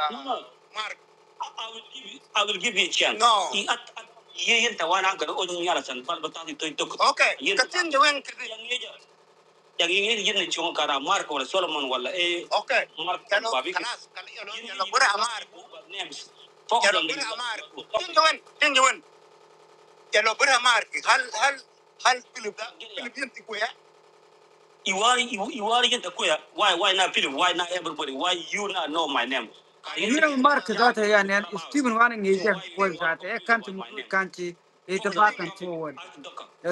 [SPEAKER 6] mark I will give you, I will give you a chance. No. I, at, at, ye yin ta wana ga o ni ala Okay. Yin ta tin yagi yir yir ne chunga kara marko wala solomon wala e اوكي marko كانوا babiki خلاص كان يلو yir يلو yir برا nas مارك names fokh يلو dan gidi برا مارك fokh تنجون تنجون يلو برا مارك هل هل هل فيلم ده gidi ya فيلم ينتج وياه You are you, you are in the queer. Why why not Philip? Why not everybody? Why you not know my name? Can You يمين مارك ذاته يعني أنا- ستيفن وانين يجان فوز ذاته إيه كانت المفروض كانت يتباكن فوض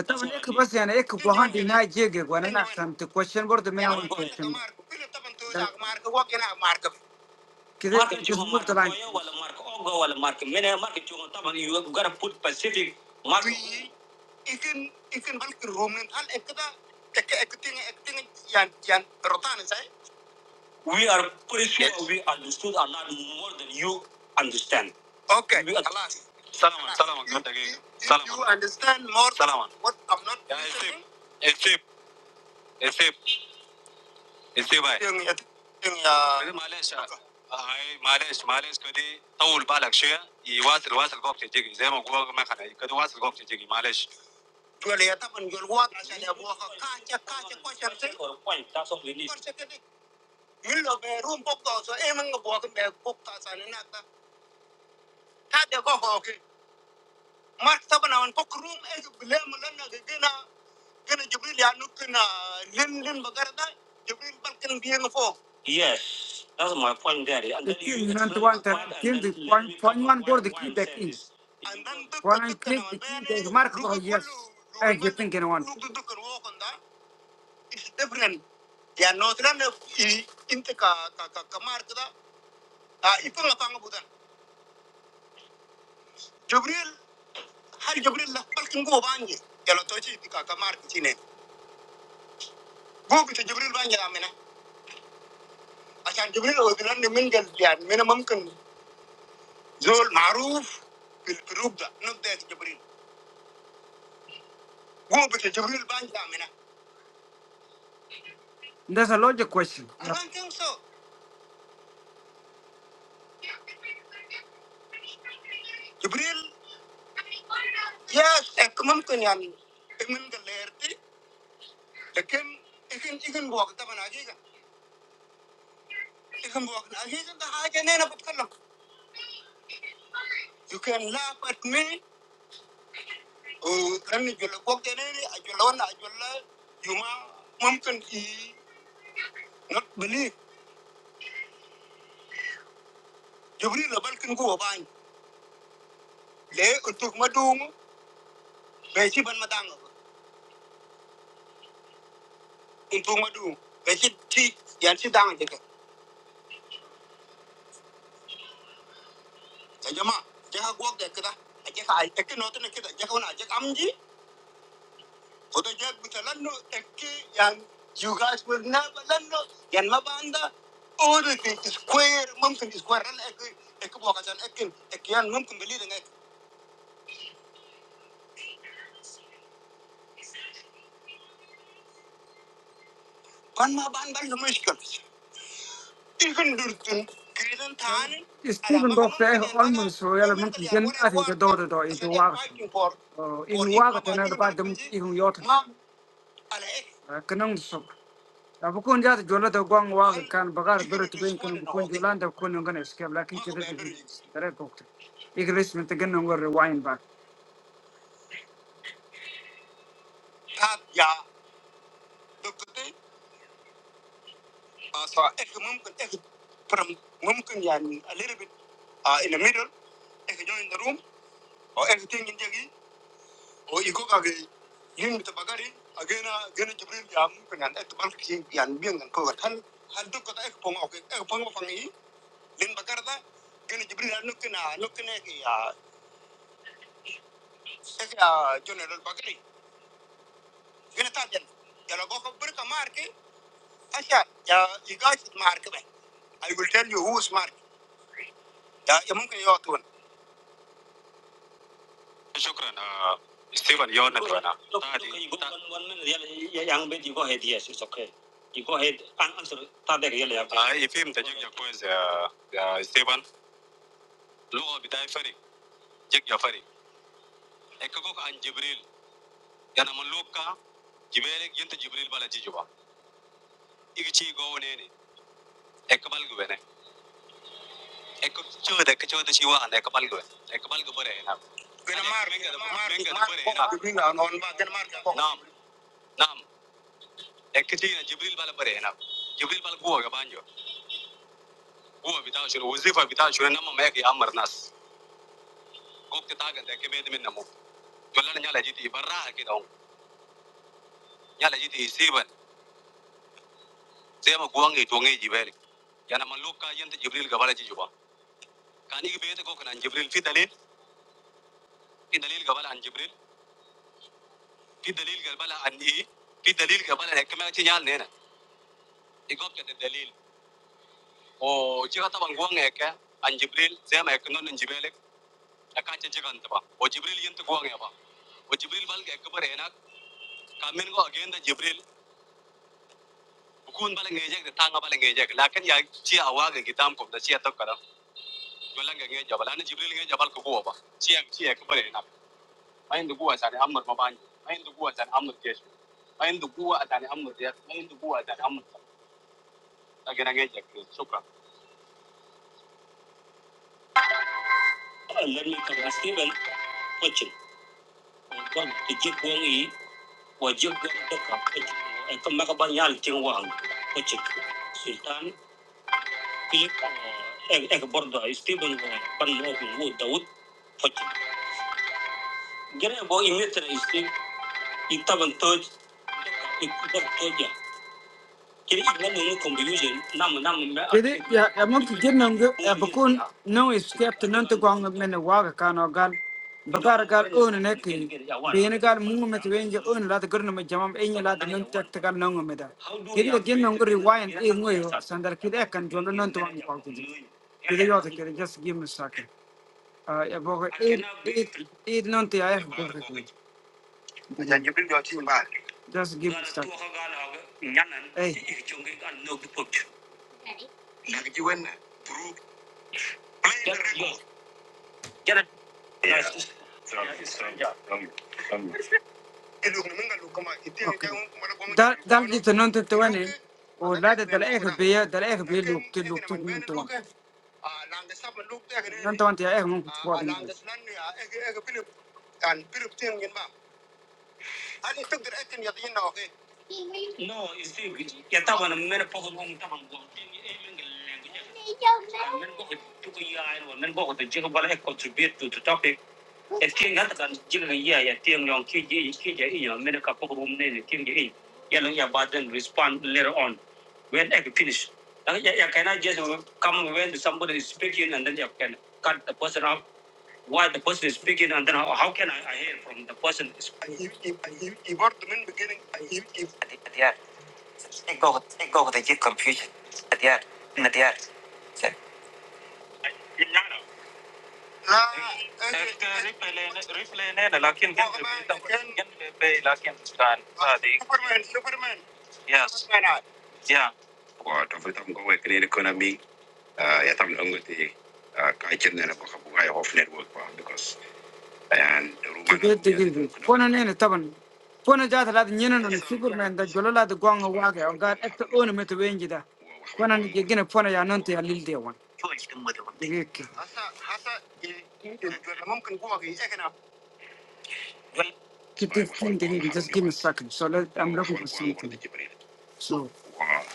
[SPEAKER 6] طبعا إيك بس يعني إيك بوهان دي ناي جيجي وانا نحسن تكوشن برضه من أول كوشن كده Mark Chung تسمور Mark طبعا Koya, while Mark Ogo, while Mark Mena, Mark Chung, you gotta put Pacific Mark. ikin ikin balki rumin hal ekda teke ekting ekting yan yan rotan sai we are pretty sure yes. we understood a lot more than you understand okay we are, خلاص سلام سلام دقيقه If سلام you understand more سلام what I'm not يا listening- اسيب اسيب اسيب هاي معلش هاي معلش معلش كده طول بالك شويه يواصل واصل قوبتي تجي زي ما قوبك ما خلي كده واصل قوبتي تجي معلش Joleta man jol wak asada waka kacha kacha kwashan se. Kwar se kedi yillo be rum pok to so e man ngabo ke be pok ta sana na ta. Ta de go ho ke. Mar ta bana wan pok rum e ke bile man ya da Jibril bal kan Yes, that's my point there. And The then you thing you explain the want that point and thing, then the let point, me point cover one why door, the key I'm back saying in. this. And Point kana click, the key ne back, mark, lugu oh yes. I Hey, thinking one. kan It's different. Ya Northern i inti ka ka ka ka mark da ah ipo nga panga budan. Jibril har Jibril la palkin go banje. Ya lo tochi inti ka ka mark chine. Go bita Jibril banje amena. Asan Jibril odiran ni min gal ya mena mumkin zol maruf bil birub da not that Jibril. Go bita Jibril banje amena. That's a logic question. I don't think so. Jibril yes ek mumkin yani min gal lerti. Lekin ikin ikin go ka bana ji You can walk now. He's in the high and end up. You mum can not believe. Go about there. Untuk madung. Besi ban. Untuk madung. Besi ti. Yan si dang jeka. Jaja ma. Jaha walk there kita. Aja ka. Eki noten kita. Jaha una. Jaha amji. Oda jaha butalan no. Eki yan. You guys will never learn no. Yan mabanda. All the things is square. Mum can is square. Ran eki. Eki walk asan. Eki. Eki yan mum can believe. Eki. Ban ma ban ban. Mushkil. Ikan dur. Stephen Doctor almost relevant again at the realmente gen ati ke dodo do ibu waga tin. Ibu waga tin ada pada ibu yot. Kenang sok. Abu kun jati jola do guang waga kan bagar beru tu bin kun kun jolan do kun ngan escape lakin chere tu tere kokte. Igris men te gen ngur rewind back. Yeah, Doctor Uh, so if mumkin from mumkin yani a little bit uh, in the middle, if you join the room or everything in there. o iko kage yin ta bagari agena gena jibril jam pengan et bal ki yan biang kan ko kan hal duk kota ek pong ok ek pong pang i lin bakar da gena jibril anu kena anu kena ya ek ya general bagari gena ta jan jalo go ko ber ka marke asya ya igas marke i will tell you who is marke ya ya mungkin yo tuan juga karena Steven Yon itu kan, lalu kalau ibu kan wanita yang menjadi ibu headies itu siapa, ibu head an Answer tadi kaya apa? Ah, ini muncul juga ya ya Steven, lalu ada Irfan, juga Irfan, ekor anjibril, karena manusia, jibin yang itu jibril malah jijua, itu si gowene, ekor panjangnya, ekor jauh, ekor jauh itu siwa, ekor panjang, ekor panjang berapa? Enam, enam, enam, enam. ekitina jibril bala bare na jibril bala guwa gabanjo guwa bitaw shuru wazifa bitaw shuru namma mayaki amar nas gokti tagan da kebe min namu jollana nyala jiti barra ki daw nyala jiti siban sema guwangi tonge jibele yana man yanta jibril gabala ji juba kani ki beta gokna jibril fi dalil fi dalil gabala an jibril fi dalil gabala an i fi dalil gabala da kema ti nyal nena i gokta da dalil o jiga taban guwangi ka an jibril sema eknon an jibele akancha jigan taba o jibril yanta guwangi ba o jibril balga ekbar ena Kamen go again the Jibril. Bukun bala ngejek de tanga bala ngejek. Lakin ya ci awa ga gitam ko da ci atok kara. Gola ga bala na Jibril ngejek bal ko go ba. Ci ya ci ya ko bare na. Mayin da guwa sare Ammar ma bani. Mayin da guwa sare Ammar kesh. Mayin da guwa atani Ammar ya. Mayin da guwa atani Ammar. Aga na ngejek. Shukran. Allah ne ka Steven Pochin. Gon ti jik wong yi wa jik ka Pochin. E ka maka ban yal ting wang Pochin. Sultan Philip ek bordo Stephen ban ban mo ko Daud hoci gere bo imitre Steve itaban toj ikbar toja Jadi ya ya mungkin jenang ge ya bakun no is step to waga kan ogal bakar gal un ne bini gal mungu met wenje un la gurnu me jamam enya la de tek gal nongu me jadi ge jenang rewind e ngoyo sandar ki de kan jondo nanti wang kwa jadi yo de just give me a second uh, ya boga it it it nanti ay boga kijir. just give me a second hey لا تقولنا برو بيرير، يلا، ناس، إلهم منا لكوما. دا ده اللي تنتبهينه، هو لاته ده أصعب بيئة، ده أصعب بيئة لوك لوك تطمن توان. لنتوان تيا أصعب نقطة. هل تقدر انت يضيع لنا اوكي؟ No, you see, you talk about what the person is speaking, and then how, how can I, I hear from the person is speaking. برضه من beginning ديار تقول تقول تجيب confusion ديار ديار يعني لا ريفلين هنا لكن لكن كان هذه سوبرمان سوبرمان يس يا وتفتهم قوي كلين economy يا تام نقول تي كايتشن أنا بخبوعي هوف network because يعني رومانا دقيقة دقيقة دقيقة. كونا نينا طبعا كونا جات لاد نينا نون شكر من دا جلو لاد قوان واقع وقال اكتا اون متوين جدا كونا نجينا فونا يا نونتي يا ليل ديوان دقيقة كده دقيقة دقيقة Just give me a second. So let I'm looking for something. So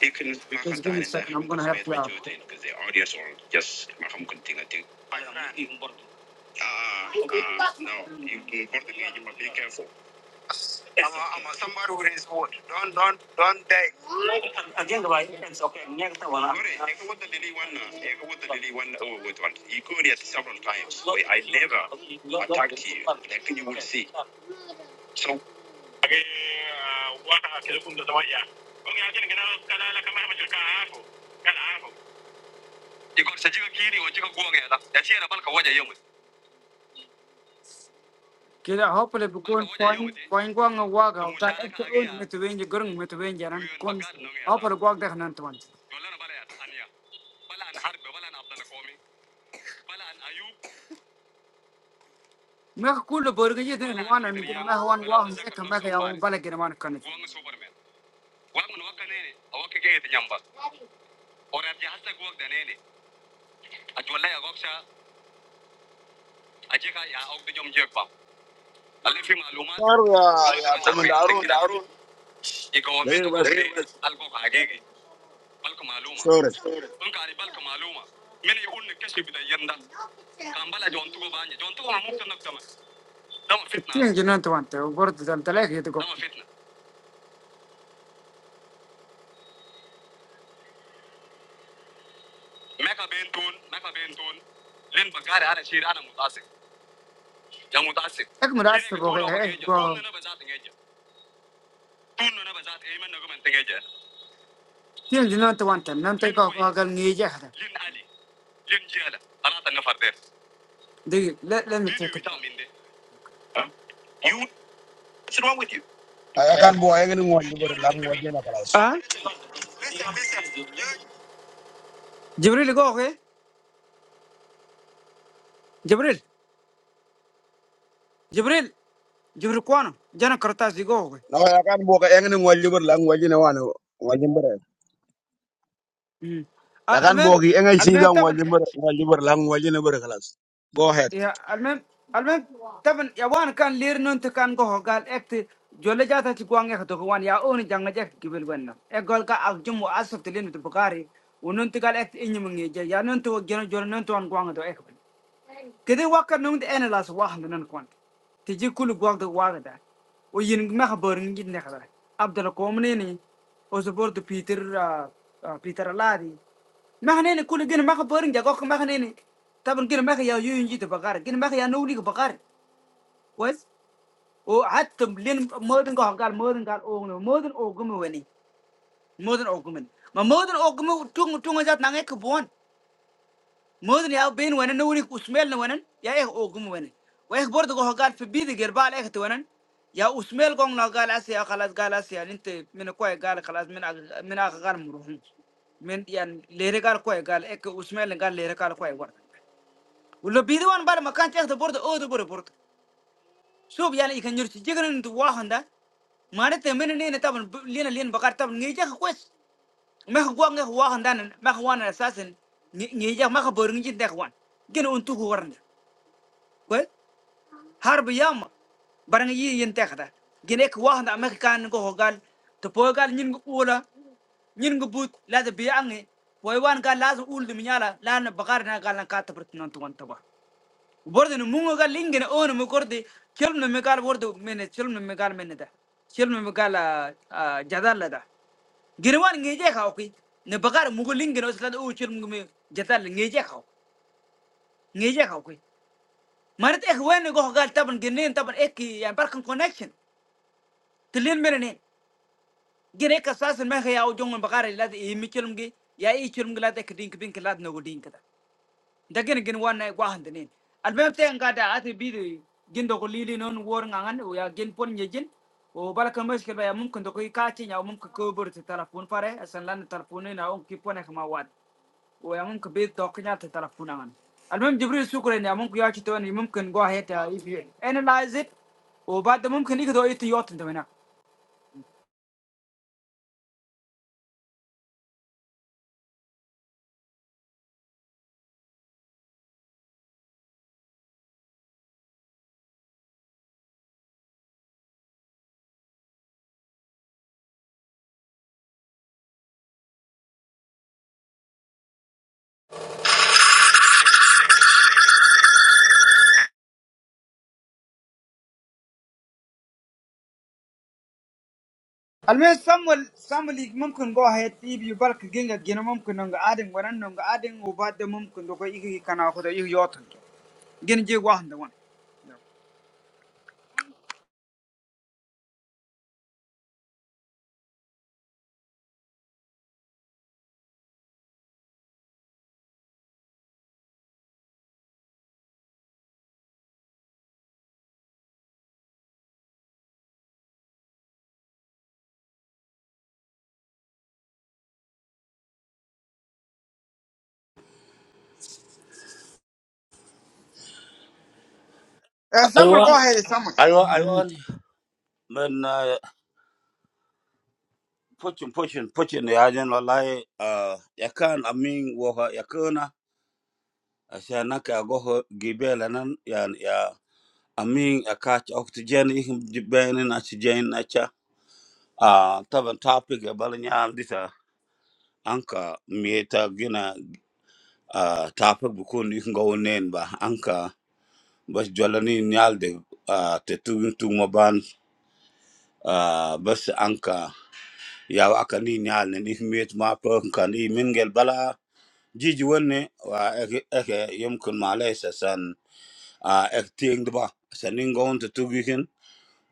[SPEAKER 6] just give me a second. I'm gonna have to. ask because the audience will just ما هم كنت تيجي آه آه no you important again right it's okay next one uh, Sorry, the lily one, uh, take the lily one, oh, with one. You could it several times. I never attacked you. Like you would see. So. Okay, uh, what are the telephone that I am? Okay, I can get out. Can I like You got Sajika or Jika Guanga? That's here about Kawaja Young. kila hopefully bukun point point gwang wa ga ta ta un mit wen ji gurung mit wen jaran kun hopefully gwag da nan tuan me kul bor ga ji den wan an gu me wan wa han ta me ga ya wan bala ge man kan دقيقة
[SPEAKER 1] Arun yeah yeah, commander Arun. Later was
[SPEAKER 6] بس بالكم معلومه
[SPEAKER 1] story.
[SPEAKER 6] ممكن علي بالكم معلومه من يقول ان الكشف بالايام ده كان بلع جونتوكو بانيا جونتوكو ما ممكن نكتمل ده ما فتنه تين جنان توانت وبرد ده انت ليه يتقو ده ما فتنه ميكا بين تون ميكا بين تون لين بقاري انا شير انا متعصب يا متعصب اك لين مدرسة بتقول بوغي هو ايه نيجا تون بوغي انا بزات نيجا تون انا بزات اي من نغم تنجا تين جنان توانت نان لين تيكو وي اقل نيجي احدا لين علي لين جيلا انا تنفر ده دقيق لا لا فيديو نتيتك بتاع من ده يو
[SPEAKER 1] I I can't buy boy any more liver language in a class.
[SPEAKER 6] اه جبريل قوغي جبريل جبريل جبريل كوانو جانا كرتاس يقوه
[SPEAKER 1] No, I can't book any more liver language in a one. Wajimbere. I can't
[SPEAKER 6] المهم
[SPEAKER 1] book any
[SPEAKER 6] المهم
[SPEAKER 1] season
[SPEAKER 6] طبعا
[SPEAKER 1] wajimbere liver language in a class. Go ahead.
[SPEAKER 6] يا المهم المهم طبعا يا وان كان لير نونت كان قوه قال اكت جولة جاتا تقوان يا خطوك وان يا اون جانا جاك قبل وانا اقول كا اجم واسف تلين بتبقاري ونونت قال اكت اني من يجي يا نونت وجنا جولة نونت وان قوان دو اكبر Kede waka nung de ene las wahan de nan kwant. Tiji kulu gwag de waga da. O yin meha borin git nekha da. Abdala komne ni. O zubor de Peter, ah, ah, Peter Aladi. Meha nene kulu gine meha borin ja gok meha nene. Taban gine meha ya yuyun jita bagari. Gine meha ya nuli bagar, Wes? O hatam lin modin gohan gal modin gal ogne. Modin ogumi weni. Modin ogumi. Ma modin ogumi tunga tunga jat nange kubuan. madre ya ven bueno no oí que osmele bueno ya es ojo bueno ya es borde cojones si vi de garbal ya te bueno ya osmele con nagal así ya calas calas ya ni te me no coye gar calas me no me no agar murió men ya le regal coye gar el osmele gar le regal coye borde un lo vi de una barra makan ya es de borde otro borde por todo sub ya no y ganar si llegan en tu gua anda manita me no nieta por liena lien buscar tabla nieta coyes me cojo me gua anda me cojo una asas ni nieta me cojo borringi te cojo uno que no untu cojando كويس حرب ياما برنا يي ينتخدا جنيك واحد أمريكا كان نقول قال تبوي قال نين قولا نين قبوت لازم بيعني ويوان قال لازم أقول دم يلا لأن بقارنا قال لنا كاتبرت نانتوان تبا وبرضه نمو قال لينجن أون مكوردي كلمة مقال برضه من كلمة مقال من ده كلمة مقال جدال ده جنوان نيجي خاوكي نبقار مقول لينجن أصلا أو كلمة جدال نيجي خاو نيجي خاوكي مرت إيه وين يقول قال طبعا جنين طبعا إيه يعني بركن كونكشن تلين منين جن إيه أساسا ما هي أو جون بقار لاد إيه ميشلم جي يا إيه شلم لاد إيه دينك دينك لاد نو دين كذا ده جن جن وانا واحد دين المهم تين قاعد عاتي بيدو جن دو قليلي نون وورن عن ويا جن بون يجن وبالك مشكلة يا ممكن تقول كاتين أو ممكن كوبر تلفون فاره أصلا لان تلفونين أو كيبونه ما واد oh, yang mungkin beda kenyataan terhadap kunangan, alhamdulillah syukurin ya, mungkin ya kita ini mungkin gua hebat ya, analyze it, oh, bad mungkin ini itu itu yang penting, deh, nak.
[SPEAKER 2] alme samuel samuel ik mumkin go ahead if you bark ginga gina mumkin nongo adin waran nongo adin u badde mumkin do ko igi kana ko do igi yotan gin je wahanda wan ya Eh, samuel go
[SPEAKER 4] aywa
[SPEAKER 2] ahead samuel
[SPEAKER 4] aywa
[SPEAKER 2] Mm.
[SPEAKER 4] aywa men uh, puchin puchin puchin ya jen wallahi uh, ya kan amin wa ya عشان هناك أقوه قبيلة نن يعني يا أمين أكاتش أكتجين إهم جبين أشجين أشا آه طبعا topic قبل نعم ديتا أنكا ميتا جنا آه topic بكون إهم قوانين با أنكا بس جولاني نيال دي آه تتوين تو مبان آه بس أنكا يا وأكني نيال نن إهم ميت ما بهم كان إيه منجل بلا جيجي وني وإيه يمكن ما ليس سن آه إيه تيند با سنين قوان تتوين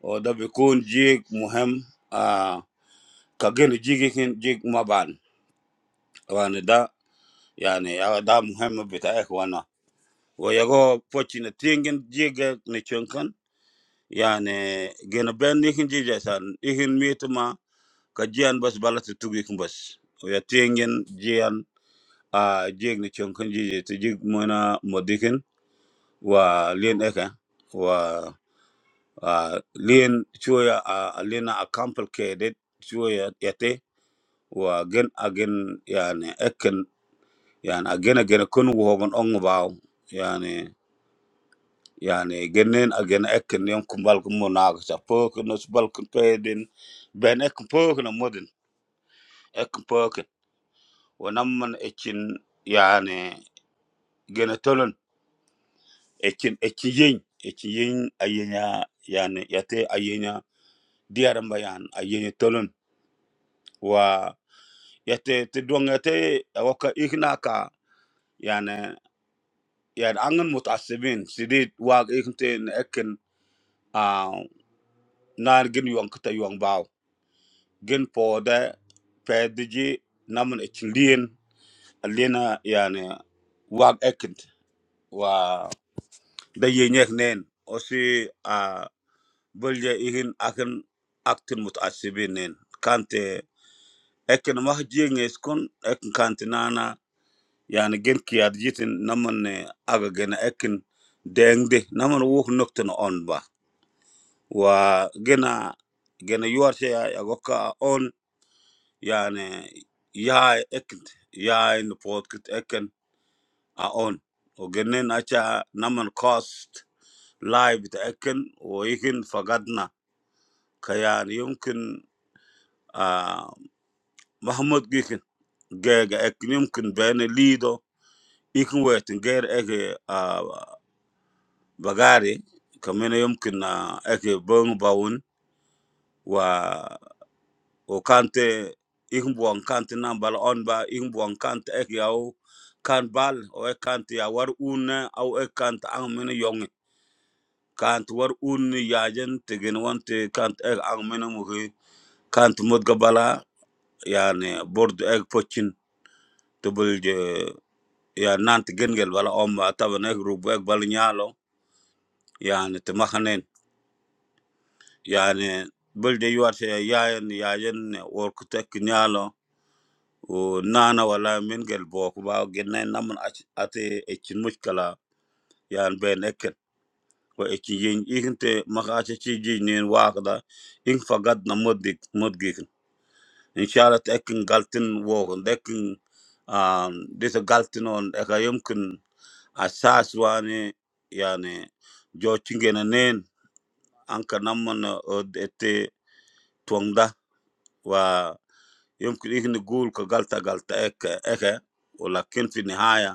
[SPEAKER 4] وده بيكون جيك مهم آه كجن جيك جيك ما بان وانا ده يعني آه، ده مهم بتاعك وانا ويغو فوتشين تينجن جيك نشنكن يعني جن بين نيكن جيك جسان إيهن ميتما كجيان بس بلت تجيك بس ويا تينجن جيان آه جيك نشنكن جيك تجيك منا مديكن ولين إكا و آه لين شوية آه لين complicated شوية يتي وأجن أجن يعني أكن يعني أجن أجن كن وهو من أنغباو يعني يعني جنين أجن أكن يوم كم بالكم مناغ شافوك نس بالكم تيدين بين أكن فوق نمودن أكن فوق ونمن أكن يعني جن تلون أكن أكن ين أكن ين أينيا يعني يتي أينيا ديارم بيان أينيا تلون و يتي تدوان يتي أوكا إغناكا يعني ya angin mutasiin sedih warga kenten akan nari genyuang kota yuang bau gen polder pergi namun ekulien aliena ya ne warga kent wa dayanya kene osi a belja kini akan aktor mutasiin kante akan mah dia ngiscon akan kante nana ya ne gen kia di kent namun aga gena akan dendeh namun uang ngete n on bau wa gena gena yuwarse ya ya goka on yani ya ekent ya in podcast eken a on o genen acha naman cost live ta eken o ikin fagadna kayan yumkin a mahmud gikin gega ekin yumkin bene lido ikin wetin ger eke a bagari kamene yumkin a eke bong bawun wa o kante ik buwan kante nan bala on ba ik buwan kante ek yaw kan bal o ek kante ya war unne au ek kante ang mene yonge kante war unne yajen tegen wante kante ek ang mene muhi kante mudga bala yani bordu ek pochin tubul je ya nante gengel bala on ba taban ek rubu ek bal nyalo yani te makanen yani bulde yuwate yayen yajen workutek nyalo o nana wala min gel bo ko ba genne namun ac- ate e cin muskala yan ben eket ko e ci yin ikinte maka ate ci ji nin waqda in fagad na moddik modgik inshallah te ekin galtin wo ko dekin um dita galtin on e ka yumkin asas wani yani jo cingena nen anka namun od ete tuangda wa yumkin ikni gul ko galta galta ek eke wala kin fi nihaya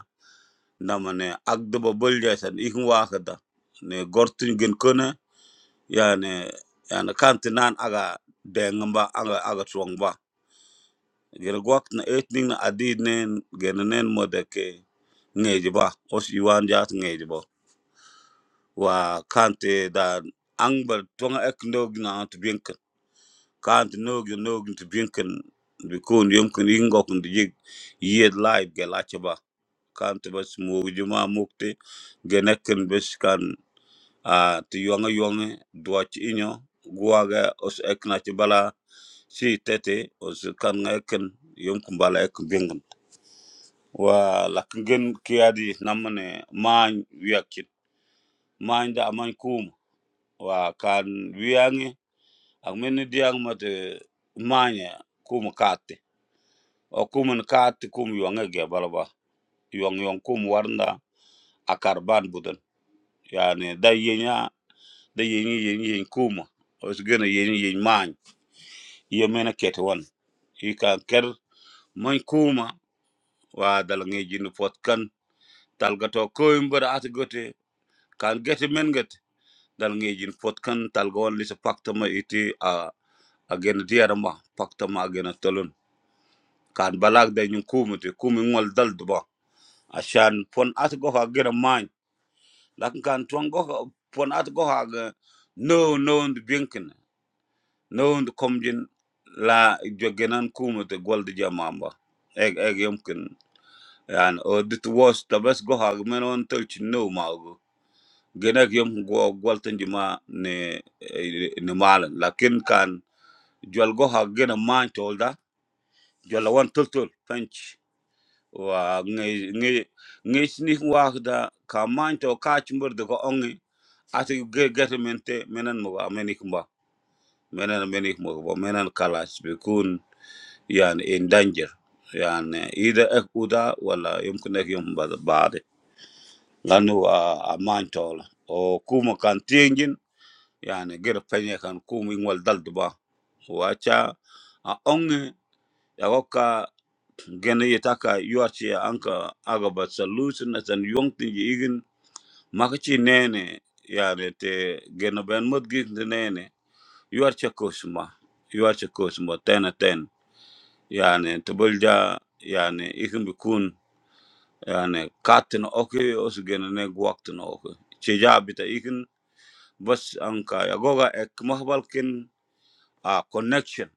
[SPEAKER 4] namane agdaba bolja san ikin wakata ne gortun gen kona yani yani kanti nan aga dengamba aga aga tuwangba gena gwakt na etning na adid nen gena nen mode ke ngeji ba os iwan jat ngeji wa kanti da angbar tuwanga ek nogi na antu binkan kanti nogi nogi tu binkan bikun yomkin ingokun gokun di jig yed laib ge lache kanti bas mugi juma mukti genekin bes kan a ti yonga yonga dua ci inyo guwaga os ek na ci bala si tete os kan nga eken yom kum bala ek bengun wa la kengen kiadi namane maany wiak cit maany da maany kum wa kan wiangi ak men diang ma te kum kaate o kum n kaate kum yonga ge bala ba yong yong kum warnda akar ban budan yani da yenya da yenyi yenyi yeny kuma os gena yenyi yeny maany iya mena kete wan ika ker moy kuma wa dal ngejin pot kan talga ko imbar at gote kan gete men gete dal ngejin pot kan talga wan lisa pakta ma iti a agen diara ma pakta ma agen tolun kan balag da nyun kuma te kuma ngol dal duba ashan pon at go ha gera man lakin kan tuan go pon at go ha ga no no und binkin no und komjin la jogenan kuma te gol di jamamba eg eg yumkin yani o dit was ta bes go hag men on touch no mago gena yom go gwaltan juma ne eh, ne malan lakin kan jwal go hag gena man tolda jwal wan tultul fench wa nge nge nge sni wax da ka man to ka chumbur de go ongi ati ge germente menen mo amenik mba menen amenik mo bo menen kalas be kun yani in danger yani ida ek uda wala yumkin ek yum bad lanu a man tol o kuma kan tiengin yani gir penye kan kuma ingwal dal wacha a onge ya waka gene yitaka yuachi ya anka aga ba solution na san yongti igin makachi nene yani te gene ben mud nene yuachi ya kusma yuachi ya kusma tena ten yani tubulja yani ikin bikun yani katin oke osu gene ne guaktin oke cheja bita بس انكا يغوغا اك مه بالكن ا كونكشن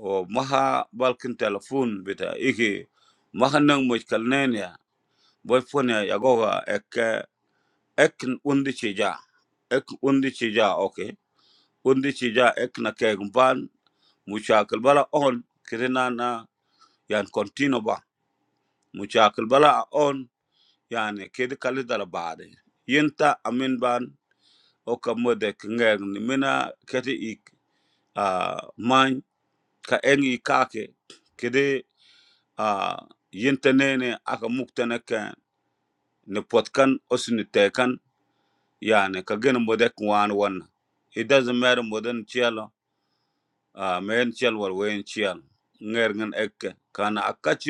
[SPEAKER 4] او مها بالكن تلفون بتا ايكي مها نن مشكلنين يا بوي فون يا يغوغا اك اك اوندي تشيجا اك اوندي تشيجا اوكي اوندي تشيجا اك نكيغ بان مشاكل بلا اون كرينانا يعني كونتينو با مشاكل بلا اون يعني كده كالي دار بعد ينتا امين بان اوكا مودك نغير نمنا كتي ايك ا ka engi kake kede a yintenene aka muktene ke ni potkan osini tekan yani ka gen modek wan wana it doesn't matter moden chielo a men chiel war wen chiel nger ngen ekke kana akachi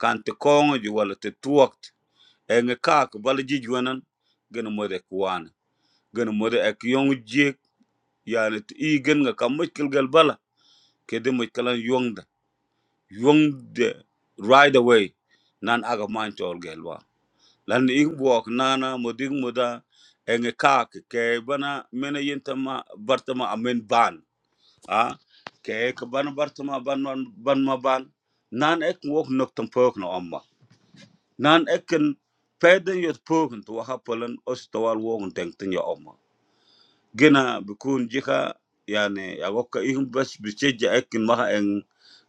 [SPEAKER 4] kan te kongo ji wala te tuokt engi kak bal ji jwanan gen modek wan gen mode ek yong jik yani ti i gen nga ka mutkil gel bala kede mutkalan yongda Yung de right away nan aga man chol gelwa. Lan ing buok nana muding muda enge kak ke bana mena yintama bartama amen ban. Ah ke ke bana bartama ban ban ban ma ban. Nan ek wok nok tam pok na amma. Nan ek en peden yot poken tu waha polen os tawal wogun teng ten ya amma. Gina bikun jika yani ya wokka ing bas bicheja ekin maha eng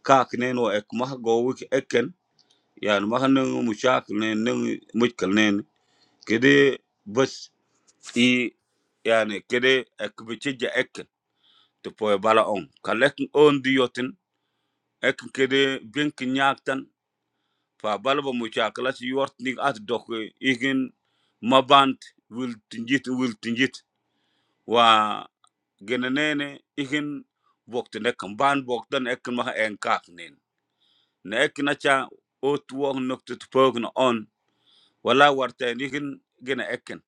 [SPEAKER 4] kak neno ek maha go wik eken j put a ouch esper that it will, then there is an answer to a ouch period and a path would be helpful if in any case, if there is an attraction, that is the first? in any case, there are things that go out and then the obvious people where? i can just reach president and he's a paid professional when they uh to support wala warten ikin gina ekken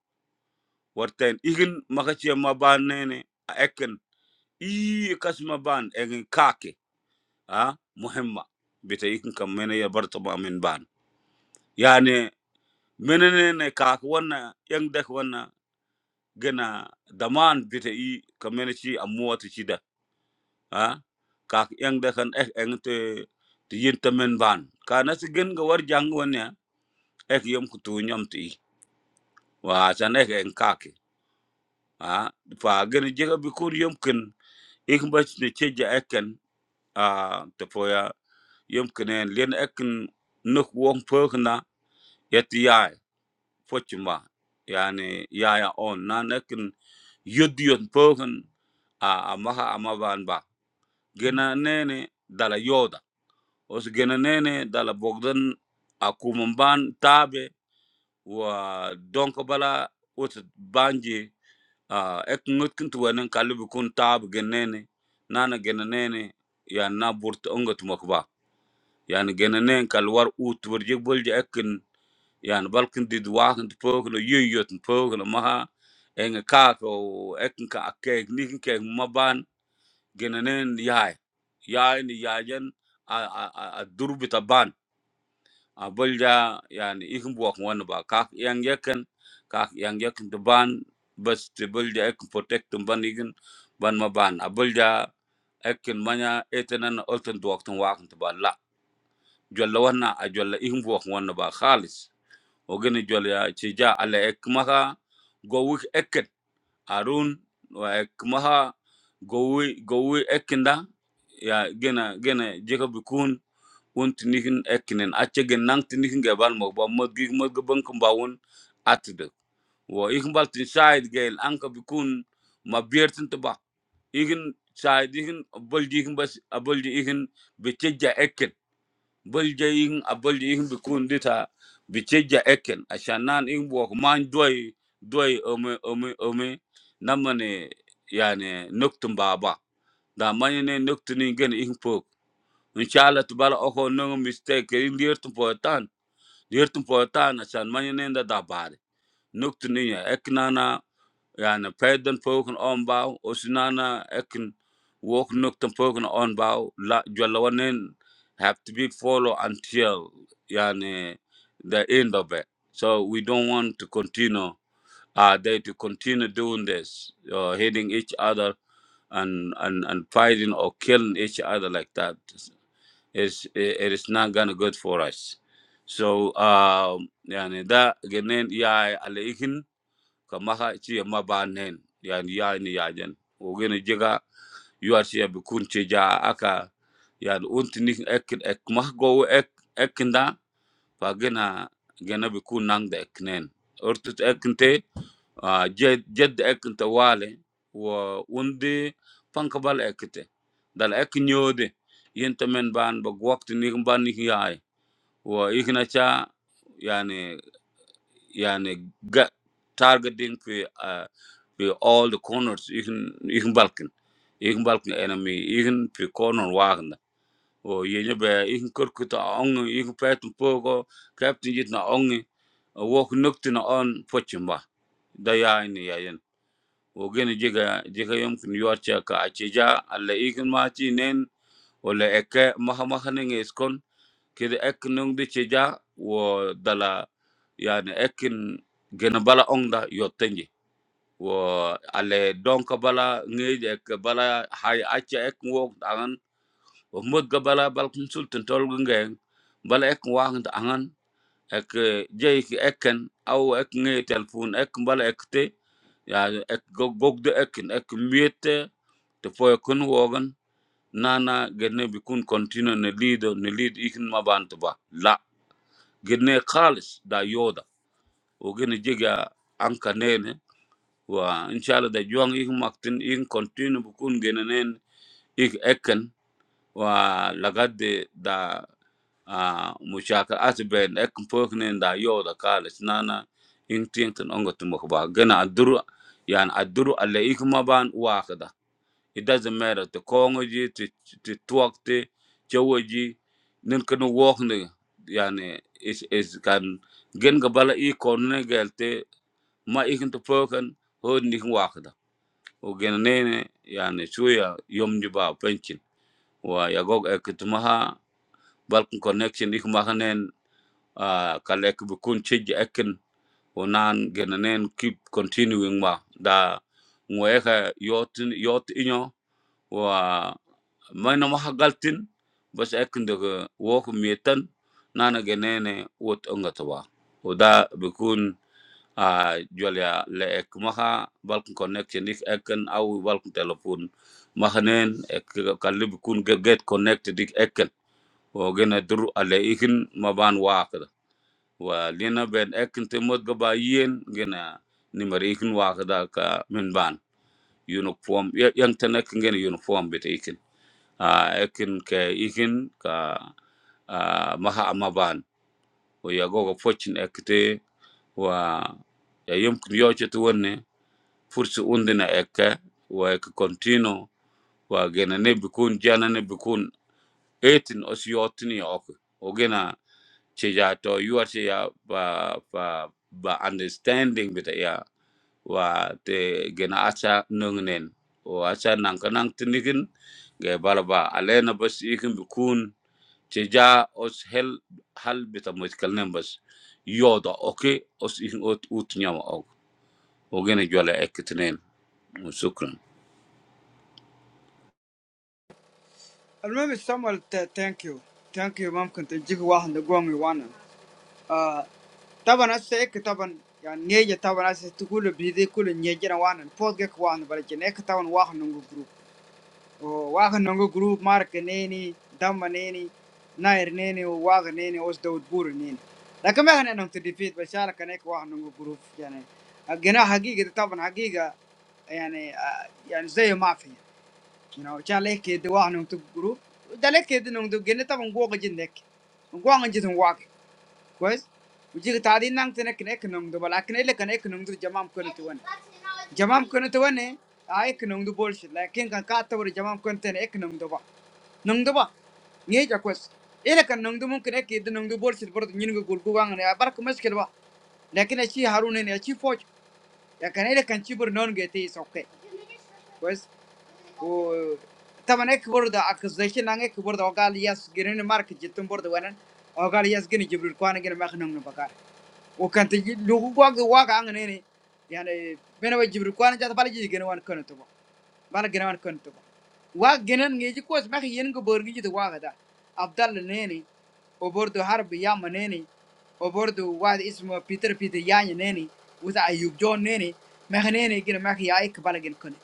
[SPEAKER 4] warten ikin makache maban nene a ekken i kas maban egin kake a muhimma bita ikin kam mene ya barta ba min ban yani mene nene kake wanna yang dek wanna gina daman bita i kam mene chi amuwati chi da a kake yang dekan ek engte te yinta min ban ka nasi gen ga war jang wanya ek yom kutu nyom ti i wa san ek eng kake ah fa gani jega bi kur yumkin ikin ba ne ceja ekan ah ta foya yumkin en len ekan nuk wong pokna yati yai fochima yani yaya on nan ekan yod yod pokan a amaha amaban ba gena nene dala yoda os gena nene dala bogdan a kumumban tabe wa donko bala ut banji Ah, ek ngot kin tu wanin kalli bi kun taab gennene nana genene, yan na burta unga tumak ba yan genenen kal war ut wur jik bulja ekin yan balkin did wahan tu pokno yuyot tu pokno maha enga kaako ekin ka akek nikin kek maban genene yaay yaay ni yaajan a a a durbita ban a bulja yani ikin buwak wani ba kak yang yakin kak yang yakin to ban bas te bulja ek protect tum ban igin ban ma ban a bulja ekin manya etenan olten duwak tum wakin to ban la jolla wana a jolla ikin buwak wani ba khalis o gani jolla ya ci ja ala ek maha gowik ekin arun wa ek maha gowi gowi ekinda ya gena gena jeka bikun won tinihin ekinen ache gen nang tinihin ge bal mo ba mod gi mod ge bang kumba atde wo ihin bal tin shaid gel anka bikun ma biertin to ba ihin shaid ihin bol di ihin bas abol di ihin biteja eken bol je ihin abol di ihin bikun dita biteja eken ashanan ihin bo man doy doy ome ome ome namane yani noktum baba da manyene noktum ingen ihin pok Inshallah tubala oko nung mistake in lirtum poetan. Lirtum poetan asan manyanenda dabari. Nuktu niya eknana yani peden poken onbouw. Osinana ekin wok nuktum poken onbouw. La jwalawanen have to be followed until yani the end of it. So we don't want to continue uh, they to continue doing this, uh, hitting each other and, and, and fighting or killing each other like that. It's, it is not gonna good for us. So um yani da genen ya aleihin kamaha chi ma banen yani ya ni ya jen o gene jega you are here bikun che ja aka yani untini ek ek mah go ek ekinda pa gena gena bikun nang da eknen ortut ekinte Jadjad eknte wale, waundi pangkaval ekte, dalam eknyode, entemen ban, baguakt nihem ban nihai, waikhnacha, yani yani targeting for for all the corners, ikhikhn balkin, ikhnh balkin enemy, ikhnh for corner wakanda, wa yengebe ikhnh kerkita angin, ikhnh paitun pogo, captain jidna angin, waikhnakti na an fochtamba, daya ini ayen wogene jega jega yom kun yuarcha ka acheja alla ikin machi nen wala eke maha maha nenge iskon kede ek nung de cheja wo dala yani ekin gena bala ongda yotenje wo ale donka bala ngeje ek bala hay acha ek wok dangan wo mud ga bala bal sultan tol bala ek wang ek jey ki ekken aw ek ngey telefon ek mbala ek te ya ek gogdo ekken ek miete te foy kun wogan nana gene bi kun continue ne lido ne lead ikin mabant ba la gene khalis da yoda o gene jiga anka nene wa inshallah da juang ik maktin ik continue bu kun gene nen ik ekken wa lagade da ah mushakal asben ek pokne da yo da kalis nana in tintin ongo tumok ba gana aduru yan aduru alle ikma ban wakada it doesn't matter to kongoji to to talk twakte chawoji nin kan wokne yani is is kan gen gabala i konne gelte ma ikin to pokan ho nikin wakada o gen nene yani chuya yomji ba penchin wa yagog ek tumaha balkon connection ikma hanen uh, kalek bukun chiji ekin unan genenen keep continuing ma da ngweka yotin yot inyo wa mayna maha galtin bas ekin daga wok mietan nana genene wot ongatawa uda bukun uh, jwalya le ek maha balkan connection ik ekin au balkan telephone maha nen ek kalli bukun get connected ik ekin o gena dur ale ikin maban wakda wa lena ben ekin te mod gaba yen gena ni mari ikin wa kada ka min ban uniform ya- yang tana kin gena uniform bit ikin a ekin ke ikin ka ah, maha amma ban wa ya goga focin ekte wa ya yumkin yoche to wonne fursu undina ekke wa ek continue wa gena ne bikun jana ne bikun 18 osiyotini ok ogena she ya to you are she ya ba ba ba understanding bit ya wa te gena acha nungnen o acha nang kanang tinigin ge balaba alena bas ikin bikun she ja os hel hal bit a mutkal nem bas yoda okay os ikin ot ut nyama og o gena jwala ekitnen shukran
[SPEAKER 2] المهم سامويل ثانك يو ثانك يو ممكن تجيك واحد نقوم وانا آه طبعا هسه هيك طبعا يعني نيجي طبعا هسه تقول بيدي كل نيجي انا وانا فوق هيك واحد بلجن هيك طبعا واحد نونغو جروب واحد نونغو جروب مارك نيني دم نيني ناير نيني وواغ نيني وس دود بور نيني لكن ما احنا نمت ديفيد بشارك كان هيك واحد نونغو جروب يعني الجناح حقيقة طبعا حقيقة يعني آه، يعني زي ما في You know, chan le ke de wa nong tu group. Da le ke de nong du gene ta bang go ga jin dek. Go ngon jin wa ke. Kwes. U ji ta di nang tene kne ek nong du bala kne le kne ek nong du jamam kono tu wan. Jamam kono tu wan ne. A ek nong du bol shit. Lakin kan ka ta wor jamam kono tene ek nong du ba. Nong du ba. Nge ja kwes. Ele kan nong du mum kne ke de nong du bol shit bor nyin go gul gu wang ne. Bar ko mes ke ba. Lakin a chi harun ne a chi foj. Ya kan ele kan chi bor non ge te is okay. Kois. و طبعا هيك برضه accusation عن هيك برضه وقال ياس جرين مارك جتن برضه وانا وقال ياس جرين جبريل كوانا جرين ما خنم نبكار وكان تجي لو واق واق عن هنا يعني بينا وجبريل كوانا جات بالي جي جرين وان كنت تبا بالا جرين وان كنت تبا واق جرين نيجي كوس ما خي ينكو برجي جت واق ده عبد الله نيني وبرضه حرب ياما نيني وبرضه واحد اسمه بيتر بيتر ياني نيني وذا أيوب جون نيني ما خنيني جرين ما خي ياك بالا جرين كنت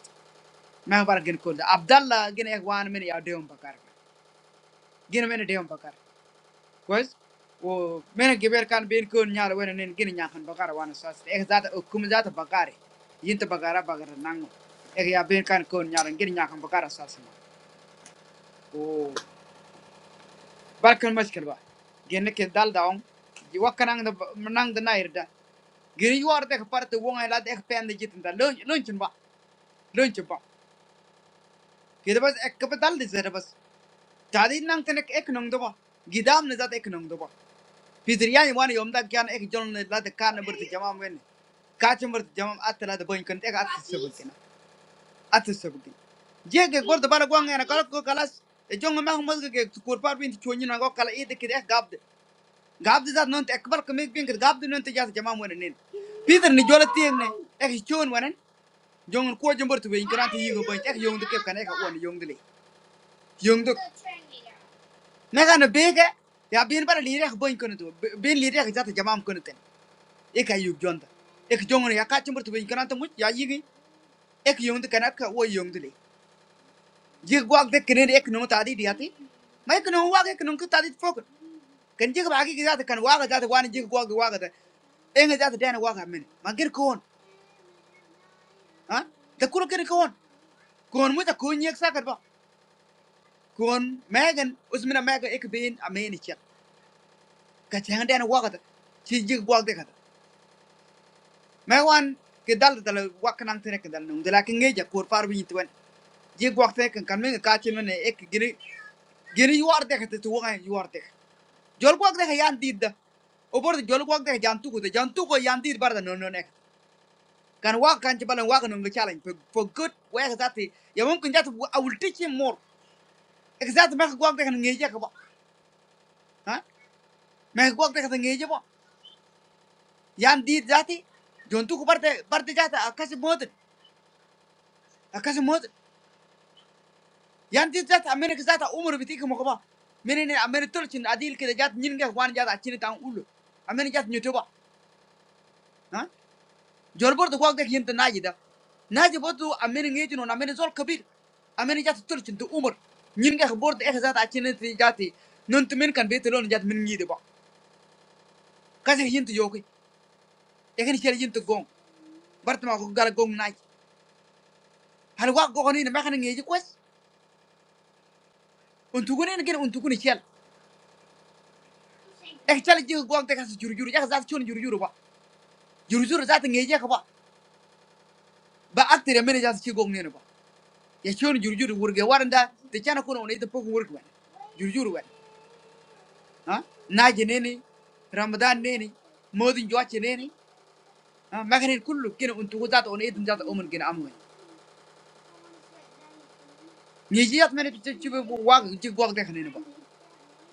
[SPEAKER 2] Mau barang gin kok? Abdullah gin ekwan meni ada om baca. Gin meni dia om baca. Guys, oh, meni giberkan bin kunyara, meni gin nyakhan baca rawan saus. Ek dah tuh kum dah tuh baca. Yintu baca rawan baca nanggu. Ek ya bin kan kunyaran, gin nyakhan baca sausnya. Oh, bacaan masukilah. Gineket dal daun. Jika nangda nangda naikida. Ginjuar tekaparatu wong elad ek pendijitndah. Lunch lunchin bua, lunchin bua. Kita pas ek kep dal di sebab. tadi nang tenek ek nong doba gidam ne zat ek nong doba pidriyan wan yom da kyan ek jon ne lat kan ne burti jamam wen ka chum burti jamam at la de boin kan ek at sebul kena at sebul je ge gor da bala gwang ena kalat ko kalas e jon ma hum ge kur par bin chonyi na go kala e de kide gab de gab de zat non ek bal kemik bin gab de non te jat jamam wen ne pidr ni jola tieng ne ek chon wan jon ko jom burti wen kan te yigo boin ek yong de ke kan ek wan yong de le yong de Naga na bega ya bin bara lirek boy kono tu bin lirek jata jamam kono ten ek ayu jonda ek jongon ya ka chumbur tu bin kana tamu ya yigi ek yong de kana ka wo yong de jig gwag de kene ek no ta di diati mai kono wa ek no ka ta di fok kan jig ba gi jata kan wa ga jata wan jig gwag wa ga enga jata den wa ga men ma gir kon ha da kuro kene kon kon mu ta kun yek sakar ba kon megan usmina mega ek bin ameni chet ka chen den wa ga ci jig gwag de ka ma kedal ke dal dal wak nang tene ke nung dal ke nge ja kur par bi twen je gwak te kan kan me ka chen ek giri giri yuar de te tu wa yuar de jol gwak de yan did da o bor jol gwak de tu ko de jan tu ko yan did bar da no no kan wa kan che balan wa kan nge challenge for for good wa ka zati ya mun kun jatu a will teach him more exact me gwak de kan nge ja ka ba ha me gwak de ka nge ja ba yan did zati jon tu ko bar de bar de mod, akas mod yang tidak tak menikah saja umur betul kemukaba meni ini amerik turun cinta diilik jat nih nih guan jat aci nih tang ul, amerik jat youtube apa? jawab waktu yang itu naik jat naik jat waktu amerik ngaji nuna amerik zol kabir amerik jat turun cinta umur nih nih guan turun eksagat aci nih di jati nuntumenkan betul nih jat minyidi apa? kasih yang itu jauh ini ciri yang itu gong bertemu kau gara gong naik hari gua gua ini nih macam ngaji kuas untung ini nih kiri untung ini cial, ekcili jauh guang tak kasih juru juru jauzat cion juru juru apa? juru juru jat ngaji apa? ba actire mene jas ci gog nene ba ya cion jurjuru wurge waranda te cana kono ne te pok wurge wen jurjuru wen ha naje nene ramadan nene modin joache nene ha maganin kullu kene untu wuzat on edin jata omen gene amwe ni jiyat mene te ci be wag ci gog de nene ba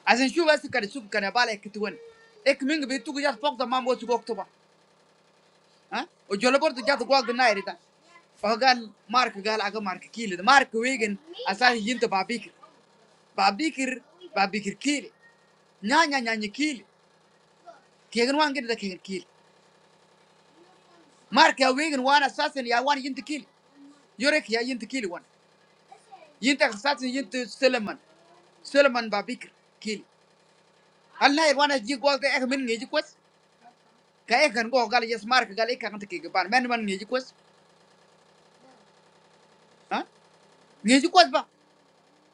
[SPEAKER 2] asen shu wasu kare sub kare bala kitwen ek mingi be tugu jat pok da mambo ci gog to ba ha o jolo bor jata gog na o gal mark gal aga mark kile mark wegen asari yinta babik babikir babikir kili nyanya nyanya kili kegen wan gida kegen kili marka wegen wan assassin ya wan yinti kili yorek ya yinti kili wan yinta assassin yinti suleman suleman babikir kili alna ir wan ji gol de ek min ngeji kwas ka ek kan go gal yes marka gal ek kan tike ban men man ngeji kwas ha ngeji kwas ba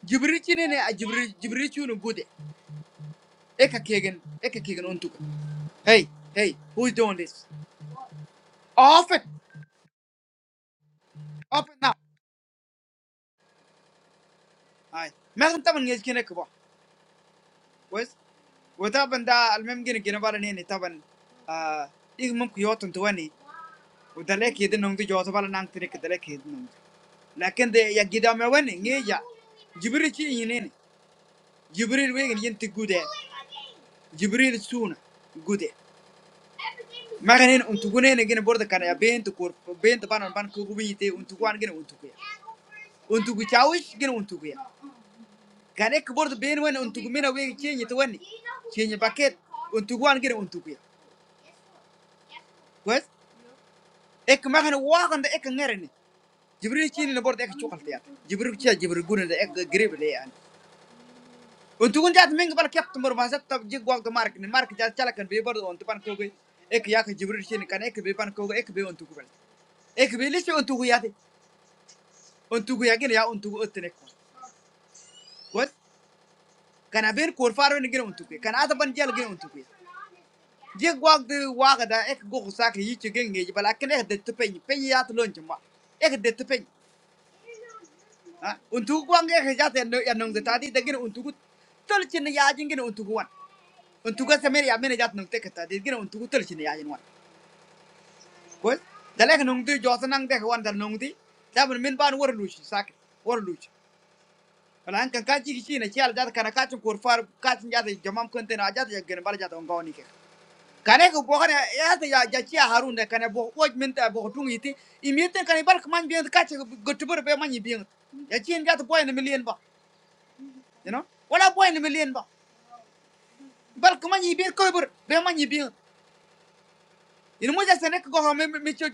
[SPEAKER 2] jibril chine ne a jibril jibril chune bude eka kegen eka kegen untuka hey hey who's doing this off it open now ay megan taman ngeji kine ko boys Udah tapi da almemu gimana barang ini? Tapi, ah, ini mungkin jauh tuh ani. Udah lek hidupnya ngomtu jauh sebala nang terik udah lek hidupnya. Lain kende ya kita mau ini nggak ya? Jibril cewek ini, Jibril wae kan jantik good eh, Jibril suona good eh. Makan ini untung ini gimana borat karena ya bentukur bentuk banan ban kuku binti untung ban gimana untung ya. Untuk bicauis gimana untung ya? Karena keborat bentuk ini untung maina wae cewek ini tuh ani, cewek ini paket untung ban gimana untung ya? What? Ek mengenai wakanda ek ngerni. Jibril cina lebaran ek coklat ya. Jibril cia Jibril guna da ek grebel ya. Untukun jat mengebal kap tempur masa tapi jaguak tu mark ni. Mark jat calekan beberdo untuk pan kau gay. Ek ya ke Jibril cina kan ek bepan kau gay ek be untukun. Ek be list untukun ya si. Untukun aja lah ya untukun artinek. What? Karena bekor faru negri untukun. Karena atas pan calegin untukun. Jigwak tu wakda ek go husaka itu keninge. Jika balak negri detupen. Peni ya tu loh cuma. Ek detupen. Ah, untuk uang ya kerja tenung ya nung tadi daging untuk tel cina ya aja gini untuk uang. Untuk apa semer ya mana jat nung teh kita di untuk tel cina ya aja uang. Kau, jalan nung tu jauh nang teh uang jalan nung tu, tapi min pan war lucu sakit, war lucu. Kalau angkat kaji kisi nih cial jat karena kacung kurfar kacung jat jamam konten aja tuh gini balik jat ongkau nih Karena kau bukan ya tuh ya jadi harun deh karena bukan bukan minta bukan tung itu, ini tuh karena balik kemana biang kacung gotuber be mana biang. Ya cian jat poin milian bah. you know wala boy ni million ba bal ko man yibir ko bur be man yibir ina mo jase nek go me me ci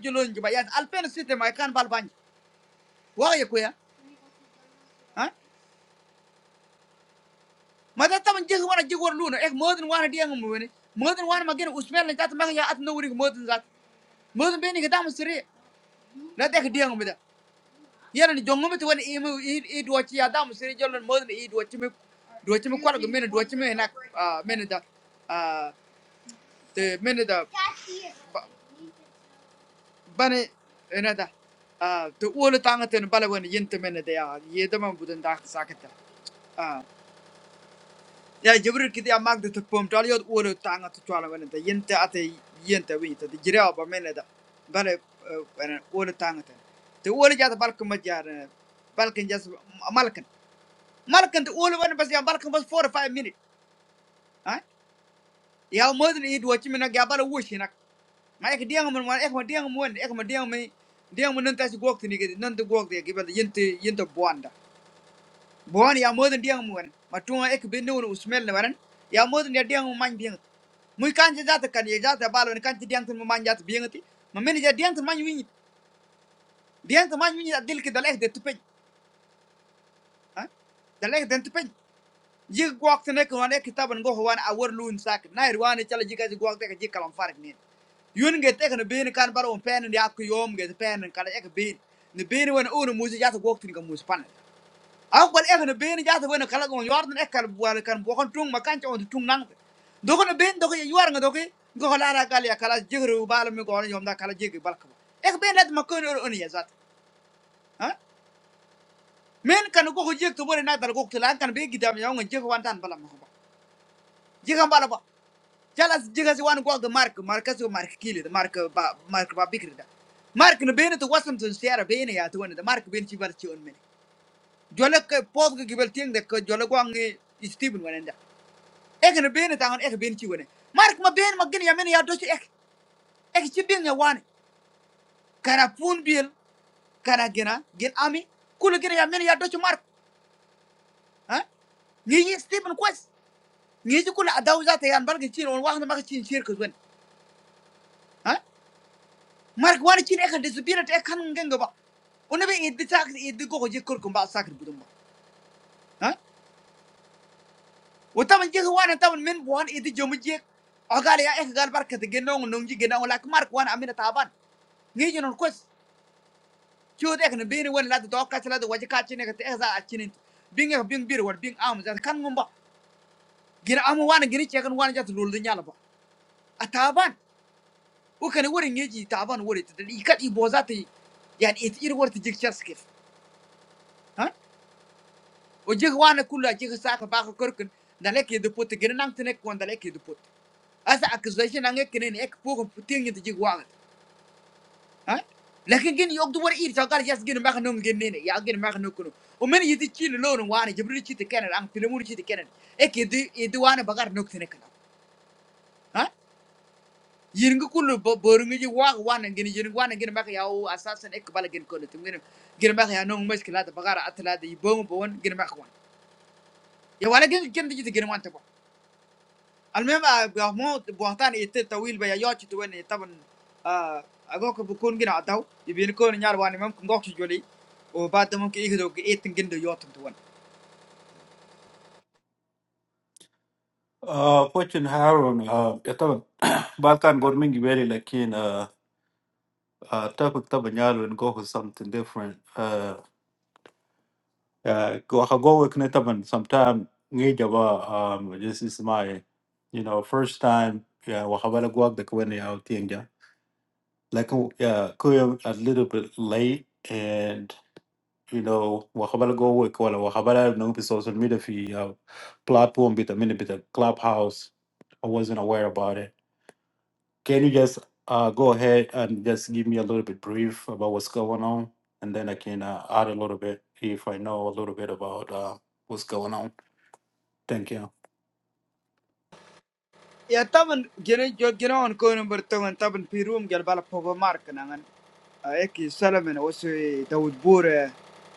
[SPEAKER 2] ba ya alfen site ma kan bal ban wa ya ko ya ha ma da tam jeh wana jigor lu no ek modin wana di ngam woni modin wana ma gen usmel ni tat ma ya at no wuri modin zat modin be ni ga dam sire na tek di ngam da yana ni jongum ti woni imu i do ci ya dam sire jolon modin i do ci me do ci me kwal go men do ci me nak men da ah te men da bani ina da ah to wala tanga ten bala wen yinta mena da ya yeda man budun da sakata ah ya jibril kidi ya magda to pom tal yod wala tanga to twala wen da yinta ate yinta wi ta jira ba mena da bala wen wala tanga ten to wala ja da balkan ma ja balkan jas malkan malkan to wala wen bas ya balkan bas 4 or 5 minutes ah ya modin idwa chimina ga bala wushina ma ek diang mon wan ek ma diang mon ek ma diang me diang mon nanta si gok tini ke nanta gok de ke bal yente yente bonda bon ya moden diang mon ma tunga ek be no usmel ne waran ya moden ya diang man kan je jata kan ye jata balo ne kan je diang mon man jata biang ti ma men je diang mon wini diang mon wini adil ke dalek de tupe ha dalek de tupe jig waktu ne kan ne kitaban go hwan awar lun sak na irwan chala jiga jig gwakta ka jig kalam farik ne yun ge te kan bin kan bar on pen ya ku yom ge pen kan ek bin ni bin wen un muzi jata gwakta ni kan muzi pan aw ek ne bin jata wen kala gon yordan ek kan wal kan bo kan tung makan on tung nang do kan bin do ko yuar nga do ko go hala ra kal ya kala jigru bal mi go yom da kala jig bal ek bin let makon on ya zat ha men kan go ko jig to bore na dal go tilan kan be gidam ya ngon jig wan tan bala ma jig kan bala ba jalas jigas wan gwag mark markas go mark kile mark ba mark ba bikri da mark no bene to wasam to siara bene ya to wan da mark ben ci bar ci on men jole ke pod go gibel tieng de ko jole gwang ni steven wan da ek no bene ta on ek ben ci wane mark ma ben ma gen ya mene ya do ci ek ek ci ben ya wan kara pun bil kara gena gen ami kulu gena ya mene ya do ci mark ha ni ni steven kwes ni ci kulu adaw zata yan barga ci on wax na ma ci ci ko wen mark wani chin ekan de zubira te ekan genga ba ona be iddi sak iddi go je kor kumba sakir budum ba ha wata man je wana ta man men wan iddi jomu je agale ya ek gal barka de genno ngong ji genno lak mark wana amina taban ngeje non kos chod ek ne beni wan la do ka sala do waje ka chin ek te za a chinin bing bir war bing am za kan ngomba gina am wana gini che kan wana jatu lol nyala ba a taban o kan wori ngeji taban wori te i kat i bozati yani it ir wor te jik chaskif ha ujiguan yang kulah ujigasa kebaca kerkin dalaki hidupot, kira nang tenek kuandalaki hidupot. Asa agusaja yang nangek nene ngek pohon tiangnya tujuiguan, ah? Lainkin ginu waktu baru iri cakar jas ginu makan nunggin nene ya ginu makan nukunu. Omeni jadi ciri lor nuguani jemuru ciri keren, ang filmur ciri keren. Ekdih ekdihuan yang bagar nuktenekan, ah? Jaringku kulah berunger jiguwang waneng ginu jaringwan ginu makan ya o asasan ek balak ginu kalah timun ginu ginu makan nung meskilada bagar atlati bom bom ginu makan. Ya walad ginu ginu jitu ginu wantapok. alhamdulillah, buah tanah itu terwujud banyak itu banyak, agak berkurang juga ada tuh. di bingkongnya orang banyak, kemudian Juli, oh, pada mungkin itu juga etingin doa itu tuhan.
[SPEAKER 7] Uh, fortune Harun, uh, yata Balkan government very like in uh, uh, topic taban yalo and go for something different. Uh, uh, go I go with taban sometime ngija ba um this is my you know first time yeah wahabala guag the kwani out tinga like yeah kuya a little bit late and you know wahabala go with wala wahabala no be social media fi uh, platform bit a minute bit a clubhouse I wasn't aware about it Can you just uh, go ahead and just give me a little bit brief about what's going on, and then I can uh, add a little bit if I know a little bit about uh, what's going on. Thank you.
[SPEAKER 2] ya, tapi generasi generasi orang kau yang bertemu dengan piringan gelar balap papa mark dengan, ek selama waktu itu buruh,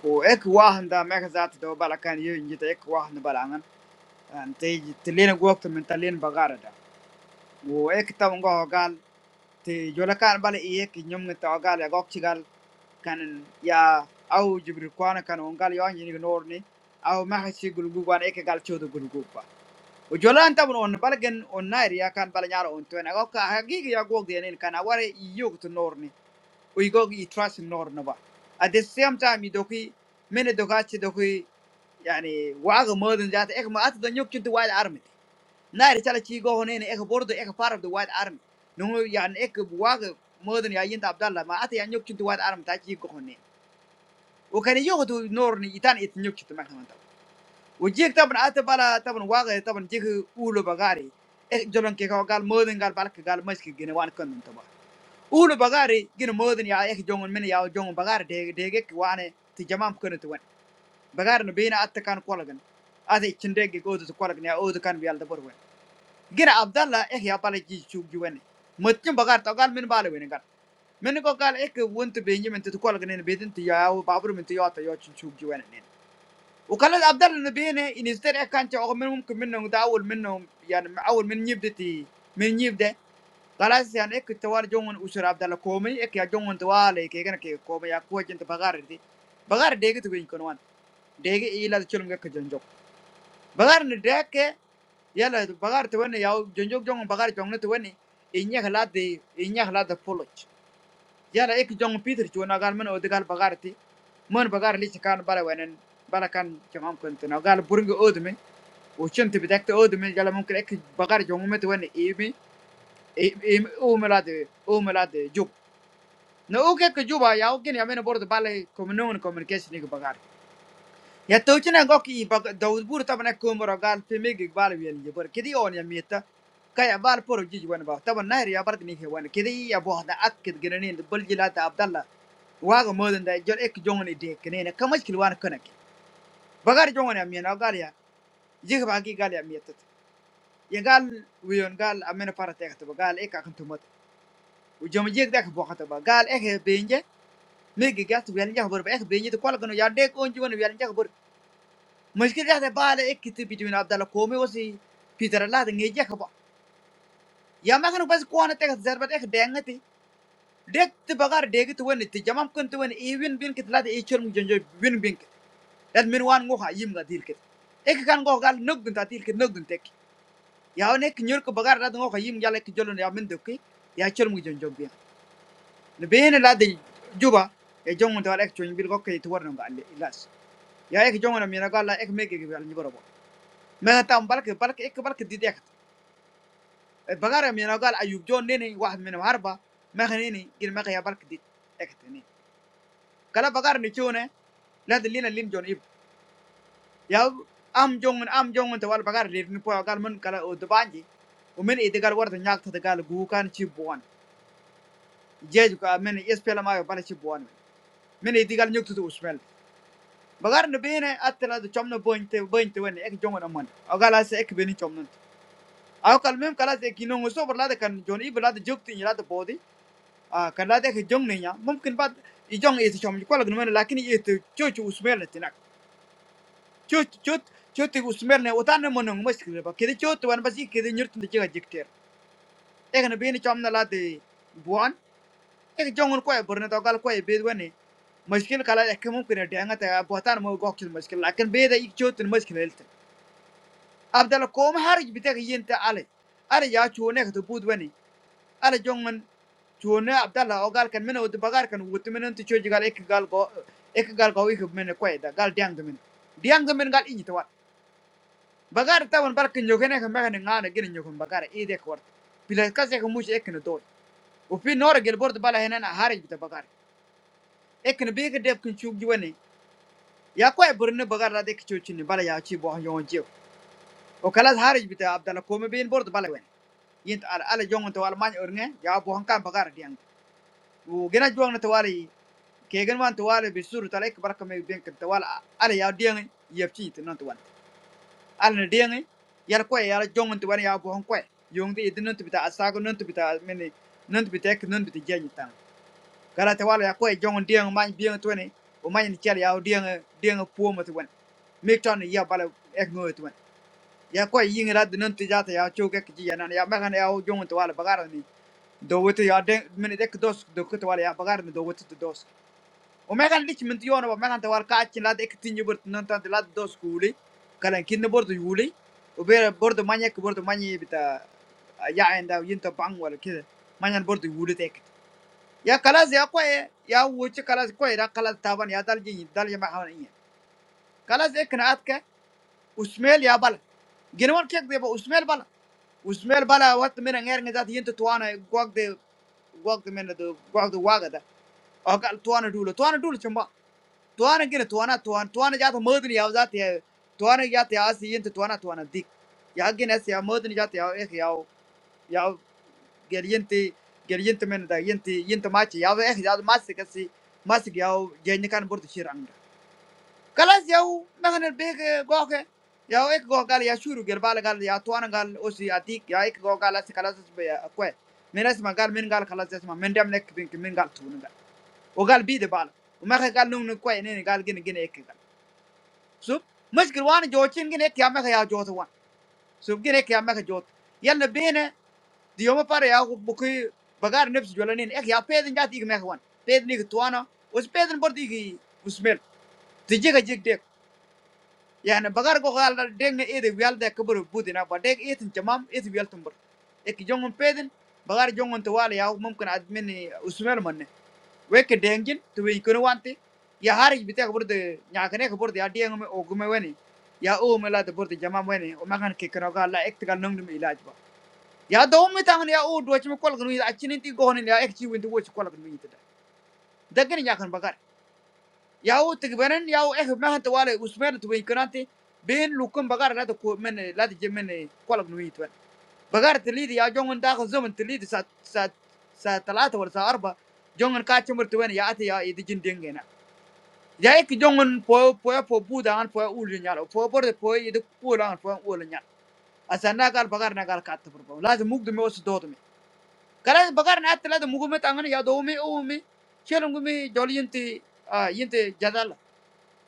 [SPEAKER 2] oh, ek wah ada magazin doa balakannya jadi ek wah neberangan, terlihat waktu mentalian bagarada. woe ekta monggo agal, di jualkan balik iya ke nyumeng ta agal ya gak cikal, karena ya awu juprukuan kan monggal iya jinik noor ni, awu masih gulubuan ekgal ciodu gulubpa Ujalan tapi orang beragin orang nairi akan berjarah untuknya. Kau kah gigi aku udah nih karena warga nyukut norni. Ujogi trust nornabah. Ada siapa yang didukui? Men dukati dukui. Yani warga muda njaat. Ek mau atuh nyukut duat armi. Nairi caleci goh nih. Ek boruto ek part of the white army. Nungu yani ek warga muda nih aja Abdullah. Ma atuh yani nyukut duat armi. Tadi caleci goh nih. Ukani nyukut norni ituan itu nyukut macam itu ujig tapi na atas para tapi nu warga tapi nujig ulubagari ek jalan kekagal modern kal balik kegal masih kegenan wani kandung tiba ulubagari ginu modern ya ek jongun meni ya jongun bagar dek dek ke wane dijamah kandung tuan bagar nu biena atas kan kuatkan ada cendera kegojo sukuatkan ya oh tukan biar dapat kuat. Ginu Abdullah ek ya paling cukup juga nih macam bagar tukar meni balu wengar meni kagal ek wunt berhijau meni tukuatkan nih berhijau ya wu baper meni ya tuh ya cukup juga nih Ukuran Abdullah nu biene ini setiap kantor kami mungkin minum dan awal minum ya awal minyuteti minyuteh. Kalau hasilnya itu terjunan usir Abdullah kami, itu yang jangan terjual. Itu yang kami ya kau itu bagar itu bagar deket dengan konon deket. Iya sudah cuma kejunjuk. Bagar ngedeket ya lah bagar tuh ini jauh junjuk jangan bagar cuman tuh ini ini halat ini halat polos. Jadi, ek jungkiter, corngarman udikal bagariti, man bagarli sekarang balawai nen, balakan jamam kentena. Kalau purung udem, ucin tebetekte udem, jalan mungkin ek bagar jungum itu warna EMI, EMI, O melade, O melade, jup. Nah, O kayak kejupa, ya O gini, amena borot balai komunikasi ni ke bagar. Ya tawci na go ki ba Dawud bur taban ek komoro gal pimi gi bal wen je bor kidi on ya mita ka ya bal por ji wan ba taban na ya bar ni he wan kidi ya bo da ak kid gene bal jila ta Abdallah modan da jor ek jong ni de kene ne kamaj kil wan kana ke bagar jong amena gal ya je ba gi gal ya mita ya gal wi gal amena para te ta gal ek akam tumat u jom je da ka bo khata ba gal ek he benje me gi gat wen ja bor ba ek benje to kol gano ya de ko on ji wan ja masih kerja deh, balik ke itu pijuin Abdullah Ko meu sih pinter lah deh, nggak siapa. Ya makanya numpas kauan teks jadi ek danget, dek bagar deket tuh an itu. Jaman kantu an even bin kit lah deh, cium muncul jauh bin bin. Atau minuan ngoha, iya nggak diilkit. Ek gan ngoha ngal, nukun tatiilkit nukun teki. Ya on ek nyuruk bagar lah deh, ngoha iya mual ek jalan ya min dukki, ya cium muncul jauh bin. Lebihnya lah deh, juga. Ek jangan tuh lah ek cium bin ngok ke itu warna nggak alir. Ya ek jangan mina ngolah ek make ke bila njgoro. Minta um parkir parkir ek parkir titi ek Begar ya menurut aku Ayub John ini nih, satu menurutmu harba, mengheningin, ini menghajar kedikt, ekhtini. Kalau begar nih cioneh, lihat ini lim jono ibu. Ya, am jongun, am jongun, jual begar, lihat ini pun agak men kalau udapanji, umi ini tegal warth nyakthad kalau gugan cipuan, jadi juga meni es pelama panas cipuan meni tegal nyuktu tuh sembil. Begar nih begineh, atelah itu cuma buinte buinte, ini ek jongun aman. Agarlah se ek begini cuma, aku kalau men kalau se kini ngusau berlada kan joni, berlada jukti, berlada bodi. ah karena dia kejong nih ya mungkin pada ijong itu cuma juga lagi menarik, tapi itu cukup usmian itu nak cukut cukut cukut usmiannya, utan menung muskilnya, kalau cukut orang pasti kerja nyurut dengan jiktir. Ekornya biar cuma latih buan, ekor jongun kau ya berarti togal kau ya beduani, muskil kalau ekh mungkin ada yang ngata ya buatan mau gokil muskil, tapi beda ikcukut muskilnya itu. Abdallah kom hari kita kehien teral, ada ya cuma itu buduani. ala jongan chune abdalla o gal kan mena wudi bagar kan wuti mena ti choji gal ek gal go ek gal go ik mena koy gal diang men diang men gal inyi tawat bagar tawan barka nyogene kan mega ngana gina nyogon bagar e de kwart pila kase ko mushi ek na do o fi nora gel bord bala henen a harij bita bagar ek na bega deb kun chugji wani ya koy burne bagar la de ki chochi ni bala ya chi bo yon o kala harij bita abdalla ko me bin bord bala wen yint ala ala jongan to al man orne ya bo han kan bagar diang wujudnya tuan tuan ini, kayak gini tuan itu sudah terlebih berarti membentuk tuan, alih alih dia nggak, ya begini itu non tuan, alih alih dia nggak, ya kue ya jongun tuan yang bukan kue, jongtin itu non tuh kita asalkan non tuh kita, mending non tuh kita, non tuh kita jangan, kalau tuan ya kue jongun dia nggak main biang tuan ini, bukan dicari dia nggak dia nggak pua tuan, mikirnya dia baru ego tuan, ya kue ini nggak ada non tuh jatuh ya cukai kacianan, ya bagian yang jongun tuan bagar ini, dua itu ya mending dek dos dua itu tuan ya bagar ini dua itu tuh dos Omengan rich minti orang, Omengan tewar kacim ladi ek tinggi bord nun tentang ladi dos kulih, karena kin bordu kulih, Obe bordu banyak, bordu banyak ini betul, ya endah yentu bang wal, kira banyak bordu kulitek. Ya kalas ya kuai, ya uce kalas kuai, lah kalas tawan ya dal jin, dal jemaah ini. Kalas ek naat ke? Usmil ya bal, gimana kayak deh, Ousmil bal, Ousmil bal awat menengyer ngajar yentu tuanai waktu de, waktu menengdo, waktu warga dah, agar tuanu dulu, tuanu dulu cumba. tuana gina tuana tuana tuana jata modni yaw zat ya tuana jata ya asi yente tuana tuana dik ya gina asi ya modni jata yaw eh yaw yaw gel yente gel yente men da yente yente machi yaw eh yaw masi kasi masi yaw jeni kan burdu shir anga kalas yaw mehne bege goke yaw ek go gal ya shuru gel bala gal ya tuana gal osi adik ya ek go gal asi kalas be ya kwe men asma gal men gal kalas asma men dem nek bin min gal tunu gal o gal bi de bala o mehe gal nung nung kwe ne gal gina gina ek Sub mesgiluan jodhin gini, kiamah khayal jodhuluan. Sub gini kiamah khajodh. Yang nabiinnya diompa reahu buki bagar nafs jualin. Ya kya peden jadi gni khawan. Peden itu tuanah. Ush peden berarti gini usmirl. Di jaga jadi. Yang nabe bagar ko khayal dah. Dengen ini di khayal dah kabur bu di napa. Tapi ini ciamam ini khayal tempur. Ek jongon peden bagar jongon tuwali. Ya u mungkin admi nih usmirl manne. weke dengin to we kono wanti ya hari bite ko burde nyakane ko burde adi ngome ogume weni ya o me la de burde jama weni o magan ke kono ga la ek tigal nong dum ilaj ba ya do me tangan ya o do chim kol gnu ya chini ti go ne ya ek chi windu wo chi kol gnu yita dagen nyakan bagar ya o tig benen ya o ek mahan to wale usmen to we kono anti ben lukum bagar la de ko men la de jemen kol gnu yita بقار تليد يا جون داخل زمن تليد سات سات سات ثلاثة ولا سات أربعة جون كاتشمر توين يا أتي يا إيد جن دينجنا ya ki jongon po po ya po bu dan po ul nyal po por de po yede po po ul nyal gal bagar na kat pro laz mug de mos do de kala bagar na atla de mugu me tangan ya do me o me chelum me jol yinte a yinte jadal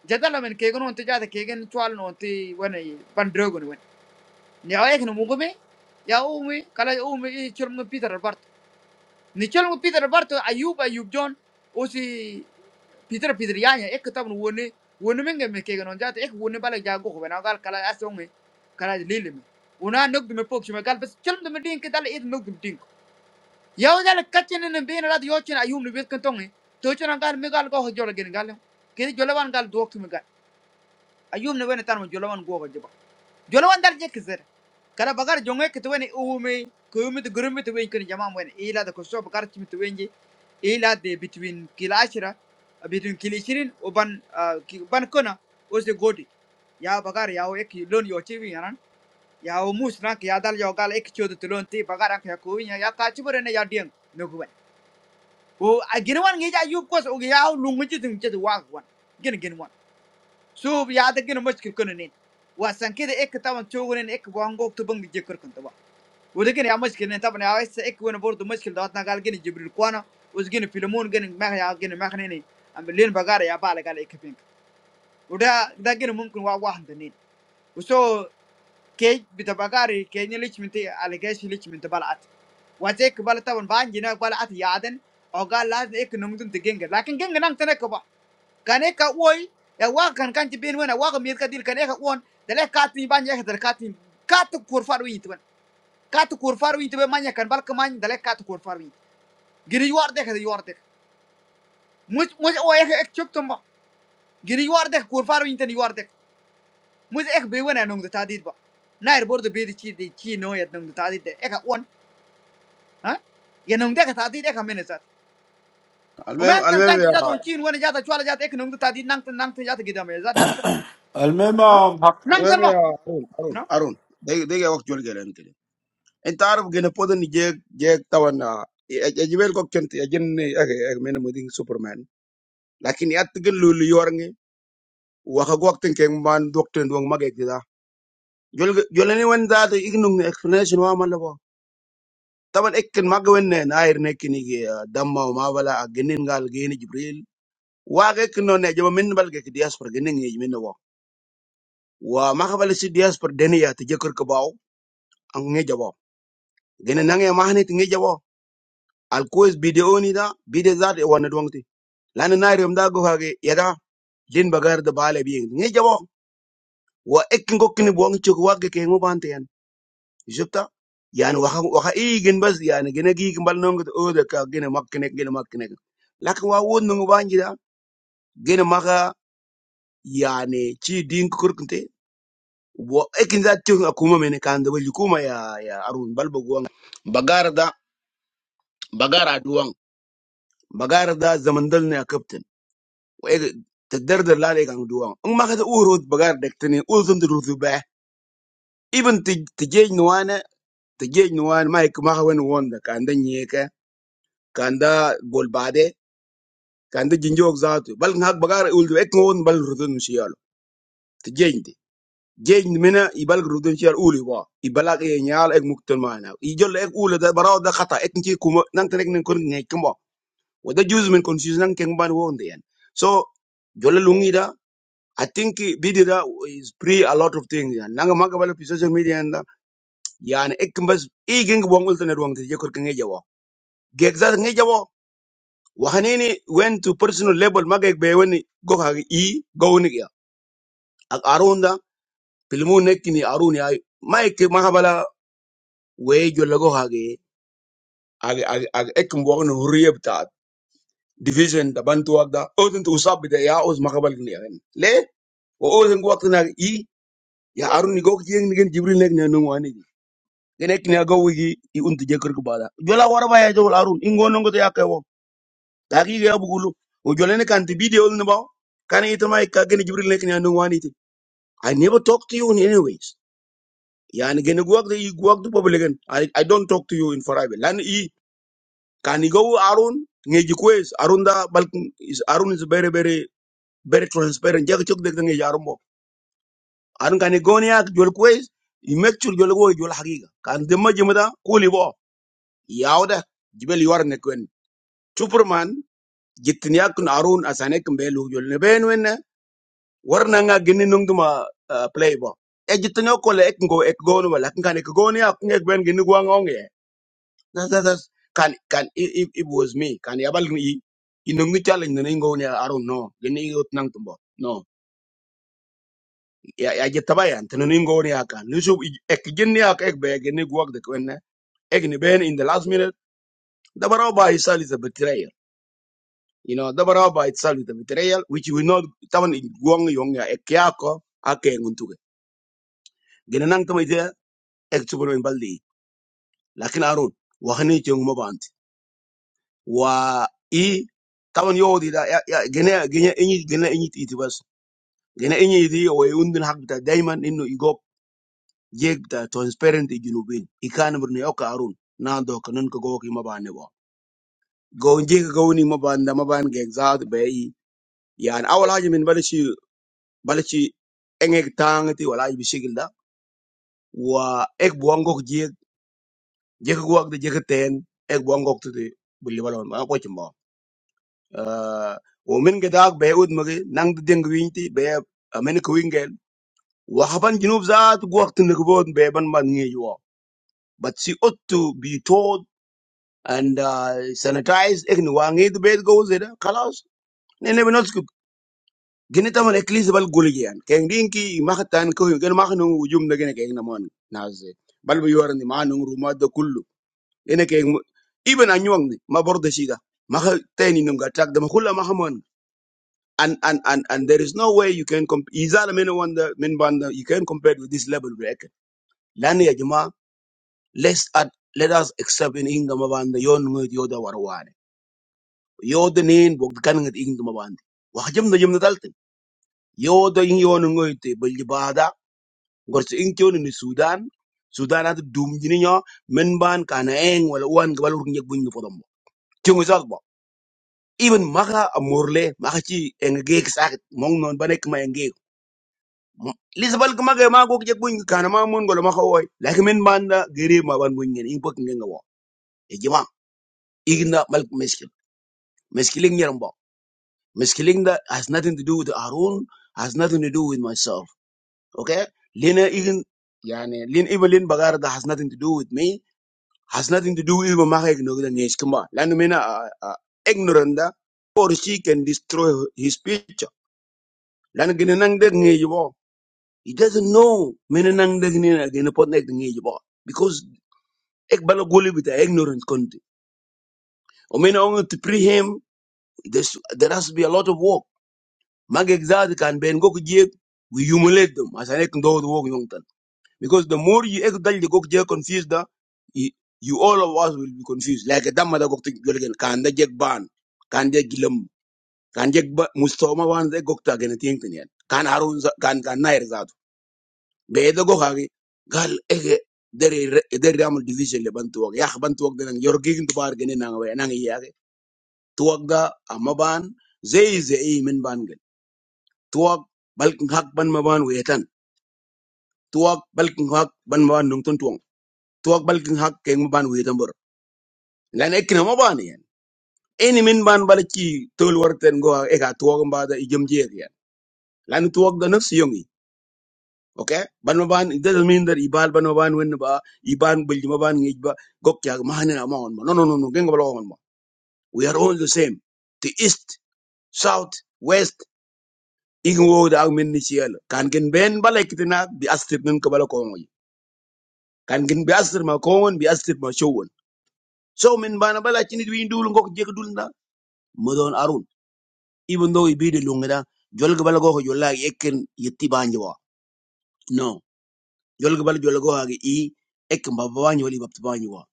[SPEAKER 2] jadal men ke gon te jada ke gen chwal no te wona pan drogon wen ne ay ken mugu ya o me kala o me chelum me peter bart ni chelum peter bart ayub ayub jon osi Peter Peter yanya ek tab no woni woni menge me kege non jata ek woni bala jago ko bena gal kala asonge kala lele me una nog me pok shima gal bas chal me din ke dal it nog dum din yaw dal kachene ne be rat yo chen ayum ne bes kan tonge to chen gal me gal go ho jolo gen gal ke jolo gal duok me gal ayum ne wena tan mo jolo wan go jolo wan dal je kizir kada bagar jonge kiti weni uumi ko yumi ti gurumi ti wen kini jamam weni ila da kosto bagar timi ti wenji ila de between kila between kili shirin ban ah, ki- ban kona o godi ya bagar ya o ek lon yo chiwi yanan ya o mus na ki ya yo gal ek chodo ti lon ti bagar ak ya ko winya ya ka chibore ne ya dien no ko wen o a ngi ja yub kos o ya o lungu ji tin je wa wan gin gin wan sudah ada gimana masukin kau ini, wah saking itu ek ketabun coba ini ek bangkok tuh beng digerkin tuh, udah gimana masukin ini tabun ya wis ek gua nu boruto masukin datang kali gimana jebulkuana, usgin filmun gimana, maca ya gimana maca ini, ambilin bagari ya paling kali ek pink, udah, tapi mungkin gua gua hand ini, usoh kai betul bagari kainnya licin, anti alergis licin, tapi balat, wah cek balat tabun bangin aja balat ya ada, agak lazne ek nomor tuh digengg, tapi kan gengg ngan tenek tuh kane ka oy ya wa kan kan ti ben wena wa ka mir ka dil kane ka on dale ka tin ban ya dale ka tin ka tu kur faru yit ka tu kur faru yit manya kan bal ka man dale ka tu kur faru yit giri yuar de ka yuar de muj muj o ya ek chuk tum giri yuar de kur faru yit ni yuar de muj ek be wena nong ta dit ba nair bor de be di chi di chi no ya nong ta dit de ek ka on ha ya nong de ka ta dit ek ka mena zat o
[SPEAKER 1] Almem
[SPEAKER 2] men kan
[SPEAKER 1] almem
[SPEAKER 2] kan ti
[SPEAKER 1] ya
[SPEAKER 2] ja don chin wena ja ta chwala ja ta ek nong ta dit nang tan nang tan ja ta gidam ya zat nang tan
[SPEAKER 7] المهم
[SPEAKER 2] ha
[SPEAKER 7] um,
[SPEAKER 2] nang
[SPEAKER 1] almem
[SPEAKER 2] tan ba
[SPEAKER 1] ya Aron Aron
[SPEAKER 2] no
[SPEAKER 1] Aron de de gak waktu jual gerain kiri entar aku gak ngepot ni jag jag tawarnya ejibel kok kenteng ya jenne agai agai mana mending Superman. Tapi ni ati gak luliu orangnya. Waktu aku kenteng ban dokter doang magetida. Jual jualan yang ada itu iknun explanation wamala wong. Tapi iknun mage weneh naerne kini dia Damba Mavala genengal geni Jibril. Wae iknun ya jaman balik kedisper geneng ya jaman wong. Wae mage balik sidiasper Denia tuja kurkebau angge jawo. gene nange mahni tingi jabo al kois video ni da bide zat wana duangti lana na rem da go hage yada lin bagar da bale bi ngi jabo wa ekin go kini buang chuk wa ge kengu bante yan jupta yani waxa waxa i gen bas yani gene gi gimbal nongo to oda ka gene makkene gene makkene lakin wa won nongo banji da gene maka yani chi din kurkunte wa ekin zat tu akuma mene kan da wali kuma ya ya arun balbo go bagara da bagara duwang bagara da zamandal ne a kaftin Waktu terdar dar lah dengan doang. Enggak ada urut bagar dokternya ulsun terusubah. Ibumu tiga jenguan, tiga jenguan, maik mahkawan wan dekanda nyeka, kanda golbadé, kanda jinjok zat. Balik nggak bagar uldo, ek wan bal rudo nusialo. Tiga jengde, jengde mana ibal rudo nusial uliwa. Ibal gayanya all ek muktohmana. Ijolek ek uli debarada katha. Ek nanti kumang terkenal kumah. Wada juz menkonsius nang kembal wondian. So jola lumida. I think Bidira is pre a lot of things. Yeah. Nanga magabalo pi social media and yani ekmbas igeng wangul tane ruang te jekor kenge jawo. Gegza nge jawo. Wahanini went to personal level magek be weni go ha e go ni ya. Ak arunda filmu nekini aruni ay maike mahabala we jolla go ha ge ag ag ag ekm wangno huriyab ta division da bantu wagda odin to usab da ya os magabal ni ya. Le o odin waqtina e ya aruni go kiyeng ni gen jibril nek ne nungwani genek ne go wigi i unti jekur ko bada jola wara ba jol arun ingo nongo to yakay wo ta ga bugulu o jole ne video ne ba kan it ma gene jibril nek ne no wani ti i never talk to you in any ways yani gene guak de i guak du bobule gen i i don't talk to you in private lan i kan i go arun ngeji kwes arun da balkin is arun is very very very transparent jag chok de ngeji arun bo arun kan i go ne ak jol kwes i make sure jol go jol hagiga kan de ma jimada kuli bo yawda jibel yuar ne Superman jittin yakun Arun asane kin be lu ne ben wenne warna nga gini nungduma uh, playbo e jittin yo kole ek go ek go no wala kan ek go ni ak ben gini gwa ngong ye das kan kan it, it, it was me kan yabal ni i challenge ne ngo ni Arun no gini yot nang tumbo no ya ya jittaba yan tan ngo ni akan ni ek gini ak ek be gini gwa de wenne ek ni ben in the last minute da baro ba isali ze You know, the bara by itself is the material which we know taman guang yong ya ekyako ake nguntuke. Ginanang tama ite ekchubun baldi. Lakin arun wahani chung mabanti. Wa i taman yo di da ya ya gene gene inyi gene inyi iti bas. Gene inyi iti o e undin hak bita diamond inno igop jeg bita transparent i junubin. Ikan burne yoka arun. Nando kanun ko goki mabane bo. Go njeka gawni mabanda maban ge exaat be i. Yani awal haji min balishi bala ci engeg tang ti wala ibi sigil wa ek buangok jeg jeg guak de jeg ten ek buangok tu de bulli wala ma ko ci mo euh o min ga be ud magi nang de deng wiñ ti be amen ko wingel wa haban junub zaat guak tin ko bon be ban man ngi yo but see ought to be told and uh, sanitized ek ni wangi de be go zeda khalas ne ne gini taman eklis bal gulgi yan keng dinki maka tan ko gen maka nung ujum da gene keng namon naze bal bu yorandi ma nung ruma da kullu ene keng ibn anyong ni ma borda shida maka tani nung attack da ma kulla maka mon and and and and there is no way you can comp izala men wanda men banda you can compare with this level break lan ya jama let's add let us accept in inga ma banda yon ngut yoda warwane yoda nin bog kan ngut inga ma banda wa jam na jam na daltin yoda in yon ngut bal bada gorti in kyoni ni sudan sudan at dum jini nyo men ban kana eng wala wan gbal ur nyek buñ fo dombo tingu zak bo even maka amorle maka ci eng geek sak mong non banek ma eng geek lisbal ka maga ma gok jek buñ kana ma mon gol maka woy lak men ban da gere ma ban buñ ngen in bok ngen nga wo e jima igna mal meskin meskiling nyeram bo meskiling that has nothing to do with arun has nothing to do with myself okay lena ign yani lin even lin bagar that has nothing to do with me has nothing to do with Mama ignorance. Come on, Lanu mina uh, uh, ignorant da, or she can destroy his picture. Lanu gina nang deg He doesn't know mina nang deg ni na gina pot nek ngi jibo because ek bala guli with the ignorant country. O mina only to pre him. There's, there has to be a lot of work. Mag exad kan ben go kujek. We humiliate them as an ek ndo the work because the more you ekdal you go get confused da you you all of us will be confused like a damn mother damma to gokta again. Can da jeg ban Can da gilam Can jeg ba mustoma wan go gokta again? ting tin yan kan harun za- Can Can nair zat be da go hagi gal ege deri re- deri ramul division le bantu wak yah bantu wak den yor gigin to bar gene nang we nang yage tuwak da Amaban. ban zai zai min ban gel tuwak balkin hak ban ma ban wetan tuwak balkin hak ban ma ban nung Tuak bal kin hak ke ban wi tambur lan ekin ma ban yan eni min ban bal ci tol warten go e ka tuwak mba da ijem jer yan lan tuwak da nafsi yongi okay ban ma ban da min dar ibal ban ma ban wen ba iban bul ma ban ngi ba gok ya ma hanen ma on ma no no no no gen ga bal on ma we are all the same the east south west igin wo da min ni ciel kan gen ben bal ekitina bi astir min ko bal ko kan gen bi astir ma ko won bi astir ma show won so min bana bala ci nit wi ndul ngok jek dul na Mudon Arun, even though he be the Lungada, Jolgabal go Jola Ekin Yetibanjua. No. Jolgabal Jolago Hagi E Ekin Babanjoli Baptabanjua.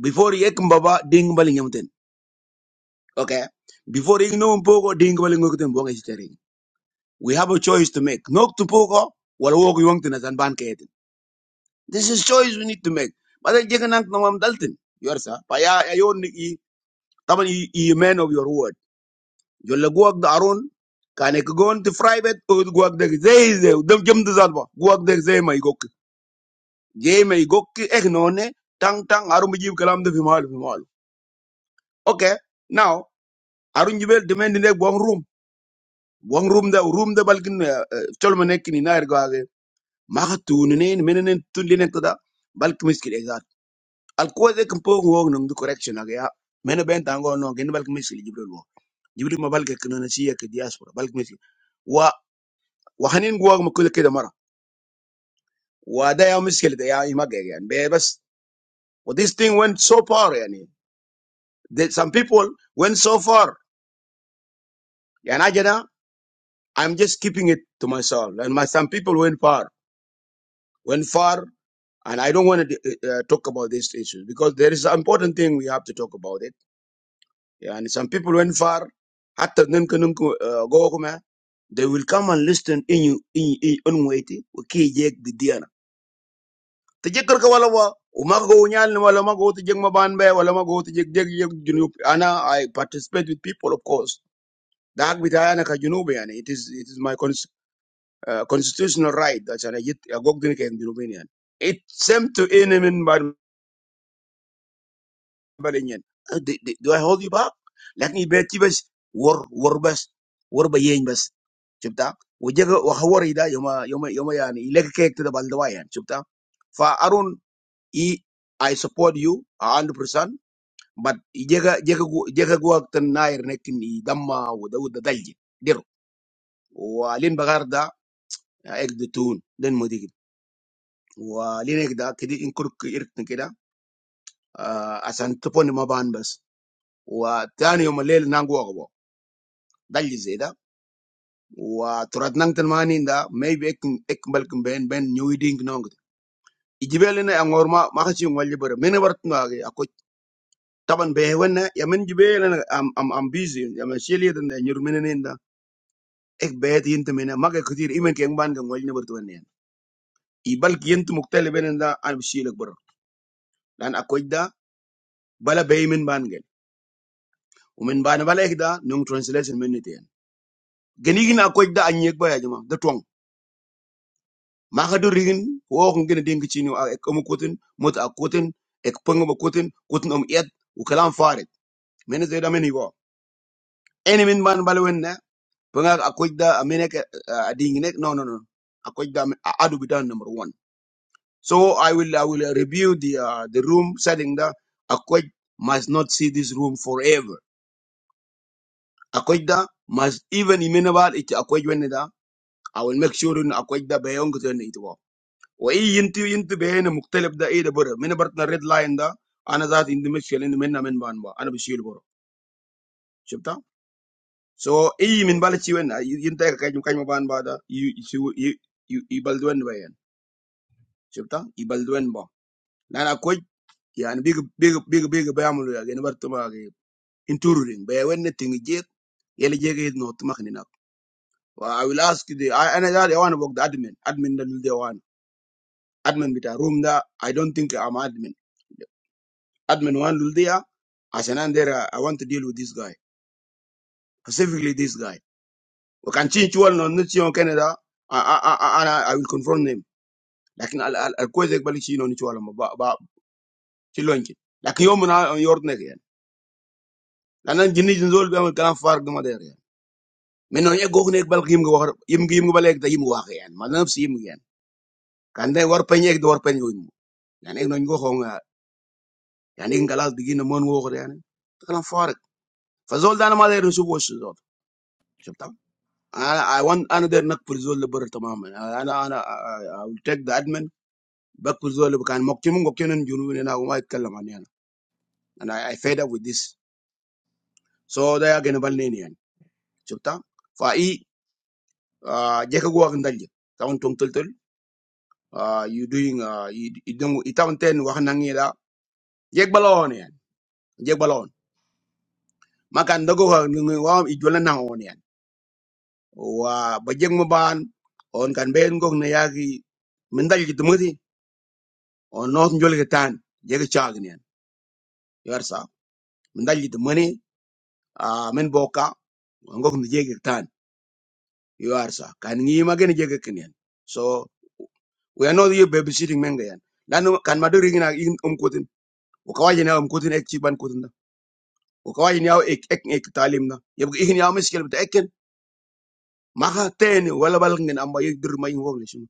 [SPEAKER 1] Before he Ekin Baba Ding Balinghamton. Okay. Before he know Pogo Ding Balinghamton Bongestering. We have a choice to make. Nok to Pogo, while walk Yongton as Anban Katen. This is choice we need to make. But I Jaganak Noam Dalton. Yoursa. Paya Ayon E. Taman, you a man of your word. jolla guwak da aron kane ka gon ti private od guwak da zey zey dam jam da zalba guwak da zey may gokki jey may gokki ek nonne tang tang arum jib kalam da fi malu fi malu okay now arun jibel demand ne bon room bon room da room da balkin tolma nekini nair gaage maka tuni ne menenen tulli ne kada balki miskil ezat al ko de kan pogo ngog nang du correction aga ya mena ben tango no gen balki miskil jibril wo jibril ma balki kana na siya ke diaspora balki miskil وحنين جواكم كل كده مرة وده يا مشكلة يا إيماج يعني بس و this thing went so far يعني that some people went so far يعني أجدا I'm just keeping it to myself and my some people went far went far and I don't want to uh, talk about these issues because there is an important thing we have to talk about it and some people went far حتى نمكن نمكن جواكم they will come and listen in you in in way to okay Together we go. We go to the banbe. We go to the jungle. I participate with people, of course. That's why I am a Junubian. It is my cons uh, constitutional right that I go drink in Junubian. It seems to anyone from Balinian. Do do, do I hold you back? But it's just war, war, just war by any means. You see? We have war here. We are Junubian. Let's take the Balduaians. You see? So, Arun. i I support you hundred percent. But jega jega gu- jega guwag tan nair nekin i damma wada wada dalji dero. Walin bagar da ek de tun den modigin. Walin ek da kedi in kurk irkin keda ah, asan tupon ma ban bas. Wa tani yom lel nangu agbo dalji zeda. Wa turat nang tan mani da maybe ek ek balkin ben ben nyuiding nong. Ijibelina angorma makachi ngwalji bara. Mene bartun Taban be wenne ya min jibe na am am am busy ya ma sheli da na nyur min ne da ek be ti yint min ma ga kutir imen ke ban ga ngol ne bar to ne i bal ki yint muktali ben da an sheli bar dan akoy da bala be min ban gel umin ban bala ek da nung translation min ne ten geni gina akoy da an yek ba ya jama da tong ma ga do rigin wo ko gina ding ci ni ak ko kotin mot ak kotin ek pang ba kotin kotin om yet u kalam farid min zeda min go eni min ban bala wenne Panga akwaj da aminek uh, adinginek no no no akwaj da ami- adu bidan number one. So I will I will uh, review the uh, the room setting da akwaj must not see this room forever. Akwaj da must even imenabal it akwaj wenne da I will make sure na akwaj da bayong kutu wenne ito. Wa i yinti yinti bayena muktalib da ida bura. Mina bart na red line da ana zaat indi mishkel indi minna min ban ba. Ana bishil bura. Shibta? So i min bala chi wenna yinta ka kajim kajim ban ba da i i i i i baldu wenne شفتها يبلدوين با لأن أكوج يعني بيج بيج بيج بيج بيعملوا يعني برتما انتورين بيوين تنجيك يلي جيك نوت مخنينا I will ask the I أنا قال يا أنا بقول admin admin ده للدي وانا admin بتاع room ده I don't think I'm admin admin وان للدي عشان أنا there I want to deal with this guy specifically this guy وكان شيء شوال نو نتشي يوم كندا أ- أ- أ- أنا I will confront him لكن ال ال الكويس يقبل شيء نو نتشي ولا ما با با شيء لونكي لكن يوم من يوردنا لان جنيد زول بيعمل كلام فارغ ما داير يعني من نوع يجوك نيك بل قيم جوار يم قيم قبل يك تيم واقع يعني ما ده نفس يم يعني كان ده ور بين يك دور بين يوم يعني إيه نوع يجوك هون يعني إيه خلاص بيجينا من وقر يعني كلام فارغ فزول ده أنا ما داير نشوف وش زول شفت أنا I want أنا داير نقبل زول لبر تماما أنا أنا I will take the admin بقبل زول اللي كان مقتنع مقتنع جنوني أنا وما يتكلم عني أنا أنا I fed up with this so ده يا جنبالني يعني شفت فأي جاك جوك ندلج تاون تون uh, you doing uh, you, you don't it ten wa nangi la jeg balon yan jeg balon makan dogo ha ngi wa i jola na on yan wa ba jeg mo ban on kan ben gok na yagi min dal git muti on not jol ge tan jeg chag ni yan yar sa min dal git mani a min boka on gok ni jeg ge tan yar sa kan ngi ma gen jeg ge ken yan so we are not here babysitting men yan lanu kan maduri ngina um kutin ko kawaje na um kutin ek chi kutin Okey ini awal ikn ikn ikta lima. Ya begini awal meskipun tak ikn. Maha teni wala beleng dengan ambayik dirumayin wong niscumu.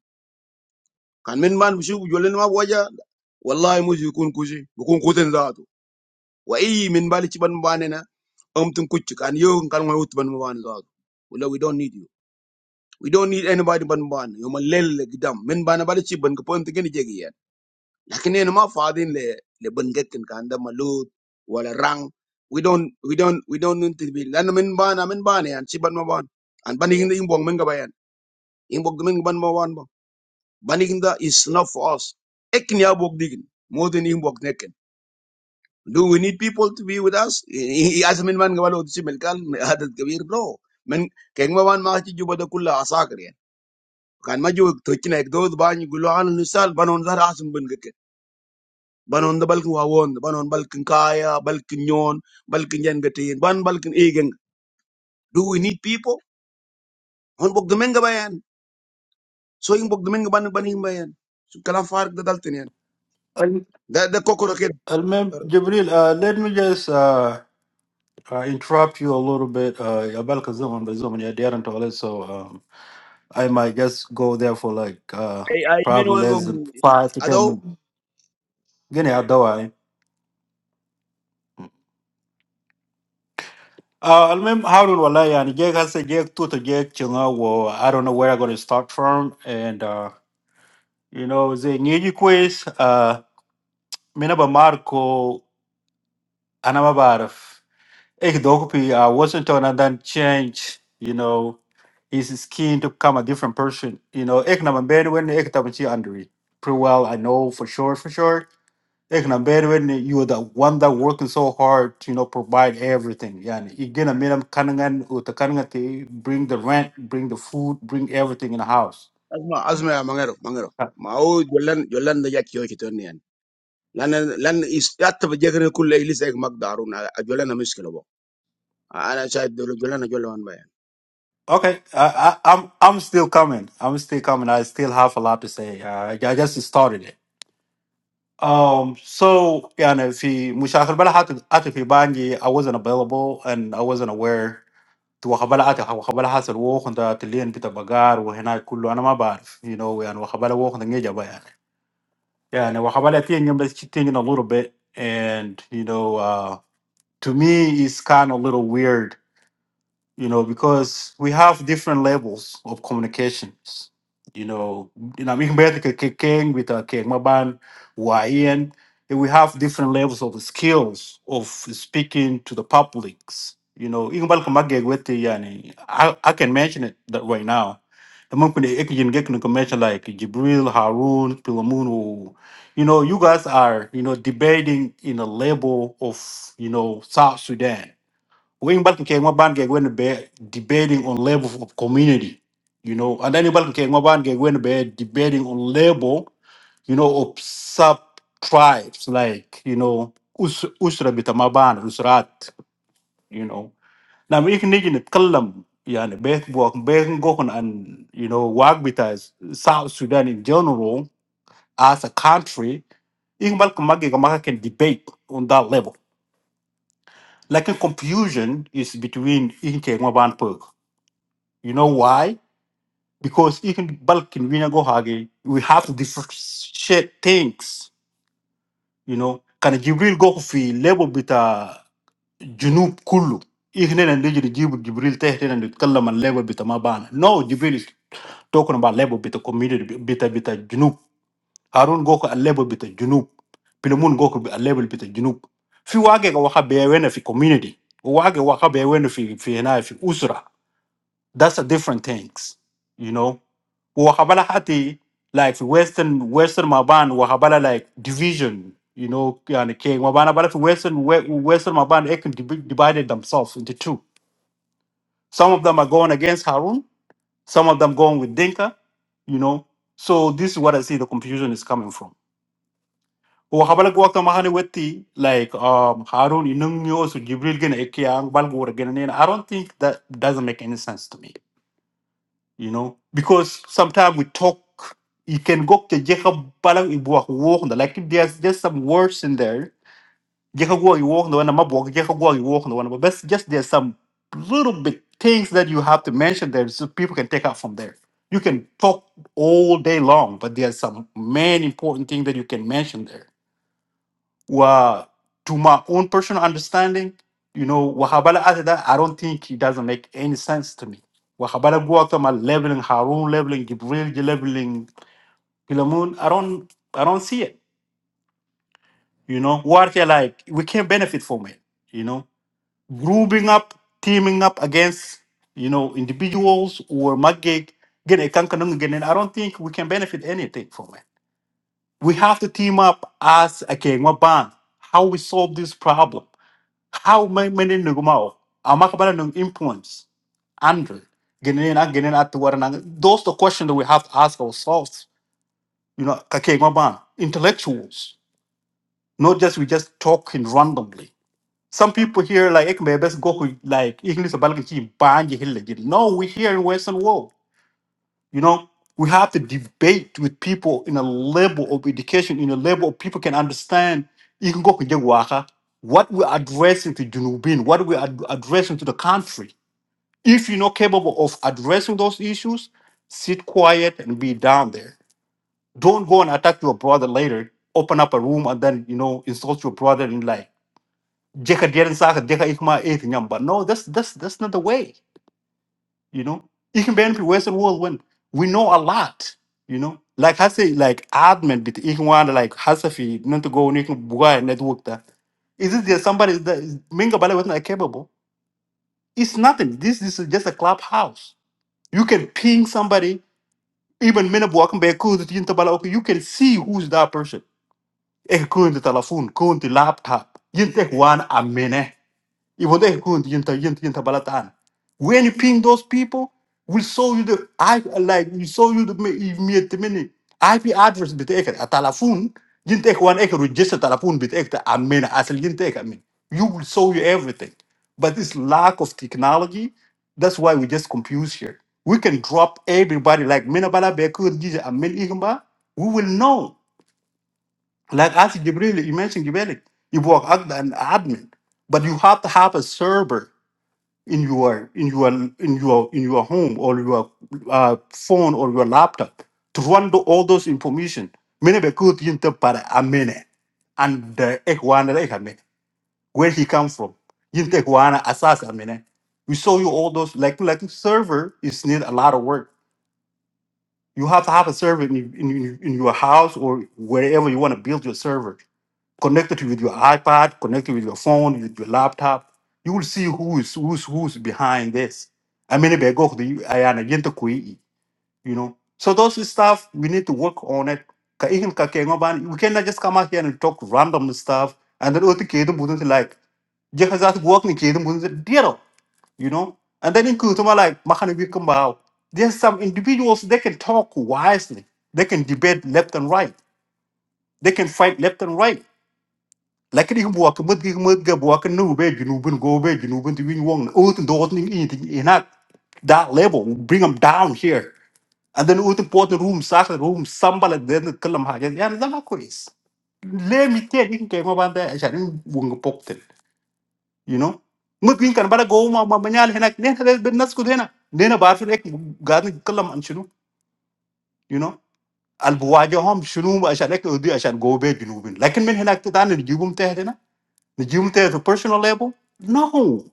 [SPEAKER 1] Kan minbar musibah jualan wajah. Wallahimuzikun kuzi. Bukan kuterus zato. Wahai minbar ciban mbanena. Amtum kucik. Kan yoh kan mau utban mban zato. We don't need you. We don't need anybody mban. Yoma lele gdam. Minbar abadi ciban. Kepoin tiga niji kian. lakini ina ma fadin le le banget kan kanda malut wala rang we don't we don't we don't need to be lan min bana min bana yan si ban ma ban an bani ginda imbong min gabayan imbong min ban ma ban ba bani ginda is not for us ekin ya bok digin more than imbong neken do we need people to be with us I as min man gabalo si melkal adat kabir no men keng ma ban ma ci juba da kulla asakar yan kan ma ju to ci nek do ban gulo an nisal banon zar asum ben banon da balkin wawon banon balkin kaya balkin nyon balkin yengatin ban balkin igeng do we need people on bok gamenga bayan so in bok gamenga ban ban him bayan so kalam fark da daltin yan
[SPEAKER 7] ال-
[SPEAKER 1] da da kokoro ke
[SPEAKER 7] المهم جبريل uh, let me just uh, uh, interrupt you a little bit uh, يبالك الزمن بالزمن يا ديار انت ولد so um, I might just go there for like uh,
[SPEAKER 1] ay ay min
[SPEAKER 7] probably
[SPEAKER 1] wango
[SPEAKER 7] less than five to
[SPEAKER 1] ado
[SPEAKER 7] ten minutes. Guinea, how do I? Uh, المهم هارون والله يعني جيك هسه جيك توتا جيك تشنغا و I don't know where I'm gonna start from and uh, you know زي نيجي كويس uh, من أبا ماركو أنا ما بعرف إيه دوك بي uh, Washington and then change you know his skin to become a different person you know إيه نما بين وين إيه تبنشي أندري pretty well I know for sure for sure they can abandon it. You are the one that working so hard to you know provide everything. Yeah, and you get a minimum kanangan with the kanangan they bring the rent, bring the food, bring everything in the house.
[SPEAKER 1] Azma Azma ya mangero mangero
[SPEAKER 7] Uh,
[SPEAKER 1] ma o jolan jolan da yakki yoki ton yan lan lan is yatta ba jegre kullu ilis ek magdaru na jolan na miskilo bo ana shayad jolan jolan
[SPEAKER 7] Okay, I, I, I'm I'm still coming. I'm still coming. I still have a lot to say. Uh, I just started it. Um, so yeah, and if he مشاغل بلا حتى حتى في بانجي I wasn't available and I wasn't aware. تو وخبلا حتى وخبلا حاصل ووخن ده تلين بتبقار وهنا كله أنا ما بعرف you know يعني وخبلا ووخن ده نجا بقى Yeah, and Wahabali, I think I'm just cheating a little bit. And, you know, uh, to me, it's kind of a little weird you know, because we have different levels of communications. You know, you know, mình biết cái cái kênh with a kênh mà bạn ngoài in, we have different levels of skills of speaking to the publics. You know, even bal kuma gig with the yani, I I can mention it that right now. The moment when you can get to mention like Jibril, Harun, Pilamun, you know, you guys are you know debating in a level of you know South Sudan when Balkan came up and when be debating on level of community, you know, and then Balkan came up and when be debating on level, you know, of sub tribes like you know us usra bitamaban usrat, you know. Now we can even kalam yani beth work gokon and you know work with us South Sudan in general as a country. Even Balkan Magi can debate on that level like a confusion is between Inke and Wabanpur. You know why? Because even bulk in Vina Gohage, we have to differentiate things. You know, can Jibril go fi level bita Junub Kulu? إحنا نيجي نجيب جبريل تحت نتكلم عن level بتاع ما بان. No, Jibril is talking about level بتاع community بتاع بتاع جنوب. هارون go a level بتاع Junub. بيلمون go a level بتاع جنوب. في واقع واقع بيوينا في community. وواقع واقع بيوينا في في هنا في أسرة. That's a different things, you know. Wahabala hati like Western Western Maban wahabala like division, you know, and king Mabana but if Western we- Western Maban they can divi- divided themselves into two. Some of them are going against Harun, some of them going with Dinka, you know. So this is what I see the confusion is coming from. Wahabala gwakta mahani wetti like um Harun inungyo so Jibril gena ekiang Balgor gena I don't think that doesn't make any sense to me. you know, because sometimes we talk, you can go to Jacob Balang Ibuak walk the like if there's just some words in there. Jacob Walk walk the one I'm walk, Jacob Walk walk the one but that's just there's some little bit things that you have to mention there so people can take out from there. You can talk all day long, but there's some main important thing that you can mention there well, to my own personal understanding, you know, Wahabala after that, I don't think it doesn't make any sense to me. Wahabala go after my leveling, Harun leveling, Gibril leveling, Pilamun, I don't I don't see it. You know, what they like, we can't benefit from it, you know. Grouping up, teaming up against, you know, individuals or Maggig, get a kankanung again, I don't think we can benefit anything from it. We have to team up as a Kengwa band. How we solve this problem how ma- many nugumao amakabala nung influence andrew genin at genin at waranang those the question that we have to ask ourselves you know kake ban intellectuals not just we just talking randomly some people here like ekme best go ku- like english balki chi banji hillegi." no we here in western world you know we have to debate with people in a level of education in a level of people can understand you can go ku je waka what we're addressing to Junubin, what we're ad- addressing to the country If you're not capable of addressing those issues, sit quiet and be down there. Don't go and attack your brother later. Open up a room and then you know insult your brother and like "Jeka deren Sache, jeka ich mal eh, nyamba." No, that's that's that's not the way. You know, you can benefit Western world when we know a lot. You know, like I say, like admin bit ich want like hasafi not to go and network that. Is it there somebody that is Minga Bale was not capable? It's nothing. This, this is just a clubhouse. You can ping somebody even minute walking back kun tin tabala okay you can see who's that person e kun the telephone kun laptop yin tek wan amene even they couldn't yinta yinta yinta balatan. When you ping those people, will show you the I like we show you the immediate minute IP address bit ek a telephone. You take one ek register telephone bit ek I mean as you take I mean you will show you everything. But this lack of technology, that's why we just confuse here. We can drop everybody like Minabala Beku Giza and Min Igamba. We will know. Like as Jibril, you mentioned Gibelik, you work as an admin, but you have to have a server in your in your in your in your home or your uh, phone or your laptop to run the, all those information mene be kut yinte para amene and the ekwana ekame where he comes from yinte ekwana asas amene we show you all those like like server is need a lot of work you have to have a server in, in, in your house or wherever you want to build your server connected with your iPad, connected with your phone, with your laptop. You will see who is who's who's behind this. I mean, if I go to the- I am again to kui, you know. So those stuff we need to work on it. Ka ihin ka ke ngoban, We cannot just come out here and talk random stuff and then otu kedum wouldn't like jehazat work ni kedum wouldn't deal, you know. And then in kutuma like makani wikumbao. There's some individuals they can talk wisely. They can debate left and right. They can fight left and right lakini hum buwak mud, gi mut ga buwak nu be junubun go be junubun To win one, wong ut dot ning anything, in that that level bring them down here and then ut pot room sas room sambal and then kalam ha ya na ma kois le mi te ni ke ma banda sha ni wong pokten you know mut can, but bara go ma ma nyal henak ne ta ben nas ku dena ne na bar ek gadni kalam an shunu you know al buwaje hom shunu عشان Like ودي عشان جوبي جنوبين لكن من هناك تاني نجيبهم تحت the gym there at a personal level? No,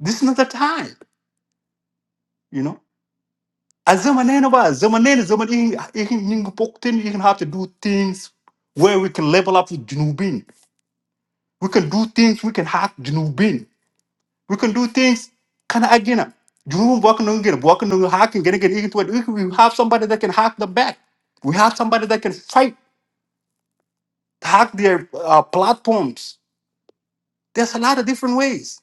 [SPEAKER 7] this is not the time, you know. As a man, as a man, as a man, you can you can have to do things where we can level up with Junubin. We can do things, we can hack Junubin. We can do things, kind of again. Junubin walking on again, walking on hacking, getting it into it. We have somebody that can hack the back. We have somebody that can fight, hack their uh, platforms. There's a lot of different ways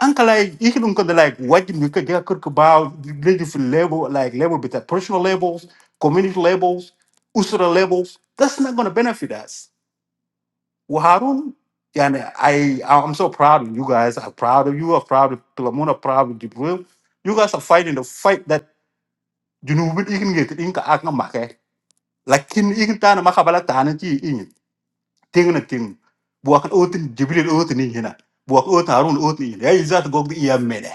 [SPEAKER 7] Anka like you can go like what you could get could about the different level like level with the personal levels, community levels, usura levels. That's not gonna benefit us. Well, Harun, yeah, and I I'm so proud of you guys. I'm proud of you. I'm proud of Pilamuna. Proud of Jibril. You guys are fighting the fight that you know you can get in ka akna make. Lakin ikin tana makabalak ting na ting buak otin jibril otin ni hina buak otin harun otin ni hina ya izat gog di ya mene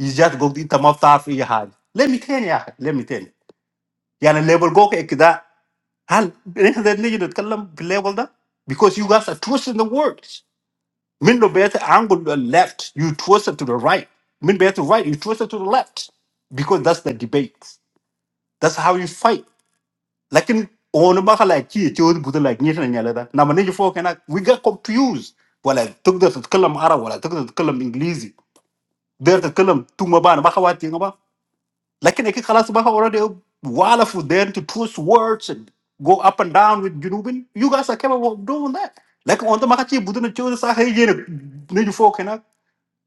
[SPEAKER 7] izat gog di tamam taf ya hal let me tell you ya let me tell you yani level gog ikda hal nihna niji نتكلم في level ده because you guys are twisting the words من لو بيت angle to the left you twist it to the right من بيت right you twist it to the left because that's the debate that's how you fight Lakin onu baka like chi chod buta like nyet na nyala da. Na mane jifo kena we got confused. Wala tukda tatkalam Arab wala tukda tatkalam English. Der tatkalam tuma ba na baka wati nga ba. Lakin eki khalas baka already wala for them to twist words and go up and down with Junubin. You guys are capable of doing that. Like on the maka chi buta na chod sa hai jene ne jifo kena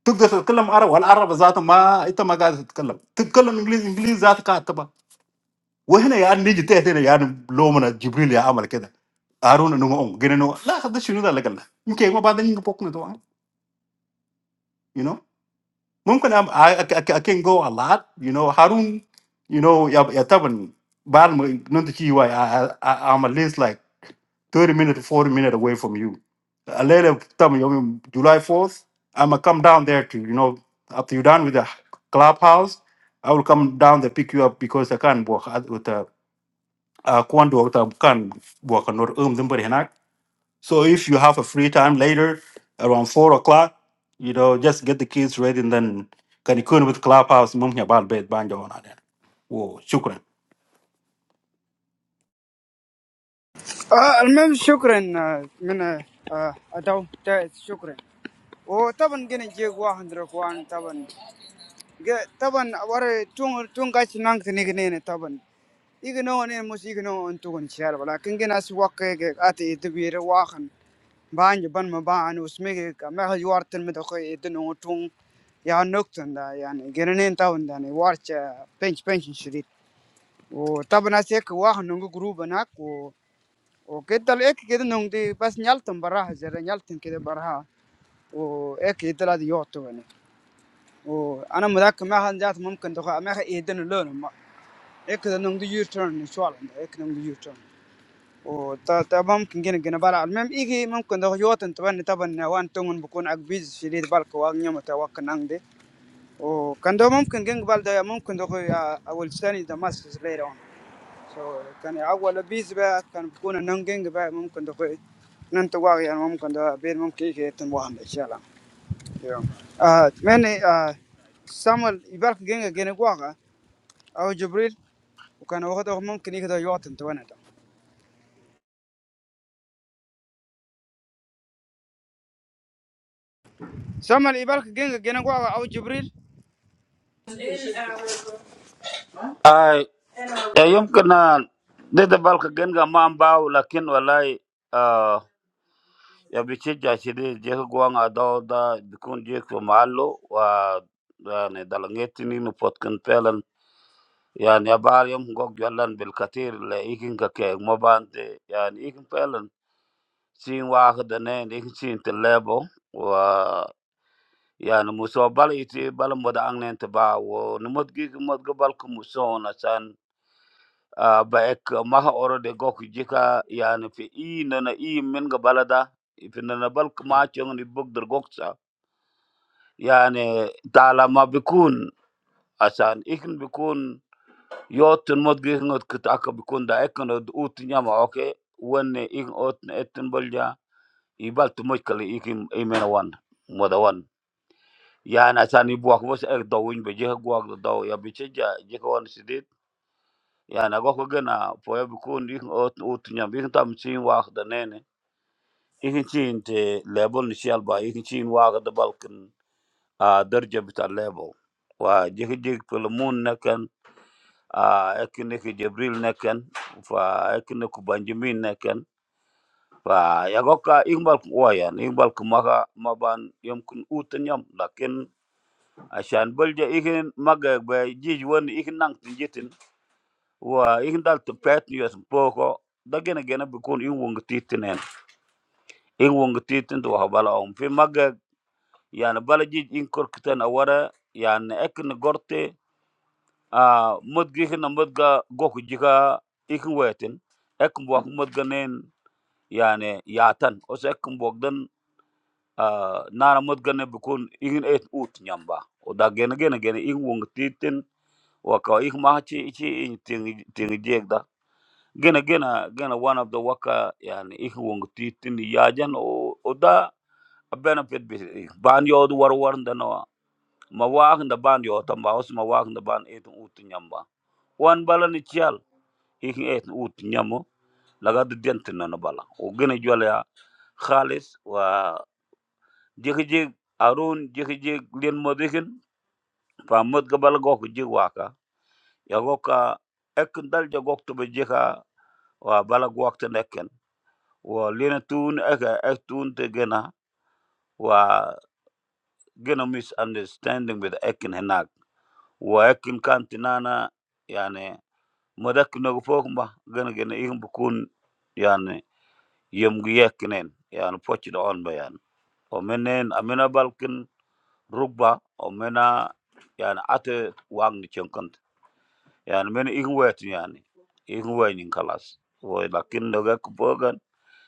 [SPEAKER 7] تقدر تتكلم عربي والعرب ذاته ما انت ما قاعد تتكلم تتكلم انجليزي انجليزي ذاتك وهنا يعني نيجي تحت هنا يعني لو من جبريل يا عمل كده هارون انه اون جن انه لا هذا شنو ده اللي قال يمكن ما بعد ينجي بوكنا طبعا you know ممكن I'm, I, I, I can go a lot you know هارون you know يا يا طبعا بعد ما ننتج شيء واي I- I- I'm at least like 30 minutes to 40 minutes away from you الليله طبعا يوم July 4th I'm gonna come down there to you know after you're done with the clubhouse I will come down there pick you up because I can't walk with the uh, kwan duwag ta kan buwa ka nor um dimbari hinak. So if you have a free time later, around four o'clock, you know, just get the kids ready and then can you kun with clubhouse mum ya bal bed banjo on that. Whoa, shukran.
[SPEAKER 2] آه المهم شكرا آه، من آه، أدو تا- شكرا وطبعا جينا جيك واحد ركوان طبعا جا- طبعا ورا تون تون قاش نانك تنيجنين طبعا يجنو نين مش يجنو أنتو إن شاء الله لكن جينا سواك أتي تبير واحد بان بان ما بان وسمي ما هي وارتن مدخل يدنو تون يا نكتن دا يعني جنين طبعا يعني وارش بنش بنش شديد وطبعا أسيك واحد نونجو جروب هناك O keterlebihan kita nunggu di pas nyal tung beras jadi nyal tin kita beras o eketerladi jauh tuh ini o Anak mudah kemarin jat mungkin tuh aku makan ini lalu o eketerlebihan jual ini soalnya eketerlebihan jual o Tapi mungkin gini gini beras memegi mungkin tuh jauh entahnya tapi nih wan tungun bukan agbis sedikit bal ke orangnya mau ke orang de o Kandung mungkin gini gini bales ya mungkin tuh ya awalnya ini jamaah sebelah so kan awal 20 bahkan berpikun nengking bah mungkin tuh nanti warga mau mungkin tuh biar mungkin kita itu wah Insyaallah. ah mana ah sambil ibal kengin gina warga atau jibril, bukan orang itu mungkin itu jualan tujuan itu. sambil ibal kengin gina warga atau jibril.
[SPEAKER 4] اي يمكن آه، ده ده بالك جنجا ما مباو لكن والله ya bichija shiri jeka gwanga dawda bikun jeka mahalo wa yani dalangeti ninu potkin pelan yani abar yom gog jollan bil katir le ikin ka ke mobante yani ikin pelan sin wahda nen ikin sin te lebo wa yani muso bal iti bal moda angnen te ba wo numot gi mod go bal ku muso na san ah, ba ek maha oro de gok jika yani fi i nana i min ga balada fi nana bal ku ma chong ni bog der gok يعني طالما ما بيكون عشان إكن بيكون يوتن مد جيكن أوت كتاكا بيكون دا إكن أوت أوت نياما أوكي وين إكن أوت نتن بلجا يبال تموش كلي إكن إيمين وان مودا وان يعني عشان يبواك بس إك دوين بجيك بواك دو يا بيشجع جيك وان سديد يعني أقوى جنا فويا بيكون إكن أوت أوت نياما إكن تام تين واحد نيني إكن تين تي لابون نشيال با إكن تين واحد بالكن ah derajat kita level wah jika dia pelamun nekan ah ekne hidjibril nekan wah ekne kubanjamin nekan wah ya gokak imbal kwayan imbal kemaka maban yam kun uten yam, tapi asian belja ikhun mage bejijuan ikhun nang tingjatin wah ikhun dal terpeat nyespo ko, dagingnya gana berkon ikhun ngertiin, ikhun ngertiin tuh halal om, fir mage, ya nbalajit ikhun korktan awara, ya ne ekne gorte a modgi hina modga goku jiga ikin wetin ekin modga nen yani yatan oso ekin dan ah, nana modga ne bukun ikin et ut nyamba o da gene gene gene ikin wong titin waka ikin maha chi ichi ikin tingi tingi jeg da gene gene gene one of the waka yani ikin wong titin yajan o o da a benefit bi ikin ban yodu war war ndanawa ma wakin da ban yotamba os ma wakin da ban etin ut nyamba wan bala ni ihin etn ut nyamo lagad diantina na bala o gene jwala ya khalis wa jeki jek arun jeki jek lien modikin fa mod gabal gok jek waka ya goka ek dal ja gok to jeka wa bala gok te nekken wa lien tun ek ek tun te gena wa gena misunderstanding with ekin henak wa ekin kantinana yani modak nogo fokmba gena gena ihin bukun yani yem gi yekkinen yani pocci do on bayan o menen amena balkin rugba o mena yani ate wang ni chenkant yani men ikin wetu yani ikin wayni kalas wo lakin do ga kubogan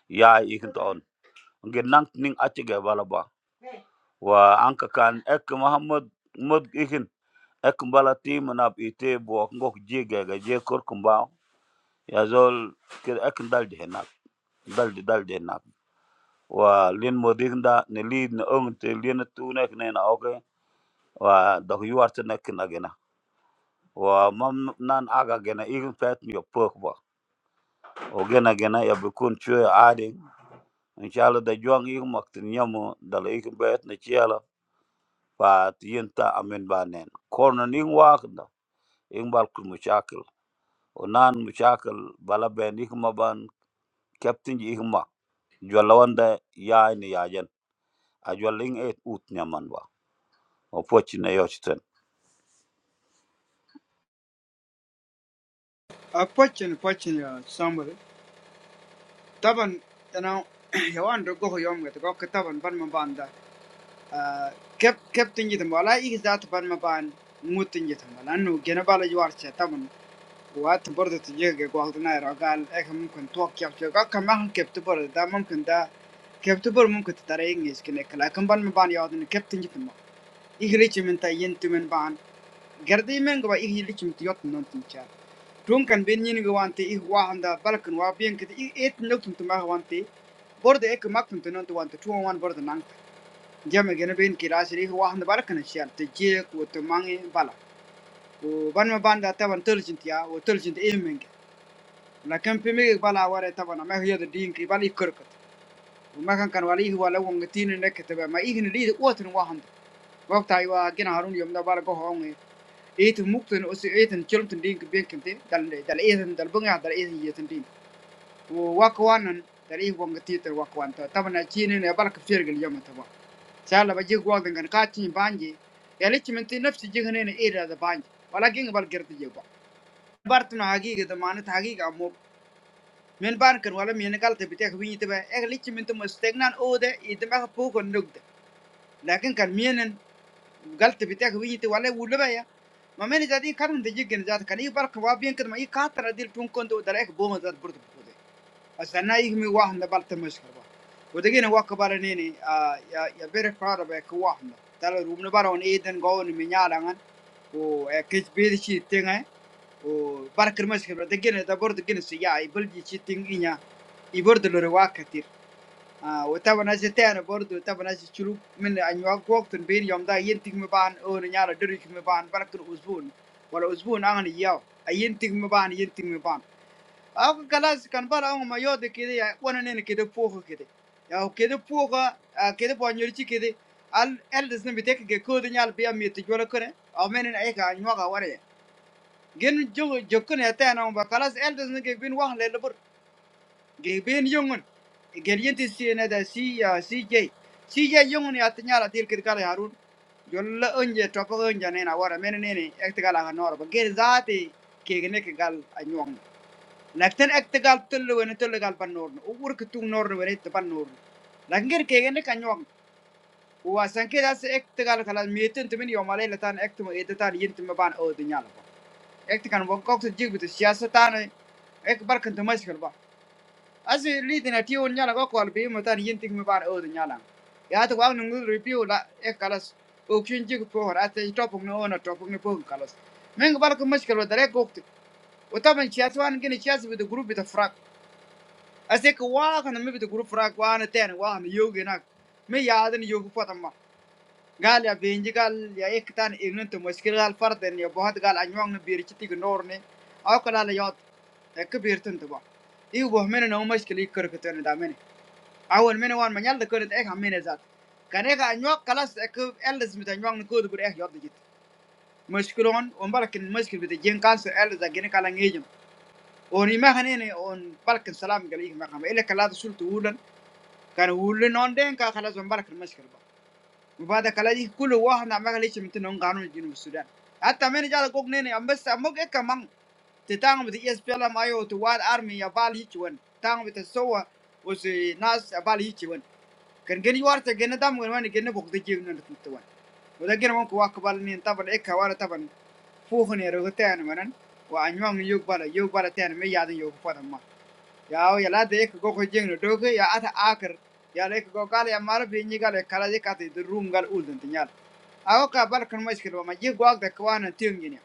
[SPEAKER 4] ya ikin to on ngi nank ning ate ga bala ba wa anka kan ek muhammad mod ikin ek bala tim na ite bo ngok jige ga je korkumba ya zol kir ek dalde henak dalde dalde henak wa lin modik da ne lid ne ông te liên tu nek ne na oke wa dok yuar te nek na gena wa mam nan aga gena igin pet mi pok ba o gena gena ya bukun chue ade inshallah da juang ig mak te nyamu da le igin bet ne chiala pa ta amen ba nen korno ning wa da ing bal ku mushakil o nan mushakil bala ben ik ma ban captain ji ik ma jwala wanda ya ni yajen a jwala ing et ut nyaman ba o pochi na yochten
[SPEAKER 2] ah pucil pucil ya sambil. tabun karena ya orang itu kau yang kita kan tabun pan membanda. ah kep kep tinggi itu malah ikhlas tabun memband mu tinggi itu malah nu gina balai jualan tabun buat berdoa tujuh kekuatan ayah rakan, eh mungkin tuak ya juga karena mak ketubur, dalam mungkin dah ketubur mungkin tidak ada ingin skene kalau kembar membangi adun ketenjutinmu, ihri cuman tayentumen ban, gerdei men goi ihri cuman tiot non tinca, tron kan begini gua ante ih wah anda balkan wah begini itu etn loktu tuh mak gua ante, berdoa ek mak tuh non tuh gua ante, tuang wan berdoa nang, jam gan begini rasa ih wah anda balkan syarat tujuh kuat memangi balk. Oh, band-mu band ya, tapi band turun jantir ya, turun jantir ih menge. Lalu kan pemilik bala awalnya taman, mereka itu dingin, kepala ikut-ikut. Oh, mereka kan wali itu walau orangnya tienin deket, tapi mereka ini dingin. Orang itu orang hamil. Waktu Taiwan, kita harusnya jomblo baru kohongi. Itu muktiin usia, itu cium itu dingin, biang kentir. Dalam, dalam itu dalam bunga, dalam itu jatuh dingin. Oh, wakwanan dalam itu orangnya tien terwakwan. Taman itu tienin, baru kefir geli jomblo. Seharusnya jujur dengan kacanya bange. Kalau cuma tuh nafsu janganin air ada bange, kalau keng baru kerja juga. عبارة عن حقيقة معناتها حقيقة مو من بانكر ولا من قالت بتاعك بيني تبع اغليك من تم استغنان او ده يدمع فوق النقطة لكن كان مين قالت بتاعك بيني تبع ولا ولا بيا ما من ذاتي كان تجيك ذات كان يبارك وابين كده ما يكاثر ديل تون كنت ودرك بوم ذات برضه Asana igmi wahanda balta mushkil ba. Wadagina waka bara nini ah, ya ya bere fara ba ka wahanda. Tala rumna bara on eden go on minyalangan. O kich bedi chi tinga. O barkar mushkil ba. Dagina da bordo gina si ya i bulji chi ting inya. I bordo lore wakatir. وطبعا هسه تاني برضو طبعا هسه شلوك من انواع وقت بين يوم دا ينتج مبان او نيارا دريك مبان بركن اسبوع ولا اسبوع اغني ياو ينتج مبان ينتج مبان Ako kalas kan para ako mayo de kede ya wana nene kede poho kede. Ya kede poho a kede po nyorichi kede al el desne bitek ke ko de nyal biya mi te jora kore a menen ay ka nywa ka wara ya. Gen jo jokun ya ta na ba kalas el desne ke bin wah le lebur ge bin yongun. Gen yenti si ne da si ya si je. Si je yongun ya ta nyala til kede kala harun. Jolla onje topo onje ne na wara menen nene ek te kala ka nor ba gen zaati ke ne ke gal anyong. lakin ekti gal tulli weni tulli gal pan norni u wurki tuŋ norni weni itti pan norni lakin gir kegeni kan nyuwan uwa das ekti gal kalas mietin timin yomalei latan ekti mo edi tan yin timi ban odi nyala ba ekti kan bon kokti jigbiti siyasa tani ek barkin ti mashkil ba asi lidina tiwon nyala ko kol bi mo tan yin tikmi ban odi nyala ya ta wang nungu review la ek kalas okun jig pohor ate topung ni ona topung ni pohun kalas mengi barkin mashkil ba dare kokti utaban siyasa wan gini siyasa bita group bita frak asik ko wa kana mi bitu group frak wa na ten wa na yogi nak mi ya den yogi potamma gal ya benji gal ya ektan ignan to mushkil gal farden ya bohat gal anyong na bir chiti gnor ne aw kala la yot ek bir tun to ba i bo mena no mushkil ikor ko ten da mena awon mena wan manyal da kor ek hamene zat kane ka anyok kalas ek eldes mit anyong na kod bur ek yot digit mushkilon on balakin mushkil bit jen kan so eldes da gene kala ngejum on ima hanene on balakin salam gal ik ma kham ele kala sultu ulan كان يقول لنا دين كان خلاص من برك المشكلة بقى وبعد كلا دي كل واحد نعمل ليش متنون قانون جنوب السودان حتى من جال كوك نيني أم بس أمك إيه كمان تتعامل بت إس بي إل إم أيو توال أرمي يبال هيك وين تعامل بتسوى وسي ناس يبال هيك وين كان جن يوارت جن دام وين وين جن بوك تجيب نون تتوان وده جن ممكن واقبل نين طبعا إيه كوارا طبعا فوخني رغتين منن وأنيوم يوك بالا يوك بالا تين مي يادن يوك فادم ما yaw yala dek go ko jeng no doke ya ata akar ya lek go gal ya mar bi ni gal kala je kati de rum gal ul den tinyal aw ka bar kan mas kilo ma je go ak kwana tim ni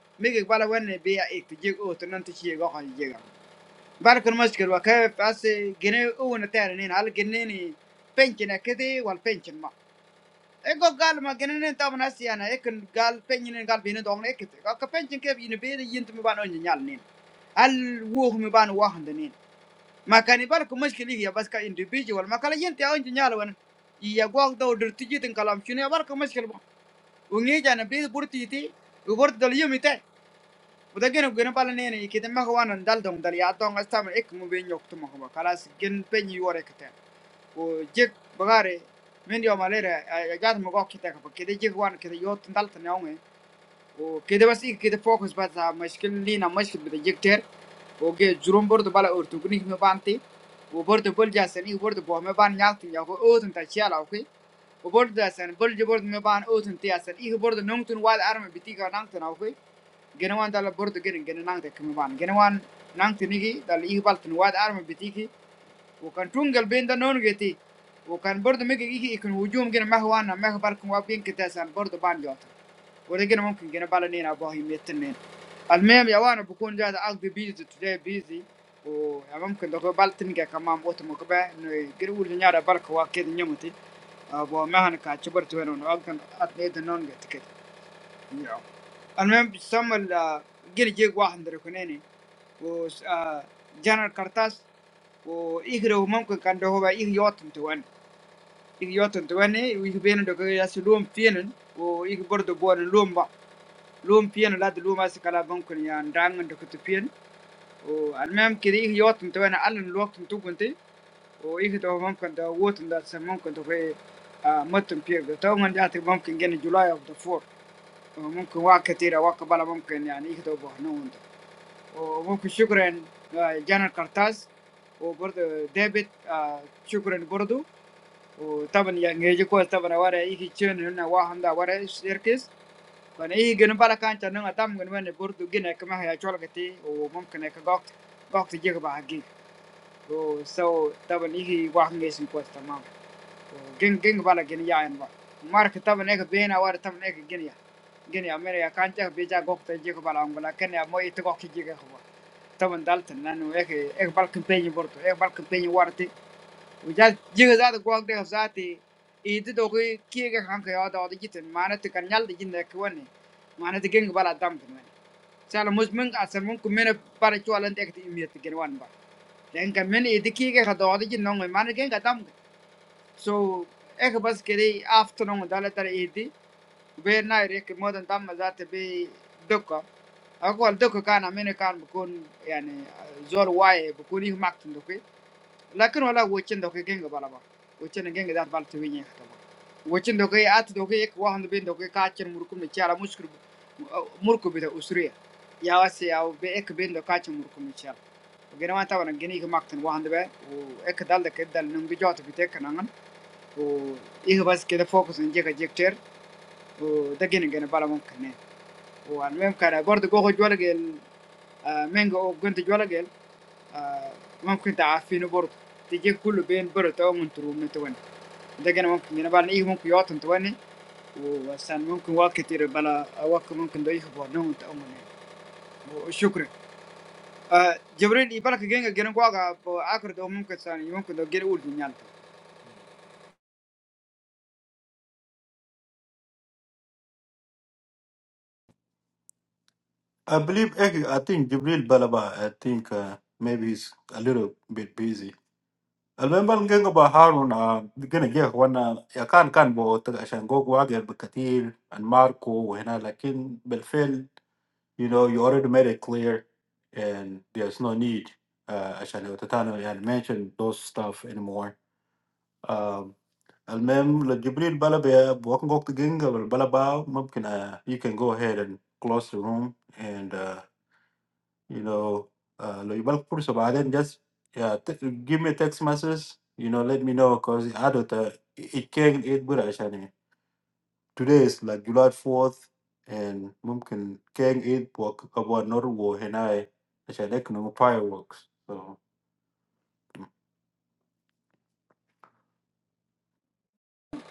[SPEAKER 2] bala wenne be ya ek je o to nan ti je go kan je gal bar kan mas kilo ka pas gene o na tare ni hal gene ni penchen akete wal penchen ma e go gal ma gene ni tam na siana e kan gal penchen ni gal bi ni dong ne ekete ka penchen ke bi ni be ni yint mi ban on nyal ni al wo mi ban wa hande ma kan ibal ko mushkili hiya bas ka individual ma kala yente on nyal wan iya gwaak daw dir tiji tin kalam chune abal ko mushkil bo ungi jana bi burti ti u bort dal yumi te uda gena gena pala nene ikite ma ko wanan dal dong dal ya dong asta ma ek mu be nyok tuma ko kalas gen penyi wore kete o jek bagare men yo malere ya gat mo gok kite ko kite jek wan kite yot dal tan yonge وكده بس إيه كده فوكس بس على مشكلة لينا مشكلة بتجيكتر وجي جروم برضو بلا أورتوغنيك مبانتي وبرضو بلجا سني وبرضو بوه مبان يالتي ياكو أوتن تشيال أوكي وبرضو سن بلجا برضو مبان أوتن تي سن إيه برضو نونتن واد أرم بتيجا نانتن أوكي جنوان دال برضو جن جن نانتن كمبان جنوان نانتن نيجي دال إيه بالتن واد أرم بتيجي waktu tunggal benda non giti, waktu berdoa mungkin ini ikon hujung gini mahuana mahu baruku apa biang ketesan berdoaan jual tuh, kalau gini mungkin gini baline abah ini tertentu, almem ya wana bukan jadi ag di busy today busy, oh ya mungkin doa bal tin gini kamar waktu mau ke bengkel urusan nyara baruku apa ke nyamutin, abah maha nikah coba tuh orang orang kan ati itu non giti an memang sambil gil jiwah henderekunaini, ujarnakertas, uihiro mungkin kanduhuwa ihyatuntukan, ihyatuntukan ini uihpen dokter jas lumbienin, uihburdo buan lumba lumbien lalu lumba si kalabankun ya undang undokutipien, uan memang kiri ihyatuntukan Allen waktu itu kuntri, uihdah mungkin dahuatunda semangkutwe matunpih, taungan jatuh mungkin geni July of the Fourth وممكن واحد كثير وقبل ممكن يعني يكتبوا هنا وانت وممكن شكرا آه، جانا الكرتاس وبرضه ديفيد آه، شكرا برضه وطبعا يعني يجي كويس طبعا ورا يجي تشين هنا واحد ده ورا سيركس كان يجي جن بالا كان تنو اتام جن وين برضه جن كما هي شغل كتي وممكن هيك غوك غوك تجيك بحقيقة oh so tapi ini wah mesin kuat sama, jeng jeng balik genjayaan pak, marka tapi ekspedena wara tapi ekspednya, genjaya mereka bisa bicara gokter jikupalanggula karena mau itu gokter jikahua, tapi daltenan ek ekbal kampanye bor, ekbal kampanye wara ti ujah jihaz atau kuat deh jihaz itu ini itu toh kikiya kan kayak ada ada kicin mana itu kenyal dijin dek warni mana itu keng barat dam keren sekarang musim musim kumene paraju alat yang itu imit keren warna, jeng keme ini ini kikiya kado ada kicin nonge mana keng dam so ek bus kiri afternoon dalam teri ini berenai rek modal dam jahat bi duka aku alduk kana menekan bukan ya ne jawai bukan itu maksudku लेकिन वाला वोचन दोगे गेंग बाला बाप, वोचन गेंग दात बाल चुभिएगा खतम। वोचन दोगे आँत दोगे एक वाहन दोगे काचन मुरकू में चारा मुस्कुर अ मुरकू बिते उसरी, या वसे या वो एक बिंद दो काचन मुरकू में चार। गैरमाता वाला जिन्ही को मार्क्टन वाहन दे वो एक दाल दे किधर नंबर जात बि� والمهم كان برضه جوجو جوالجل آه مانجا او جنت جوالجل آه ممكن تعافينه برضه تجيب كله بين برت او من ترو من تواني ده كان ممكن انا بقى ايه ممكن يوطن تواني وسان ممكن وقت كتير بلا وقت ممكن ده يخبر نوم تأمن وشكرا آه جبريل يبالك جينا جينا قواقع بآخر ده ممكن ثاني ممكن ده جينا أول جنيان
[SPEAKER 7] I believe eh, I think Jibril Balaba, I think uh, maybe he's a little bit busy. I remember ngenga ba Harun uh gonna get one uh ya kan kan bo taga shan go go agel bakatir and Marco وهنا لكن بالفعل you know you already made it clear and there's no need uh عشان تتانو يعني mention those stuff anymore um المهم لو جبريل بلا بي- بوكن وقت جنجا ولا بلا باو ممكن uh, you can go ahead and close the room and uh, you know uh, لو يبالك فرصة بعدين just yeah, t- give me a text message you know let me know cause I do عادة it can it good عشان Today is like July fourth, and mungkin keng id buat abang noru wohenai, macam dek nungu fireworks, so.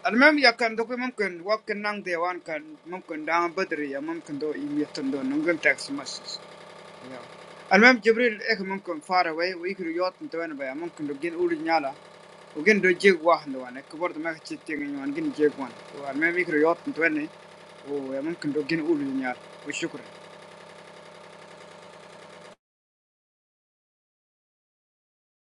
[SPEAKER 2] المهم يا كان دوكي ممكن وقت نان ديوان كان ممكن دان بدري يا ممكن دو يميتن دو نمكن تاكس مسس يلا. المهم جبريل إيك ممكن far away ويكرو يوت نتوين بيا ممكن لو جين أولي نيالا وجين دو جيك واحد وانا كبرت ما كتشي تيجي وان جين جيك وان المهم يكرو يوت نتوين وممكن لو جين أولي نيالا وشكرا